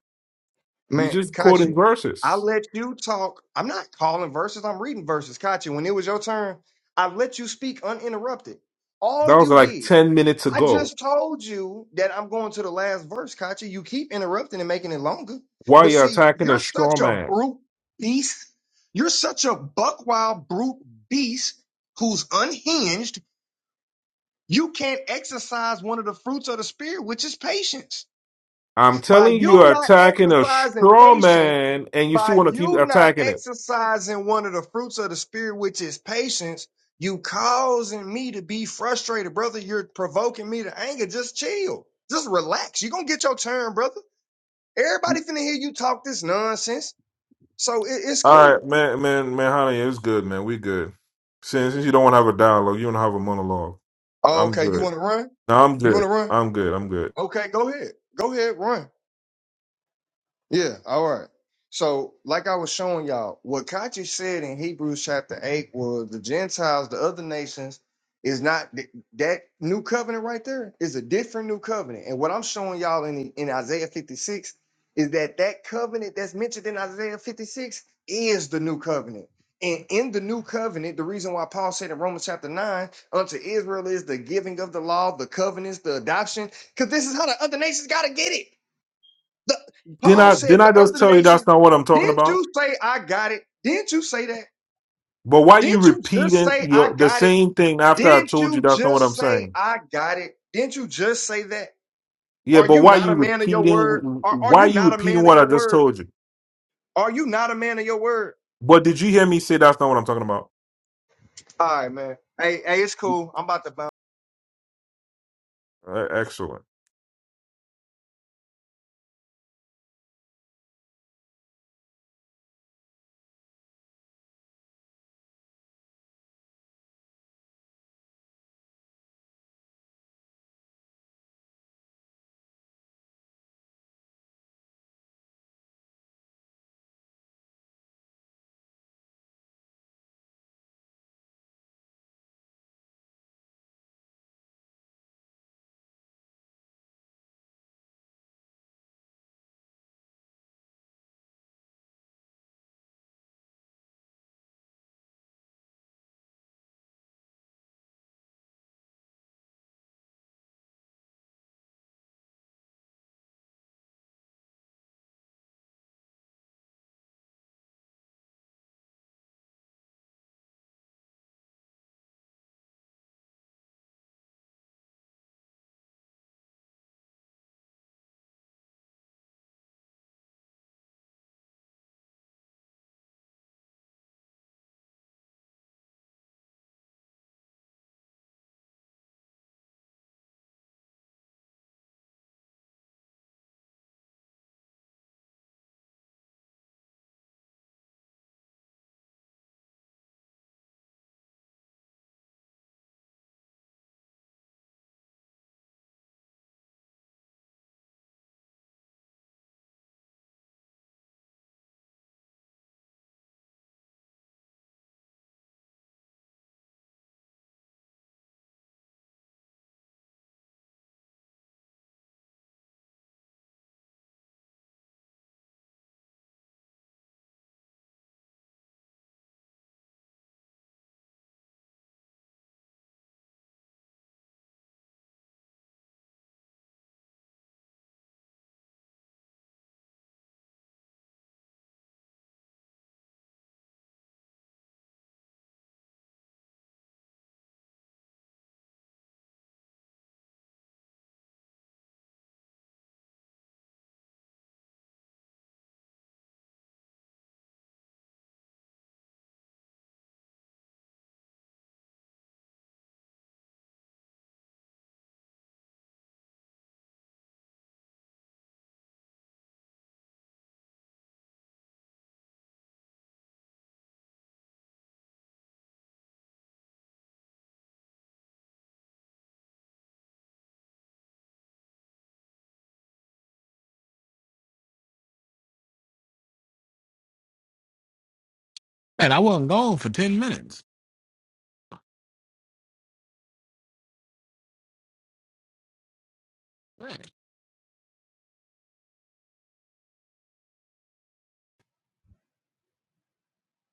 S11: You're
S13: Man,
S11: just quoting
S13: Kachi, I
S11: verses.
S13: let you talk. I'm not calling verses. I'm reading verses. Kachi, when it was your turn, I let you speak uninterrupted. All
S11: That was
S13: you
S11: like
S13: did,
S11: 10 minutes
S13: I
S11: ago.
S13: just told you that I'm going to the last verse, Kachi. You keep interrupting and making it longer.
S11: Why
S13: But
S11: you
S13: see,
S11: attacking a
S13: you're
S11: straw
S13: such a
S11: man?
S13: brute beast. You're such a buck wild brute beast who's unhinged. You can't exercise one of the fruits of the spirit, which is patience.
S11: I'm telling
S13: By
S11: you,
S13: you
S11: you're
S13: not
S11: attacking a
S13: exercising
S11: straw
S13: patience,
S11: man, and you still
S13: by
S11: want to keep
S13: you not
S11: attacking it.
S13: exercising one of the fruits of the spirit, which is patience, you causing me to be frustrated, brother. You're provoking me to anger. Just chill. Just relax. You're gonna get your turn, brother. Everybody finna hear you talk this nonsense. So it- it's
S11: All right,
S13: cool.
S11: man, man, man, honey, it's good, man. We good. Since, since you don't want to have a dialogue, you don't have a monologue.
S13: Oh,
S11: I'm
S13: okay, you
S11: good.
S13: wanna run?
S11: No, I'm
S13: You wanna
S11: good.
S13: run?
S11: I'm good. I'm good.
S13: Okay, go ahead. Go ahead, run. Yeah, all right. So, like I was showing y'all, what Kachi said in Hebrews chapter 8 was the Gentiles, the other nations, is not th- that new covenant right there is a different new covenant. And what I'm showing y'all in, in Isaiah 56 is that that covenant that's mentioned in Isaiah 56 is the new covenant. And in the new covenant, the reason why Paul said in Romans chapter 9, unto Israel is the giving of the law, the covenants, the adoption, because this is how the other nations got to get it. The,
S11: Didn't
S13: Paul
S11: I?
S13: said
S11: Didn't
S13: the
S11: I just
S13: other
S11: tell you that's
S13: nations,
S11: not what I'm talking
S13: didn't
S11: about?
S13: you say I got it? Didn't you say that?
S11: But why you
S13: Didn't you just
S11: repeating
S13: say I
S11: your the
S13: got it?
S11: same thing after I
S13: Didn't
S11: told you
S13: you
S11: that's not what
S13: just
S11: I'm
S13: say
S11: saying?
S13: I got it? Didn't you just say that?
S11: Yeah,
S13: Are
S11: but
S13: you
S11: why
S13: not a
S11: you
S13: man of your word?
S11: repeating?
S13: Are, are
S11: Why
S13: you
S11: you
S13: not a
S11: repeating
S13: man of
S11: what I
S13: your
S11: just
S13: word?
S11: told you?
S13: Are you not a man of your word?
S11: But did you hear me say that's not what I'm talking about?
S13: All right, man. Hey, hey, it's cool. I'm about to bounce.
S11: Uh, excellent.
S3: Man, I wasn't gone for ten minutes. Man,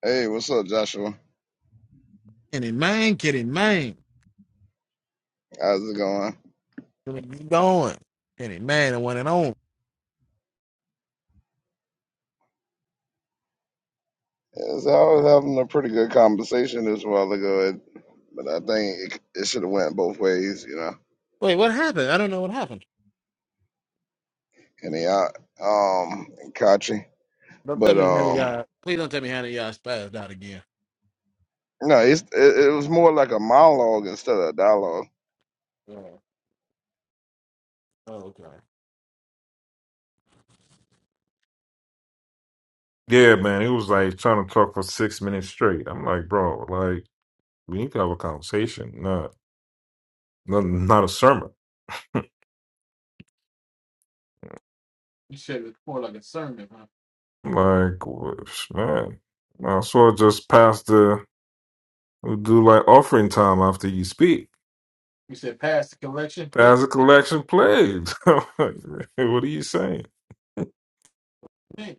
S10: Hey, what's up, Joshua?
S3: Kenny Main, Kenny Main,
S10: How's it going?
S3: Kenny be going. Kenny Main, the one and on.
S10: Yes, I was having a pretty good conversation this while ago, and- but I think it, it should have went both ways, you know.
S3: Wait, what happened? I don't know what happened.
S10: And he out, um, and Kachi,
S3: Don't tell
S10: but
S3: me how did
S10: um,
S3: y'all. Please don't tell me how did y'all spazzed out again.
S10: no, it's, it, it was more like a monologue instead of a dialogue.
S3: Yeah. Oh, okay.
S11: Yeah, man. It was like trying to talk for six minutes straight. I'm like, bro, like we need to have a conversation, not not, not a sermon.
S3: You said it was more like a sermon,
S11: Like, wh- man, I sort of just pass the we do like offering time after you speak.
S3: You said pass the collection plate.
S11: Pass the collection plays. I'm like, what are you saying?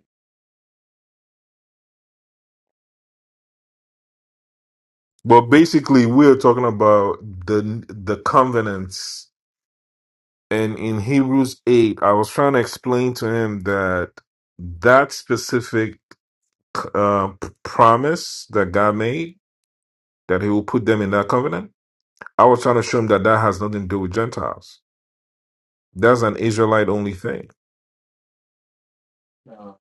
S11: But basically, we're talking about the the covenants and in Hebrews 8, I was trying to explain to him that that specific uh, p- promise that God made, that he will put them in that covenant, I was trying to show him that that has nothing to do with Gentiles. That's an Israelite only thing
S3: No.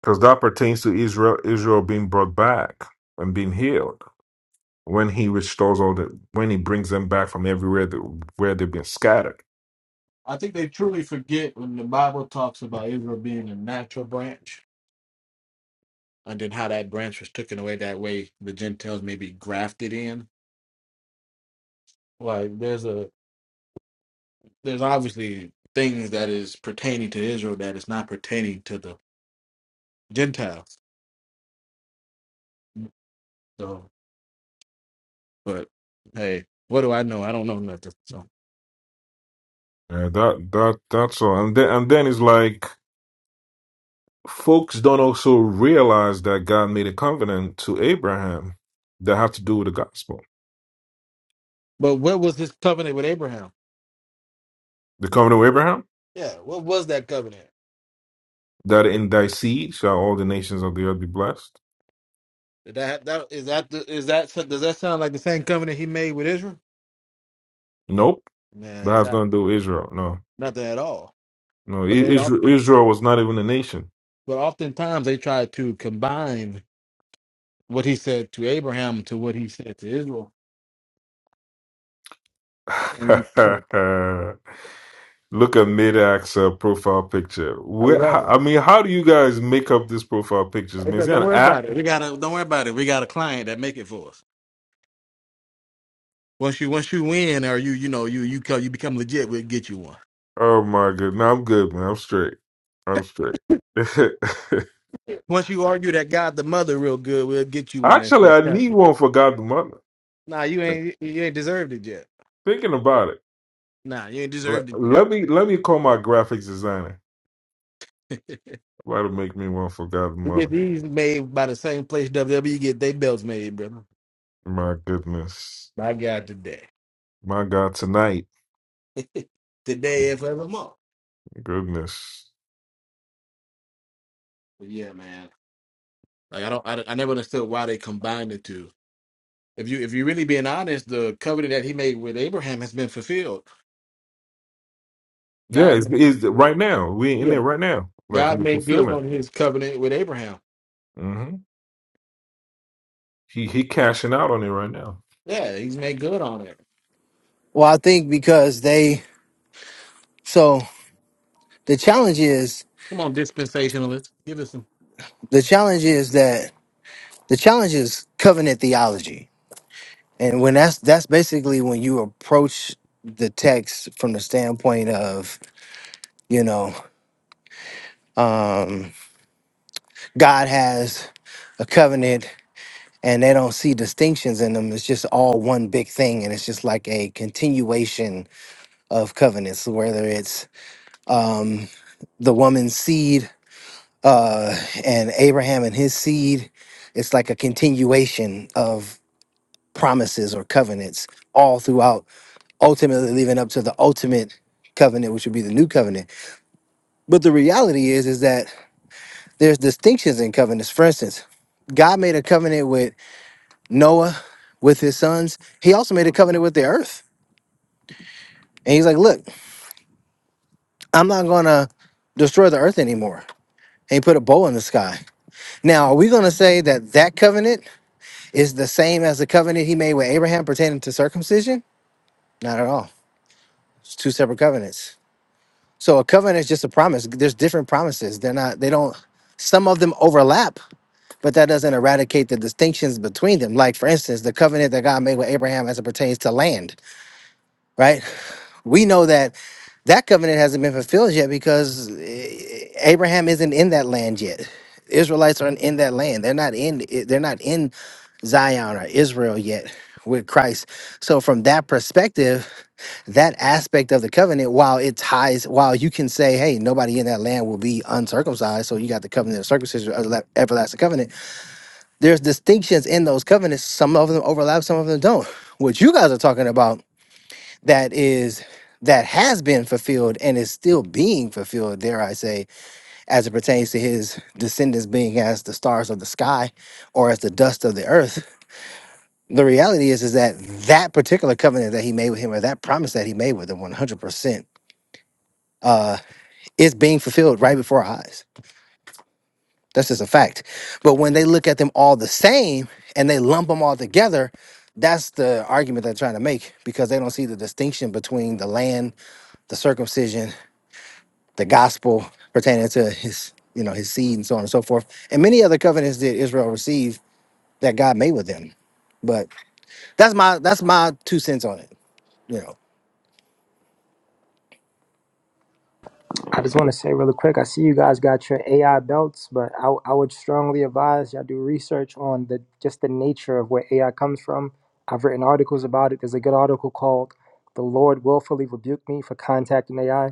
S11: because that pertains to Israel, Israel being brought back and being healed. when he restores all the when he brings them back from everywhere that, where they've been scattered.
S3: I think they truly forget when the Bible talks about Israel being a natural branch, and then how that branch was taken away. That way, the Gentiles may be grafted in. Like there's a there's obviously things that is pertaining to Israel that is not pertaining to the Gentiles. So, but hey, what do I know? I don't know nothing. So,
S11: Yeah, that that that's all. And then and then it's like folks don't also realize that God made a covenant to Abraham that have to do with the gospel.
S3: but what was this covenant with Abraham?
S11: The covenant with Abraham.
S3: Yeah, what was that covenant?
S11: that in thy seed shall all the nations of the earth be blessed.
S3: Did that that is that the, is that so- does that sound like the same covenant he made with Israel?
S11: Nope,
S3: Man,
S11: that has
S3: exactly.
S11: nothing to do with Israel. No,
S3: Nothing at all.
S11: no, I-
S3: But they
S11: Israel,
S3: often,
S11: Israel was not even a nation.
S3: but oftentimes they try to combine what he said to Abraham to what he said to Israel. And you can't.
S11: Look at Medak's uh, profile picture.
S3: I
S11: Where,
S3: love
S11: how,
S3: it.
S11: I mean, how do you guys make up these profile pictures?
S3: Hey,
S11: Man, is
S3: but
S11: that
S3: Don't
S11: an
S3: worry
S11: app?
S3: about it. We got a don't worry about it. We got a client that make it for us. Once you once you win, or you you know you you come, you become legit, we'll get you one.
S11: Oh my god, no, I'm good, man. I'm straight. I'm straight.
S3: Once you argue that God the mother real good, we'll get you one that
S11: Actually, I
S3: said,
S11: need one for God the Mother.
S3: "Nah, you ain't you ain't deserved it yet.
S11: Thinking about it,
S3: Nah, you ain't
S11: let,
S3: deserved it
S11: let me let me call my graphics designer.
S3: yet."
S11: Why to make me one for God the
S3: You get
S11: Mother?
S3: these made by the same place WWE get their belts made, brother.
S11: My goodness.
S3: By God, today,
S11: My God, tonight.
S3: today and forevermore.
S11: Goodness.
S3: But yeah, man. Like I don't, I, I never understood why they combined the two. If you, if you really being honest, the covenant that he made with Abraham has been fulfilled.
S11: Yeah,
S3: God,
S11: it's,
S3: made-
S11: it's right now. We in
S3: yeah,
S11: there right now. Like in
S3: God
S11: the
S3: made good on
S11: fulfillment.
S3: his covenant with Abraham.
S11: hmm He he cashing out on it right now.
S3: Yeah, he's made good on it.
S9: Well, I think because they so the challenge is
S3: Come on, dispensationalists, give us some.
S9: the challenge is that the challenge is covenant theology, and when that's that's basically when you approach the text from the standpoint of you know um, God has a covenant and they don't see distinctions in them. It's just all one big thing, and it's just like a continuation of covenants, whether it's um, the woman's seed uh, and Abraham and his seed. It's like a continuation of promises or covenants all throughout, ultimately leading up to the ultimate covenant, which would be the new covenant. But the reality is, is that there's distinctions in covenants. For instance, God made a covenant with Noah with his sons, he also made a covenant with the earth. And he's like, look, I'm not going to destroy the earth anymore. And he put a bow in the sky. Now, are we going to say that that covenant is the same as the covenant he made with Abraham pertaining to circumcision? Not at all. It's two separate covenants. So a covenant is just a promise. There's different promises. They're not, they don't, some of them overlap, but that doesn't eradicate the distinctions between them. Like, for instance, the covenant that God made with Abraham as it pertains to land, right? We know that that covenant hasn't been fulfilled yet because eh, Abraham isn't in that land yet. Israelites aren't in that land. They're not in. eh, They're not in Zion or Israel yet with Christ. So from that perspective, that aspect of the covenant, while it ties, while you can say, hey, nobody in that land will be uncircumcised, so you got the covenant of circumcision, uh, everlasting covenant, there's distinctions in those covenants. Some of them overlap, some of them don't. What you guys are talking about that is that has been fulfilled and is still being fulfilled, dare I say, as it pertains to his descendants being as the stars of the sky or as the dust of the earth. The reality is, is that that particular covenant that he made with him, or that promise that he made with him, one hundred percent, uh, is being fulfilled right before our eyes. That's just a fact. But when they look at them all the same and they lump them all together, that's the argument they're trying to make because they don't see the distinction between the land, the circumcision, the gospel pertaining to his, you know, his seed and so on and so forth, and many other covenants that Israel received that God made with them. But that's my that's my two cents on it. You know,
S12: I just want to say really quick I see you guys got your AI belts, but I, I would strongly advise y'all do research on the just the nature of where AI comes from. I've written articles about it. There's a good article called The Lord Willfully Rebuked Me for Contacting AI.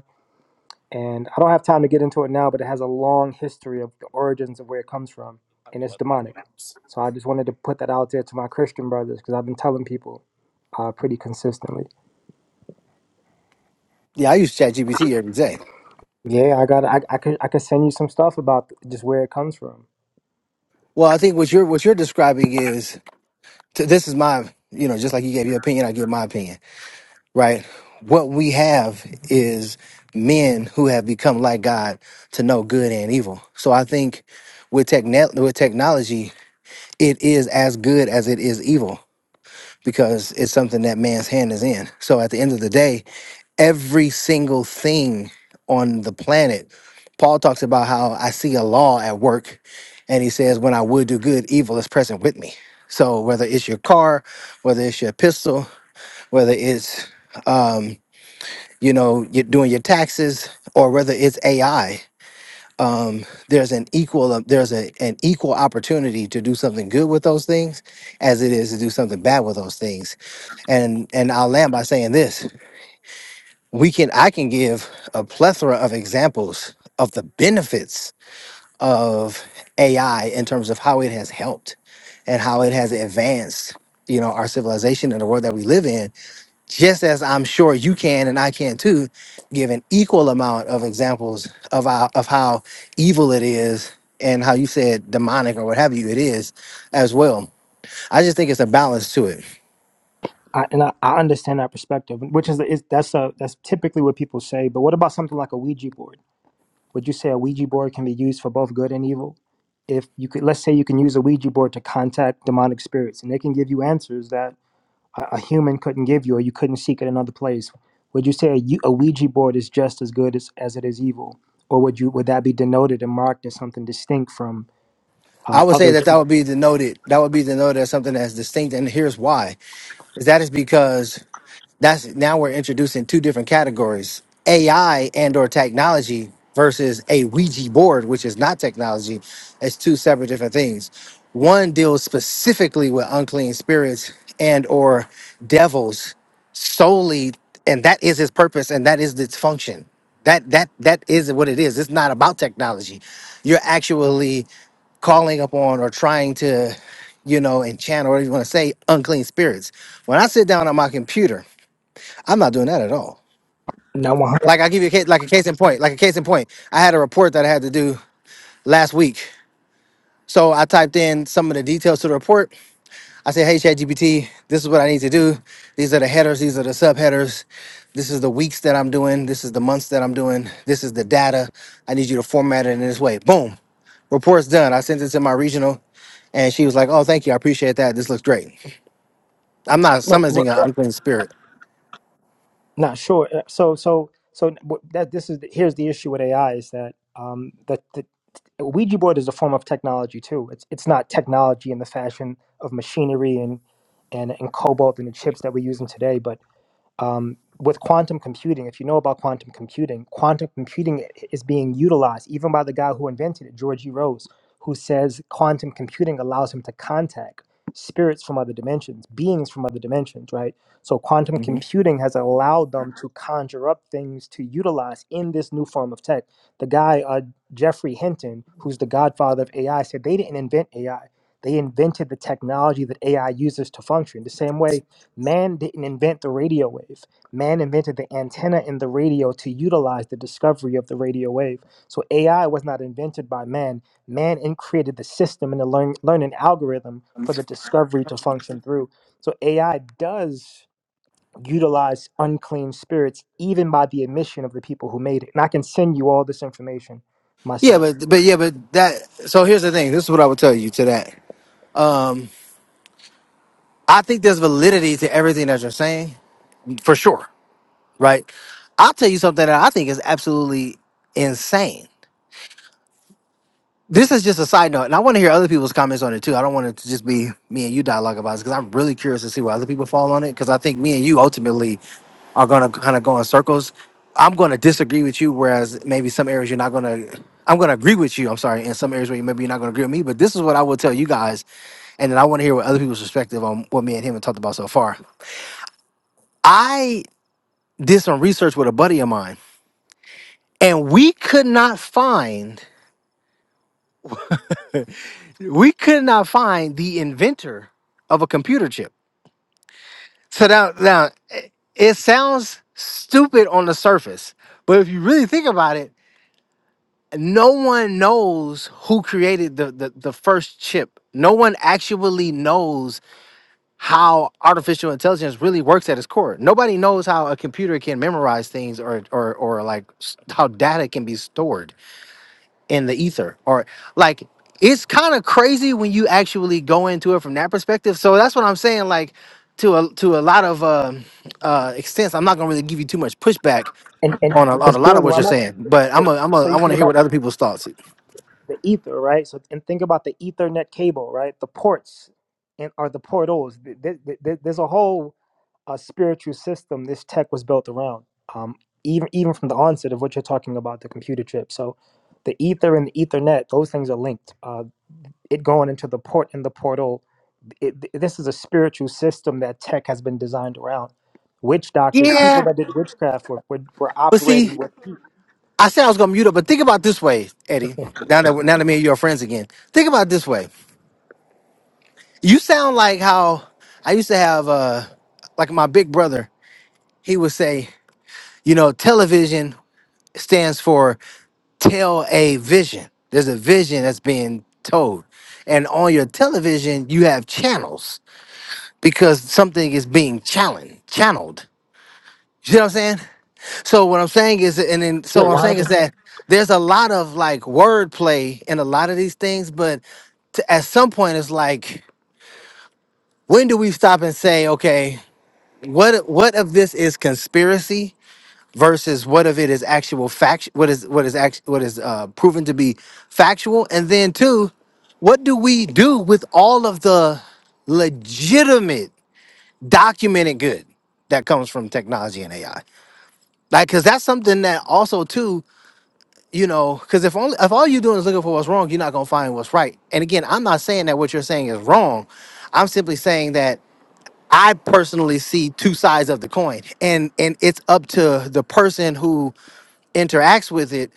S12: And I don't have time to get into it now, but it has a long history of the origins of where it comes from, and it's demonic. So I just wanted to put that out there to my Christian brothers because I've been telling people uh, pretty consistently.
S9: yeah, I use ChatGPT every day.
S12: Yeah, I got. I I could I could send you some stuff about just where it comes from.
S9: Well, I think what you're what you're describing is t- this is my you know just like you gave your opinion, I give my opinion, right? What we have is men who have become like God to know good and evil. So I think with techne- with technology, it is as good as it is evil because it's something that man's hand is in. So at the end of the day, every single thing on the planet, Paul talks about how I see a law at work, and he says, When I would do good, evil is present with me. So whether it's your car, whether it's your pistol, whether it's um, you know you're doing your taxes, or whether it's AI, um, there's an equal um, there's a, an equal opportunity to do something good with those things, as it is to do something bad with those things and and I'll land by saying this: we can I can give a plethora of examples of the benefits of AI in terms of how it has helped and how it has advanced, you know, our civilization and the world that we live in. Just as I'm sure you can and I can too, give an equal amount of examples of how, of how evil it is and how you said demonic or what have you it is as well. I just think it's a balance to it
S12: I, and I, I understand that perspective, which is, is that's a that's typically what people say. But what about something like a Ouija board? Would you say a Ouija board can be used for both good and evil? If you could, let's say you can use a Ouija board to contact demonic spirits, and they can give you answers that a, a human couldn't give you, or you couldn't seek at another place. Would you say a, Ou- a Ouija board is just as good as, as it is evil, or would you would that be denoted and marked as something distinct from
S9: I
S12: uh,
S9: would say
S12: other?
S9: that that would be denoted. That would be denoted as something that's distinct, and here's why: is that is because that's now we're introducing two different categories: AI and or technology versus a Ouija board, which is not technology. It's two separate different things. One deals specifically with unclean spirits and or devils solely, and that is its purpose and that is its function. That that that is what it is. It's not about technology. You're actually calling upon or trying to, you know, enchant or whatever you want to say, unclean spirits. When I sit down on my computer I'm not doing that at all.
S12: Now,
S9: Like I give you a case, like a case in point, like a case in point. I had a report that I had to do last week. So I typed in some of the details to the report. I said, "Hey ChatGPT, this is what I need to do. These are the headers. These are the subheaders. This is the weeks that I'm doing. This is the months that I'm doing. This is the data. I need you to format it in this way." Boom, report's done. I sent it to my regional, and she was like, "Oh, thank you. I appreciate that. This looks great." I'm not
S12: no,
S9: summoning an unclean spirit.
S12: Not sure. Uh, So so so what- that this is here's the issue with AI is that um that the a Ouija board is a form of technology too. It's it's not technology in the fashion of machinery and and and cobalt and the chips that we're using today, but um, with quantum computing, if you know about quantum computing, quantum computing is being utilized even by the guy who invented it, George E. Rose, who says quantum computing allows him to contact spirits from other dimensions, beings from other dimensions, right? So quantum
S9: Mhm.
S12: computing has allowed them to conjure up things to utilize in this new form of tech. The guy, uh, Jeffrey Hinton, who's the godfather of AI, said they didn't invent AI. They invented the technology that AI uses to function. The same way Man didn't invent the radio wave. Man invented the antenna in the radio to utilize the discovery of the radio wave. So AI was not invented by man. Man in- created the system and the learn, learning algorithm for the discovery to function through. So AI does utilize unclean spirits, even by the admission of the people who made it. And I can send you all this information
S9: Yeah,
S12: myself.
S9: but but yeah, but that. So here's the thing. This is what I would tell you to that. Um, I think there's validity to everything that you're saying, for sure, right? I'll tell you something that I think is absolutely insane. This is just a side note, and I want to hear other people's comments on it too. I don't want it to just be me and you dialogue about this because I'm really curious to see where other people fall on it because I think me and you ultimately are going to kind of go in circles. I'm going to disagree with you, whereas maybe some areas you're not going to. I'm going to agree with you. I'm sorry, in some areas where you maybe you're not going to agree with me, but this is what I will tell you guys, and then I want to hear what other people's perspective on what me and him have talked about so far. I did some research with a buddy of mine, and we could not find we could not find the inventor of a computer chip. So now, now it it sounds stupid on the surface, but if you really think about it, no one knows who created the, the, the first chip. No one actually knows how artificial intelligence really works at its core. Nobody knows how a computer can memorize things or or or like s- how data can be stored in the ether or like it's kind of crazy when you actually go into it from that perspective so that's what i'm saying like to a to a lot of um uh extents i'm not gonna really give you too much pushback
S12: And and
S9: on a, on
S12: this
S9: a lot of
S12: building.
S9: what you're
S12: I'm not.
S9: saying but i'm a, i'm a
S12: So you
S9: i
S12: talk
S9: want to
S12: about
S9: hear what other people's thoughts
S12: the ether, right? So and think about the Ethernet cable, right? The ports and are the portals. Th- th- th- There's a whole uh, spiritual system this tech was built around. Um, even even from the onset of what you're talking about, the computer chip. So the ether and the Ethernet, those things are linked. Uh, it going into the port and the portal. It, th- this is a spiritual system that tech has been designed around. Witch doctors, people
S9: yeah
S12: that did witchcraft were, were, were
S9: but see
S12: operating with
S9: I said I was gonna mute up, but think about it this way, Eddie. Now that now that me and you are friends again, think about it this way. You sound like how I used to have, uh, like my big brother. He would say, you know, television stands for tell a vision. There's a vision that's being told, and on your television you have channels because something is being challenged, channeled. You see what I'm saying? So what I'm saying is, and then
S12: yeah,
S9: so what I'm saying is
S12: 100%.
S9: that there's a lot of like wordplay in a lot of these things, but to, at some point it's like, when do we stop and say, okay, what what of this is conspiracy versus what of it is actual fact? What is what is act, what is uh, proven to be factual? And then two, what do we do with all of the legitimate documented good that comes from technology and AI? Like, because that's something that also too you know because if only if all you're doing is looking for what's wrong you're not going to find what's right and again i'm not saying that what you're saying is wrong i'm simply saying that i personally see two sides of the coin and and it's up to the person who interacts with it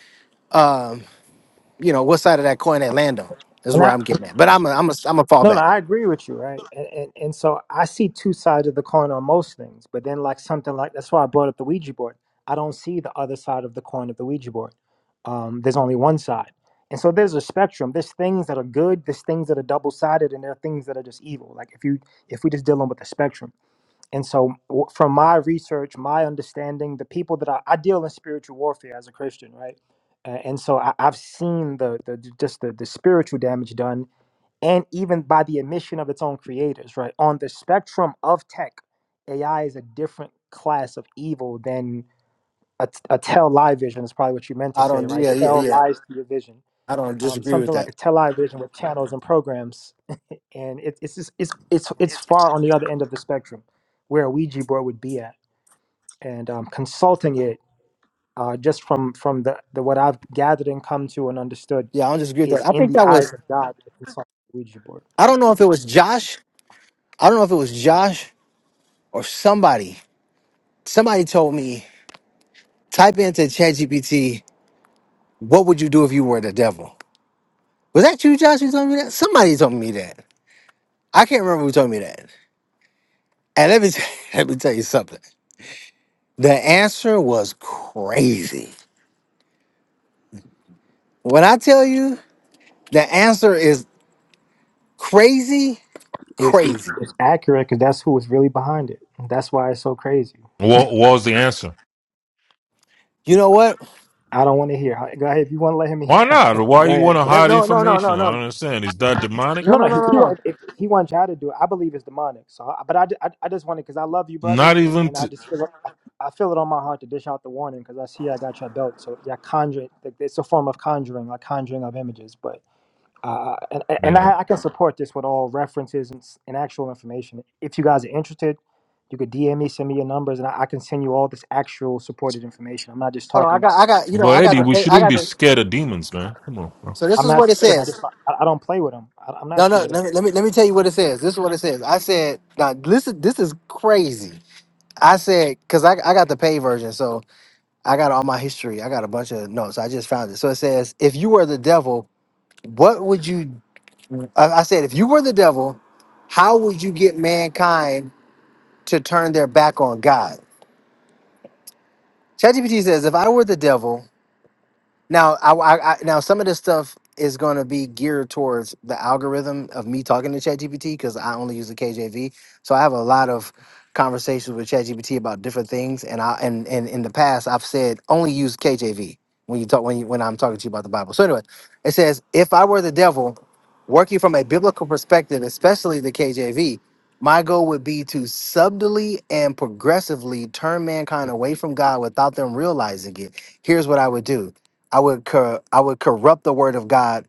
S9: you know what side of that coin they land on is where i'm getting at but i'm a i'm a i'm a
S12: No, no,
S9: fallback
S12: I agree with you, right? And, and and so I see two sides of the coin on most things, but then like something like that's why I brought up the Ouija board. I don't see the other side of the coin of the Ouija board. Um, there's only one side, and so there's a spectrum. There's things that are good, there's things that are double sided, and there are things that are just evil. Like if you if we're just dealing with the spectrum, and so w- from my research, my understanding, the people that I, I deal in spiritual warfare as a Christian, right? Uh, and so I, I've seen the, the just the, the spiritual damage done and even by the admission of its own creators, right? On the spectrum of tech, AI is a different class of evil than a, a tell lie vision, is probably what you meant to
S9: i
S12: say,
S9: don't
S12: right?
S9: yeah yeah
S12: Tell
S9: yeah
S12: lies to your vision.
S9: i don't
S12: Um,
S9: disagree with
S12: something like
S9: that
S12: a tell lie vision with channels and programs. And it, it's, just, it's, it's, it's far on the other end of the spectrum where a Ouija board would be at. And um, consulting it, uh, just from, from the, the what I've gathered and come to and understood,
S9: yeah i don't disagree with
S12: is
S9: that i
S12: in
S9: think
S12: the
S9: that
S12: eyes
S9: was
S12: of God to consult a Ouija board.
S9: i don't know if it was josh i don't know if it was josh or somebody somebody told me type into ChatGPT What would you do if you were the devil? Was that you, Josh? You told me that? Somebody told me that. I can't remember who told me that. And let me t- let me tell you something. The answer was crazy. When I tell you the answer is crazy,
S12: It's it's,
S9: crazy.
S12: it's accurate because that's who was really behind it. That's why it's so crazy.
S11: What, what was the answer?
S9: You know what?
S12: I don't want to hear. Go ahead if you want to let him in.
S11: Why not? Why
S12: Go
S11: you want
S12: ahead.
S11: to
S9: Let-
S11: hide
S9: No, no, no,
S11: information?
S9: no,
S11: I
S9: no,
S11: don't understand. Is that demonic?
S12: No,
S9: no, no, no,
S12: no, he,
S9: no,
S12: he
S9: no.
S12: want if he wants y'all to do it. I believe it's demonic. So, I, but I, ju- I, I just want it because I love you,
S11: Not
S12: brothers, and,
S11: even,
S12: and I
S11: t-
S12: just feel like, I, I feel it on my heart to dish out the warning because I see I got your belt. So yeah, conjuring. It's a form of conjuring, like conjuring of images. But Uh, and and I,
S11: man.
S12: I can support this with all references and, s- and actual information. If you guys are interested, you could DM me, send me your numbers, and I, I can send you all this actual supported information. I'm not just
S9: Hold on, I
S12: talking.
S9: got, I got, you know,
S11: but
S9: I got the,
S11: Eddie,
S12: I,
S11: we
S9: pa- I
S11: shouldn't
S9: got
S11: be
S9: the.
S11: scared of demons, man. Come on, bro.
S9: So this
S12: I'm
S9: is
S12: not
S9: what it
S12: scared of them. I
S9: says.
S12: just I, I don't play with them. I, I'm not
S9: No, no,
S12: scared of
S9: let me,
S12: them.
S9: let me, let me tell you what it says. This is what it says. I said, now listen, this is crazy. I said, cause I, I got the paid version, so. I got all my history. I got a bunch of notes. I just found it. So it says, if you were the devil, what would you? I I said, if you were the devil, how would you get mankind to turn their back on God? ChatGPT says, if I were the devil, Now, I, I, I now some of this stuff is going to be geared towards the algorithm of me talking to ChatGPT because I only use the KJV. So I have a lot of conversations with ChatGPT about different things, and I and and in the past I've said only use KJV when you talk when you, when I'm talking to you about the Bible. So anyway, it says if I were the devil, working from a biblical perspective, especially the KJV. My goal would be to subtly and progressively turn mankind away from God without them realizing it. Here's what I would do. I would cor- I would corrupt the word of God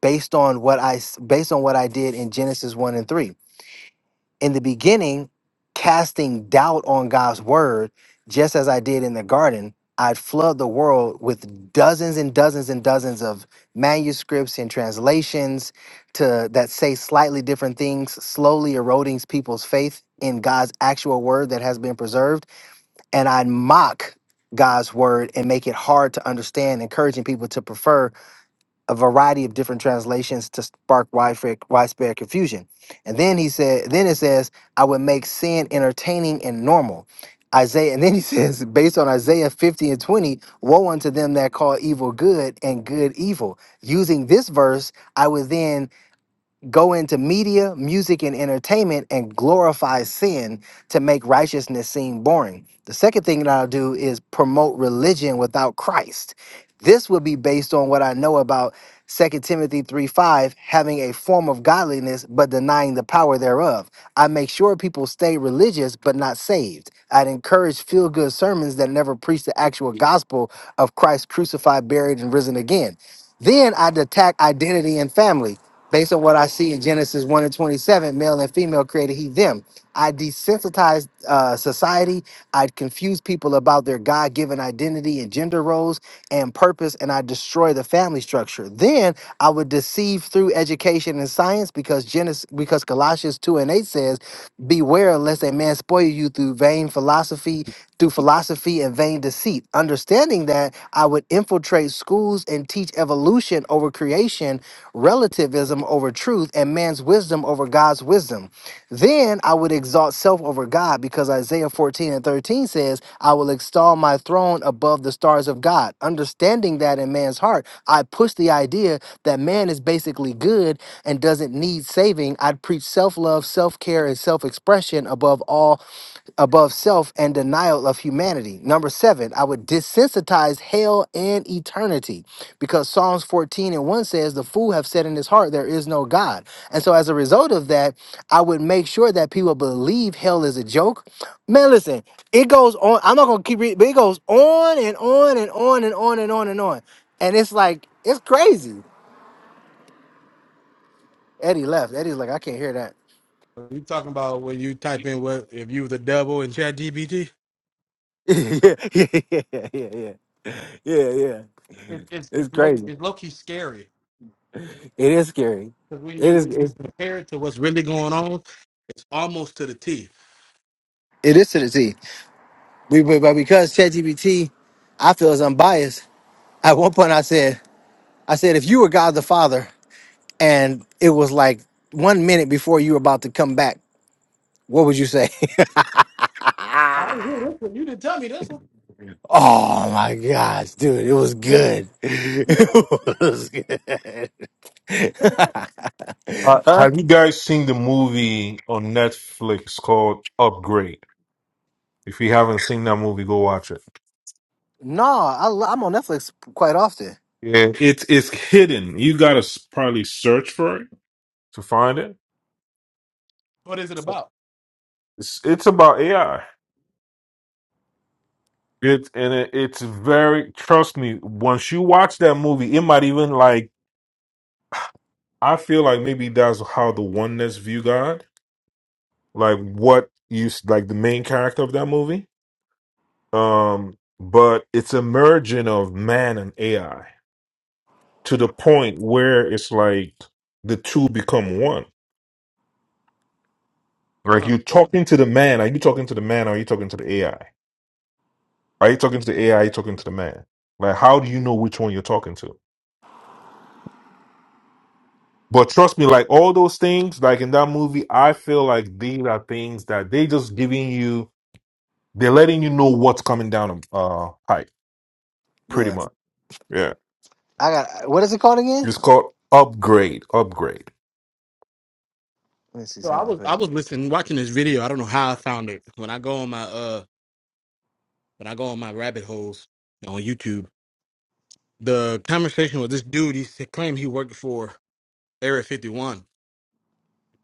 S9: based on what I s- based on what I did in Genesis 1 and 3. In the beginning, casting doubt on God's word, just as I did in the garden, I'd flood the world with dozens and dozens and dozens of manuscripts and translations to that say slightly different things, slowly eroding people's faith in God's actual word that has been preserved, and I'd mock God's word and make it hard to understand, encouraging people to prefer a variety of different translations to spark widespread, widespread confusion. And then he said, then it says, I would make sin entertaining and normal. Isaiah, and then he says, based on Isaiah 50 and 20, woe unto them that call evil good and good evil. Using this verse, I would then go into media, music, and entertainment and glorify sin to make righteousness seem boring. The second thing that I'll do is promote religion without Christ. This would be based on what I know about Second Timothy 3 5, having a form of godliness but denying the power thereof. I make sure people stay religious but not saved. I'd encourage feel good sermons that never preach the actual gospel of Christ crucified, buried, and risen again. Then I'd attack identity and family. Based on what I see in Genesis 1 and 27, male and female created he them. I desensitized uh, society. I confused people about their God given identity and gender roles and purpose, and I destroy the family structure. Then I would deceive through education and science because Genesis, because Colossians 2 and 8 says, Beware lest a man spoil you through vain philosophy, through philosophy and vain deceit. Understanding that, I would infiltrate schools and teach evolution over creation relativism over truth, and man's wisdom over God's wisdom. Then I would exalt self over God because Isaiah 14 and 13 says, I will extol my throne above the stars of God. Understanding that in man's heart, I push the idea that man is basically good and doesn't need saving. I'd preach self love, self care, and self expression above all above self and denial of humanity. Number seven, I would desensitize hell and eternity because Psalms 14 and 1 says, The fool have said in his heart, There is no God. And so, as a result of that, I would make sure that people believe hell is a joke. Man, listen, it goes on. I'm not going to keep reading, but it goes on and on and on and on and on and on. And it's like, it's crazy. Eddie left. Eddie's like, I can't hear that.
S3: You talking about when you type in what if you the devil in Chat GBT?
S9: yeah, yeah, yeah, yeah, yeah, yeah.
S3: It's it's it's
S9: It's
S3: low,
S9: crazy.
S3: it's low key scary.
S9: It is scary.
S3: Because when
S9: It
S3: you
S9: is.
S3: when you
S9: It's,
S3: compare it to what's really going on, it's almost to the T.
S9: It is to the T. We- But but because ChatGPT, I feel is unbiased. At one point, I said, I said, if you were God the Father, and it was like one minute before you were about to come back, what would you say?
S3: I didn't hear this one. You didn't tell me this one.
S9: Oh my gosh, dude, it was good. It was good.
S11: Uh,
S9: huh?
S11: have you guys seen the movie on Netflix called Upgrade? If you haven't seen that movie, go watch it.
S9: No, I, lo- I'm on Netflix quite often.
S11: Yeah, it's it's hidden. You gotta s- probably search for it to find it.
S3: What is it about?
S11: It's it's about AI. It's and it, it's very trust me. Once you watch that movie, it might even like I feel like maybe that's how the oneness view God. Like what you s- like the main character of that movie. Um, but it's a merging of man and AI to the point where it's like the two become one. Like
S3: Huh.
S11: you're talking to the man. Are you talking to the man? Or are you talking to the AI? Are you talking to the AI? Are you talking to the man? Like, how do you know which one you're talking to? But trust me, like all those things, like in that movie, I feel like these are things that they just giving you, they're letting you know what's coming down uh pipe, pretty
S9: Yeah,
S11: much. Yeah.
S9: I got. What is it called again?
S11: It's called upgrade, upgrade.
S9: Let me see
S3: So I was
S9: something.
S3: I was listening, watching this video. I don't know how I found it. When I go on my uh when I go on my rabbit holes on YouTube, the conversation with this dude, he said- claimed he worked for Area 51.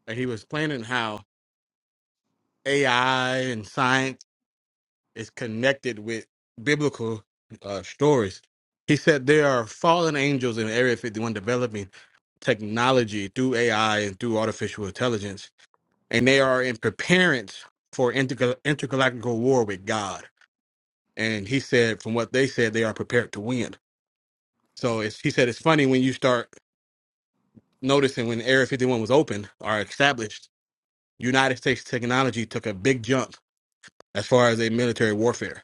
S3: And he was explaining how AI and science is connected with biblical uh, stories. He said there are fallen angels in Area 51 developing technology through AI and through artificial intelligence, and they are in preparedness for intergal- intergalactical war with God. And he said, from what they said, they are prepared to win. So it's, he said, it's funny when you start noticing when Area 51 was open or established, United States technology took a big jump as far as a military warfare.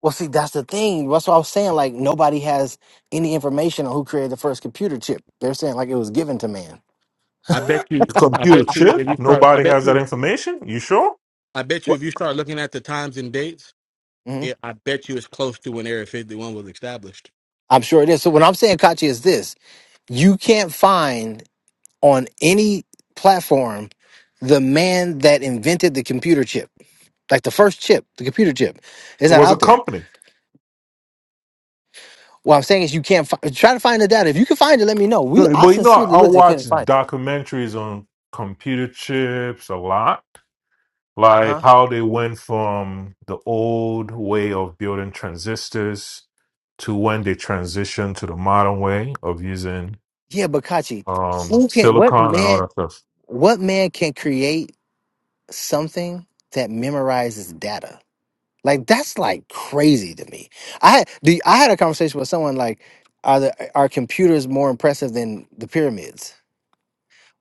S9: Well, see, that's the thing. That's what I was saying. Like nobody has any information on who created the first computer chip. They're saying like it was given to man.
S3: I bet you,
S11: The
S3: I
S11: computer
S3: bet you, if
S11: chip,
S3: you start, I
S11: nobody
S3: bet
S11: has that
S3: you.
S11: information. You sure?
S3: I bet you
S9: What?
S3: if you start looking at the times and dates,
S9: hmm
S3: it, I bet you it's close to when Area 51 was established.
S9: I'm sure it is. So what I'm saying, Kachi, is this: you can't find on any platform the man that invented the computer chip, like the first chip, the computer chip. It's
S11: It
S9: not
S11: was a
S9: out there.
S11: company.
S9: What I'm saying is you can't fi- try to find the data. If you can find it, let me know. We
S11: No,
S9: I
S11: Well, you know,
S9: sincerely
S11: I I
S9: looked and
S11: watch
S9: couldn't find. It.
S11: documentaries on computer chips a lot like
S9: Huh?
S11: how they went from the old way of building transistors to when they transitioned to the modern way of using
S9: Yeah, but Kachi,
S11: um,
S9: who can? What
S11: silicon and all
S9: man?
S11: that stuff.
S9: What man can create? something that memorizes data. Like that's like crazy to me. I had the I had a conversation with someone like, are the are computers more impressive than the pyramids?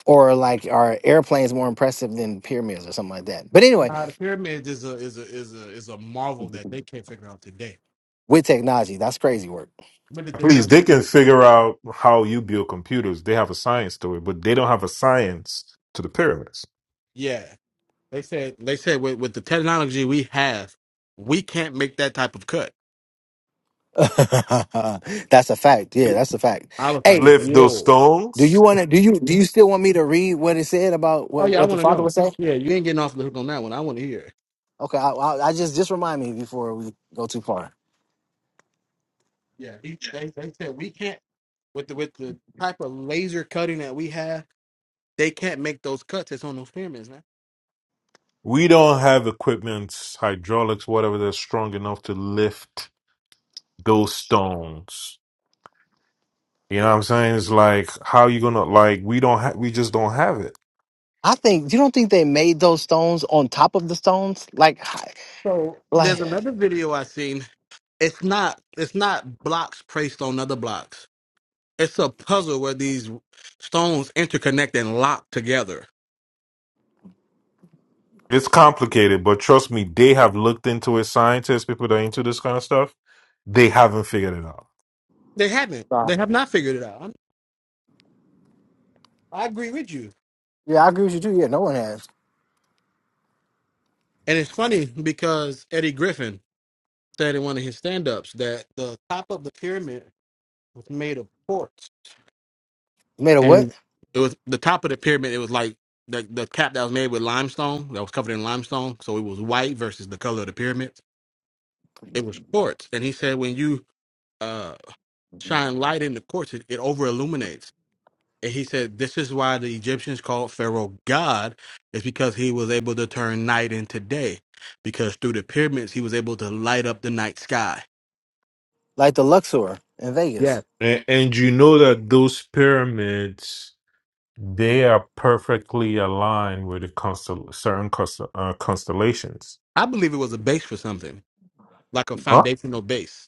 S9: Or like are airplanes more impressive than pyramids or something like that? But anyway,
S3: Nah, the pyramids is a is a is a is a marvel that they can't figure out today.
S9: with technology, that's crazy work.
S3: When did they
S11: Please,
S3: not?
S11: they
S3: figure
S11: can
S3: out today?
S11: figure out how you build computers. They have a science to it, but they don't have a science to the pyramids.
S3: Yeah, they said they said with, with the technology we have, we can't make that type of cut.
S9: that's a fact. Yeah, that's a fact.
S3: I was like,
S9: Hey,
S11: Lift those
S3: whoa.
S9: do you
S11: stones.
S9: want to do you do you still want me to read what it said about
S3: Oh
S9: what,
S3: yeah, I
S9: what the
S3: want to
S9: father
S3: know.
S9: was saying?
S3: Yeah, you ain't getting off the hook on that one. I want to hear. it.
S9: Okay, I, I, I just just remind me before we go too far.
S3: Yeah, he- they they said we can't with the with the type of laser cutting that we have, they can't make those cuts. that's on those pyramids, man.
S11: We don't have equipment, hydraulics, whatever, that's strong enough to lift those stones. You know what I'm saying? It's like, how you gonna like? We don't have. We just don't have it.
S9: I think you don't think they made those stones on top of the stones, like, hi-
S3: So there's
S9: like
S3: another video I seen. It's not it's not blocks placed on other blocks. It's a puzzle where these stones interconnect and lock together.
S11: It's complicated, but trust me, they have looked into it. Scientists, people that are into this kind of stuff, they haven't figured it out.
S3: They haven't.
S9: Nah.
S3: They have not figured it out. I'm, I agree with you.
S9: Yeah, I agree with you too. Yeah, no one has.
S3: And it's funny because Eddie Griffin said in one of his stand-ups that the top of the pyramid was made of quartz,
S9: made a
S3: and
S9: what?
S3: it was the top of the pyramid. It was like the the cap that was made with limestone that was covered in limestone, so it was white versus the color of the pyramid. It was quartz, and he said when you uh, shine light in the courts. It, it over illuminates. And he said, This is why the Egyptians called Pharaoh God, is because he was able to turn night into day. Because through the pyramids, he was able to light up the night sky.
S9: Like the Luxor in Vegas.
S3: Yes.
S11: And, and you know that those pyramids, they are perfectly aligned with the constel- certain constel- uh, constellations.
S3: I believe it was a base for something, like a
S11: Huh?
S3: foundational base.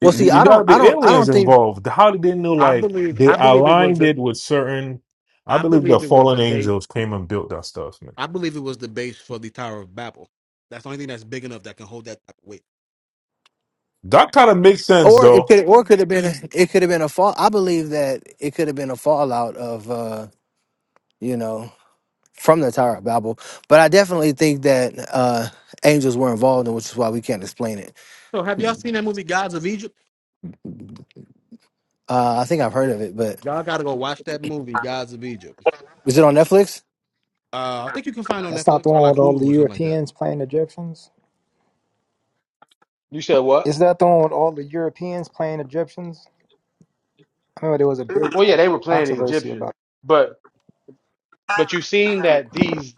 S9: Well,
S11: Y-
S9: see,
S11: y- You
S9: I don't,
S11: got
S9: I
S11: the
S9: don't, I
S11: aliens
S9: don't think,
S11: involved. How did they know?
S3: I
S11: Like
S3: believe
S11: they
S3: I believe it was
S11: aligned
S3: the
S11: it with certain. I
S3: I
S11: believe the
S3: believe it was the
S11: fallen
S3: base
S11: angels came and built that stuff, man.
S3: I believe it was the base for the Tower of Babel. That's the only thing that's big enough that can hold that type of weight.
S11: That kind of makes sense,
S9: or it
S11: though.
S9: could, or it could have been, it could have been a fall. I believe that it could have been a fallout of, uh, you know, from the Tower of Babel. But I definitely think that uh, angels were involved, and which is why we can't explain it.
S3: So have y'all seen that movie Gods of Egypt?
S9: Uh, I think I've heard of it, but
S3: Y'all gotta go watch that movie, Gods of Egypt.
S9: was it on Netflix?
S3: Uh, I think you can find on
S12: That's not the
S3: Netflix or
S12: one
S3: like
S12: with all
S3: Hulu
S12: the
S3: or something like that.
S12: Europeans playing Egyptians.
S3: You said what?
S12: Is that the one with all the Europeans playing Egyptians? I remember there was a big
S3: Well, yeah,
S12: like,
S3: they were playing the
S12: controversy
S3: Egyptians,
S12: about.
S3: but but you seen that these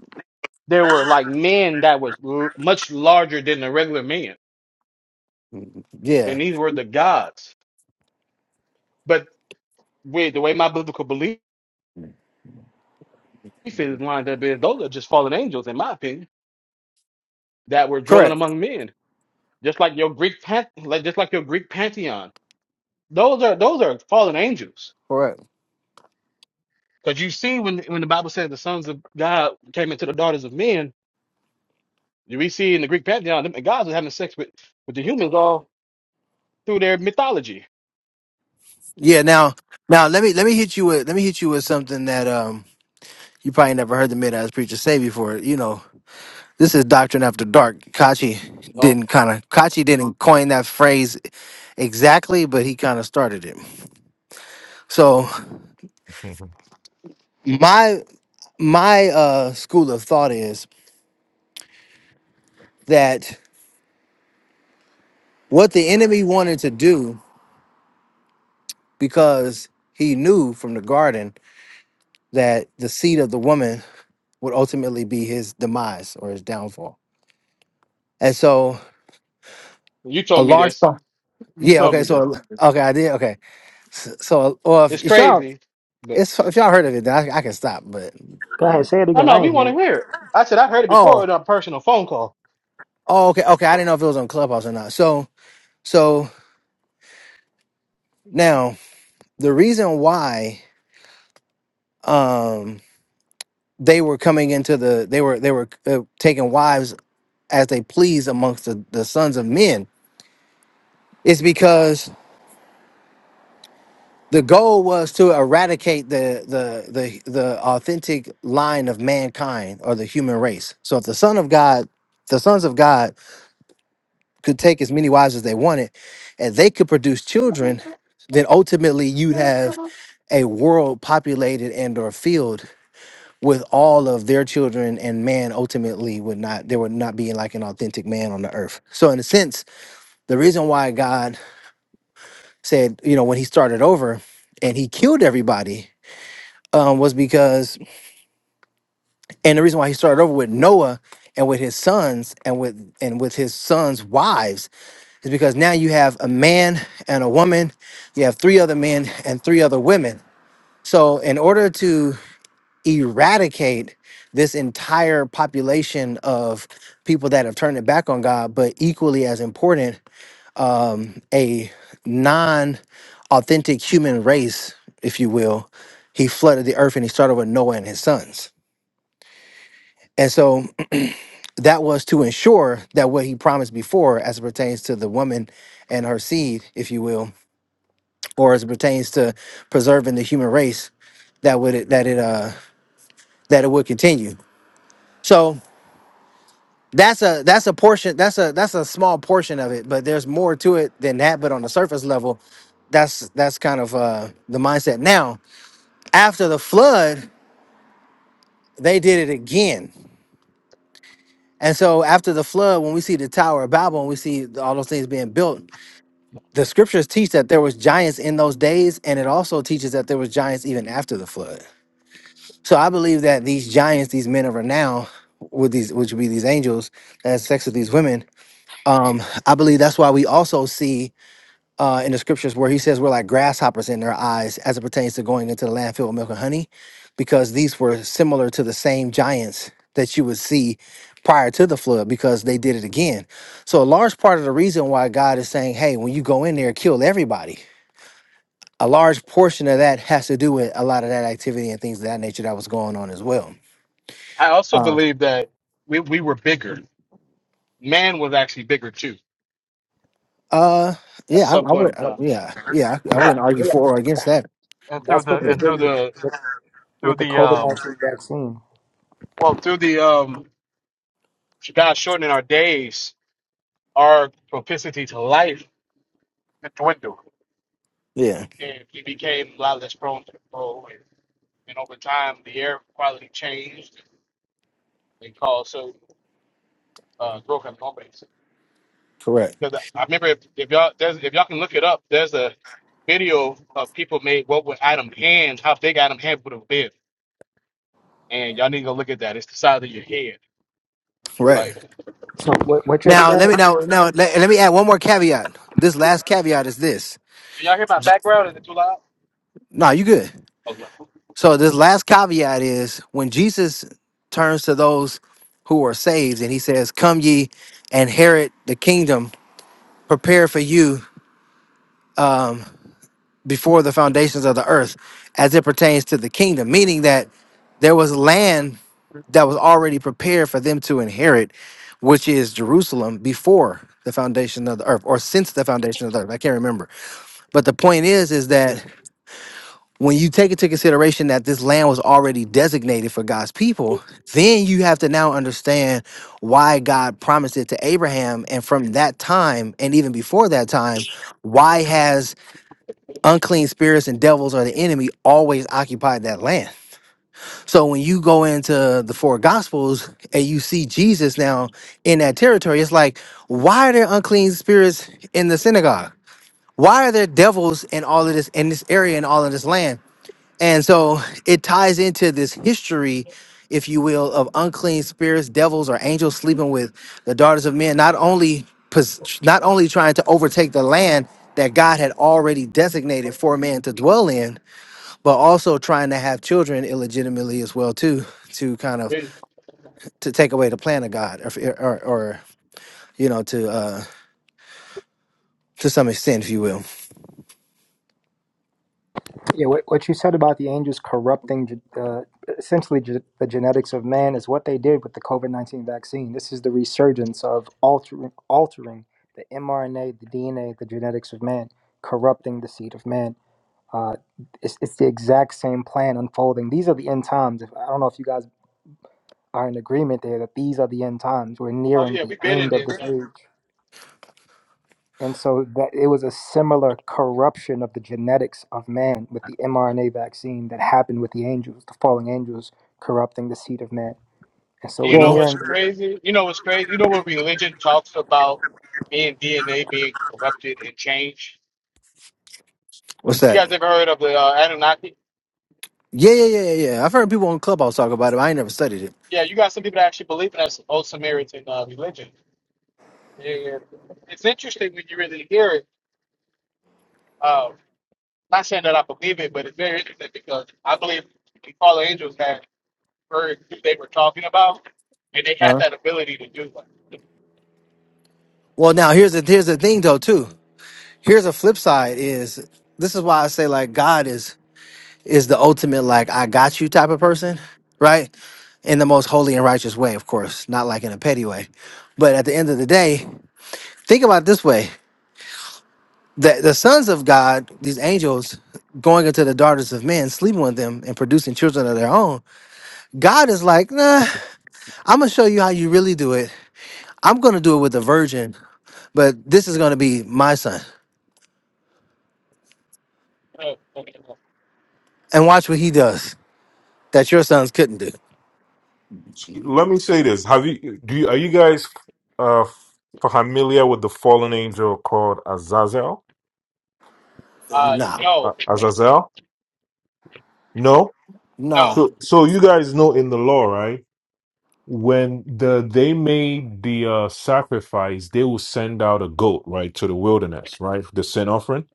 S3: there were like men that was l- much larger than the regular man,
S9: Yeah,
S3: and these were the gods. But wait, the way my biblical belief is lined up is those are just fallen angels, in my opinion, that were dwelling
S9: correct,
S3: among men, just like your Greek pan- like just like your Greek pantheon. Those are those are fallen angels,
S9: correct.
S3: because you see when when the Bible said the sons of God came into the daughters of men We see in the Greek pantheon, the gods were having sex with, with the humans all through their mythology.
S9: Yeah, now now let me let me hit you with let me hit you with something that um you probably never heard the Midas preacher say before. You know, this is doctrine after dark. Kachi
S3: Oh,
S9: didn't kind of Kachi didn't coin that phrase exactly, but he kind of started it. So my my uh school of thought is that what the enemy wanted to do because he knew from the garden that the seed of the woman would ultimately be his demise or his downfall. And so
S3: you
S9: a
S3: told me
S9: large
S3: this. You
S9: Yeah.
S3: told
S9: Okay.
S3: me this.
S9: So okay, I did. Okay. So, so or if,
S3: It's
S9: if y'all,
S3: crazy, but
S9: it's if y'all heard of it, then I, I can stop. But
S12: Go ahead, say it
S3: I
S12: again.
S3: know
S12: I
S3: we
S12: ain't
S3: want to
S12: hear
S3: hear it. I said I heard it before
S9: oh,
S3: in a personal phone call.
S9: oh, okay, okay. I didn't know if it was on Clubhouse or not. So, so now the reason why um they were coming into the they were they were uh, taking wives as they please amongst the, the sons of men is because the goal was to eradicate the the the the authentic line of mankind or the human race. So if the son of God, the sons of God could take as many wives as they wanted and they could produce children, then ultimately you'd have a world populated and or filled with all of their children and man ultimately would not there would not be like an authentic man on the earth. So in a sense, the reason why God said, you know, when he started over and he killed everybody um, was because And the reason why he started over with Noah and with his sons and with and with his sons' wives is because now you have a man and a woman, you have three other men and three other women. So in order to eradicate this entire population of people that have turned their back on God, but equally as important, um, a non-authentic human race, if you will, he flooded the earth and he started with Noah and his sons. And so that was to ensure that what he promised before as it pertains to the woman and her seed if you will or as it pertains to preserving the human race that would that it uh that it would continue so that's a that's a portion that's a that's a small portion of it but there's more to it than that but on the surface level that's that's kind of uh the mindset now after the flood they did it again and so after the flood when we see the tower of babel and we see all those things being built the scriptures teach that there was giants in those days and it also teaches that there was giants even after the flood so i believe that these giants these men of renown with these which would be these angels that had sex with these women um i believe that's why we also see uh in the scriptures where he says we're like grasshoppers in their eyes as it pertains to going into the land filled with milk and honey because these were similar to the same giants that you would see prior to the flood because they did it again so a large part of the reason why god is saying hey when you go in there kill everybody a large portion of that has to do with a lot of that activity and things of that nature that was going on as well.
S3: I also
S9: Uh,
S3: believe that we, we were bigger. man was actually bigger too
S9: uh,
S3: at
S9: yeah, I, I
S3: some point in
S9: would, uh,
S3: time.
S9: yeah, yeah, I, I wouldn't argue
S12: it.
S9: for or against that.
S3: And through
S12: That's what
S3: the
S12: they
S9: Yeah,
S3: and
S12: did.
S3: through the through
S12: with the
S3: the
S12: COVID
S3: um
S12: nineteen vaccine.
S3: well through the um God shortening our days, our propensity to life it dwindled.
S9: yeah,
S3: And we became a lot less prone to control. And, and over time, the air quality changed and caused so uh, growth in home base.
S9: correct,
S3: Because I remember if, if y'all there's, if y'all can look it up, there's a video of people made what would Adam Hand how big Adam Hand would have been, and y'all need to go look at that. It's the size of your head,
S9: correct.
S3: like.
S12: So what what you
S9: Now
S12: said,
S9: let me now now let, let me add one more caveat. This last caveat is this.
S3: Can y'all hear my background? Is it too loud?
S9: No, you good.
S3: Oh, well.
S9: So this last caveat is when Jesus turns to those who are saved and he says, "Come ye and inherit the kingdom prepared for you." before the foundations of the earth as it pertains to the kingdom, meaning that there was land that was already prepared for them to inherit, which is Jerusalem before the foundation of the earth or since the foundation of the earth. I can't remember. But the point is, is that when you take into consideration that this land was already designated for God's people, then you have to now understand why God promised it to Abraham. And from that time, and even before that time, why has unclean spirits and devils are the enemy always occupied that land. So when you go into the four gospels and you see Jesus now in that territory, it's like, why are there unclean spirits in the synagogue? Why are there devils in all of this in this area and all of this land? And so it ties into this history, if you will, of unclean spirits, devils, or angels sleeping with the daughters of men, not only pos- not only trying to overtake the land that God had already designated for man to dwell in, but also trying to have children illegitimately as well too, to kind of
S3: Wait.
S9: to take away the plan of God, or or, or you know to uh, to some extent, if you will.
S12: yeah, what, what you said about the angels corrupting ge- uh, essentially ge- the genetics of man is what they did with the COVID nineteen vaccine. This is the resurgence of altering altering the mRNA, the DNA, the genetics of man, corrupting the seed of man. Uh, it's, it's the exact same plan unfolding. These are the end times. If- I don't know if you guys are in agreement there that these are the end times. We're
S3: Oh,
S12: nearing
S3: yeah,
S12: the
S3: we been
S12: end
S3: in
S12: of
S3: this.
S12: this
S3: uh,
S12: age. And so that it was a similar corruption of the genetics of man with the mRNA vaccine that happened with the angels, the fallen angels corrupting the seed of man. And so
S3: You
S12: we're
S3: know
S9: Well,
S3: what's
S12: nearing the
S3: crazy? You know what's crazy? You know
S12: end.
S3: what religion talks about being DNA being corrupted and changed?
S9: what's
S3: You
S9: that?
S3: guys ever heard of the uh, Anunnaki?
S9: Yeah, yeah, yeah, yeah. yeah. I've heard people on Clubhouse talk about it. But I ain't never studied
S3: Yeah, you got some people that actually believe in that old Samaritan uh, religion. Yeah, yeah. It's interesting when you really hear it. Uh, not saying that I believe it, but it's very interesting because I believe the fallen angels had heard who they were talking about, and they
S9: it.
S3: had that ability to do
S9: Well, now here's the here's the thing though too. Here's a flip side is this is why I say like God is is the ultimate like I got you type of person, right? In the most holy and righteous way, of course, not like in a petty way. But at the end of the day, think about it this way: the the sons of God, these angels, going into the daughters of men, sleeping with them, and producing children of their own. God is like, nah, I'm gonna show you how you really do it. I'm gonna do it with the virgin, but this is gonna be my son,
S3: that. Uh,
S9: and watch what he does. that your sons couldn't do.
S11: Let me say this: Have you do you, are you guys uh familiar with the fallen angel called Azazel?
S3: Uh,
S9: Nah,
S11: Uh,
S3: no,
S11: Azazel? No.
S3: no.
S9: nah,
S11: So so you guys know in the law, right? When the they made the uh, sacrifice, they will send out a goat, right, to the wilderness, right, the sin offering.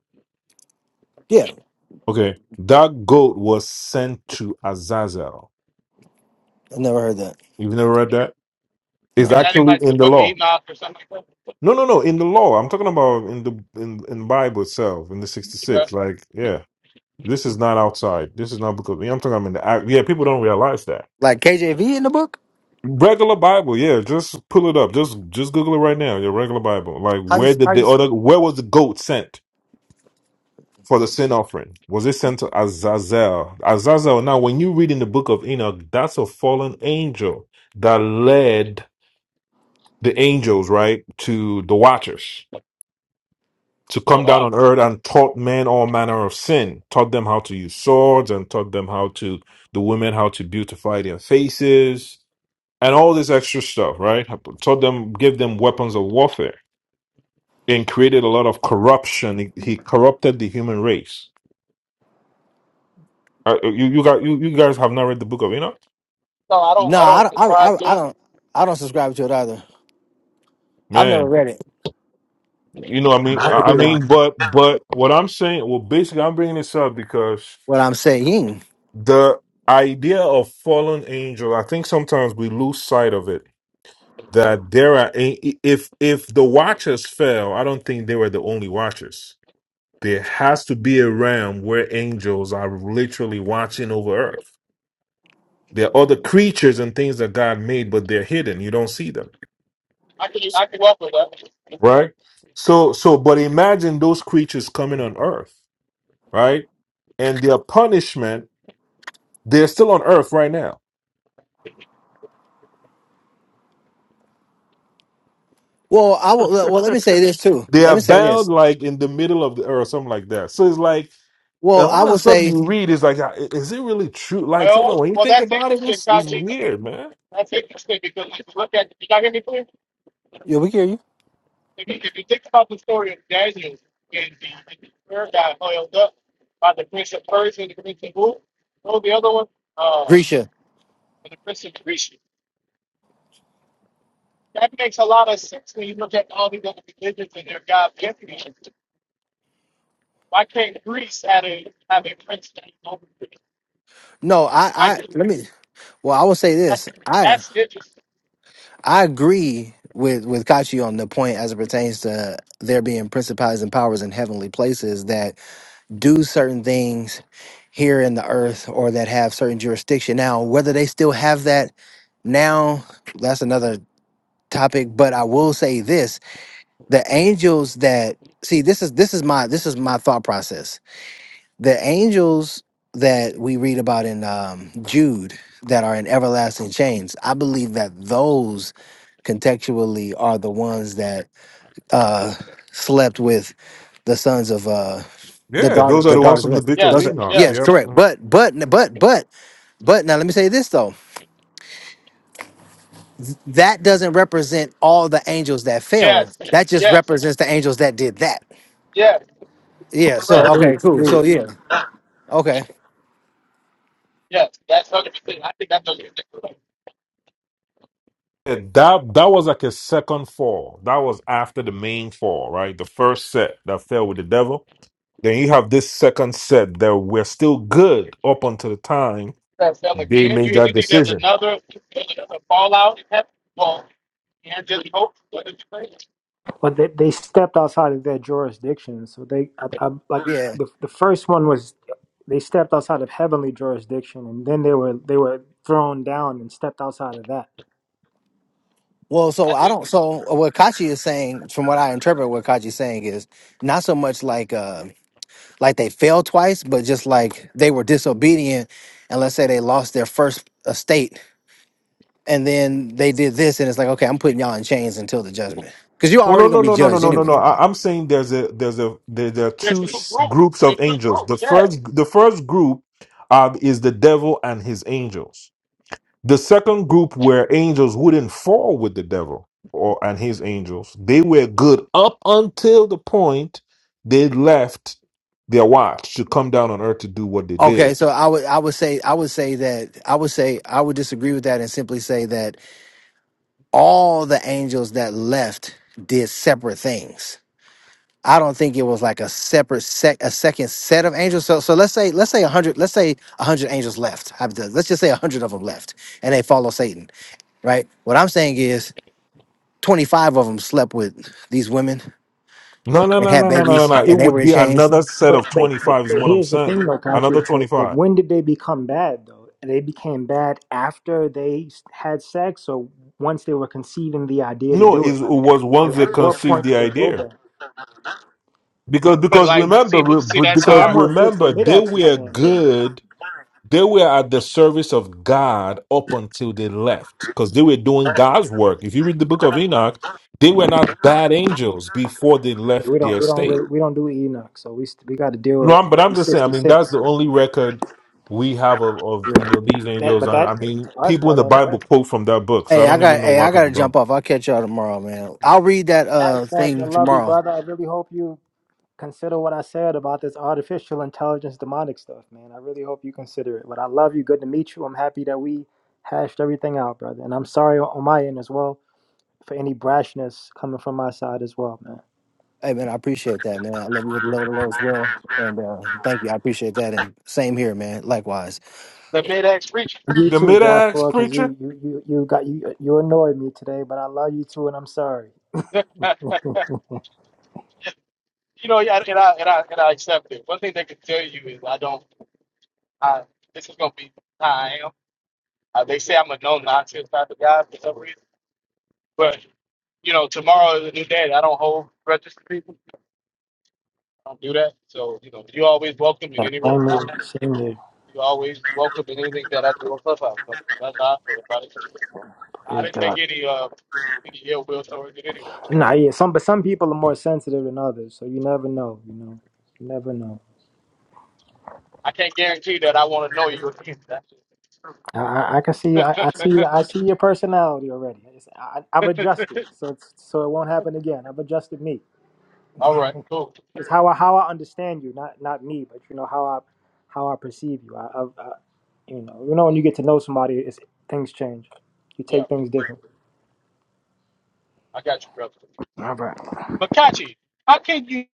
S9: yeah,
S11: Okay, that goat was sent to Azazel.
S9: I never heard that.
S11: You've never read that? It's
S3: Is
S9: Nah,
S3: that in
S11: actually
S3: like the
S11: in the
S3: book of
S11: law.
S3: Enoch or something like
S11: No, no, no. In the law, I'm talking about in the in in the Bible itself, in the
S3: that? Uh,
S11: 66. Like, yeah, this is not outside. This is not because yeah, I'm talking. I'm in the act- yeah. People don't realize that
S9: like KJV in the book.
S11: regular Bible. Yeah, just pull it up. Just just Google it right now. Your regular Bible. Like,
S9: How you?
S11: where
S9: How
S11: did the
S9: you?
S11: other? Where was the goat sent for the sin offering? Was it sent to Azazel? Azazel. Now, when you read in the book of Enoch, that's a fallen angel that led the angels right to the watchers to
S3: Oh
S11: come down
S3: wow.
S11: on earth and taught men all manner of sin, taught them how to use swords and taught them how to, the women, how to beautify their faces and all this extra stuff, right? Taught them, gave them weapons of warfare and created a lot of corruption. He, he corrupted the human race. Uh, uh, you, you, got, you, you guys have not read the book of Enoch?
S3: No, I don't.
S9: Nah,
S3: I
S9: I,
S3: don't
S9: don't- I,
S3: subscribe
S9: I, I
S3: to it.
S9: don't, I don't subscribe to it either. I've never
S11: Man,
S9: read it.
S11: you know what I mean? I I
S12: Hallelujah.
S11: mean, but, but what I'm saying, well, basically, I'm bringing this up because
S9: What I'm saying.
S11: the idea of fallen angel, I think sometimes we lose sight of it that there are a- if if the watchers fell i don't think they were the only watchers there has to be a realm where angels are literally watching over earth there are other creatures and things that god made but they're hidden you don't see them
S3: I can. I can work with that.
S11: right so so but imagine those creatures coming on earth right and their punishment they're still on earth right now
S9: Well, I will. Well, let me say this too.
S11: they
S9: Let
S11: are
S9: me say
S11: bound
S9: this.
S11: like in the middle of the earth or something like that so it's like a
S9: Well, I
S11: lot
S9: will
S11: of stuff
S9: say.
S11: you read is like, uh, is it really true? Like, something
S3: Well,
S11: when you
S3: well,
S11: think
S3: that's
S11: about it,
S3: interesting,
S11: it's, it's
S3: Kachi.
S11: weird, man.
S3: That's interesting because if you look at. You got hear me, please?
S9: Yeah, we hear you,
S3: If you, if you think about the story of Daniel and the and the third guy oiled up by the prince of Persia and the prince of who? What was the other one? Uh,
S9: Grisha.
S3: and the prince of Greece. That makes a lot of sense when you look at all these other religions and their god entities. Why can't Greece have a have a prince named over Greece?
S9: No, I,
S3: Why
S9: I
S3: can't-
S9: let me. Well, I will say this. I,
S3: That's interesting.
S9: I agree with with Kachi on the point as it pertains to there being principalities and powers in heavenly places. That do certain things here in the earth or that have certain jurisdiction. Now, whether they still have that now, that's another topic, but I will say this, the angels that see this is this is my this is my thought process. The angels that we read about in um, Jude that are in everlasting chains, I believe that those contextually are the ones that uh slept with the sons of uh the
S11: Yeah,
S9: daughter,
S11: those are
S9: the
S11: the ones
S9: daughters of
S11: from
S9: men.
S11: the Book
S3: Yeah,
S11: of
S9: Those are
S11: Enoch.
S3: yeah,
S9: yes,
S11: Yep.
S9: correct.
S11: Yeah,
S9: But but but but but now let me say this though. That doesn't represent all the angels that fell.
S3: yes,
S9: That just
S3: yes,
S9: represents the angels that did that.
S3: yes,
S9: Yeah. So
S3: correct.
S12: Agreed,
S9: okay, cool.
S12: agreed.
S9: So yeah. Okay.
S3: Yes, that's hundred percent. I think that's hundred percent correct.
S11: that that was like a second fall. That was after the main fall, right? The first set that fell with the devil. Then you have this second set that were still good up until the time
S3: That's them
S11: they
S3: again. Do
S11: made
S3: you, do you
S11: that
S3: think there's
S11: decision.
S3: another there's another fallout in heaven? Well, and just hope. What did you think?
S12: Well, they, they stepped outside of their jurisdiction. So they, I, I, like
S9: Yeah.
S12: the the first one was, they stepped outside of heavenly jurisdiction, and then they were they were thrown down and stepped outside of that.
S9: Well, so
S3: I
S9: I
S3: think
S9: don't. So what Kachi is saying, from what I interpret, what Kachi saying is not so much like uh like they failed twice, but just like they were disobedient, and let's say they lost their first estate and then they did this, and it's like, okay, I'm putting y'all in chains until the judgment, because you're
S11: Well, no,
S9: already gonna
S11: no,
S9: be
S11: no, no, no,
S9: judged
S11: no, no, no.
S9: anyway.
S11: I, I'm saying there's a there's a there, there are
S3: there's
S11: two
S3: two
S11: s-
S3: groups.
S11: groups of
S3: There's two
S11: angels. The
S3: groups. Yeah.
S11: first the first group uh, is the devil and his angels. The second group were angels who didn't fall with the devil or and his angels. They were good up until the point they left their watch to come down on earth to do what they
S9: Okay,
S11: did.
S9: so I would I would say I would say that I would say I would disagree with that and simply say that all the angels that left did separate things. I don't think it was like a separate sec a second set of angels. So so let's say let's say a hundred let's say a hundred angels left. Have the- Let's just say a hundred of them left, and they follow Satan, right? What I'm saying is twenty five of them slept with these women
S11: No, no,
S9: and
S11: no,
S9: had
S11: no, no, no, no,
S9: babies,
S11: no. It
S9: and they were
S11: would
S9: in
S11: be
S9: chains
S11: another set
S12: But,
S11: of
S12: but
S11: twenty
S12: but
S11: five is
S12: but
S11: what I'm
S12: here's the
S11: saying.
S12: thing though, Katya,
S11: Another twenty
S12: to like
S11: five.
S12: when did they become bad though? And They became bad after they s- had sex, or once they were conceiving the idea to
S11: No,
S12: do
S11: it
S12: it. Like,
S11: was once
S12: like
S11: they
S12: at what
S11: conceived
S12: point
S11: the
S12: did they go
S11: idea.
S12: bad?
S11: Because
S3: But
S11: because
S3: like,
S11: remember
S3: see,
S11: re-
S3: but see,
S11: but
S3: that's
S12: So
S11: because
S12: that
S3: hard.
S12: more fits what
S11: remember they
S12: Midax is
S11: were
S12: saying. Then
S11: good. They were at the service of God up until they left because they were doing God's work. If you read the book of
S12: though.
S11: Enoch, they were not bad angels before they left
S12: we don't
S11: their
S12: we don't
S11: state.
S12: really, we don't do Enoch, so we st- we got to deal
S11: No, I'm, but
S12: with
S11: I'm
S12: the
S11: just saying. I
S12: sixty
S11: mean, that's
S12: six.
S11: the only record we have of, of
S9: Yeah.
S11: you know these
S12: That
S11: angels.
S12: but
S11: And I
S12: that
S11: mean,
S12: to us
S11: people in
S12: that
S11: the
S12: ain't a
S11: Bible
S12: record.
S11: quote from that book, so
S9: Hey,
S11: I
S9: I
S11: don't
S9: got.
S11: even know
S9: Hey,
S11: why
S9: I got to
S11: people don't.
S9: jump off. I'll catch y'all tomorrow, man. I'll read that
S12: All right,
S9: uh
S12: Max, I
S9: thing
S12: love you,
S9: tomorrow.
S12: brother. I really hope you consider what I said about this artificial intelligence demonic stuff, man. I really hope you consider it. But I love you. Good to meet you. I'm happy that we hashed everything out, brother. And I'm sorry on my end as well for any brashness coming from my side as well, man.
S9: Hey, man, I appreciate that, man. I love you with the love of the Lord as well, and uh thank you. I appreciate that, and same here, man. Likewise.
S3: The mid-X preacher.
S12: You
S11: The
S12: too,
S11: mid-axe
S12: Joshua, because
S11: preacher.
S12: you, you you you got you you annoyed me today, but I love you too, and I'm sorry.
S3: you know, yeah, and I and I and I accept it. One thing they can tell you is I don't. I, this is gonna be how I am. Uh, they say I'm a no nonsense type of guy for some reason, but you know, tomorrow is a new day. and I don't hold grudges to people. I don't do that. So you know, you always welcome in
S12: Same
S3: any room.
S12: here. Same here.
S3: you always welcome in anything that I do on Clubhouse. So that's how I feel about it. I
S12: Praise
S3: didn't
S12: God.
S3: take any uh any ill will towards it anyway.
S12: Nah, yeah. Some but some people are more sensitive than others, so you never know. You know, you never know.
S3: I can't guarantee that I want to know you again. That's
S12: I, I I can see. I, I
S3: just
S12: see. I see your personality already. It's, I,
S3: true.
S12: I've adjusted, so it's, so it won't happen again. I've adjusted me.
S3: All right, cool.
S12: It's how I how I understand you, not not me, but you know how I how I perceive you. I, I, I you know you know when you get to know somebody, it's, things change. You
S3: Yeah,
S12: take things differently.
S3: I got you, brother.
S12: All right.
S3: But Kachi, how can you?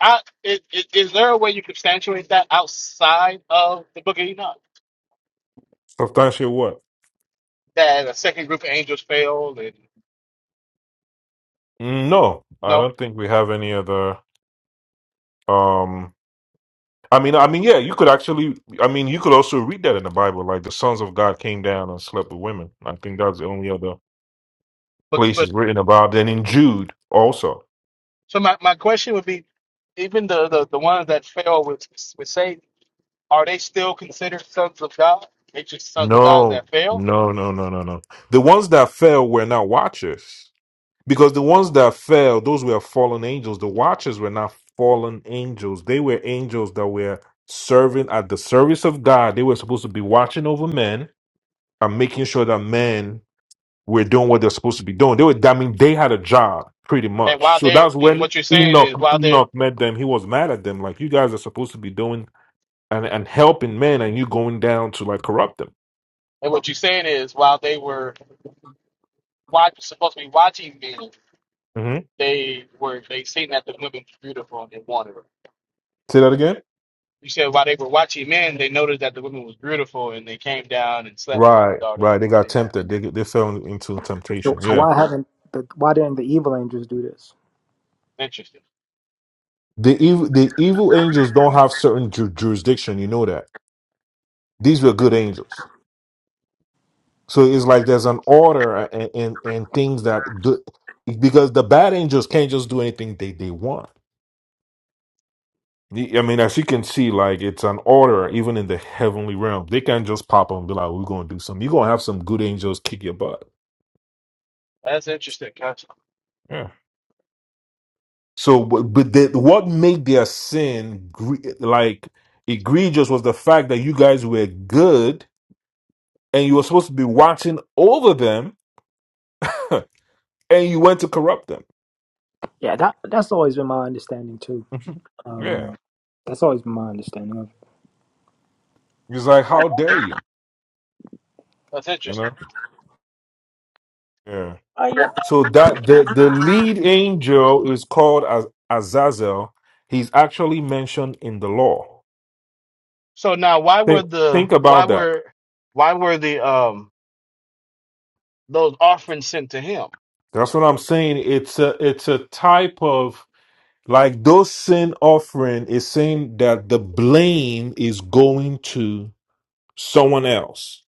S3: I, is, is is there a way you substantiate that outside of the Book of Enoch
S11: Substantial what?
S3: that a second group of angels failed and
S11: Mm, No, I
S3: no?
S11: don't think we have any other. Um, I mean, I mean, yeah, you could actually, I mean, you could also read that in the Bible, like the sons of God came down and slept with women. I think that's the only other
S3: But
S11: place
S3: but
S11: it's written about. Then in Jude, also,
S3: so my, my question would be, even the, the, the ones that fail with with Satan, are they still considered sons of God? They just sons of God
S11: no,
S3: that fail.
S11: no, no, no, no, no. The ones that fell were not watchers, because the ones that fell, those were fallen angels. The watchers were not fallen angels; they were angels that were serving at the service of God. They were supposed to be watching over men and making sure that men were doing what they're supposed to be doing. They were, I mean, they had a job pretty
S3: And
S11: much.
S3: while
S11: So
S3: they
S11: that's
S3: and
S11: when
S3: what you're saying is
S11: Enoch
S3: while they
S11: Enoch met them. He was mad at them, like you guys are supposed to be doing and and helping men, and you going down to like corrupt them.
S3: and what you're saying is while they were watch, supposed to be watching men,
S11: hmm
S3: they were they seen that the women were beautiful and they wanted her.
S11: Say that again.
S3: You said while they were watching men, they noticed that the woman was beautiful, and they came down and slept with
S11: Right,
S3: the daughters
S11: right.
S3: of
S11: They got
S3: man.
S11: tempted. They they fell into
S12: So,
S11: temptation.
S12: so
S11: Yeah.
S12: why haven't the why didn't the evil angels do this?
S3: Interesting.
S11: The evil the evil angels don't have certain ju- jurisdiction. You know that these were good angels. So it's like there's an order and and, and things that good because the bad angels can't just do anything they they want The- I mean, as you can see, like it's an order even in the heavenly realm. They can't just pop up and be like, "We're gonna do something." You're gonna have some good angels kick your butt.
S3: That's interesting. That's,
S11: Yeah. So, but but the, what made their sin gre- like egregious was the fact that you guys were good and you were supposed to be watching over them, and you went to corrupt them.
S12: Yeah, that that's always been my understanding too.
S11: yeah.
S12: Um, that's always been my understanding of.
S11: It's like,
S15: I,
S11: how dare you?
S3: that's
S11: You
S3: interesting.
S11: know?
S15: I
S11: So that the the lead angel is called as Azazel. He's actually mentioned in the law.
S3: So now, why were
S11: Think
S3: the
S11: think
S3: why
S11: about that.
S3: were why were the um those offerings sent to him?
S11: That's what I'm saying. It's a it's a type of like those sin offering is saying that the blame is going to someone else.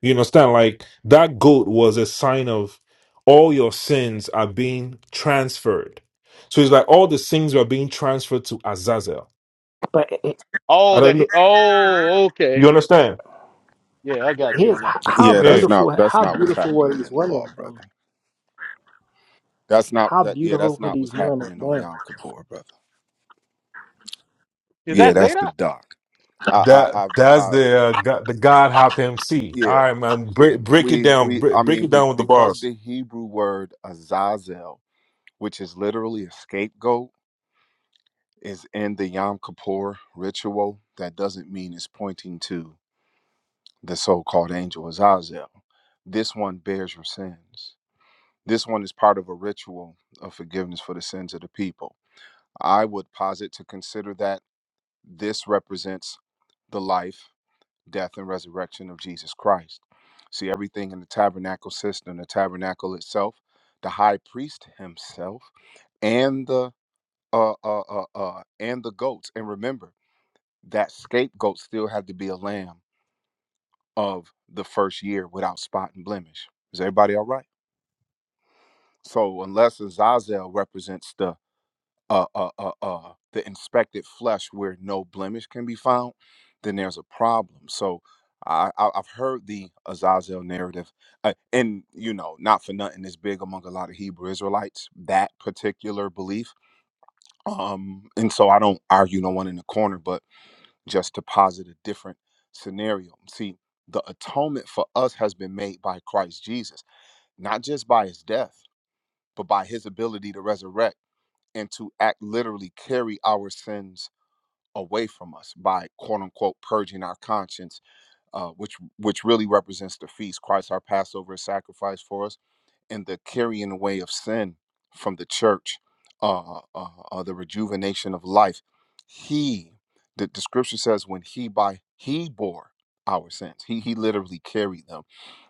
S11: You understand? Like that goat was a sign of all your sins are being transferred. So it's like all the sins are being transferred to Azazel.
S12: But it,
S11: I
S3: Oh, that
S11: don't know.
S3: he. Oh, okay.
S11: You understand?
S3: Yeah, I got you
S12: Here's
S3: on that.
S12: how
S8: Yeah,
S3: Okay.
S11: Yeah,
S8: that's not
S12: beautiful,
S8: that's
S12: how
S8: not what's
S12: beautiful were
S8: happening
S12: these
S8: in the
S12: women?
S8: law,
S12: Though?
S8: brother. That's not
S12: How
S8: that. Yeah,
S12: beautiful
S8: that's
S12: could
S8: not
S12: these
S8: what's
S12: women have
S8: happening on
S12: been?
S8: Yom Kippur, brother.
S3: Is
S8: Yeah,
S3: that
S8: that's the
S3: Zadok?
S8: doc. I, I,
S11: that
S8: I've,
S11: that's
S8: I,
S11: the uh, go- the God Hop MC. All
S8: yeah,
S11: right, man, break break it
S8: we,
S11: down,
S8: we.
S11: break,
S8: I
S11: break
S8: mean,
S11: it
S8: be,
S11: down with the
S8: because
S11: bars.
S8: the Hebrew word azazel, which is literally a scapegoat. is in the Yom Kippur ritual, that doesn't mean it's pointing to the so called angel Azazel. This one bears your sins. This one is part of a ritual of forgiveness for the sins of the people. I would posit to consider that this represents the life, death, and resurrection of Jesus Christ. See, everything in the tabernacle system, the tabernacle itself, the high priest himself, and the uh, uh, uh, uh, and the goats. And remember, that scapegoat still had to be a lamb of the first year without spot and blemish. Is everybody all right? So unless Azazel represents the uh uh uh uh the inspected flesh where no blemish can be found, then there's a problem. So I, I I've heard the Azazel narrative, uh, and you know, not for nothing, it's big among a lot of Hebrew Israelites that particular belief. Um, and so I don't argue no one in the corner, but just to posit a different scenario. See, the atonement for us has been made by Christ Jesus, not just by his death, but by his ability to resurrect and to act literally carry our sins away from us by quote unquote purging our conscience, uh, which which really represents the feast. Christ our Passover is sacrificed for us and the carrying away of sin from the church, uh, uh, uh, the rejuvenation of life. He, the, the scripture says, when he by he bore our sins, he he literally carried them,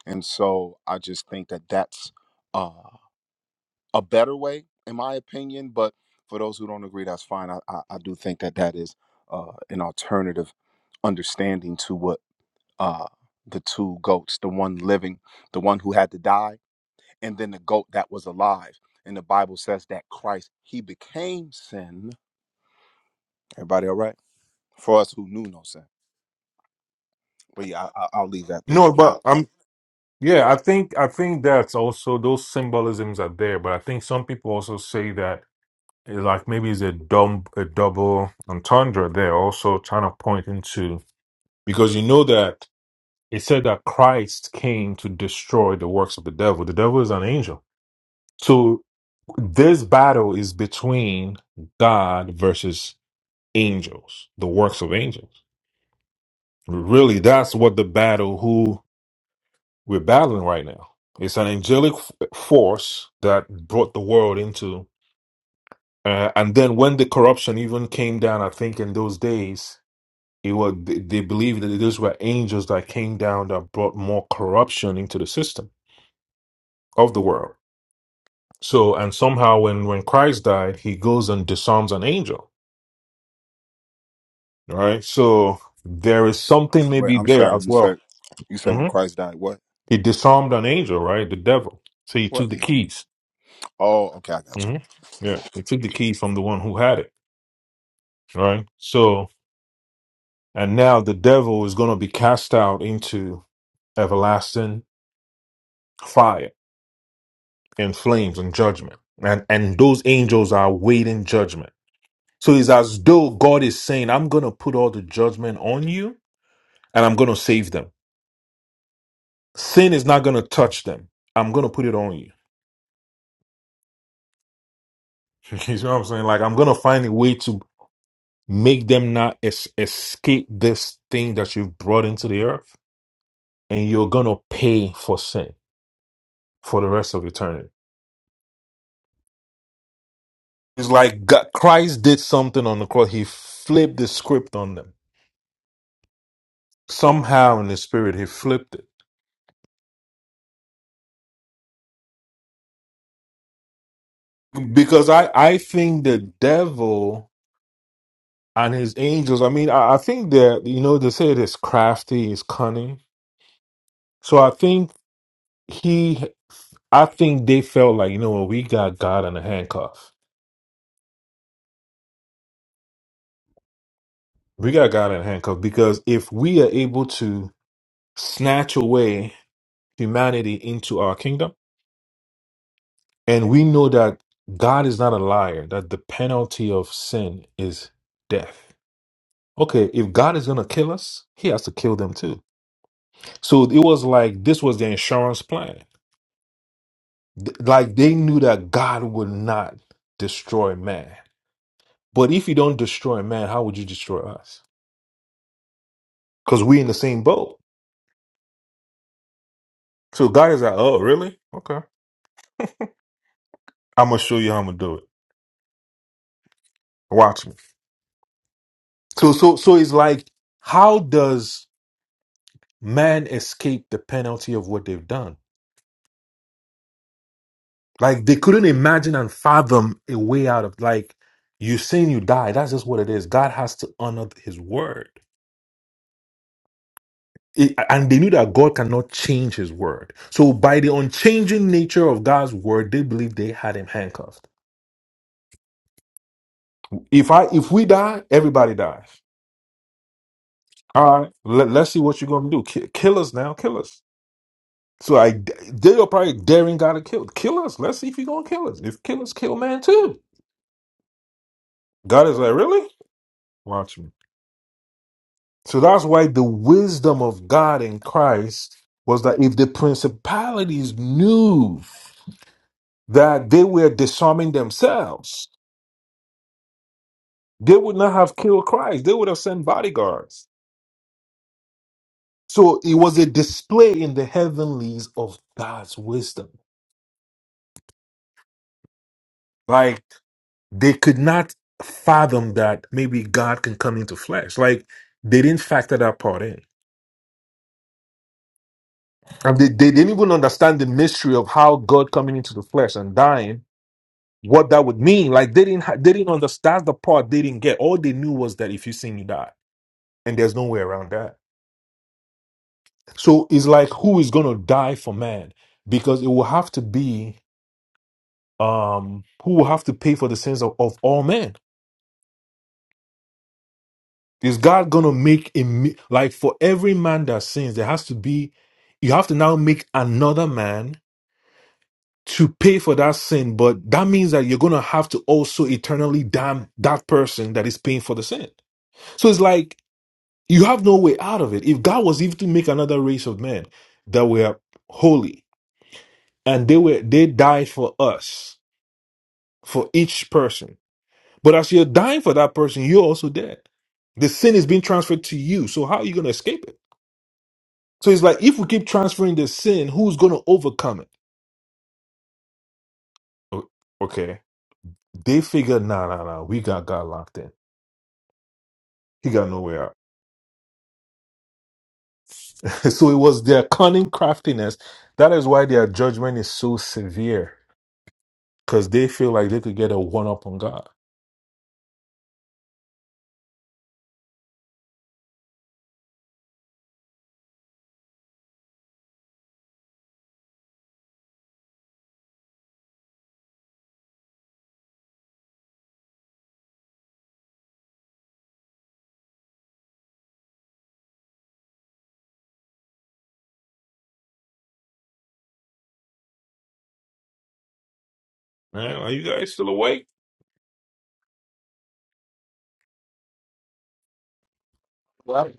S8: and so I just think that that's uh, a better way, in my opinion. But for those who don't agree, that's fine. I I, I do think that that is uh, an alternative understanding to what uh, the two goats, the one living, the one who had to die and then the goat that was alive. And the Bible says that Christ, he became sin. Everybody all right? For us who knew no sin. But yeah, I, I- I'll leave that there.
S11: No, but I'm yeah. I think I think that's also those symbolisms are there, but I think some people also say that eh, like maybe it's a dumb a double entendre there, also trying to point into because you know that it said that Christ came to destroy the works of the devil. The devil is an angel, so this battle is between God versus angels, the works of angels. Really, that's what the battle who we're battling right now. It's an angelic f- force that brought the world into. Uh, and then when the corruption even came down, I think in those days, it was they, they believed that those were angels that came down that brought more corruption into the system of the world. So, and somehow when when Christ died, he goes and disarms an angel, right? So there is something
S8: Wait,
S11: maybe
S8: I'm
S11: there
S8: sorry.
S11: as
S8: You
S11: well.
S8: said you said
S11: Mm-hmm.
S8: when Christ died, what?
S11: He disarmed an angel, right? The devil. So he
S8: What?
S11: took the
S8: Amen.
S11: keys.
S8: Oh, okay, I got you.
S11: hmm Yeah, he took the keys from the one who had it, right? So, and now the devil is going to be cast out into everlasting fire and flames and judgment. And, and those angels are waiting judgment. So it's as though God is saying, I'm going to put all the judgment on you and I'm going to save them. Sin is not going to touch them. I'm going to put it on you. you know what I'm saying? Like, I'm going to find a way to Make them not es- escape this thing that you've brought into the earth, and you're gonna pay for sin for the rest of eternity. It's like God, Christ did something on the cross. He flipped the script on them somehow in the spirit. He flipped it because I I think the devil and his angels. I mean, I, I think that you know they say it is crafty, is cunning. So I think he, I think they felt like you know what, we got God in a handcuff We got God in handcuffs because if we are able to snatch away humanity into our kingdom, and we know that God is not a liar, that the penalty of sin is death. Okay, if God is going to kill us, he has to kill them too. So it was like this was the insurance plan. Th- Like they knew that God would not destroy man. But if you don't destroy man, how would you destroy us? Because we in the same boat. So God is like, oh, really? Okay. I'm going to show you how I'm going to do it. Watch me. So so so it's like, how does man escape the penalty of what they've done? Like they couldn't imagine and fathom a way out of like you saying you die. That's just what it is. God has to honor His word, It- and they knew that God cannot change His word. So by the unchanging nature of God's word, they believed they had Him handcuffed. If I if we die, everybody dies. All right, let, let's see what you're gonna do. Ki- Kill us now, kill us. So I, they're probably daring God to kill kill us. Let's see if you're gonna kill us. If kill us, kill man too. God is like, really? Watch me. So that's why the wisdom of God in Christ was that if the principalities knew that they were disarming themselves, they would not have killed Christ. They would have sent bodyguards. So it was a display in the heavenlies of God's wisdom. like. they could not fathom that maybe God can come into flesh. Like they didn't factor that part in. And they, they didn't even understand the mystery of how God coming into the flesh and dying, what that would mean. Like they didn't ha- they didn't understand the part they didn't get. All they knew was that if you sin, you die. And there's no way around that. So it's like who is gonna die for man? Because it will have to be um who will have to pay for the sins of, of all men Is God gonna make a mi- like for every man that sins, there has to be you have to now make another man to pay for that sin, but that means that you're gonna have to also eternally damn that person that is paying for the sin. So it's like you have no way out of it. If God was even to make another race of men that were holy and they were they died for us, for each person. But as you're dying for that person, you're also dead. The sin is being transferred to you. So how are you gonna escape it? So it's like if we keep transferring the sin, who's gonna overcome it? O- Okay. They figured, nah, nah, nah, we got God locked in. He got nowhere out. so it was their cunning craftiness. That is why their judgment is so severe. Because they feel like they could get a one up on God. Man, are you guys still awake?
S3: Well,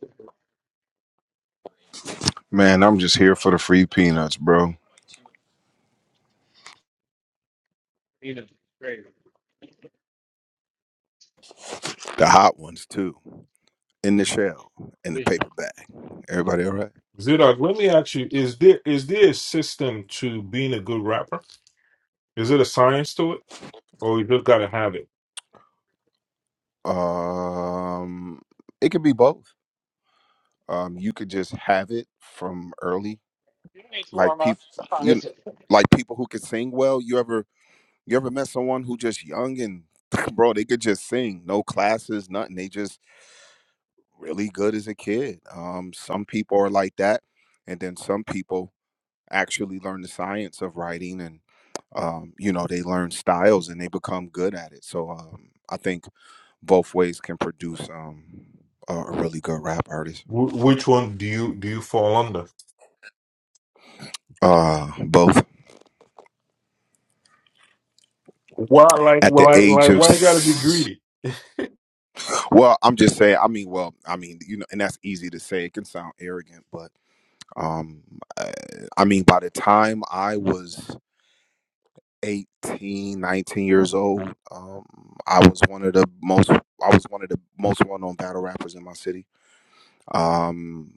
S8: Man, I'm just here for the free peanuts, bro.
S3: you know, crazy.
S8: The hot ones too. in the shell in the
S3: We
S8: paper bag everybody all
S11: Zidog, let me ask you, is there is there a system to being a good rapper? Is it a science to it? Or you just gotta have it?
S8: right um it could be both um you could just have it from early like people you
S3: yes,
S8: like people who can sing well you ever you ever met someone who just young and bro they could just sing no classes nothing they just really good as a kid um some people are like that and then some people actually learn the science of writing and um you know they learn styles and they become good at it so um i think both ways can produce um a a really good rap artist.
S11: Wh- which one do you do you fall under?
S8: Uh, both
S11: Why like
S8: at the
S11: why,
S8: age
S11: like
S8: of
S11: why you gotta be
S8: s-
S11: greedy?
S8: well, I'm just saying. I mean, well, I mean, you know, and that's easy to say. It can sound arrogant, but um, I, I mean, by the time I was 18, 19 years old, um, I was one of the most, I was one of the most well-known battle rappers in my city Um,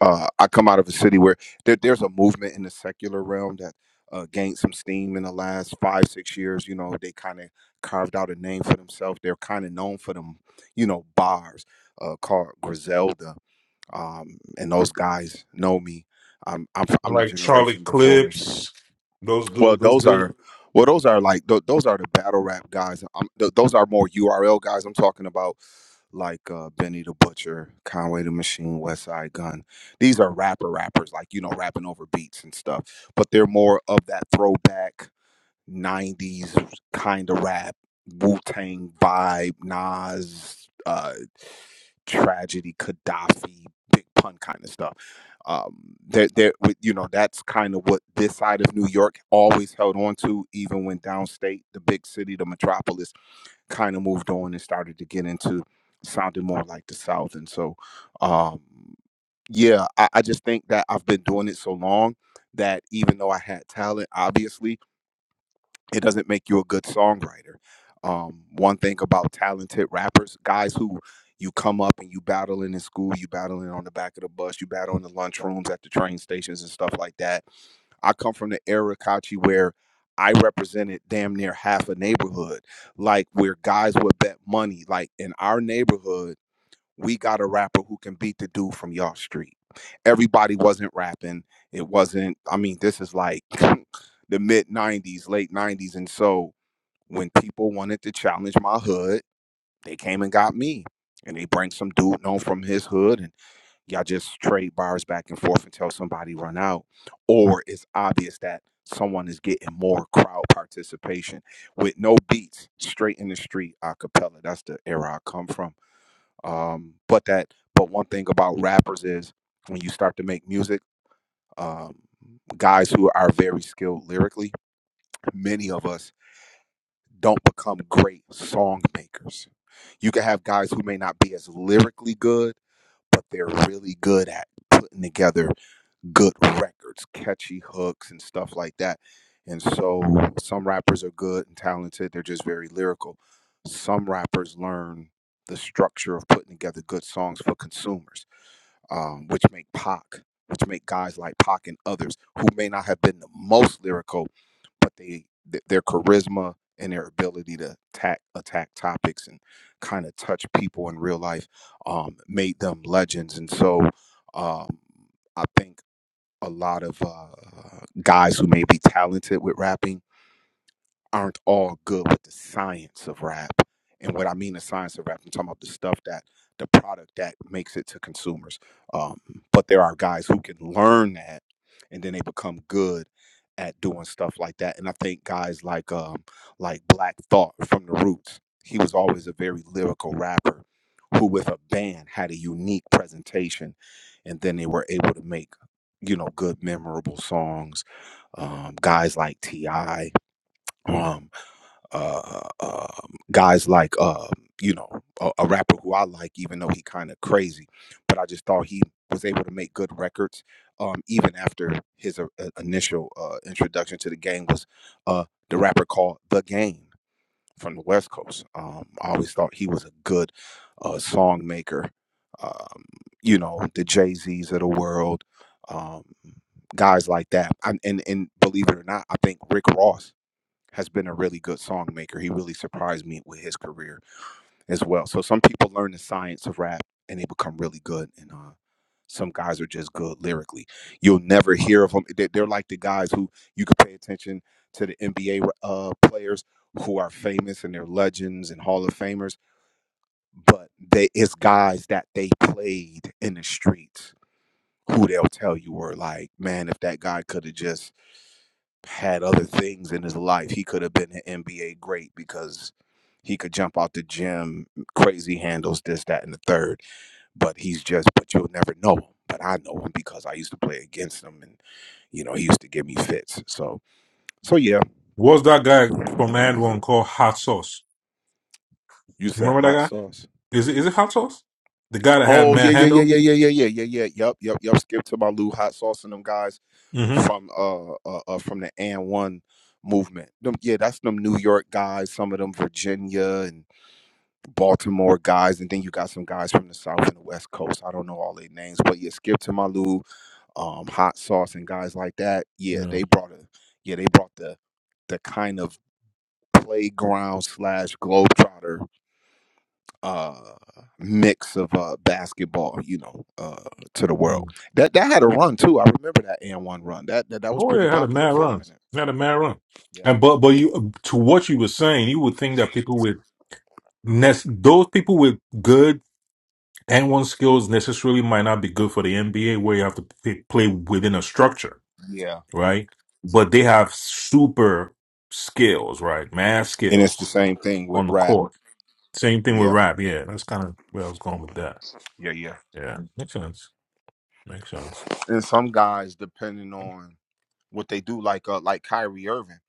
S8: uh, I come out of a city where there, there's a movement in the secular realm that uh, gained some steam in the last five, six years. You know, they kind of carved out a name for themselves. They're kind of known for them, you know, bars uh, called Griselda. Um, and those guys know me. I'm, I'm, I'm the
S11: like Charlie
S8: generation before. them.
S11: Clips, those
S8: Well,
S11: dudes. Those
S8: those
S11: dudes.
S8: are well, those are like th- those are the battle rap guys. i th- those are more URL guys. I'm talking about like uh, Benny the Butcher, Conway the Machine, West Side Gun. These are rapper rappers, like you know, rapping over beats and stuff. But they're more of that throwback '90s kind of rap, Wu Tang vibe, Nas. uh, tragedy, Gaddafi, big pun kind of stuff. Um, there, there, with- you know, that's kind of what this side of New York always held on to, even when downstate, the big city, the metropolis, kind of moved on and started to get into sounding more like the South. And so, um, yeah, I, I just think that I've been doing it so long that even though I had talent, obviously, it doesn't make you a good songwriter. Um, one thing about talented rappers, guys who you come up and you battling in school, you battling on the back of the bus, you battle in the lunchrooms at the train stations and stuff like that. I come from the era, Kachi, where I represented damn near half a neighborhood, like where guys would bet money. Like in our neighborhood, we got a rapper who can beat the dude from y'all street. Everybody wasn't rapping. It wasn't, I mean, this is like the mid 90s, late 90s. And so when people wanted to challenge my hood, they came and got me. And they bring some dude known from his hood, and y'all just trade bars back and forth until somebody run out. Or it's obvious that someone is getting more crowd participation with no beats, straight in the street, a cappella. That's the era I come from um, but that, but one thing about rappers is when you start to make music, um, guys who are very skilled lyrically, many of us don't become great song makers. You can have guys who may not be as lyrically good, but they're really good at putting together good records, catchy hooks, and stuff like that. And so some rappers are good and talented, they're just very lyrical. Some rappers learn the structure of putting together good songs for consumers um, which make Pac, which make guys like Pac and others who may not have been the most lyrical, but they th- their charisma and their ability to attack attack topics and kind of touch people in real life um, made them legends. And so um, I think a lot of uh, guys who may be talented with rapping aren't all good with the science of rap. And what I mean the science of rap, I'm talking about the stuff that the product that makes it to consumers. Um, but there are guys who can learn that and then they become good at doing stuff like that. And I think guys like um like Black Thought from the Roots, he was always a very lyrical rapper who with a band had a unique presentation and then they were able to make, you know, good memorable songs. Um, guys like T.I uh, um, guys like uh, you know a, a rapper who I like, even though he kind of crazy, but I just thought he was able to make good records um, even after his uh, uh, initial uh, introduction to the game was uh, the rapper called The Game from the West Coast. Um, I always thought he was a good uh, song maker. Um, you know the Jay Z's of the world. Um, guys like that and, and and believe it or not i think rick ross has been a really good song maker. He really surprised me with his career as well. So some people learn the science of rap and they become really good, and uh, some guys are just good lyrically. You'll never hear of them. They- They're like the guys who you could pay attention to the NBA uh, players who are famous and they're legends and Hall of Famers, but they it's guys that they played in the streets who they'll tell you were like, man, if that guy could have just had other things in his life. He could have been an NBA great because he could jump out the gym, crazy handles, this, that, and the third. But he's just, but you'll never know him. But I know him because I used to play against him and, you know, he used to give me fits. So, so yeah,
S11: What's that guy from Man, One called Hot Sauce?
S8: you
S11: You
S8: said
S11: remember that
S8: hot
S11: guy?
S8: sauce.
S11: Is it is it Hot Sauce? The guy that had
S8: Oh, yeah,
S11: Mad
S8: yeah, yeah,
S11: Handle.
S8: yeah, yeah, yeah, yeah, yeah, yeah. Yep, yep, yep. Skip to my Lou hot sauce and them guys
S11: Mm-hmm.
S8: from, uh, uh, uh from the and one movement. Them, yeah, that's them New York guys, some of them Virginia and Baltimore guys, and then you got some guys from the South and the West Coast. I don't know all their names, but yeah, Skip to Malou, um, Hot Sauce, and guys like that. Yeah,
S11: No.
S8: they brought a yeah they brought the the kind of playground slash globetrotter uh mix of uh basketball you know uh to the
S11: Mm.
S8: world that that had a run too i remember that and one run that, that that was
S11: Oh
S8: pretty
S11: yeah, it had a
S8: popular
S11: mad
S8: for a
S11: run.
S8: minute
S11: He Had a mad run.
S8: yeah
S11: And but but you to what you were saying, you would think that people with nes- those people with good n one skills necessarily might not be good for the NBA, where you have to p- play within a structure.
S8: Yeah.
S11: right? But they have super skills, right? Mad
S8: And it's the
S11: skills
S8: same thing with
S11: on the
S8: rap.
S11: court. Same thing with
S8: Yeah.
S11: rap. Yeah, that's kind of where I was going with that.
S8: Yeah, yeah.
S11: Yeah, makes sense. Makes sense.
S8: And some guys, depending on what they do, like uh like Kyrie Irving.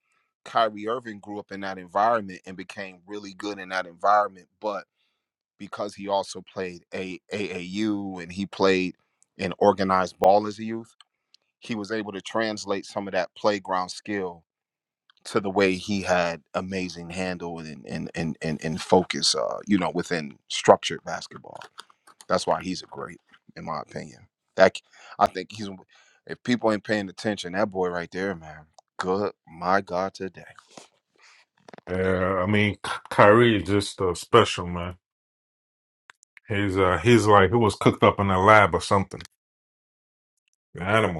S8: Kyrie Irving grew up in that environment and became really good in that environment, but because he also played a AAU and he played in organized ball as a youth, he was able to translate some of that playground skill to the way he had amazing handle and and and and, and focus uh you know within structured basketball that's why he's a great in my opinion that I think he's if people ain't paying attention that boy right there man good my god today
S11: Yeah, I mean, K- Kyrie is just uh, special, man. He's uh, he's like he was cooked up in a lab or something. An animal.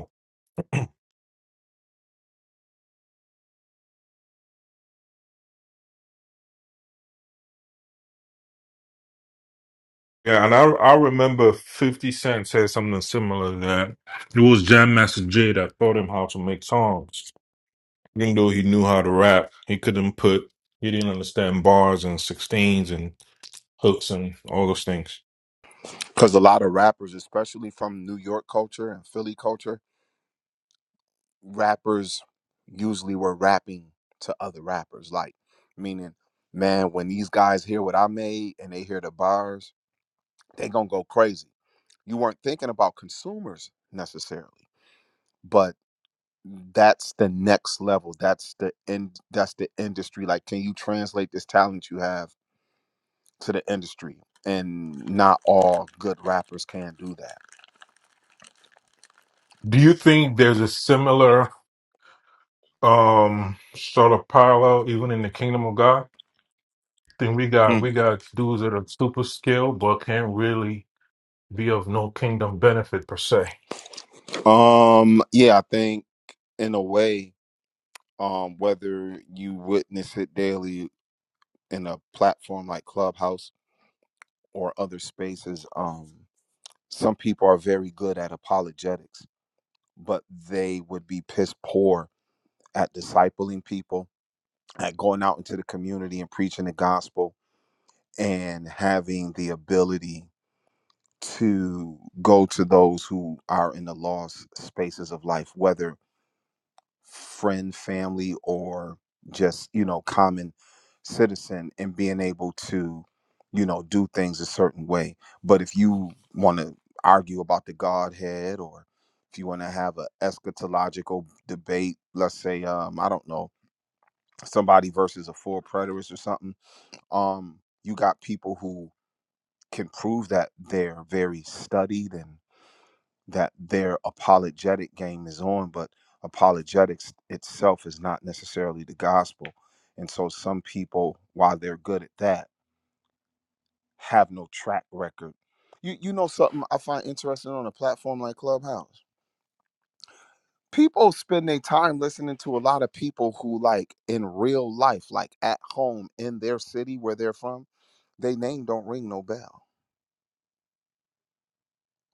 S11: Yeah, and I I remember Fifty Cent said something similar that it was Jam Master Jay that taught him how to make songs. Even though he knew how to rap, he couldn't put he didn't understand bars and sixteens and hooks and all those things.
S8: Because a lot of rappers, especially from New York culture and Philly culture, rappers usually were rapping to other rappers like meaning man when these guys hear what i made and they hear the bars they gonna go crazy. You weren't thinking about consumers necessarily, but that's the next level. That's the end. That's the industry. Like, can you translate this talent you have to the industry? And not all good rappers can do
S11: Do you think there's a similar um sort of parallel even in the kingdom of God? Then we got
S8: that.
S11: we got dudes that are super skilled but can't really be of no kingdom benefit per se.
S8: Hmm. Um, yeah, I think in a way, um, whether you witness it daily in a platform like Clubhouse or other spaces, um, some people are very good at apologetics but they would be piss poor at discipling people, at going out into the community and preaching the gospel and having the ability to go to those who are in the lost spaces of life, whether friend, family, or just, you know, common citizen and being able to, you know, do things a certain way. But if you want to argue about the Godhead or if you want to have a eschatological debate, let's say, um, I don't know, somebody versus a full preterist or something, um, you got people who can prove that they're very studied and that their apologetic game is on, but apologetics itself is not necessarily the gospel. And so some people, while they're good at that, have no track record. You you know something I find interesting on a platform like Clubhouse? People spend their time listening to a lot of people who like in real life, like at home in their city where they're from, they name don't ring no bell.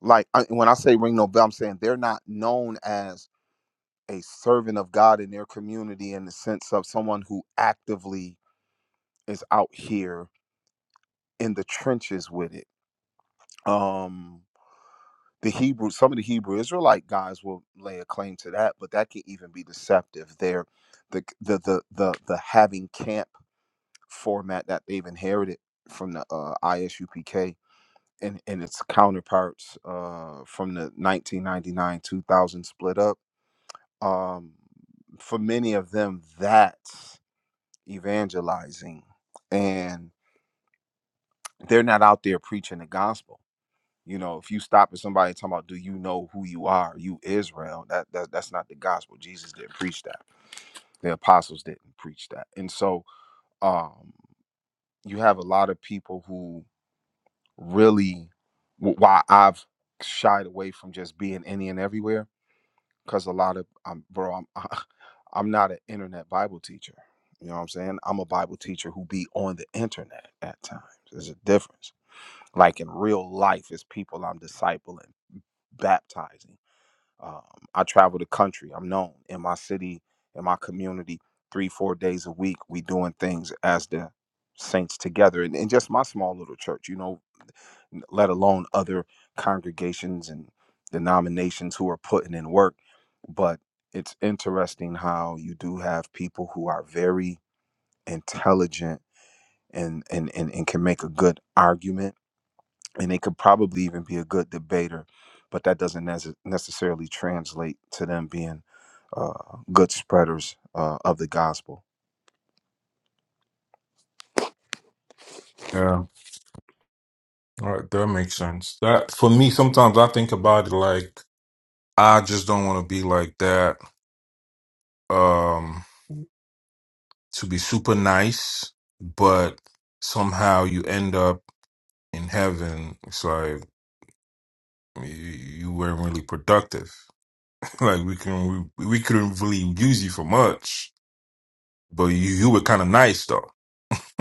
S8: Like I, when I say ring no bell, I'm saying they're not known as a servant of God in their community in the sense of someone who actively is out here in the trenches with it. Um, the Hebrew, some of the Hebrew Israelite guys will lay a claim to that, but that can even be deceptive. They're the the the the, the having camp format that they've inherited from the uh, ISUPK and, and its counterparts uh, from the 1999 2000 split up. Um, for many of them, that. evangelizing and they're not out there preaching the gospel. You know, if you stop at somebody talking about, do you know who you are? You Israel, that, that that's not the gospel. Jesus didn't preach that. The apostles didn't preach that. And so um you have a lot of people who really wh- why I've shied away from just being any and everywhere because a lot of I'm bro, I'm I'm not an internet Bible teacher. You know what I'm saying? I'm a Bible teacher who be on the internet at times. There's a difference. Like in real life, it's people I'm discipling, baptizing. Um, I travel the country. I'm known in my city, in my community, three, four days a week. We doing things as the saints together, and, and just my small little church. You know, let alone other congregations and denominations who are putting in work. But it's interesting how you do have people who are very intelligent and and and, and can make a good argument, and they could probably even be a good debater, but that doesn't nece- necessarily translate to them being uh, good spreaders uh, of the gospel.
S11: Yeah. All right, that makes sense. That for me, sometimes I think about it like I just don't want to be like that. Um, to be super nice, but somehow you end up in heaven. It's like you, you weren't really productive. like we can we, we couldn't really use you for much, but you you were kind of nice though.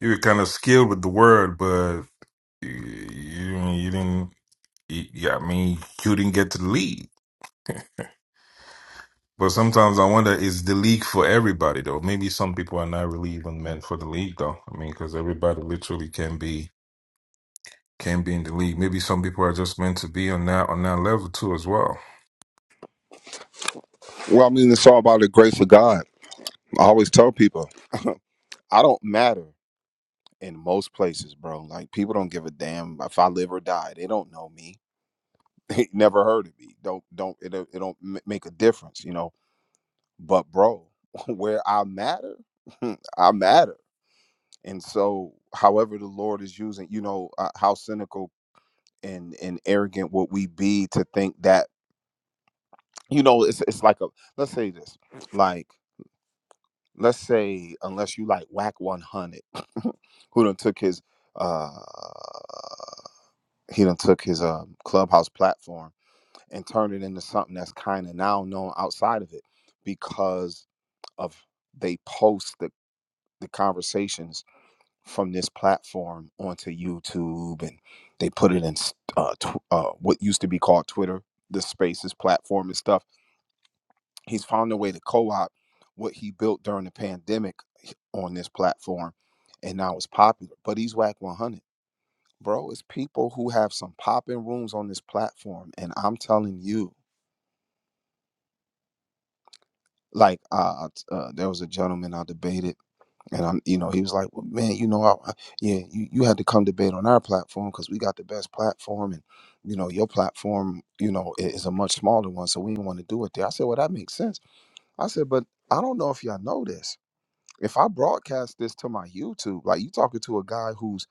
S11: you were kind of skilled with the word, but you you, you didn't. You, yeah, I mean, you didn't get to the lead. But sometimes I wonder, is the league for everybody though? Maybe some people are not really even meant for the league though. I mean, because everybody literally can be can be in the league. Maybe some people are just meant to be on that on that level too as well.
S8: Well, I mean, it's all about the grace of God. I always tell people, I don't matter. in most places, bro. Like people don't give a damn if I live or die. They don't know me. They never heard of me. Don't don't it don't- it don't m- make a difference, you know. But bro, where I matter, I matter. And so, however the Lord is using, you know, uh, how cynical and and arrogant would we be to think that, you know, it's it's like a let's say this, like let's say unless you like whack 100 who done took his uh he done took his um, clubhouse platform and turned it into something that's kind of now known outside of it because of they post the, the conversations from this platform onto YouTube and they put it in uh, tw- uh, what used to be called Twitter, the Spaces platform and stuff. He's found a way to co-opt what he built during the pandemic on this platform, and now it's popular. But he's whack 100 bro it's people who have some popping rooms on this platform and i'm telling you like uh, uh there was a gentleman i debated and i'm you know he was like well, man you know I, I- yeah you, you had to come debate on our platform because we got the best platform and you know your platform you know i- is a much smaller one so we didn't want to do it there i said well that makes sense i said but i don't know if y'all know this if i broadcast this to my youtube like you talking to a guy who's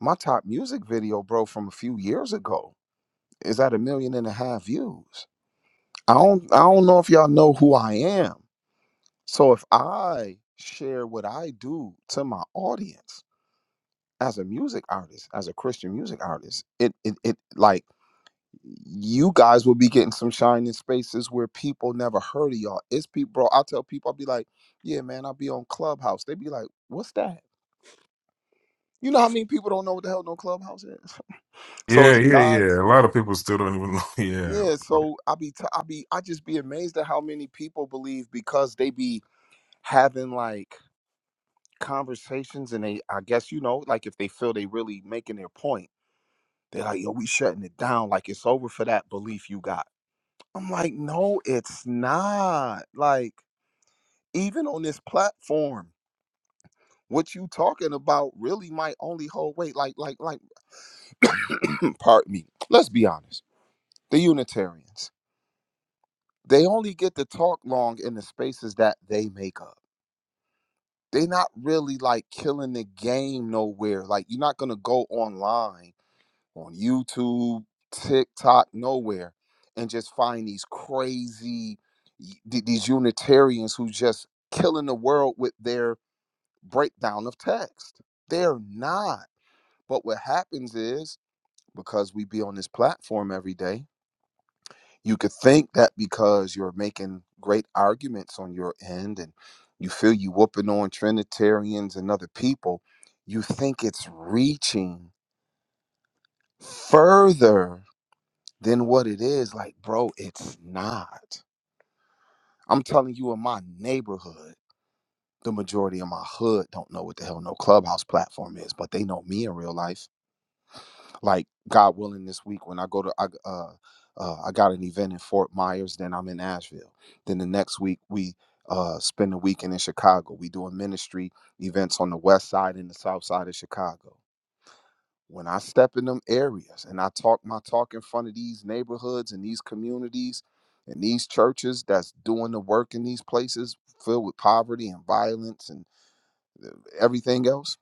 S8: my top music video bro from a few years ago is at a million and a half views. I don't I don't know if y'all know who I am. So if I share what I do to my audience as a music artist, as a Christian music artist, it it, it like you guys will be getting some shine in spaces where people never heard of y'all. It's people, bro. I tell people, I'll be like, yeah, man, I'll be on Clubhouse. They be like, what's that? You know how many people don't know what the hell no Clubhouse is? So
S11: Yeah,
S8: it's
S11: yeah,
S8: guys
S11: yeah. A lot of people still don't even know. Yeah,
S8: Yeah, so I be t- I be I just be amazed at how many people believe because they be having like conversations and they I guess you know like if they feel they really making their point, they're like, "Yo, we shutting it down like it's over for that belief you got." I'm like, "No, it's not." Like even on this platform, what you talking about really might only hold weight like like like pardon me. Let's be honest. The Unitarians, they only get to talk long in the spaces that they make up they not really like killing the game nowhere. Like you're not gonna go online on YouTube, TikTok, nowhere, and just find these crazy y- th- these Unitarians who just killing the world with their breakdown of text. They're not. But what happens is because we be on this platform every day, you could think that because you're making great arguments on your end and you feel you whooping on Trinitarians and other people, you think it's reaching further than what it is. Like, bro, it's not. I'm telling you, in my neighborhood, the majority of my hood don't know what the hell no clubhouse platform is, but they know me in real life. like God willing this week when I go to I uh, uh I got an event in Fort Myers, then I'm in Asheville. Then the next week we uh spend the weekend in Chicago. We doing ministry events on the west side and the south side of Chicago. When I step in them areas and I talk my talk in front of these neighborhoods and these communities and these churches that's doing the work in these places filled with poverty and violence and uh, everything else,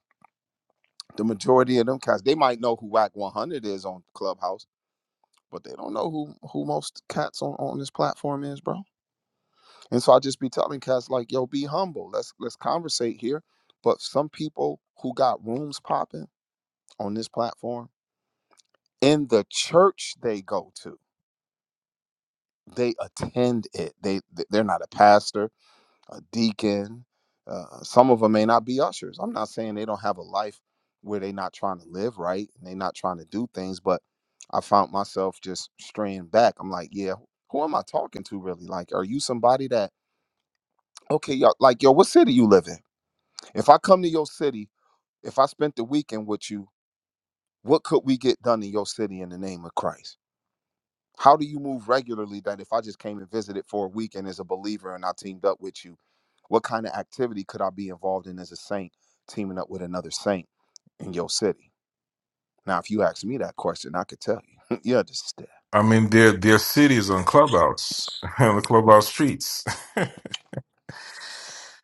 S8: the majority of them cats, they might know who WAC 100 is on Clubhouse but they don't know who who most cats on, on this platform is, bro. And so I just be telling cats like, yo, be humble. Let's let's conversate here. But some people who got rooms popping on this platform in the church they go to, they attend it. They they're not a pastor. a deacon. Uh, some of them may not be ushers. I'm not saying they don't have a life where they're not trying to live right and they're not trying to do things, but I found myself just straying back. I'm like, yeah, who am I talking to really? Like, are you somebody that, okay, yo, like, yo, what city you live in? If I come to your city, if I spent the weekend with you, what could we get done in your city in the name of Christ? How do you move regularly that if I just came and visited for a week and as a believer and I teamed up with you, what kind of activity could I be involved in as a saint teaming up with another saint in your city? Now, if you ask me that question, I could tell you. yeah, you understand.
S11: I mean, their their cities on clubhouse on the clubhouse streets.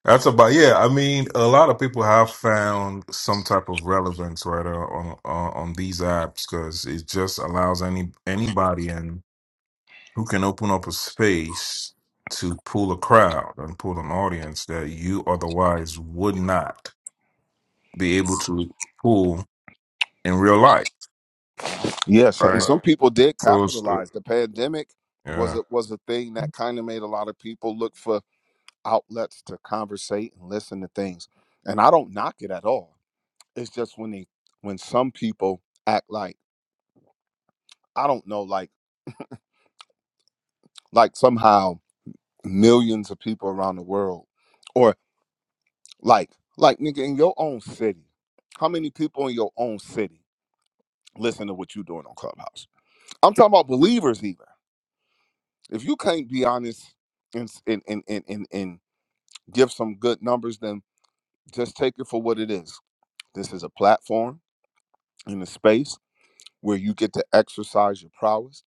S11: That's about yeah. I mean, a lot of people have found some type of relevance right uh, on on, on these apps because it just allows any anybody in who can open up a space to pull a crowd and pull an audience that you otherwise would not be able to pull in real life,
S8: Yeah, so, and
S11: right?
S8: some people did
S11: So, it's, uh,
S8: capitalize. The pandemic was
S11: yeah.
S8: a, was a thing that kind of made a lot of people look for outlets to conversate and listen to things. And I don't knock it at all. It's just when they when some people act like I don't know, like like somehow millions of people around the world or like like nigga in your own city how many people in your own city listen to what you are doing on clubhouse i'm talking about believers even if you can't be honest and and and and, and, and give some good numbers then just take it for what it is this is a platform in a space where you get to exercise your prowess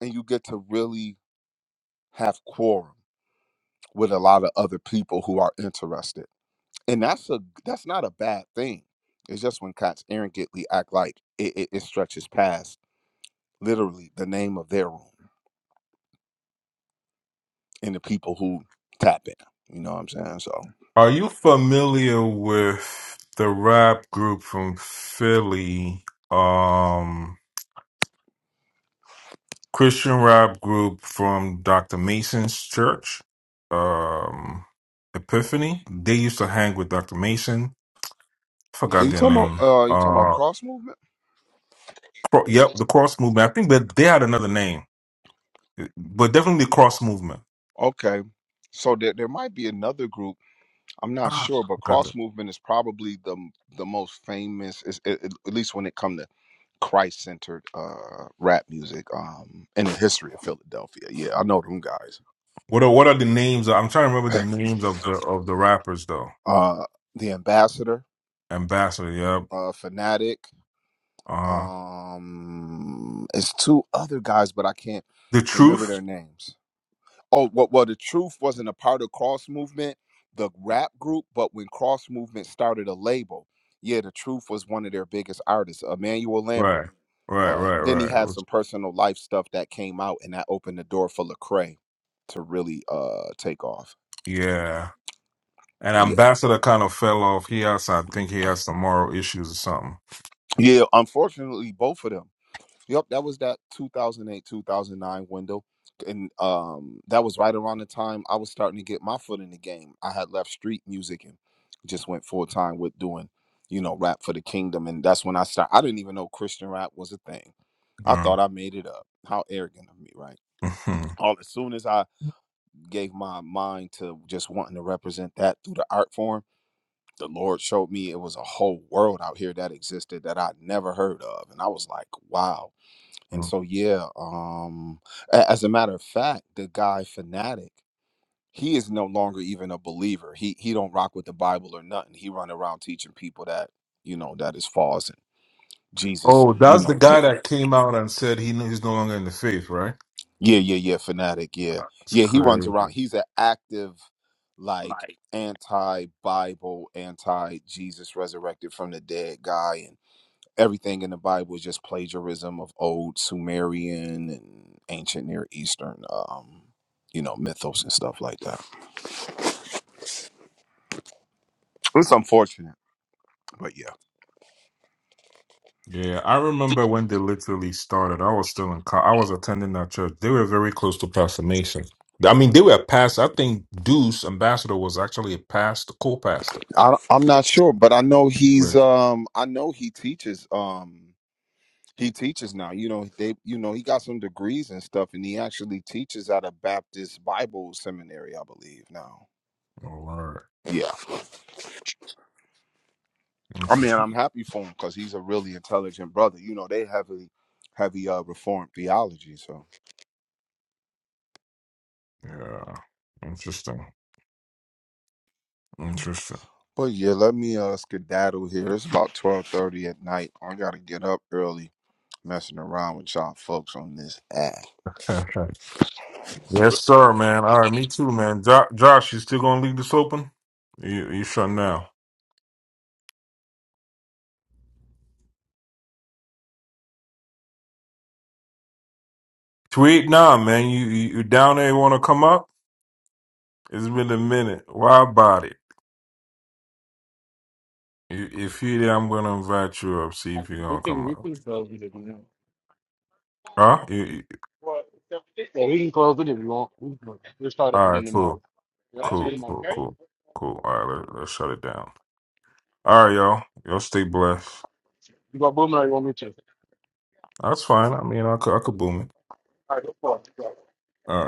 S8: and you get to really have quorum with a lot of other people who are interested and that's a that's not a bad thing. It's just when cats arrogantly act like it, it, it stretches past literally the name of their room and the people who tap in. You know what I'm saying? So
S11: Are you familiar with the rap group from Philly, um, Christian rap group from Dr. Mason's church, um, Epiphany? They used to hang with Dr. Mason.
S8: Are
S11: Forgot
S8: you
S11: their
S8: talking about
S11: name.
S8: uh you talking
S11: Uh,
S8: about cross movement?
S11: Cro- Yep, the cross movement. I think that they had another name, but definitely the cross movement.
S8: Okay. So there, there might be another group. I'm not
S11: Ah,
S8: sure, but
S11: got that.
S8: cross movement is probably the the most famous, is, at at least when it come to Christ centered uh rap music um in the history of Philadelphia. Yeah, I know them guys.
S11: What are what are the names? I'm trying to remember the names of the of the rappers though.
S8: uh The Ambassador.
S11: Ambassador. Yep.
S8: uh Fanatic.
S11: Uh,
S8: Um it's two other guys, but I can't
S11: the
S8: remember
S11: truth.
S8: their names. Oh, well, well the truth wasn't a part of Cross Movement, the rap group, but when Cross Movement started a label, yeah, the truth was one of their biggest artists, Emmanuel Lambert.
S11: Right. Right.
S8: Uh
S11: Right.
S8: then he
S11: Right.
S8: had
S11: Which-
S8: some personal life stuff that came out and that opened the door for Lecrae to really uh take off.
S11: Yeah. And
S8: Yeah.
S11: Ambassador kind of fell off. He has, I think, he has some moral issues or something.
S8: Yeah, unfortunately both of them. Yep, that was that 2008, 2009 window. And um, that was right around the time I was starting to get my foot in the game. I had left street music and just went full time with doing, you know, rap for the kingdom. And that's when I started. I didn't even know Christian rap was a thing. I thought I made it up. How arrogant of me, right?
S11: Mm.
S8: All as soon as I gave my mind to just wanting to represent that through the art form, the Lord showed me it was a whole world out here that existed that I'd never heard of. And I was like, wow and so, yeah, um, a- as a matter of fact, the guy fanatic, he is no longer even a believer. He he don't rock with the Bible or nothing. He run around teaching people that you know that is false and Jesus,
S11: oh,
S8: you
S11: that's the
S8: know, di-
S11: guy that came out and said he knew he's no longer in the faith, right?
S8: yeah, yeah, yeah, fanatic, yeah,
S11: That's
S8: yeah. He runs around.
S11: crazy.
S8: He's an active, like anti-Bible, anti-Jesus resurrected from the dead guy, everything in the Bible is just plagiarism of old Sumerian and ancient Near Eastern, um, you know, mythos and stuff like that. It's unfortunate, but yeah,
S11: Yeah, I remember when they literally started. I was still in co I was attending that church. They were very close to Pastor Mason. I mean, they were past. I think Deuce Ambassador was actually a past co-pastor.
S8: I, I'm not sure, but I know he's,
S11: Right.
S8: um, I know he teaches, um, he teaches now. You know, they, you know, he got some degrees and stuff, and he actually teaches at a Baptist Bible seminary, I believe now.
S11: All right.
S8: Yeah, I mean,
S11: Interesting.
S8: I'm happy for him because he's a really intelligent brother. You know, they heavily, heavy uh, reformed theology, so.
S11: Yeah. Interesting. Interesting.
S8: Well, yeah, let me uh skedaddle here. It's about twelve thirty at night. I gotta get up early, messing around with y'all folks on this app.
S11: yes, sir, man. All right, me too, man. Jo- Josh, you still gonna leave this open? You you shut now. Tweet now, man. You you, you down there? You want to come up? It's been a minute. Why body? You- If you there, I'm gonna invite you up. See if you're
S3: we
S11: gonna
S3: can
S11: come
S3: we
S11: up.
S3: can close it. if you want.
S11: Huh? You, you,
S3: Yeah, we can close. if You want? We can close. There's
S11: all right,
S3: more.
S11: cool,
S3: Yep, see you
S11: cool,
S3: tomorrow.
S11: cool, cool, cool. All right, let, let's shut it down. All right, y'all. Y'all stay blessed.
S3: You got Boomer? or You want me to?
S11: That's fine. I mean, I could, I could boom it.
S3: I go for it.
S11: All right.